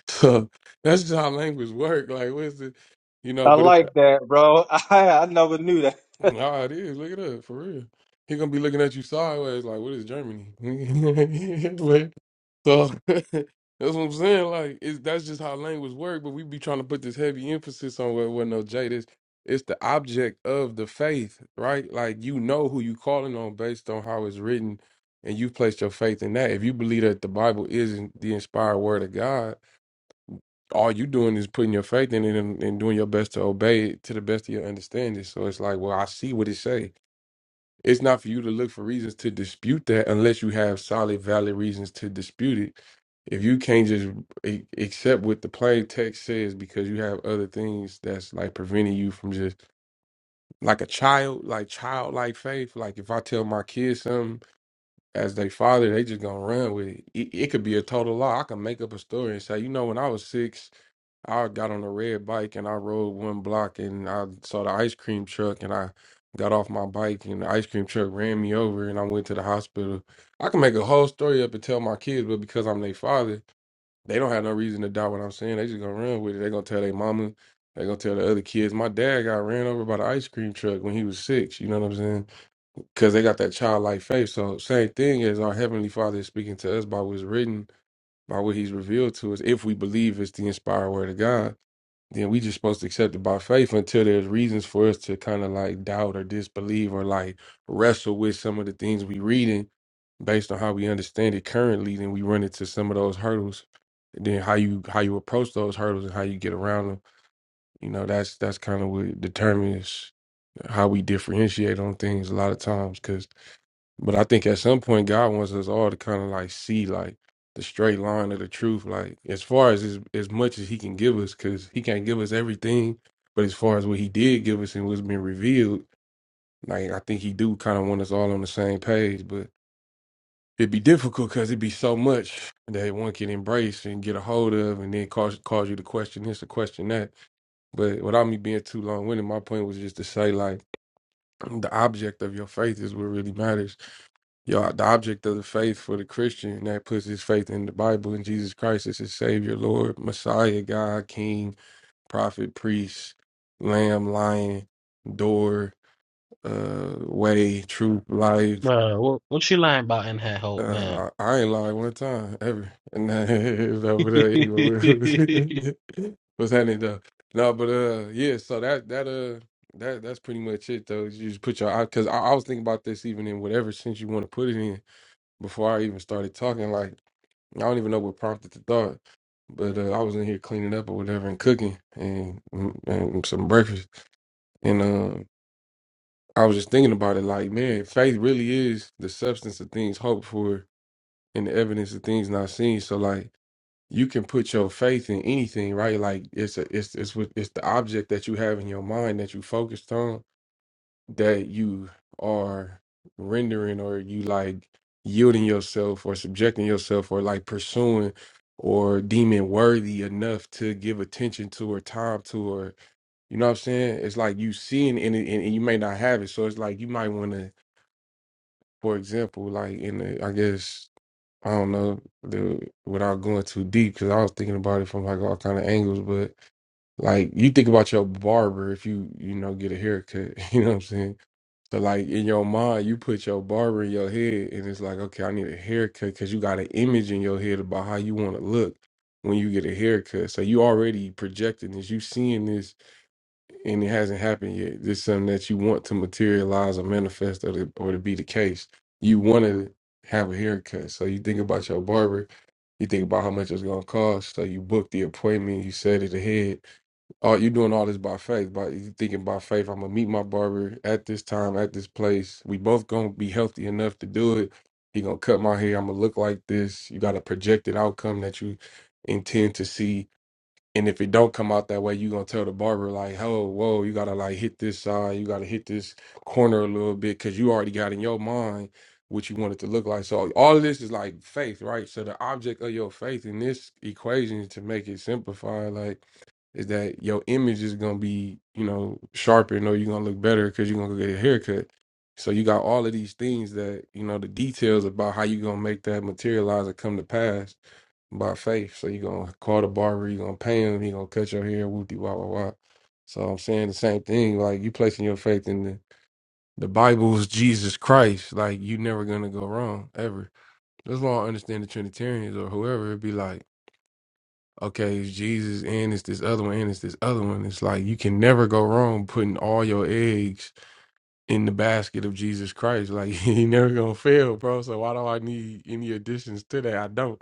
S14: So that's just how language work. Like, what's it? You know,
S12: I
S14: but if the
S12: like that, bro. I I never knew that.
S14: Nah, it is. Look it up for real. He gonna be looking at you sideways, like, "What is Germany?" Like, so that's what I'm saying. Like, it's, that's just how language work. But we be trying to put this heavy emphasis on where, where no jade is. It's the object of the faith, right? Like you know who you calling on based on how it's written, and you placed your faith in that. If you believe that the Bible is not the inspired word of God, all you doing is putting your faith in it and, and doing your best to obey it to the best of your understanding. So it's like, well, I see what it say it's not for you to look for reasons to dispute that unless you have solid, valid reasons to dispute it. If you can't just a- accept what the plain text says because you have other things that's like preventing you from just like a child, like childlike faith. Like if I tell my kids something as they father, they just gonna run with it. It, it could be a total lie. I can make up a story and say, you know, when I was six, I got on a red bike and I rode one block and I saw the ice cream truck and I got off my bike and the ice cream truck ran me over and I went to the hospital. I can make a whole story up and tell my kids, but because I'm their father, they don't have no reason to doubt what I'm saying. They just gonna run with it. They gonna tell their mama. They gonna tell the other kids. My dad got ran over by the ice cream truck when he was six. You know what I'm saying? Because they got that childlike faith. So same thing as our heavenly Father is speaking to us by what's written, by what He's revealed to us, if we believe it's the inspired word of God then we just supposed to accept it by faith until there's reasons for us to kind of like doubt or disbelieve or like wrestle with some of the things we reading based on how we understand it currently then we run into some of those hurdles then how you how you approach those hurdles and how you get around them you know that's that's kind of what determines how we differentiate on things a lot of times but I think at some point God wants us all to kind of like see like the straight line of the truth, like as far as as, as much as He can give us, because He can't give us everything. But as far as what He did give us and what's been revealed, like I think He do kind of want us all on the same page. But it'd be difficult because it'd be so much that one can embrace and get a hold of, and then cause cause you to question this or question that. But without me being too long winded, my point was just to say like the object of your faith is what really matters yeah, the object of the faith for the Christian that puts his faith in the Bible and Jesus Christ as his Savior, Lord, Messiah, God, King, Prophet, Priest, Lamb, Lion, Door, uh, Way, Truth, Life.
S15: Bruh, what, what you lying about in that hope, man?
S14: Uh, I, I ain't lied one time ever, and that is over there. Anyway, what's happening though? No, but uh, yeah. So that that uh that that's pretty much it though. You just put your because I, I was thinking about this even in whatever sense you want to put it in before I even started talking. Like I don't even know what prompted the thought, but uh, I was in here cleaning up or whatever and cooking and mm, and some breakfast, and um, I was just thinking about it. Like man, faith really is the substance of things hoped for and the evidence of things not seen. So like you can put your faith in anything, right? Like it's a, it's it's what it's the object that you have in your mind that you focused on that you are rendering or you like yielding yourself or subjecting yourself or like pursuing or deeming worthy enough to give attention to or time to or you know what I'm saying? It's like you seeing in it and, and, and you may not have it. So it's like you might want to, for example, like in the I guess I don't know the without going too deep because I was thinking about it from like all kind of angles, but like you think about your barber if you you know get a haircut, you know what I'm saying? So like in your mind, you put your barber in your head, and it's like, okay, I need a haircut because you got an image in your head about how you want to look when you get a haircut. So you already projecting this, you seeing this, and it hasn't happened yet. This is something that you want to materialize or manifest or to, or to be the case. You want to have a haircut, so you think about your barber, you think about how much it's gonna cost, so you book the appointment, you set it ahead, Oh, you doing all this by faith. By you thinking by faith, I'm gonna meet my barber at this time, at this place. We both gonna be healthy enough to do it. He gonna cut my hair. I'm gonna look like this. You got a projected outcome that you intend to see and if it don't come out that way, you gonna tell the barber like, "Oh, whoa, you gotta like hit this side, you gotta hit this corner a little bit," because you already got in your mind what you want it to look like. So all of this is like faith, right? So the object of your faith in this equation, to make it simplified, like, is that your image is gonna be, you know, sharpened, or you're gonna look better because you're gonna go get a haircut. So you got all of these things that you know the details about how you gonna make that materialize or come to pass by faith. So you're gonna call the barber, you're gonna pay him, he gonna cut your hair, whoop de wah wah wah. So I'm saying the same thing, like you placing your faith in the, the Bible's Jesus Christ, like you never gonna go wrong ever. As long as I understand the Trinitarians or whoever, it'd be like, okay, it's Jesus and it's this other one and it's this other one. It's like you can never go wrong putting all your eggs in the basket of Jesus Christ. Like he never gonna fail, bro. So why do I need any additions to that? I don't.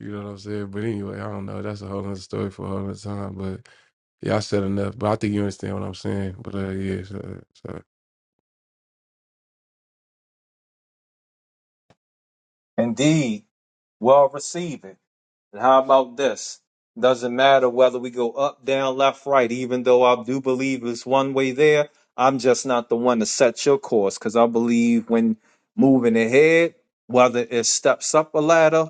S14: You know what I'm saying? But anyway, I don't know. That's a whole other story for a whole other time. But yeah, I said enough. But I think you understand what I'm saying. But uh, yeah, so, so.
S12: Indeed, well received. And how about this? Doesn't matter whether we go up, down, left, right, even though I do believe it's one way there. I'm just not the one to set your course because I believe when moving ahead, whether it's steps up a ladder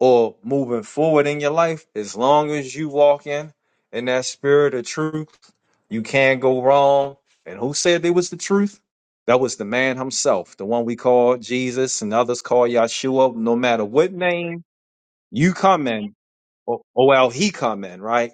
S12: or moving forward in your life, as long as you walk in in that spirit of truth, you can't go wrong. And who said there was the truth? That was the man himself, the one we call Jesus and others call Yahshua. No matter what name you come in, or, or well he come in right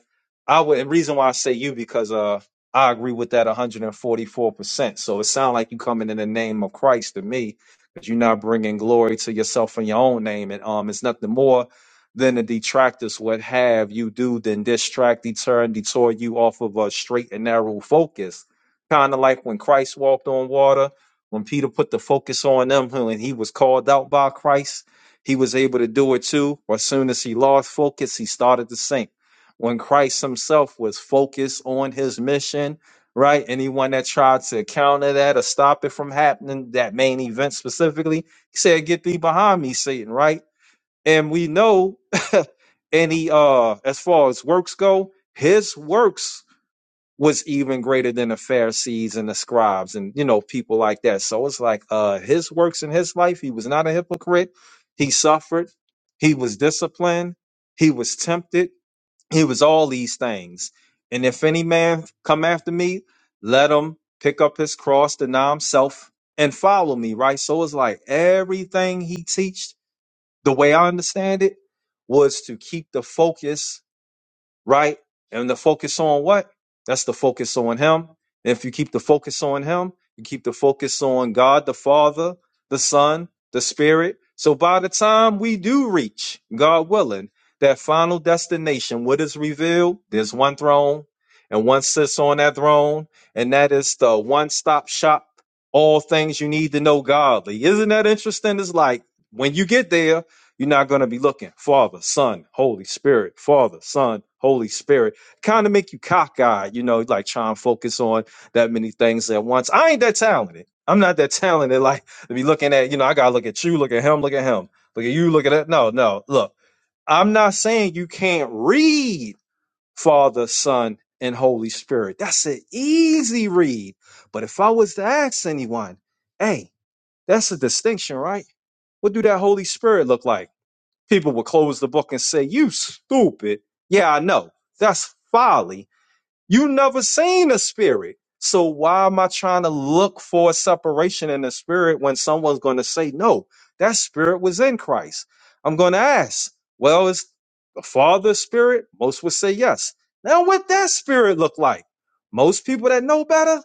S12: i would and reason why i say you because uh i agree with that 144% so it sounds like you coming in the name of christ to me because you're not bringing glory to yourself in your own name and um it's nothing more than the detractors would have you do than distract deter and detour you off of a straight and narrow focus kind of like when christ walked on water when peter put the focus on them and he was called out by christ he was able to do it too. As soon as he lost focus, he started to sink. When Christ himself was focused on his mission, right? Anyone that tried to counter that or stop it from happening, that main event specifically, he said, Get thee behind me, Satan, right? And we know any uh as far as works go, his works was even greater than the Pharisees and the scribes and you know people like that. So it's like uh his works in his life, he was not a hypocrite. He suffered, he was disciplined, he was tempted, he was all these things. And if any man come after me, let him pick up his cross, deny himself, and follow me, right? So it's like everything he teached, the way I understand it, was to keep the focus right? And the focus on what? That's the focus on Him. And if you keep the focus on Him, you keep the focus on God, the Father, the Son, the Spirit. So by the time we do reach, God willing, that final destination, what is revealed? There's one throne, and one sits on that throne, and that is the one stop shop, all things you need to know godly. Isn't that interesting? It's like when you get there, you're not going to be looking Father, Son, Holy Spirit, Father, Son, Holy Spirit. Kind of make you cockeyed, you know, like trying to focus on that many things at once. I ain't that talented. I'm not that talented. Like to be looking at, you know, I got to look at you, look at him, look at him, look at you, look at that. No, no. Look, I'm not saying you can't read Father, Son, and Holy Spirit. That's an easy read. But if I was to ask anyone, hey, that's a distinction, right? What do that Holy Spirit look like? People would close the book and say, You stupid. Yeah, I know. That's folly. You never seen a spirit. So why am I trying to look for a separation in the spirit when someone's going to say, no, that spirit was in Christ? I'm going to ask, well, is the Father spirit? Most would say yes. Now, what that spirit look like? Most people that know better,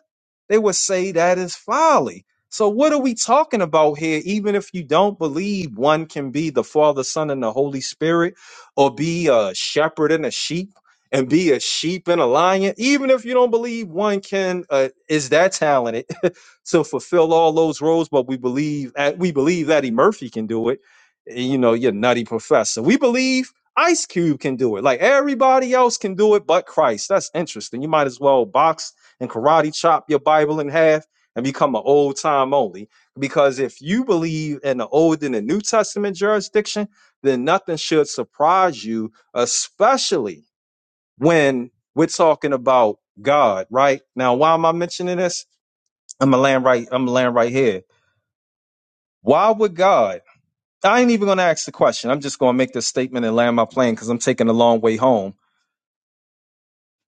S12: they would say that is folly. So what are we talking about here? Even if you don't believe one can be the Father, Son, and the Holy Spirit, or be a shepherd and a sheep, and be a sheep and a lion, even if you don't believe one can uh, is that talented to fulfill all those roles. But we believe at we believe Eddie Murphy can do it. You know, your nutty professor. We believe Ice Cube can do it. Like everybody else can do it, but Christ. That's interesting. You might as well box and karate chop your Bible in half and become an old time only. Because if you believe in the Old and the New Testament jurisdiction, then nothing should surprise you, especially when we're talking about God, right? Now, why am I mentioning this? I'm gonna land right, I'm gonna land right here. Why would God? I ain't even gonna ask the question. I'm just gonna make this statement and land my plane because I'm taking a long way home.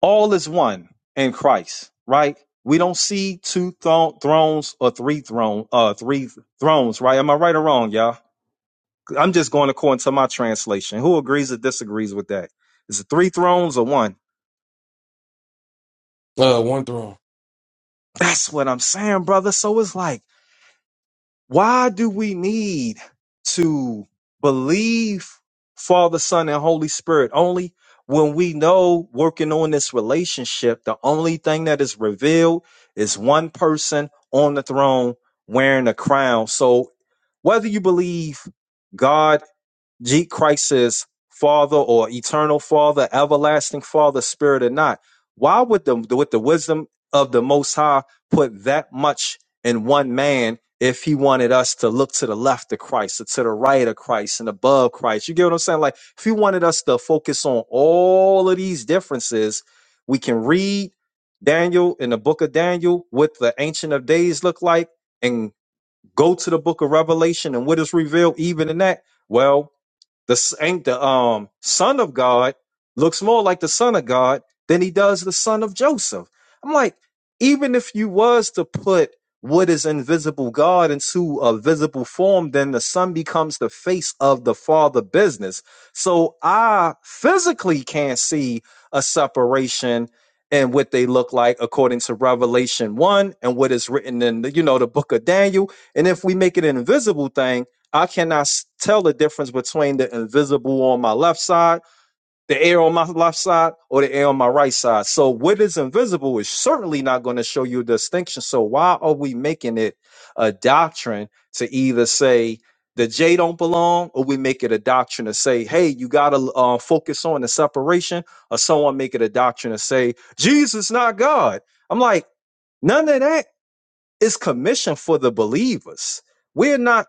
S12: All is one in Christ, right? We don't see two thro- thrones or three throne, uh, three thrones, right? Am I right or wrong, y'all? I'm just going according to my translation. Who agrees or disagrees with that? Is it three thrones or one?
S14: Uh, one throne.
S12: That's what I'm saying, brother. So it's like Why do we need to believe Father, Son, and Holy Spirit only when we know working on this relationship, the only thing that is revealed is one person on the throne wearing a crown? So whether you believe God, G Christ is Father or Eternal Father, Everlasting Father, Spirit or not. Why would the with the wisdom of the Most High put that much in one man if he wanted us to look to the left of Christ or to the right of Christ and above Christ? You get what I'm saying? Like if he wanted us to focus on all of these differences, we can read Daniel in the book of Daniel, what the Ancient of Days look like, and go to the book of Revelation and what is revealed even in that. Well, the s- ain't the um son of God looks more like the son of God than he does the son of Joseph. I'm like, even if you was to put what is invisible God into a visible form, then the son becomes the face of the father business. So I physically can't see a separation in what they look like according to Revelation one and what is written in the, you know the book of Daniel. And if we make it an invisible thing I cannot s- tell the difference between the invisible on my left side, the air on my left side, or the air on my right side. So what is invisible is certainly not going to show you a distinction. So why are we making it a doctrine to either say the J don't belong, or we make it a doctrine to say, hey, you got to uh, focus on the separation, or someone make it a doctrine to say Jesus not God. I'm like, none of that is commission for the believers. We're not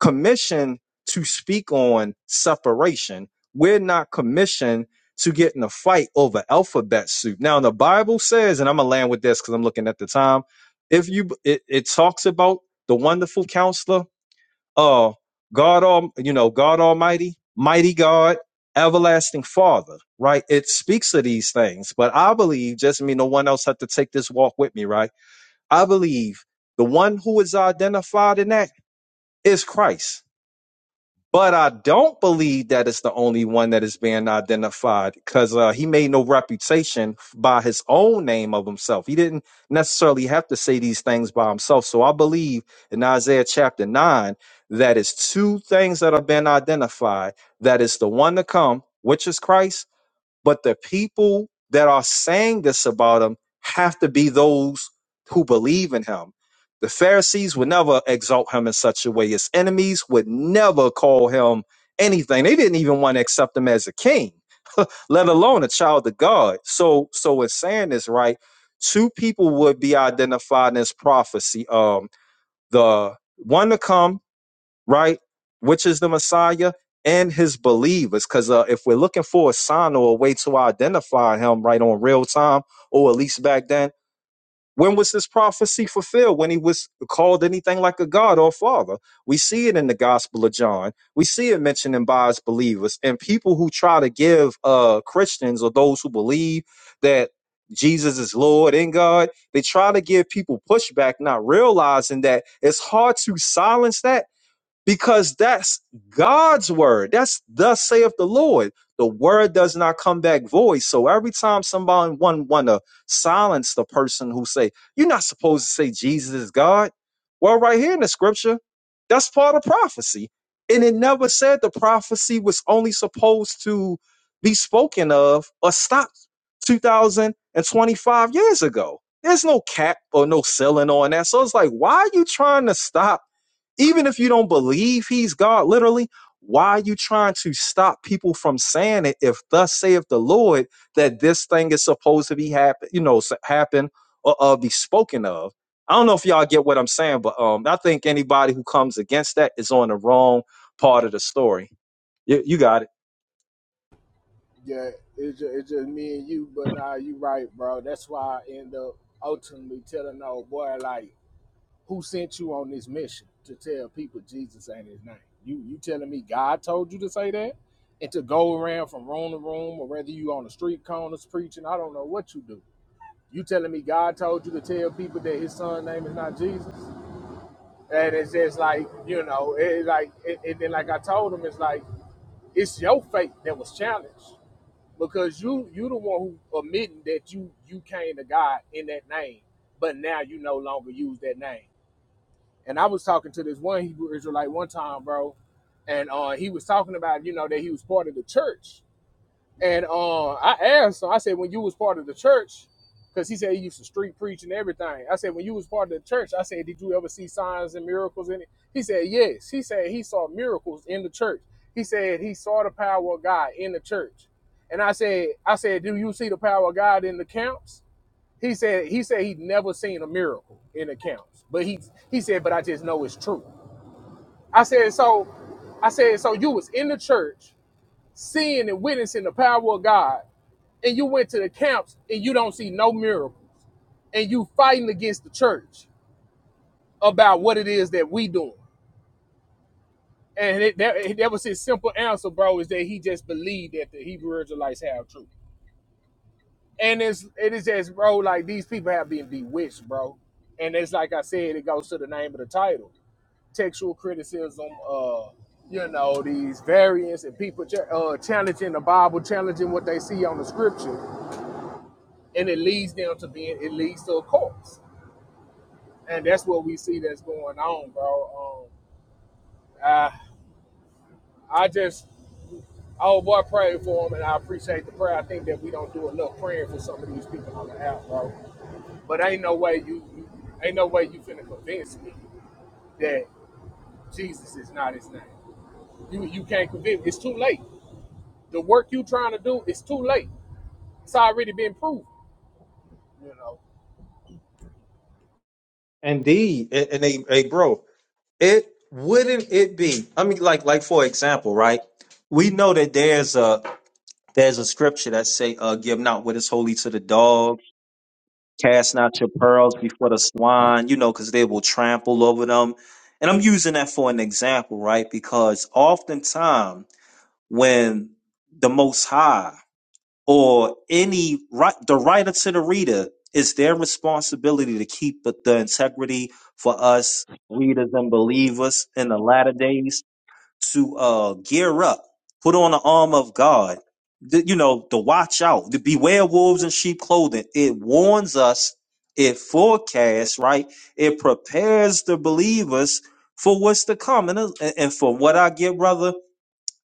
S12: commissioned to speak on separation. We're not commissioned to get in a fight over alphabet soup. Now, the Bible says, and I'm gonna land with this because I'm looking at the time. If you, it, it talks about the wonderful counselor, uh, God, all you know, God Almighty, mighty God, everlasting Father, right? It speaks of these things, but I believe, just me, no one else had to take this walk with me, right? I believe the one who is identified in that is Christ but I don't believe that it's the only one that is being identified because uh, he made no reputation by his own name of himself. He didn't necessarily have to say these things by himself. So I believe in Isaiah chapter 9 that is two things that have been identified that is the one to come, which is Christ, but the people that are saying this about him have to be those who believe in him. The Pharisees would never exalt him in such a way. His enemies would never call him anything. They didn't even want to accept him as a king, let alone a child of God. So, so it's saying this right. Two people would be identified in this prophecy. Um, the one to come right? Which is the Messiah and his believers. Because uh, if we're looking for a sign or a way to identify him right on real time, or at least back then, when was this prophecy fulfilled? When he was called anything like a God or father? We see it in the Gospel of John. We see it mentioned in by his believers and people who try to give uh, Christians or those who believe that Jesus is Lord and God. They try to give people pushback, not realizing that it's hard to silence that because that's God's word. That's thus saith the Lord. The word does not come back void. So every time somebody one want to silence the person who say you're not supposed to say Jesus is God, well, right here in the scripture, that's part of prophecy, and it never said the prophecy was only supposed to be spoken of or stopped 2025 years ago. There's no cap or no ceiling on that. So it's like, why are you trying to stop? even if you don't believe he's God, literally, why are you trying to stop people from saying it? If thus saith the Lord that this thing is supposed to be happen, you know, s- happen or uh, be spoken of. I don't know if y'all get what I'm saying, but um, I think anybody who comes against that is on the wrong part of the story. You, you got it.
S7: Yeah, it's just, it's just me and you, but nah, you right, bro. That's why I end up ultimately telling the old boy, like, Who sent you on this mission to tell people Jesus ain't his name? You you telling me God told you to say that? And to go around from room to room, or whether you on the street corners preaching, I don't know what you do. You telling me God told you to tell people that his son name is not Jesus? And it's just like, you know, it like it, and then like I told him, it's like it's your faith that was challenged. Because you you the one who admitting that you you came to God in that name, but now you no longer use that name. And I was talking to this one Hebrew Israelite one time, bro, and uh, he was talking about you know that he was part of the church. And uh, I asked him, I said, when you was part of the church, because he said he used to street preach and everything. I said, when you was part of the church, I said, did you ever see signs and miracles in it? He said, yes. He said he saw miracles in the church. He said he saw the power of God in the church. And I said, I said, do you see the power of God in the camps? He said he said he'd never seen a miracle in accounts, but he he said, but I just know it's true. I said so. I said so. You was in the church, seeing and witnessing the power of God, and you went to the camps and you don't see no miracles, and you fighting against the church about what it is that we doing. And it, that, that was his simple answer, bro, is that he just believed that the Hebrew Israelites have truth. And it's it is just, bro, like these people have been bewitched, bro. And it's like I said, it goes to the name of the title. textual criticism, uh, you know, these variants and people ch- uh, challenging the Bible, challenging what they see on the scripture, and it leads them to being, it leads to a corpse. And that's what we see that's going on, bro. Um, I, I just, oh boy, I pray for them, and I appreciate the prayer. I think that we don't do enough praying for some of these people on the app, bro. But ain't no way you, you ain't no way you finna convince me that Jesus is not his name. You, you can't convince. me. It's too late. The work you trying to do, it's too late. It's already been proven, you know.
S12: Indeed, and, and hey, hey, bro, it wouldn't it be? I mean, like, like for example, right? We know that there's a There's a scripture that say, uh, "Give not what is holy to the dog, cast not your pearls before the swine," you know, because they will trample over them. And I'm using that for an example, right? Because oftentimes when the Most High or any right, the writer to the reader, it's their responsibility to keep the the integrity for us readers and believers in the latter days to uh, gear up, put on the arm of God, the, you know, to watch out, to beware wolves in sheep clothing. It warns us, it forecasts, right? It prepares the believers for what's to come. And, uh, and and from what I get, brother,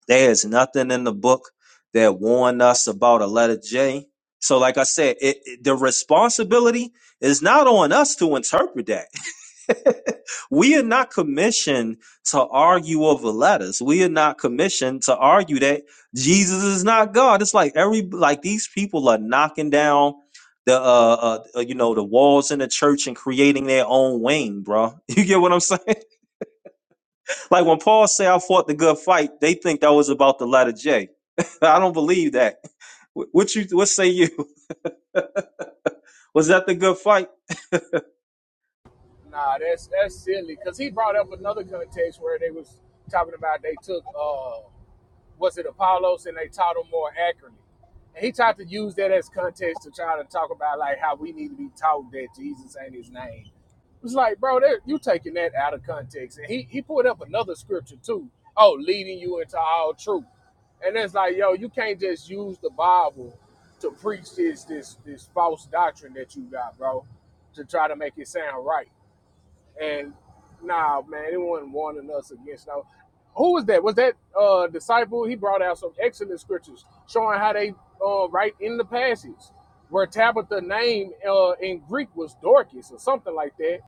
S12: there's nothing in the book that warned us about a letter J. So, like I said, it, it- the responsibility is not on us to interpret that we are not commissioned to argue over letters. We are not commissioned to argue that Jesus is not God. It's like every like these people are knocking down the uh, uh uh, you know the walls in the church and creating their own wing, bro. You get what I'm saying? Like when Paul say I fought the good fight, they think that was about the letter J. I don't believe that. Wh- What you what say you? Was that the good fight?
S7: Nah, that's that's silly. Cause he brought up another context where they was talking about they took uh was it Apollos and they taught him more accurately. And he tried to use that as context to try to talk about like how we need to be taught that Jesus ain't his name It's like, bro, you taking that out of context. And he, he put up another scripture too. Oh, leading you into all truth. And it's like, yo, you can't just use the Bible to preach this this this false doctrine that you got, bro, to try to make it sound right. And nah, man, it wasn't warning us against. Now, who was that? Was that uh disciple? He brought out some excellent scriptures showing how they uh right in the passage where Tabitha name uh in Greek was Dorcas or something like that.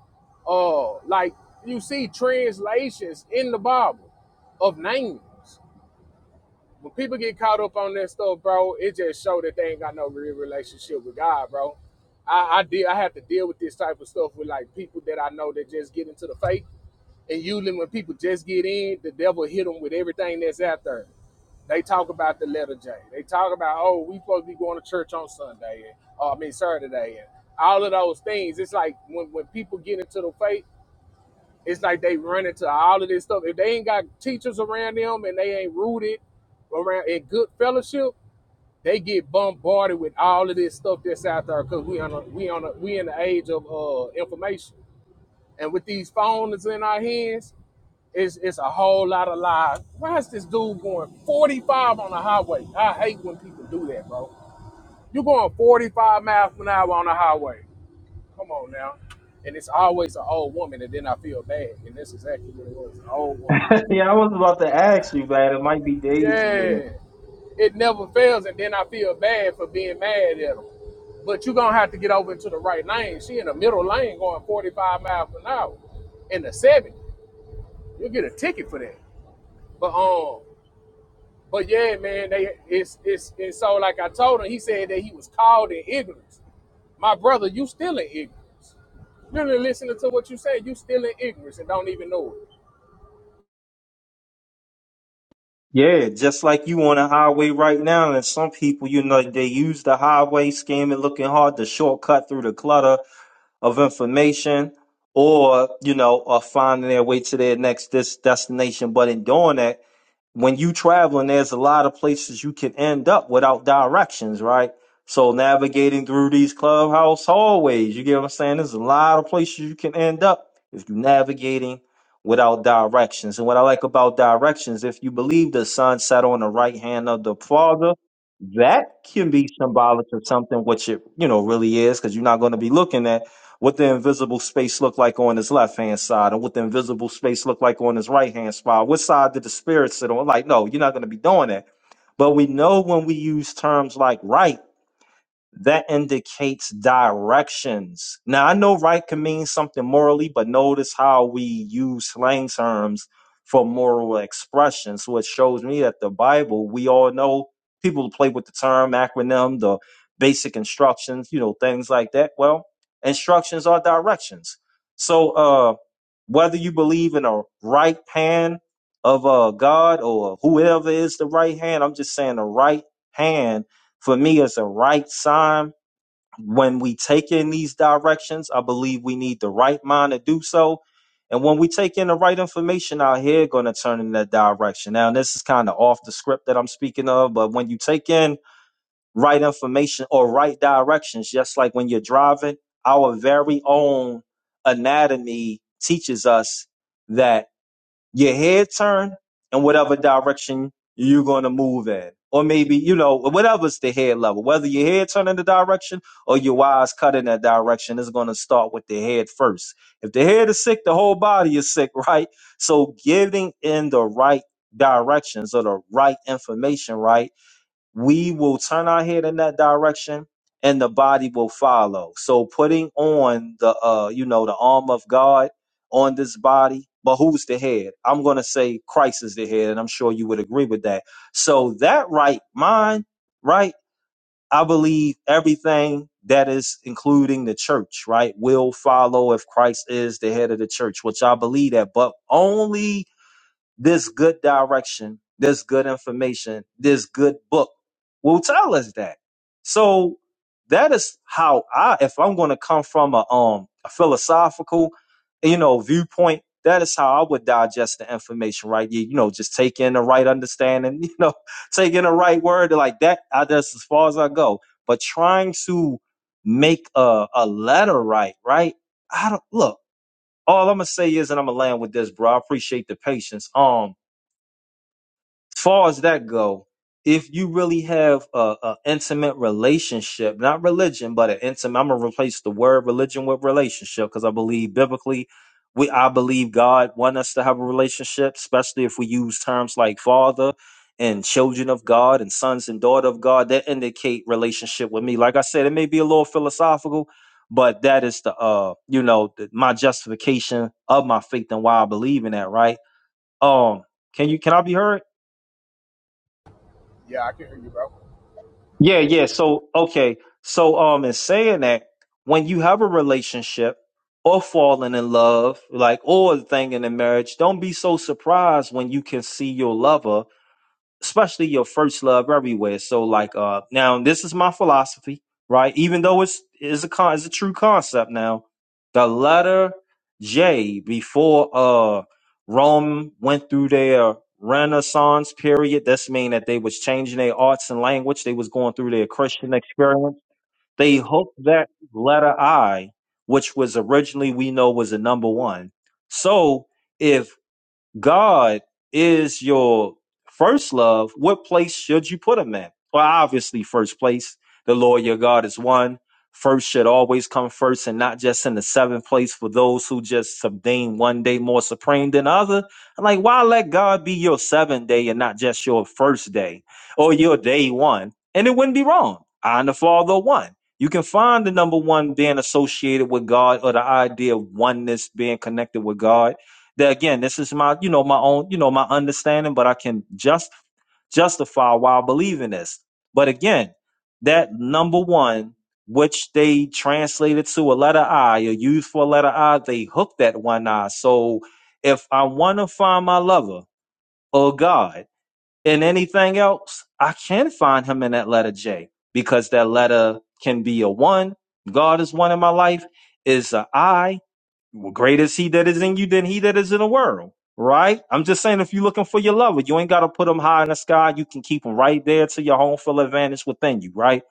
S7: Uh like you see translations in the Bible of names. When people get caught up on that stuff, bro, it just show that they ain't got no real relationship with God, bro. I, I did I have to deal with this type of stuff with like people that I know that just get into the faith and usually when people just get in, the devil hit them with everything that's out there. They talk about the letter J. They talk about, oh, we supposed to be going to church on Sunday, and, uh, I mean Saturday, and all of those things. It's like when, when people get into the faith, it's like they run into all of this stuff. If they ain't got teachers around them and they ain't rooted around in good fellowship, they get bombarded with all of this stuff that's out there because we on a, we on a, we in the age of uh, information, and with these phones in our hands, it's it's a whole lot of lies. Why is this dude going 45 on the highway? I hate when people do that, bro. You're going 45 miles an hour on the highway. Come on now. And it's always an old woman, and then I feel bad. And that's exactly what it was, an old woman.
S12: yeah, I was about to ask you, man. It might be Daisy in it.
S7: Yeah. It never fails, and then I feel bad for being mad at them. But you're gonna have to get over into the right lane. She in the middle lane going 45 miles an hour in the 70. You'll get a ticket for that. But um But yeah, man, they it's it's and so like I told him, he said that he was called in ignorance. My brother, you still in ignorance. You're not listening to what you say. You still in ignorance and don't even know it.
S12: Yeah, just like you on the highway right now, and some people, you know, they use the highway scamming, looking hard to shortcut through the clutter of information, or you know, are finding their way to their next this destination. But in doing that, when you traveling, there's a lot of places you can end up without directions, right? So navigating through these clubhouse hallways, you get what I'm saying? There's a lot of places you can end up if you're navigating without directions. And what I like about directions, if you believe the sun set on the right hand of the father, that can be symbolic of something, which it you know really is, because you're not going to be looking at what the invisible space looked like on his left hand side and what the invisible space looked like on his right hand side. What side did the spirit sit on? Like, no, you're not going to be doing that. But we know when we use terms like right that indicates directions. Now, I know right can mean something morally, but notice how we use slang terms for moral expression. So it shows me that the Bible, we all know people play with the term, acronym, the basic instructions, you know, things like that. Well, instructions are directions. So, uh, whether you believe in a right hand of uh, God or whoever is the right hand, I'm just saying the right hand for me it's a right sign when we take in these directions i believe we need the right mind to do so and when we take in the right information out here going to turn in that direction now this is kind of off the script that i'm speaking of but when you take in right information or right directions just like when you're driving our very own anatomy teaches us that your head turn in whatever direction you're going to move in. Or maybe, you know, whatever's the head level, whether your head turn in the direction or your eyes cut in that direction, is going to start with the head first. If the head is sick, the whole body is sick, right? So getting in the right directions or the right information, right? we will turn our head in that direction and the body will follow so putting on the uh you know the arm of god on this body but who's the head i'm going to say christ is the head and i'm sure you would agree with that so that right mind right i believe everything that is including the church right will follow if christ is the head of the church which i believe that but only this good direction, this good information, this good book will tell us that. So that is how I, if I'm going to come from a, um, a philosophical, you know, viewpoint, that is how I would digest the information, right? You, you know, just take in the right understanding, you know, take in the right word like that. I, that's as far as I go. But trying to make a, a letter right, right? I don't look. All I'm gonna say is, and I'm gonna land with this, bro. I appreciate the patience. Um, as far as that go, if you really have a, a intimate relationship, not religion, but an intimate, I'm gonna replace the word religion with relationship because I believe biblically, we I believe God want us to have a relationship, especially if we use terms like father and children of God and sons and daughter of God that indicate relationship with me. Like I said, it may be a little philosophical, but that is the uh, you know, the, my justification of my faith and why I believe in that, right? Um, can you can I be heard?
S7: Yeah, I can hear you, bro.
S12: Yeah, yeah. So, okay. So, um, in saying that, when you have a relationship or falling in love, like, or a thing in a marriage, don't be so surprised when you can see your lover especially your first love everywhere. So like uh now this is my philosophy, right? Even though it's is a con is a true concept now, the letter J before uh Rome went through their Renaissance period, This mean that they was changing their arts and language, they was going through their Christian experience. They hooked that letter I, which was originally we know was a number one. So if God is your first love, what place should you put him in? Well, obviously, first place. The Lord your God is one. First should always come first and not just in the seventh place for those who just subdame one day more supreme than other. I'm like, why let God be your seventh day and not just your first day or your day one? And it wouldn't be wrong. I and the Father are one. You can find the number one being associated with God or the idea of oneness being connected with God that again this is my you know my own you know my understanding but i can just justify why i believe in this but again that number one which they translated to a letter i or used for a letter i they hooked that one i so if i want to find my lover or god in anything else i can find him in that letter j because that letter can be a one god is one in my life is a I. Well, great is he that is in you than he that is in the world, right? I'm just saying, if you're looking for your lover, you ain't got to put him high in the sky. You can keep him right there to your home field advantage within you, right?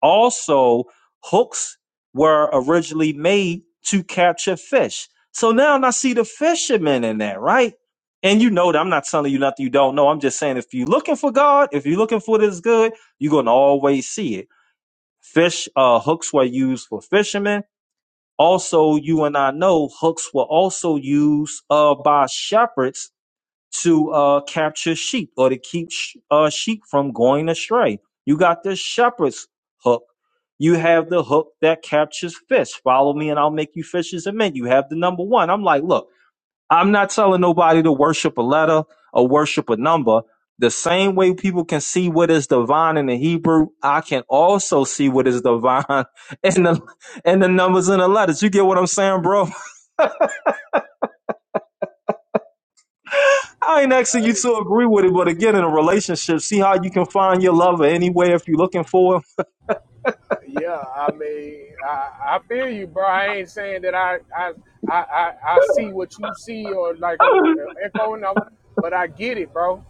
S12: Also, hooks were originally made to capture fish. So now I see the fishermen in that, right? And you know that I'm not telling you nothing you don't know. I'm just saying, if you're looking for God, if you're looking for this good, you're going to always see it. Fish uh, hooks were used for fishermen also, you and I know hooks were also used uh, by shepherds to uh, capture sheep or to keep sh- uh, sheep from going astray. You got the shepherd's hook. You have the hook that captures fish. Follow me and I'll make you fishers of men. You have the number one. I'm like, look. I'm not telling nobody to worship a letter or worship a number. The same way people can see what is divine in the Hebrew, I can also see what is divine in the in the numbers and the letters. You get what I'm saying, bro? I ain't asking you
S7: Hey,
S12: to agree with it, but again, in a relationship, see how you can find your lover anywhere if you're looking for him.
S7: yeah, I mean, I, I feel you, bro. I ain't saying that I I I I, I see what you see or like I'm uh, echoing them, but I get it, bro.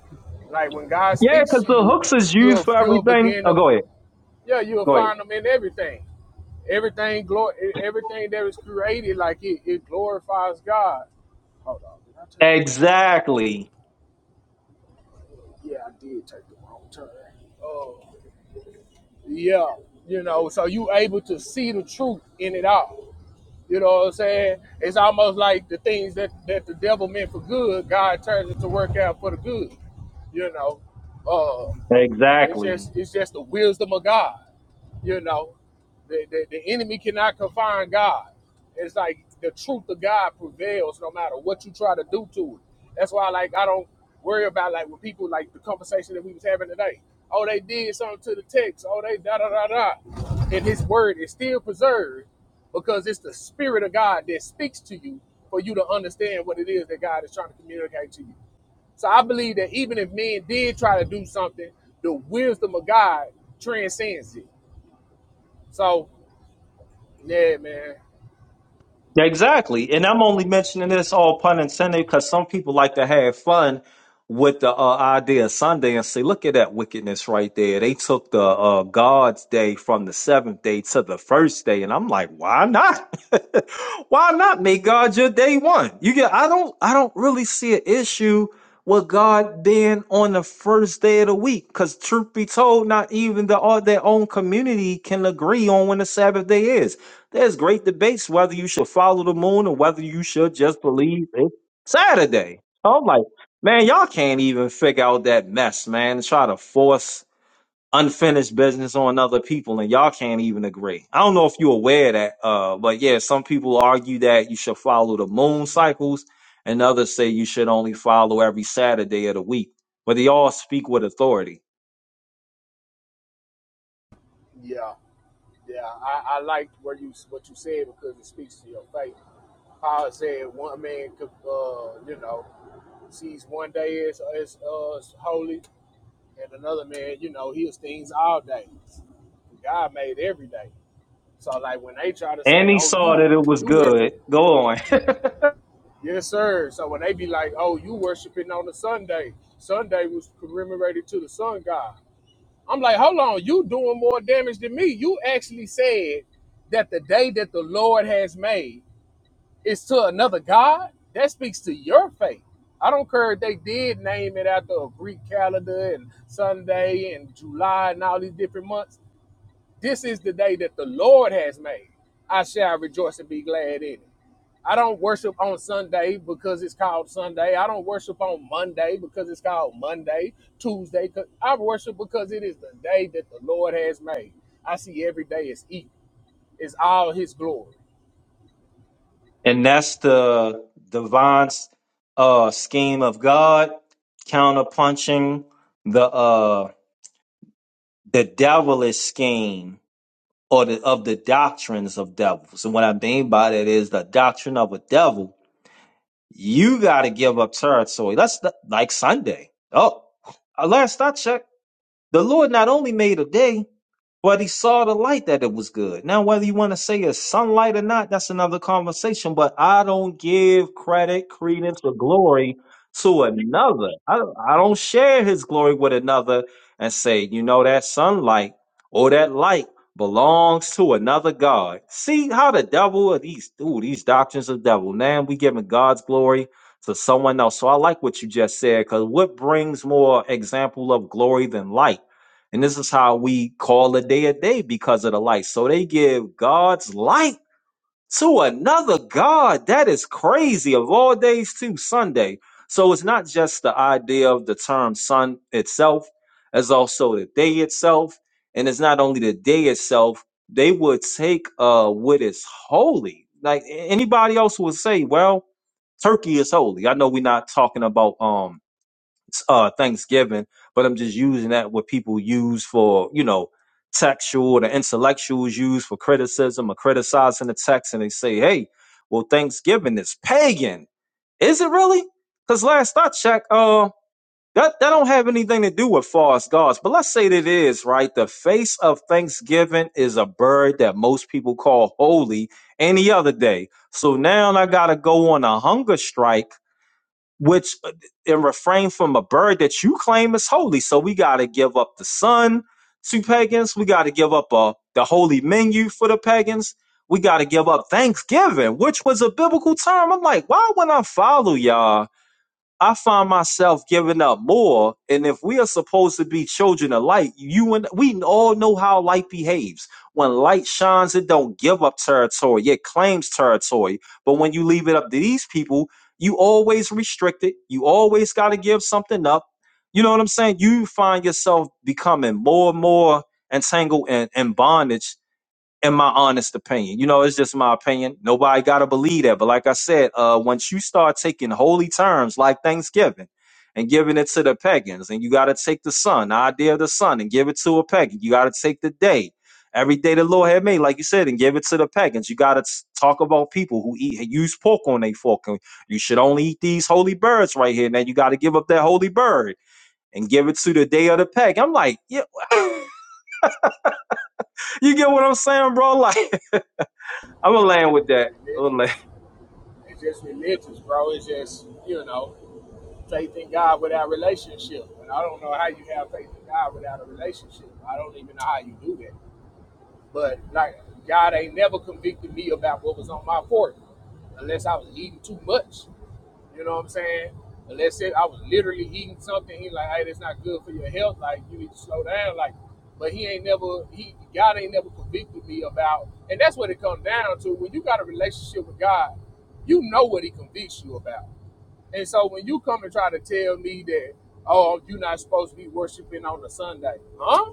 S7: Like when God
S12: yeah,
S7: speaks
S12: because
S7: to
S12: the
S7: you,
S12: hooks is used
S7: you'll
S12: for
S7: you'll
S12: everything.
S7: begin
S12: Oh,
S7: to
S12: go ahead,
S7: yeah you'll
S12: go ahead.
S7: find them in everything. Everything glory, everything that was created, like it, it glorifies God. Hold on, did I take the wrong turn?
S12: Exactly,
S7: Yeah, I did take the wrong. Oh, yeah. You know, so you able to see the truth in it all. You know what I'm saying? It's almost like the things that that the devil meant for good, God turns it to work out for the good. You know, uh, it's
S12: exactly.
S7: just it's just the wisdom of God. You know, the, the, the enemy cannot confine God. It's like the truth of God prevails no matter what you try to do to it. That's why, like, I don't worry about like when people like the conversation that we was having today. Oh, they did something to the text. Oh, they da da da da. And His word is still preserved because it's the Spirit of God that speaks to you for you to understand what it is that God is trying to communicate to you. So I believe that even if men did try to do something, the wisdom of God transcends it. So yeah, man.
S12: Yeah, Exactly. And I'm only mentioning this all pun intended because some people like to have fun with the uh, idea of Sunday and say, look at that wickedness right there. They took the uh, God's day from the seventh day to the first day. And I'm like, why not? why not make God your day one? You get, I don't, I don't really see an issue with God being on the first day of the week. Cause truth be told, not even the, all their own community can agree on when the Sabbath day is. There's great debates whether you should follow the moon or whether you should just believe it's Saturday. I'm like, man, y'all can't even figure out that mess, man. Try to force unfinished business on other people and y'all can't even agree. I don't know if you're aware of that, uh, but yeah, some people argue that you should follow the moon cycles and others say you should only follow every Saturday of the week. But they all speak with authority.
S7: Yeah, yeah. I, I liked what you what you said because it speaks to your faith. Paul said one man could, uh, you know, sees one day as as uh, as holy, and another man, you know, heals things all days. God made every day. So like when they try to
S12: And
S7: say,
S12: he
S7: "Oh,
S12: saw
S7: you
S12: that it was
S7: you worship,
S12: good. Go on.
S7: yes sir. So when they be like, "Oh, you worshiping on a Sunday," Sunday was commemorated to the sun god. I'm like, hold on, you doing more damage than me. You actually said that the day that the Lord has made is to another God. That speaks to your faith. I don't care if they did name it after a Greek calendar and Sunday and July and all these different months. This is the day that the Lord has made. I shall rejoice and be glad in it. I don't worship on Sunday because it's called Sunday. I don't worship on Monday because it's called Monday, Tuesday. 'cause- I worship because it is the day that the Lord has made. I see every day is equal. It's all his glory.
S12: And that's the divine uh, scheme of God counterpunching the uh, the devilish scheme or the, of the doctrines of devils. And what I mean by that is the doctrine of a devil. You got to give up territory. That's the, like Sunday. Oh, uh, last I checked, the Lord not only made a day. But he saw the light that it was good. Now, whether you want to say it's sunlight or not, that's another conversation. But I don't give credit, credence, or glory to another. I, I don't share his glory with another and say, you know, that sunlight or that light belongs to another God. See how the devil of these ooh, these doctrines of devil. Now we giving God's glory to someone else. So I like what you just said, because what brings more example of glory than light? And this is how we call a day a day because of the light. So they give God's light to another God. That is crazy. Of all days, too, Sunday. So it's not just the idea of the term sun itself, it's also the day itself. And it's not only the day itself, they would take uh, what is holy. Like a- anybody else would say, well, turkey is holy. I know we're not talking about um uh, Thanksgiving, but I'm just using that what people use for, you know, textual, the intellectuals use for criticism or criticizing the text, and they say, hey, well, Thanksgiving is pagan. Is it really? Because last I checked, uh, that, that don't have anything to do with false gods, but let's say that it is, right? The face of Thanksgiving is a bird that most people call holy any other day. So now I gotta go on a hunger strike which uh, and refrain from a bird that you claim is holy. So we got to give up the sun to pagans. We got to give up uh, the holy menu for the pagans. We got to give up Thanksgiving, which was a biblical term. I'm like, why would I follow y'all? I find myself giving up more. And if we are supposed to be children of light, you and we all know how light behaves. When light shines, it don't give up territory, it claims territory. But when you leave it up to these people, you always restrict it. You always got to give something up. You know what I'm saying? You find yourself becoming more and more entangled and in, in bondage in my honest opinion. You know, it's just my opinion. Nobody gotta believe that. But like I said, uh, once you start taking holy terms like Thanksgiving and giving it to the pagans, and you gotta take the sun, the idea of the sun, and give it to a pagan. You gotta take the day. Every day the Lord had made, like you said, and give it to the pagans. You gotta talk about people who eat use pork on their fork. and You should only eat these holy birds right here. Now you gotta give up that holy bird and give it to the day of the pagan. I'm like, yeah, you get what I'm saying, bro? Like I'm gonna land with that. I'm gonna land.
S7: Religious. It's just religious, bro. It's just, you know, faith in God without relationship. And I don't know how you have faith in God without a relationship. I don't even know how you do that. But like God ain't never convicted me about what was on my fork unless I was eating too much. You know what I'm saying? Unless it, I was literally eating something, he like, hey, that's not good for your health. Like, you need to slow down. Like, but he ain't never, he God ain't never convicted me about, and that's what it comes down to. When you got a relationship with God, you know what He convicts you about. And so when you come and try to tell me that, oh, you're not supposed to be worshiping on a Sunday, huh?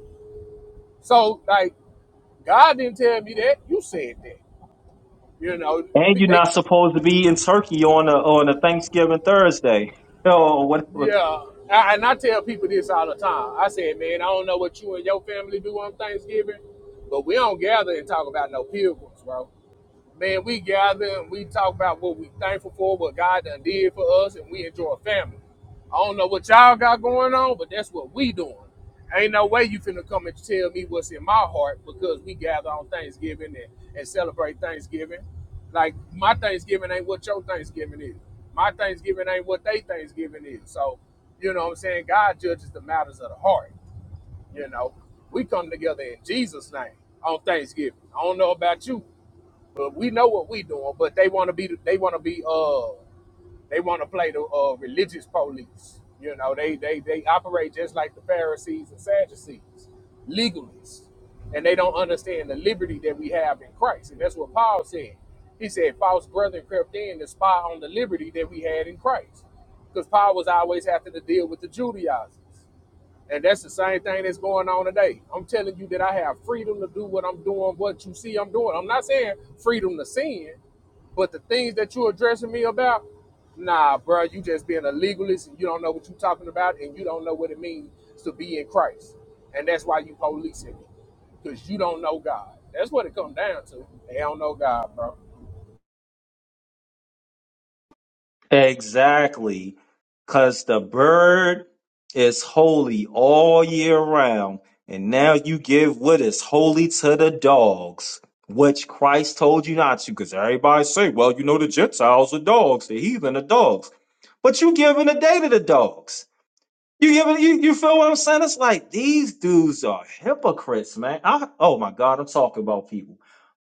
S7: So like, God didn't tell me that. You said that. You know,
S12: And you're
S7: they
S12: not supposed to be in Turkey on a on a Thanksgiving Thursday. Oh, what, what?
S7: Yeah, I, and I tell people this all the time. I said, man, I don't know what you and your family do on Thanksgiving, but we don't gather and talk about no pilgrims, bro. Man, we gather and we talk about what we thankful for, what God done did for us, and we enjoy family. I don't know what y'all got going on, but that's what we doing. Ain't no way you finna come and tell me what's in my heart because we gather on Thanksgiving and, and celebrate Thanksgiving. Like my Thanksgiving ain't what your Thanksgiving is. My Thanksgiving ain't what they Thanksgiving is. So, you know what I'm saying? God judges the matters of the heart. You know, we come together in Jesus' name on Thanksgiving. I don't know about you, but we know what we doing, but they want to be they want to be uh they want to play the uh religious police. You know, they they they operate just like the Pharisees and Sadducees, legalists, and they don't understand the liberty that we have in Christ. And that's what Paul said. He said, "False brethren crept in to spy on the liberty that we had in Christ," because Paul was always having to deal with the Judaizers. And that's the same thing that's going on today. I'm telling you that I have freedom to do what I'm doing, what you see I'm doing. I'm not saying freedom to sin, but the things that you're addressing me about, nah, bro, you just being a legalist and you don't know what you're talking about and you don't know what it means to be in Christ. And that's why you policing me, because you don't know God. That's what it comes down to. They don't know God, bro.
S12: Exactly, because the bird is holy all year round, and now you give what is holy to the dogs, which Christ told you not to. Because everybody say, well, you know, the Gentiles are dogs, the heathen are dogs, but you giving a day to the dogs. You get what- you you feel what I'm saying? It's like these dudes are hypocrites, man. I, oh my God, I'm talking about people.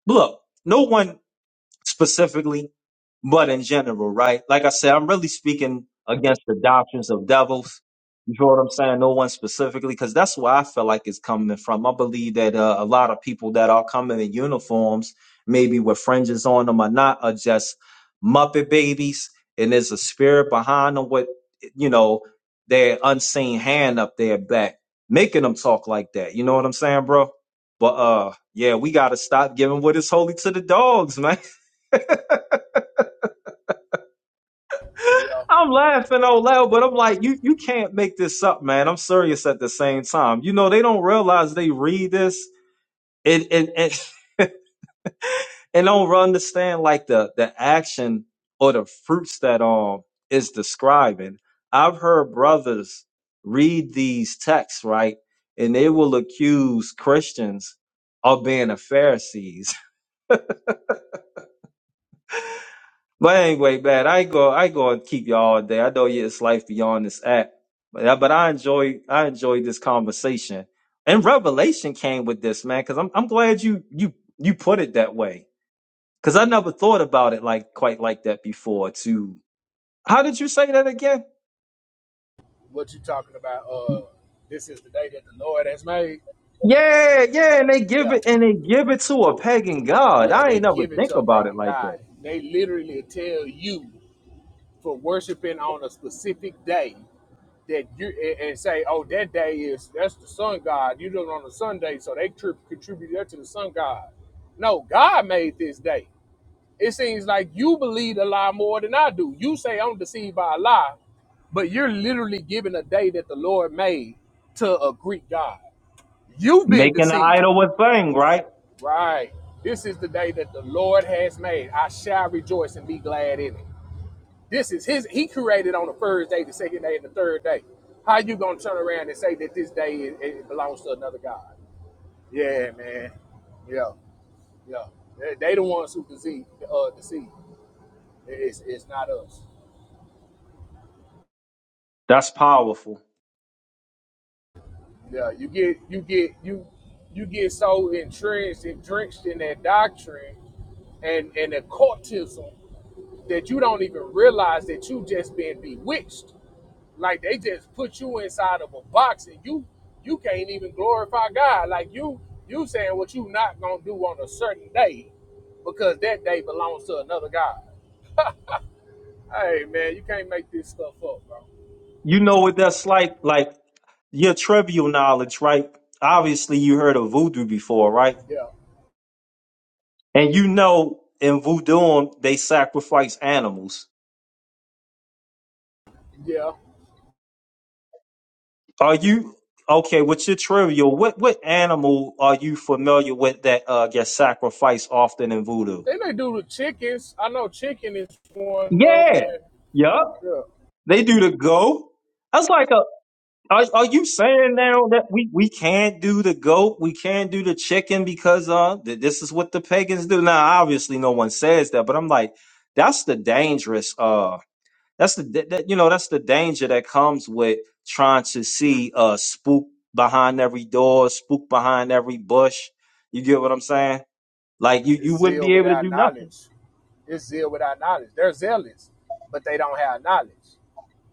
S12: Look, no one specifically but in general, right? Like I said, I'm really speaking against the doctrines of devils. You know what I'm saying? No one specifically, because that's where I feel like it's coming from. I believe that uh, a lot of people that are coming in uniforms, maybe with fringes on them or not, are just Muppet babies, and there's a spirit behind them with, you know, their unseen hand up their back, making them talk like that. You know what I'm saying, bro? But uh, yeah, we gotta stop giving what is holy to the dogs, man.
S7: Yeah,
S12: I'm laughing out loud, but I'm like, you you can't make this up, man. I'm serious at the same time. You know, they don't realize they read this and and and, and don't understand like the the action or the fruits that um is describing. I've heard brothers read these texts, right? And they will accuse Christians of being a Pharisees. But anyway, man, I ain't go I ain't gonna keep y'all all day. I know yeah, it's life beyond this app. But I, but I enjoy I enjoyed this conversation. And revelation came with this, man, because I'm I'm glad you you you put it that way. Cause I never thought about it like quite like that before too. How did you say that again?
S7: what you talking about? Uh, this is the day that the Lord has made.
S12: Yeah, yeah, and they give
S7: Yeah.
S12: it and they give it to a pagan god.
S7: Yeah,
S12: I
S7: they
S12: ain't never
S7: give it
S12: think
S7: to a
S12: about it
S7: pagan
S12: like
S7: god.
S12: that.
S7: They literally tell you for worshiping on a specific day that you and and say, "Oh, that day is that's the sun god. You do it on a Sunday, so they tri- contribute that to the sun god." No, God made this day. It seems like you believe a lie more than I do. You say I'm deceived by a lie, but you're literally giving a day that the Lord made to a Greek god. You've been
S12: Making an
S7: deceived.
S12: idol a thing, right?
S7: Right. This is the day that the Lord has made. I shall rejoice and be glad in it. This is his he created on the first day, the second day, and the third day. How you gonna turn around and say that this day it, it belongs to another God? Yeah, man. Yeah, yeah. They, they the ones who deceive uh deceive. It's it's not us.
S12: That's powerful.
S7: Yeah, you get you get you you get so entrenched and drenched in that doctrine and and the cultism that you don't even realize that you just been bewitched Like they just put you inside of a box and you you can't even glorify God. Like you you saying what you not gonna do on a certain day because that day belongs to another God. Hey man, you can't make this stuff up, bro.
S12: You know what that's like. Like your trivial knowledge, right? Obviously, you heard of voodoo before, right?
S7: Yeah.
S12: And you know in voodoo they sacrifice animals.
S7: Yeah.
S12: Are you okay with your trivial? What what animal are you familiar with that uh, gets sacrificed often in voodoo?
S7: Then they do the chickens. I know chicken is one of them.
S12: Yeah,
S7: But
S12: yup.
S7: Yeah.
S12: They do the goat. That's like a Are, are you saying now that we, we can't do the goat, we can't do the chicken because uh th- this is what the pagans do? Now, obviously, no one says that, but I'm like, that's the dangerous uh that's the that, that- you know that's the danger that comes with trying to see uh spook behind every door, spook behind every bush. You get what I'm saying? Like you you
S7: It's
S12: wouldn't
S7: zeal
S12: be able to
S7: without
S12: do nothing.
S7: knowledge. It's zeal without knowledge. They're zealous, but they don't have knowledge.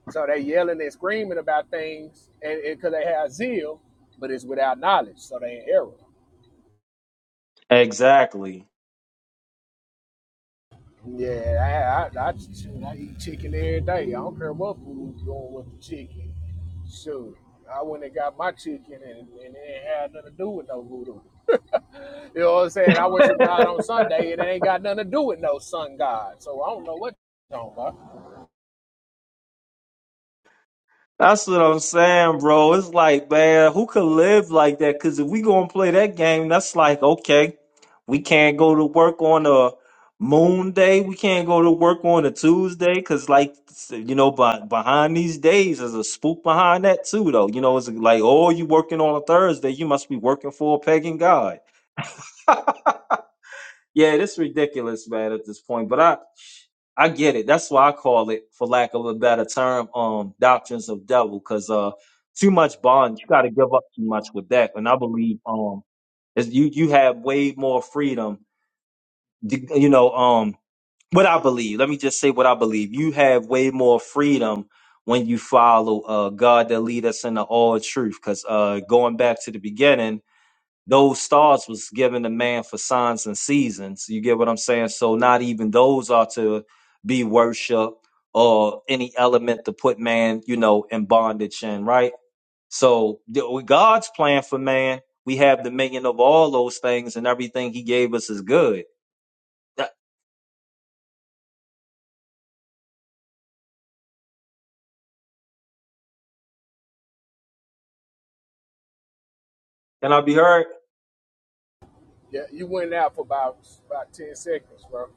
S7: So they yelling and screaming about things, and because they have zeal, but it's without knowledge, so they in error.
S12: Exactly.
S7: Yeah, I, I, I, shoot, I eat chicken every day. I don't care what food going with the chicken. Shoot, I went and got my chicken, and, and it ain't had nothing to do with no voodoo. you know what I'm saying? I worship God on Sunday, and it ain't got nothing to do with no sun god. So I don't know what you're talking about.
S12: That's what I'm saying, bro. It's like, man, who could live like that? Because if we gonna play that game, that's like, okay, we can't go to work on a moon day. We can't go to work on a Tuesday. Because, like, you know, by, behind these days, there's a spook behind that, too, though. You know, it's like, oh, you working on a Thursday. You must be working for a pagan god. Yeah, this is ridiculous, man, at this point. But I, I get it. That's why I call it, for lack of a better term, um, doctrines of devil. Cause uh, too much bond, you got to give up too much with that. And I believe um, is you you have way more freedom. d- You know um, what I believe. Let me just say what I believe. You have way more freedom when you follow uh God that lead us into all truth. Cause uh, going back to the beginning those stars was given to man for signs and seasons. You get what I'm saying? So not even those are to be worshiped or any element to put man, you know, in bondage in, right? So the- with God's plan for man, we have dominion of all those things and everything he gave us is good. Th- Can I be heard?
S7: Yeah, you went out for about about ten seconds, bro.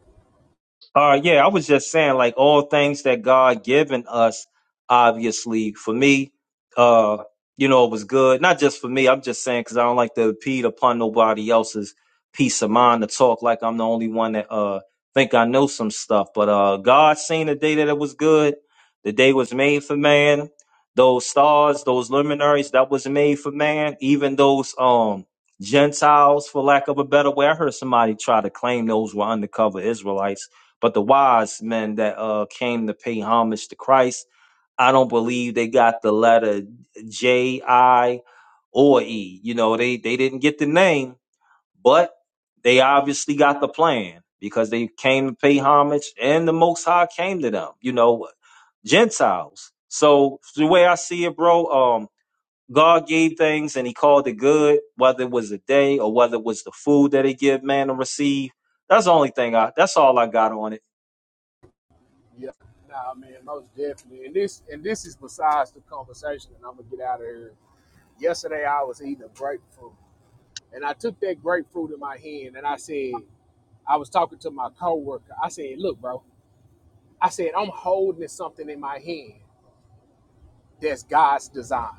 S12: Uh, yeah, I was just saying, like all things that God given us, obviously for me, uh, you know, it was good. Not just for me. I'm just saying because I don't like to impede upon nobody else's peace of mind to talk like I'm the only one that uh think I know some stuff. But uh, God seen the day that it was good. The day was made for man. Those stars, those luminaries, that was made for man. Even those um Gentiles, for lack of a better way, I heard somebody try to claim those were undercover Israelites but the wise men that uh, came to pay homage to Christ, I don't believe they got the letter J, I, or E. You know, they, they didn't get the name, but they obviously got the plan because they came to pay homage and the Most High came to them, you know, Gentiles. So the way I see it, bro, um, God gave things and he called it good, whether it was a day or whether it was the food that he give man to receive. That's the only thing I that's all I got on it.
S7: Yeah, nah, man, most definitely. And this and this is besides the conversation, and I'm gonna get out of here. Yesterday, I was eating a grapefruit, and I took that grapefruit in my hand, and I said, I was talking to my coworker. I said, "Look, bro," I said, "I'm holding something in my hand that's God's design."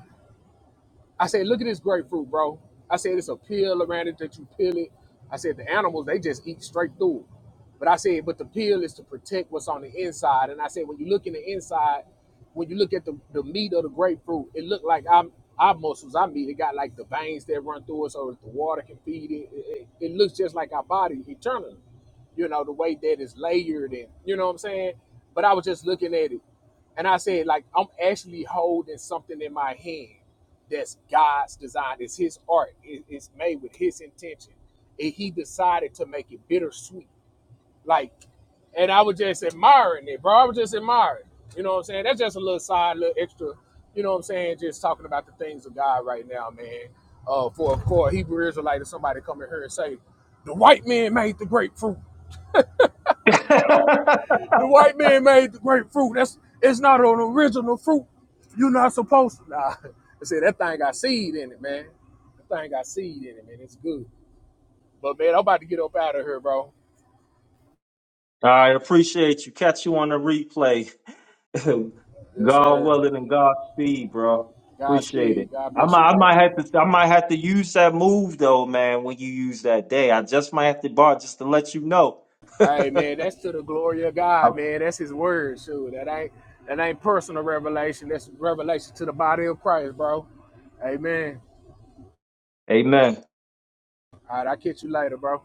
S7: I said, look at this grapefruit, bro. I said it's a peel around it that you peel it. I said the animals they just eat straight through. it. But I said, but the peel is to protect what's on the inside. And I said, when you look in the inside, when you look at the, the meat of the grapefruit, it looked like I'm our muscles, our meat, it got like the veins that run through it so that the water can feed it. It, it. it looks just like our body eternally. You know, the way that it's layered and you know what I'm saying? But I was just looking at it and I said, like, I'm actually holding something in my hand that's God's design. It's His art. It- it's made with His intention, and He decided to make it bittersweet. Like, and I was just admiring it, bro. I was just admiring. You know what I'm saying? That's just a little side, little extra. You know what I'm saying? Just talking about the things of God right now, man. Uh, for of course, Hebrew Israelite, if somebody come in here and say, "The white man made the grapefruit," The white man made the grapefruit. That's it's not an original fruit. You're not supposed to. Nah, I said that thing got seed in it, man. That thing got seed in it, man. It's good. But man, I'm about to get up out of here, bro.
S12: All right, appreciate you. Catch you on the replay.
S7: Yes,
S12: God
S7: sir.
S12: willing and God speed, bro. Appreciate it.
S7: Godspeed. God
S12: I
S7: bless you,
S12: might, I
S7: bro.
S12: might have to, I might have to use that move though, man. When you use that day, I just might have to bar just to let you know.
S7: All right, man. That's to the glory of God, man. That's His word, sure. That ain't that ain't personal revelation. That's revelation to the body of Christ, bro. Amen.
S12: Amen.
S7: All right, I'll catch you later, bro.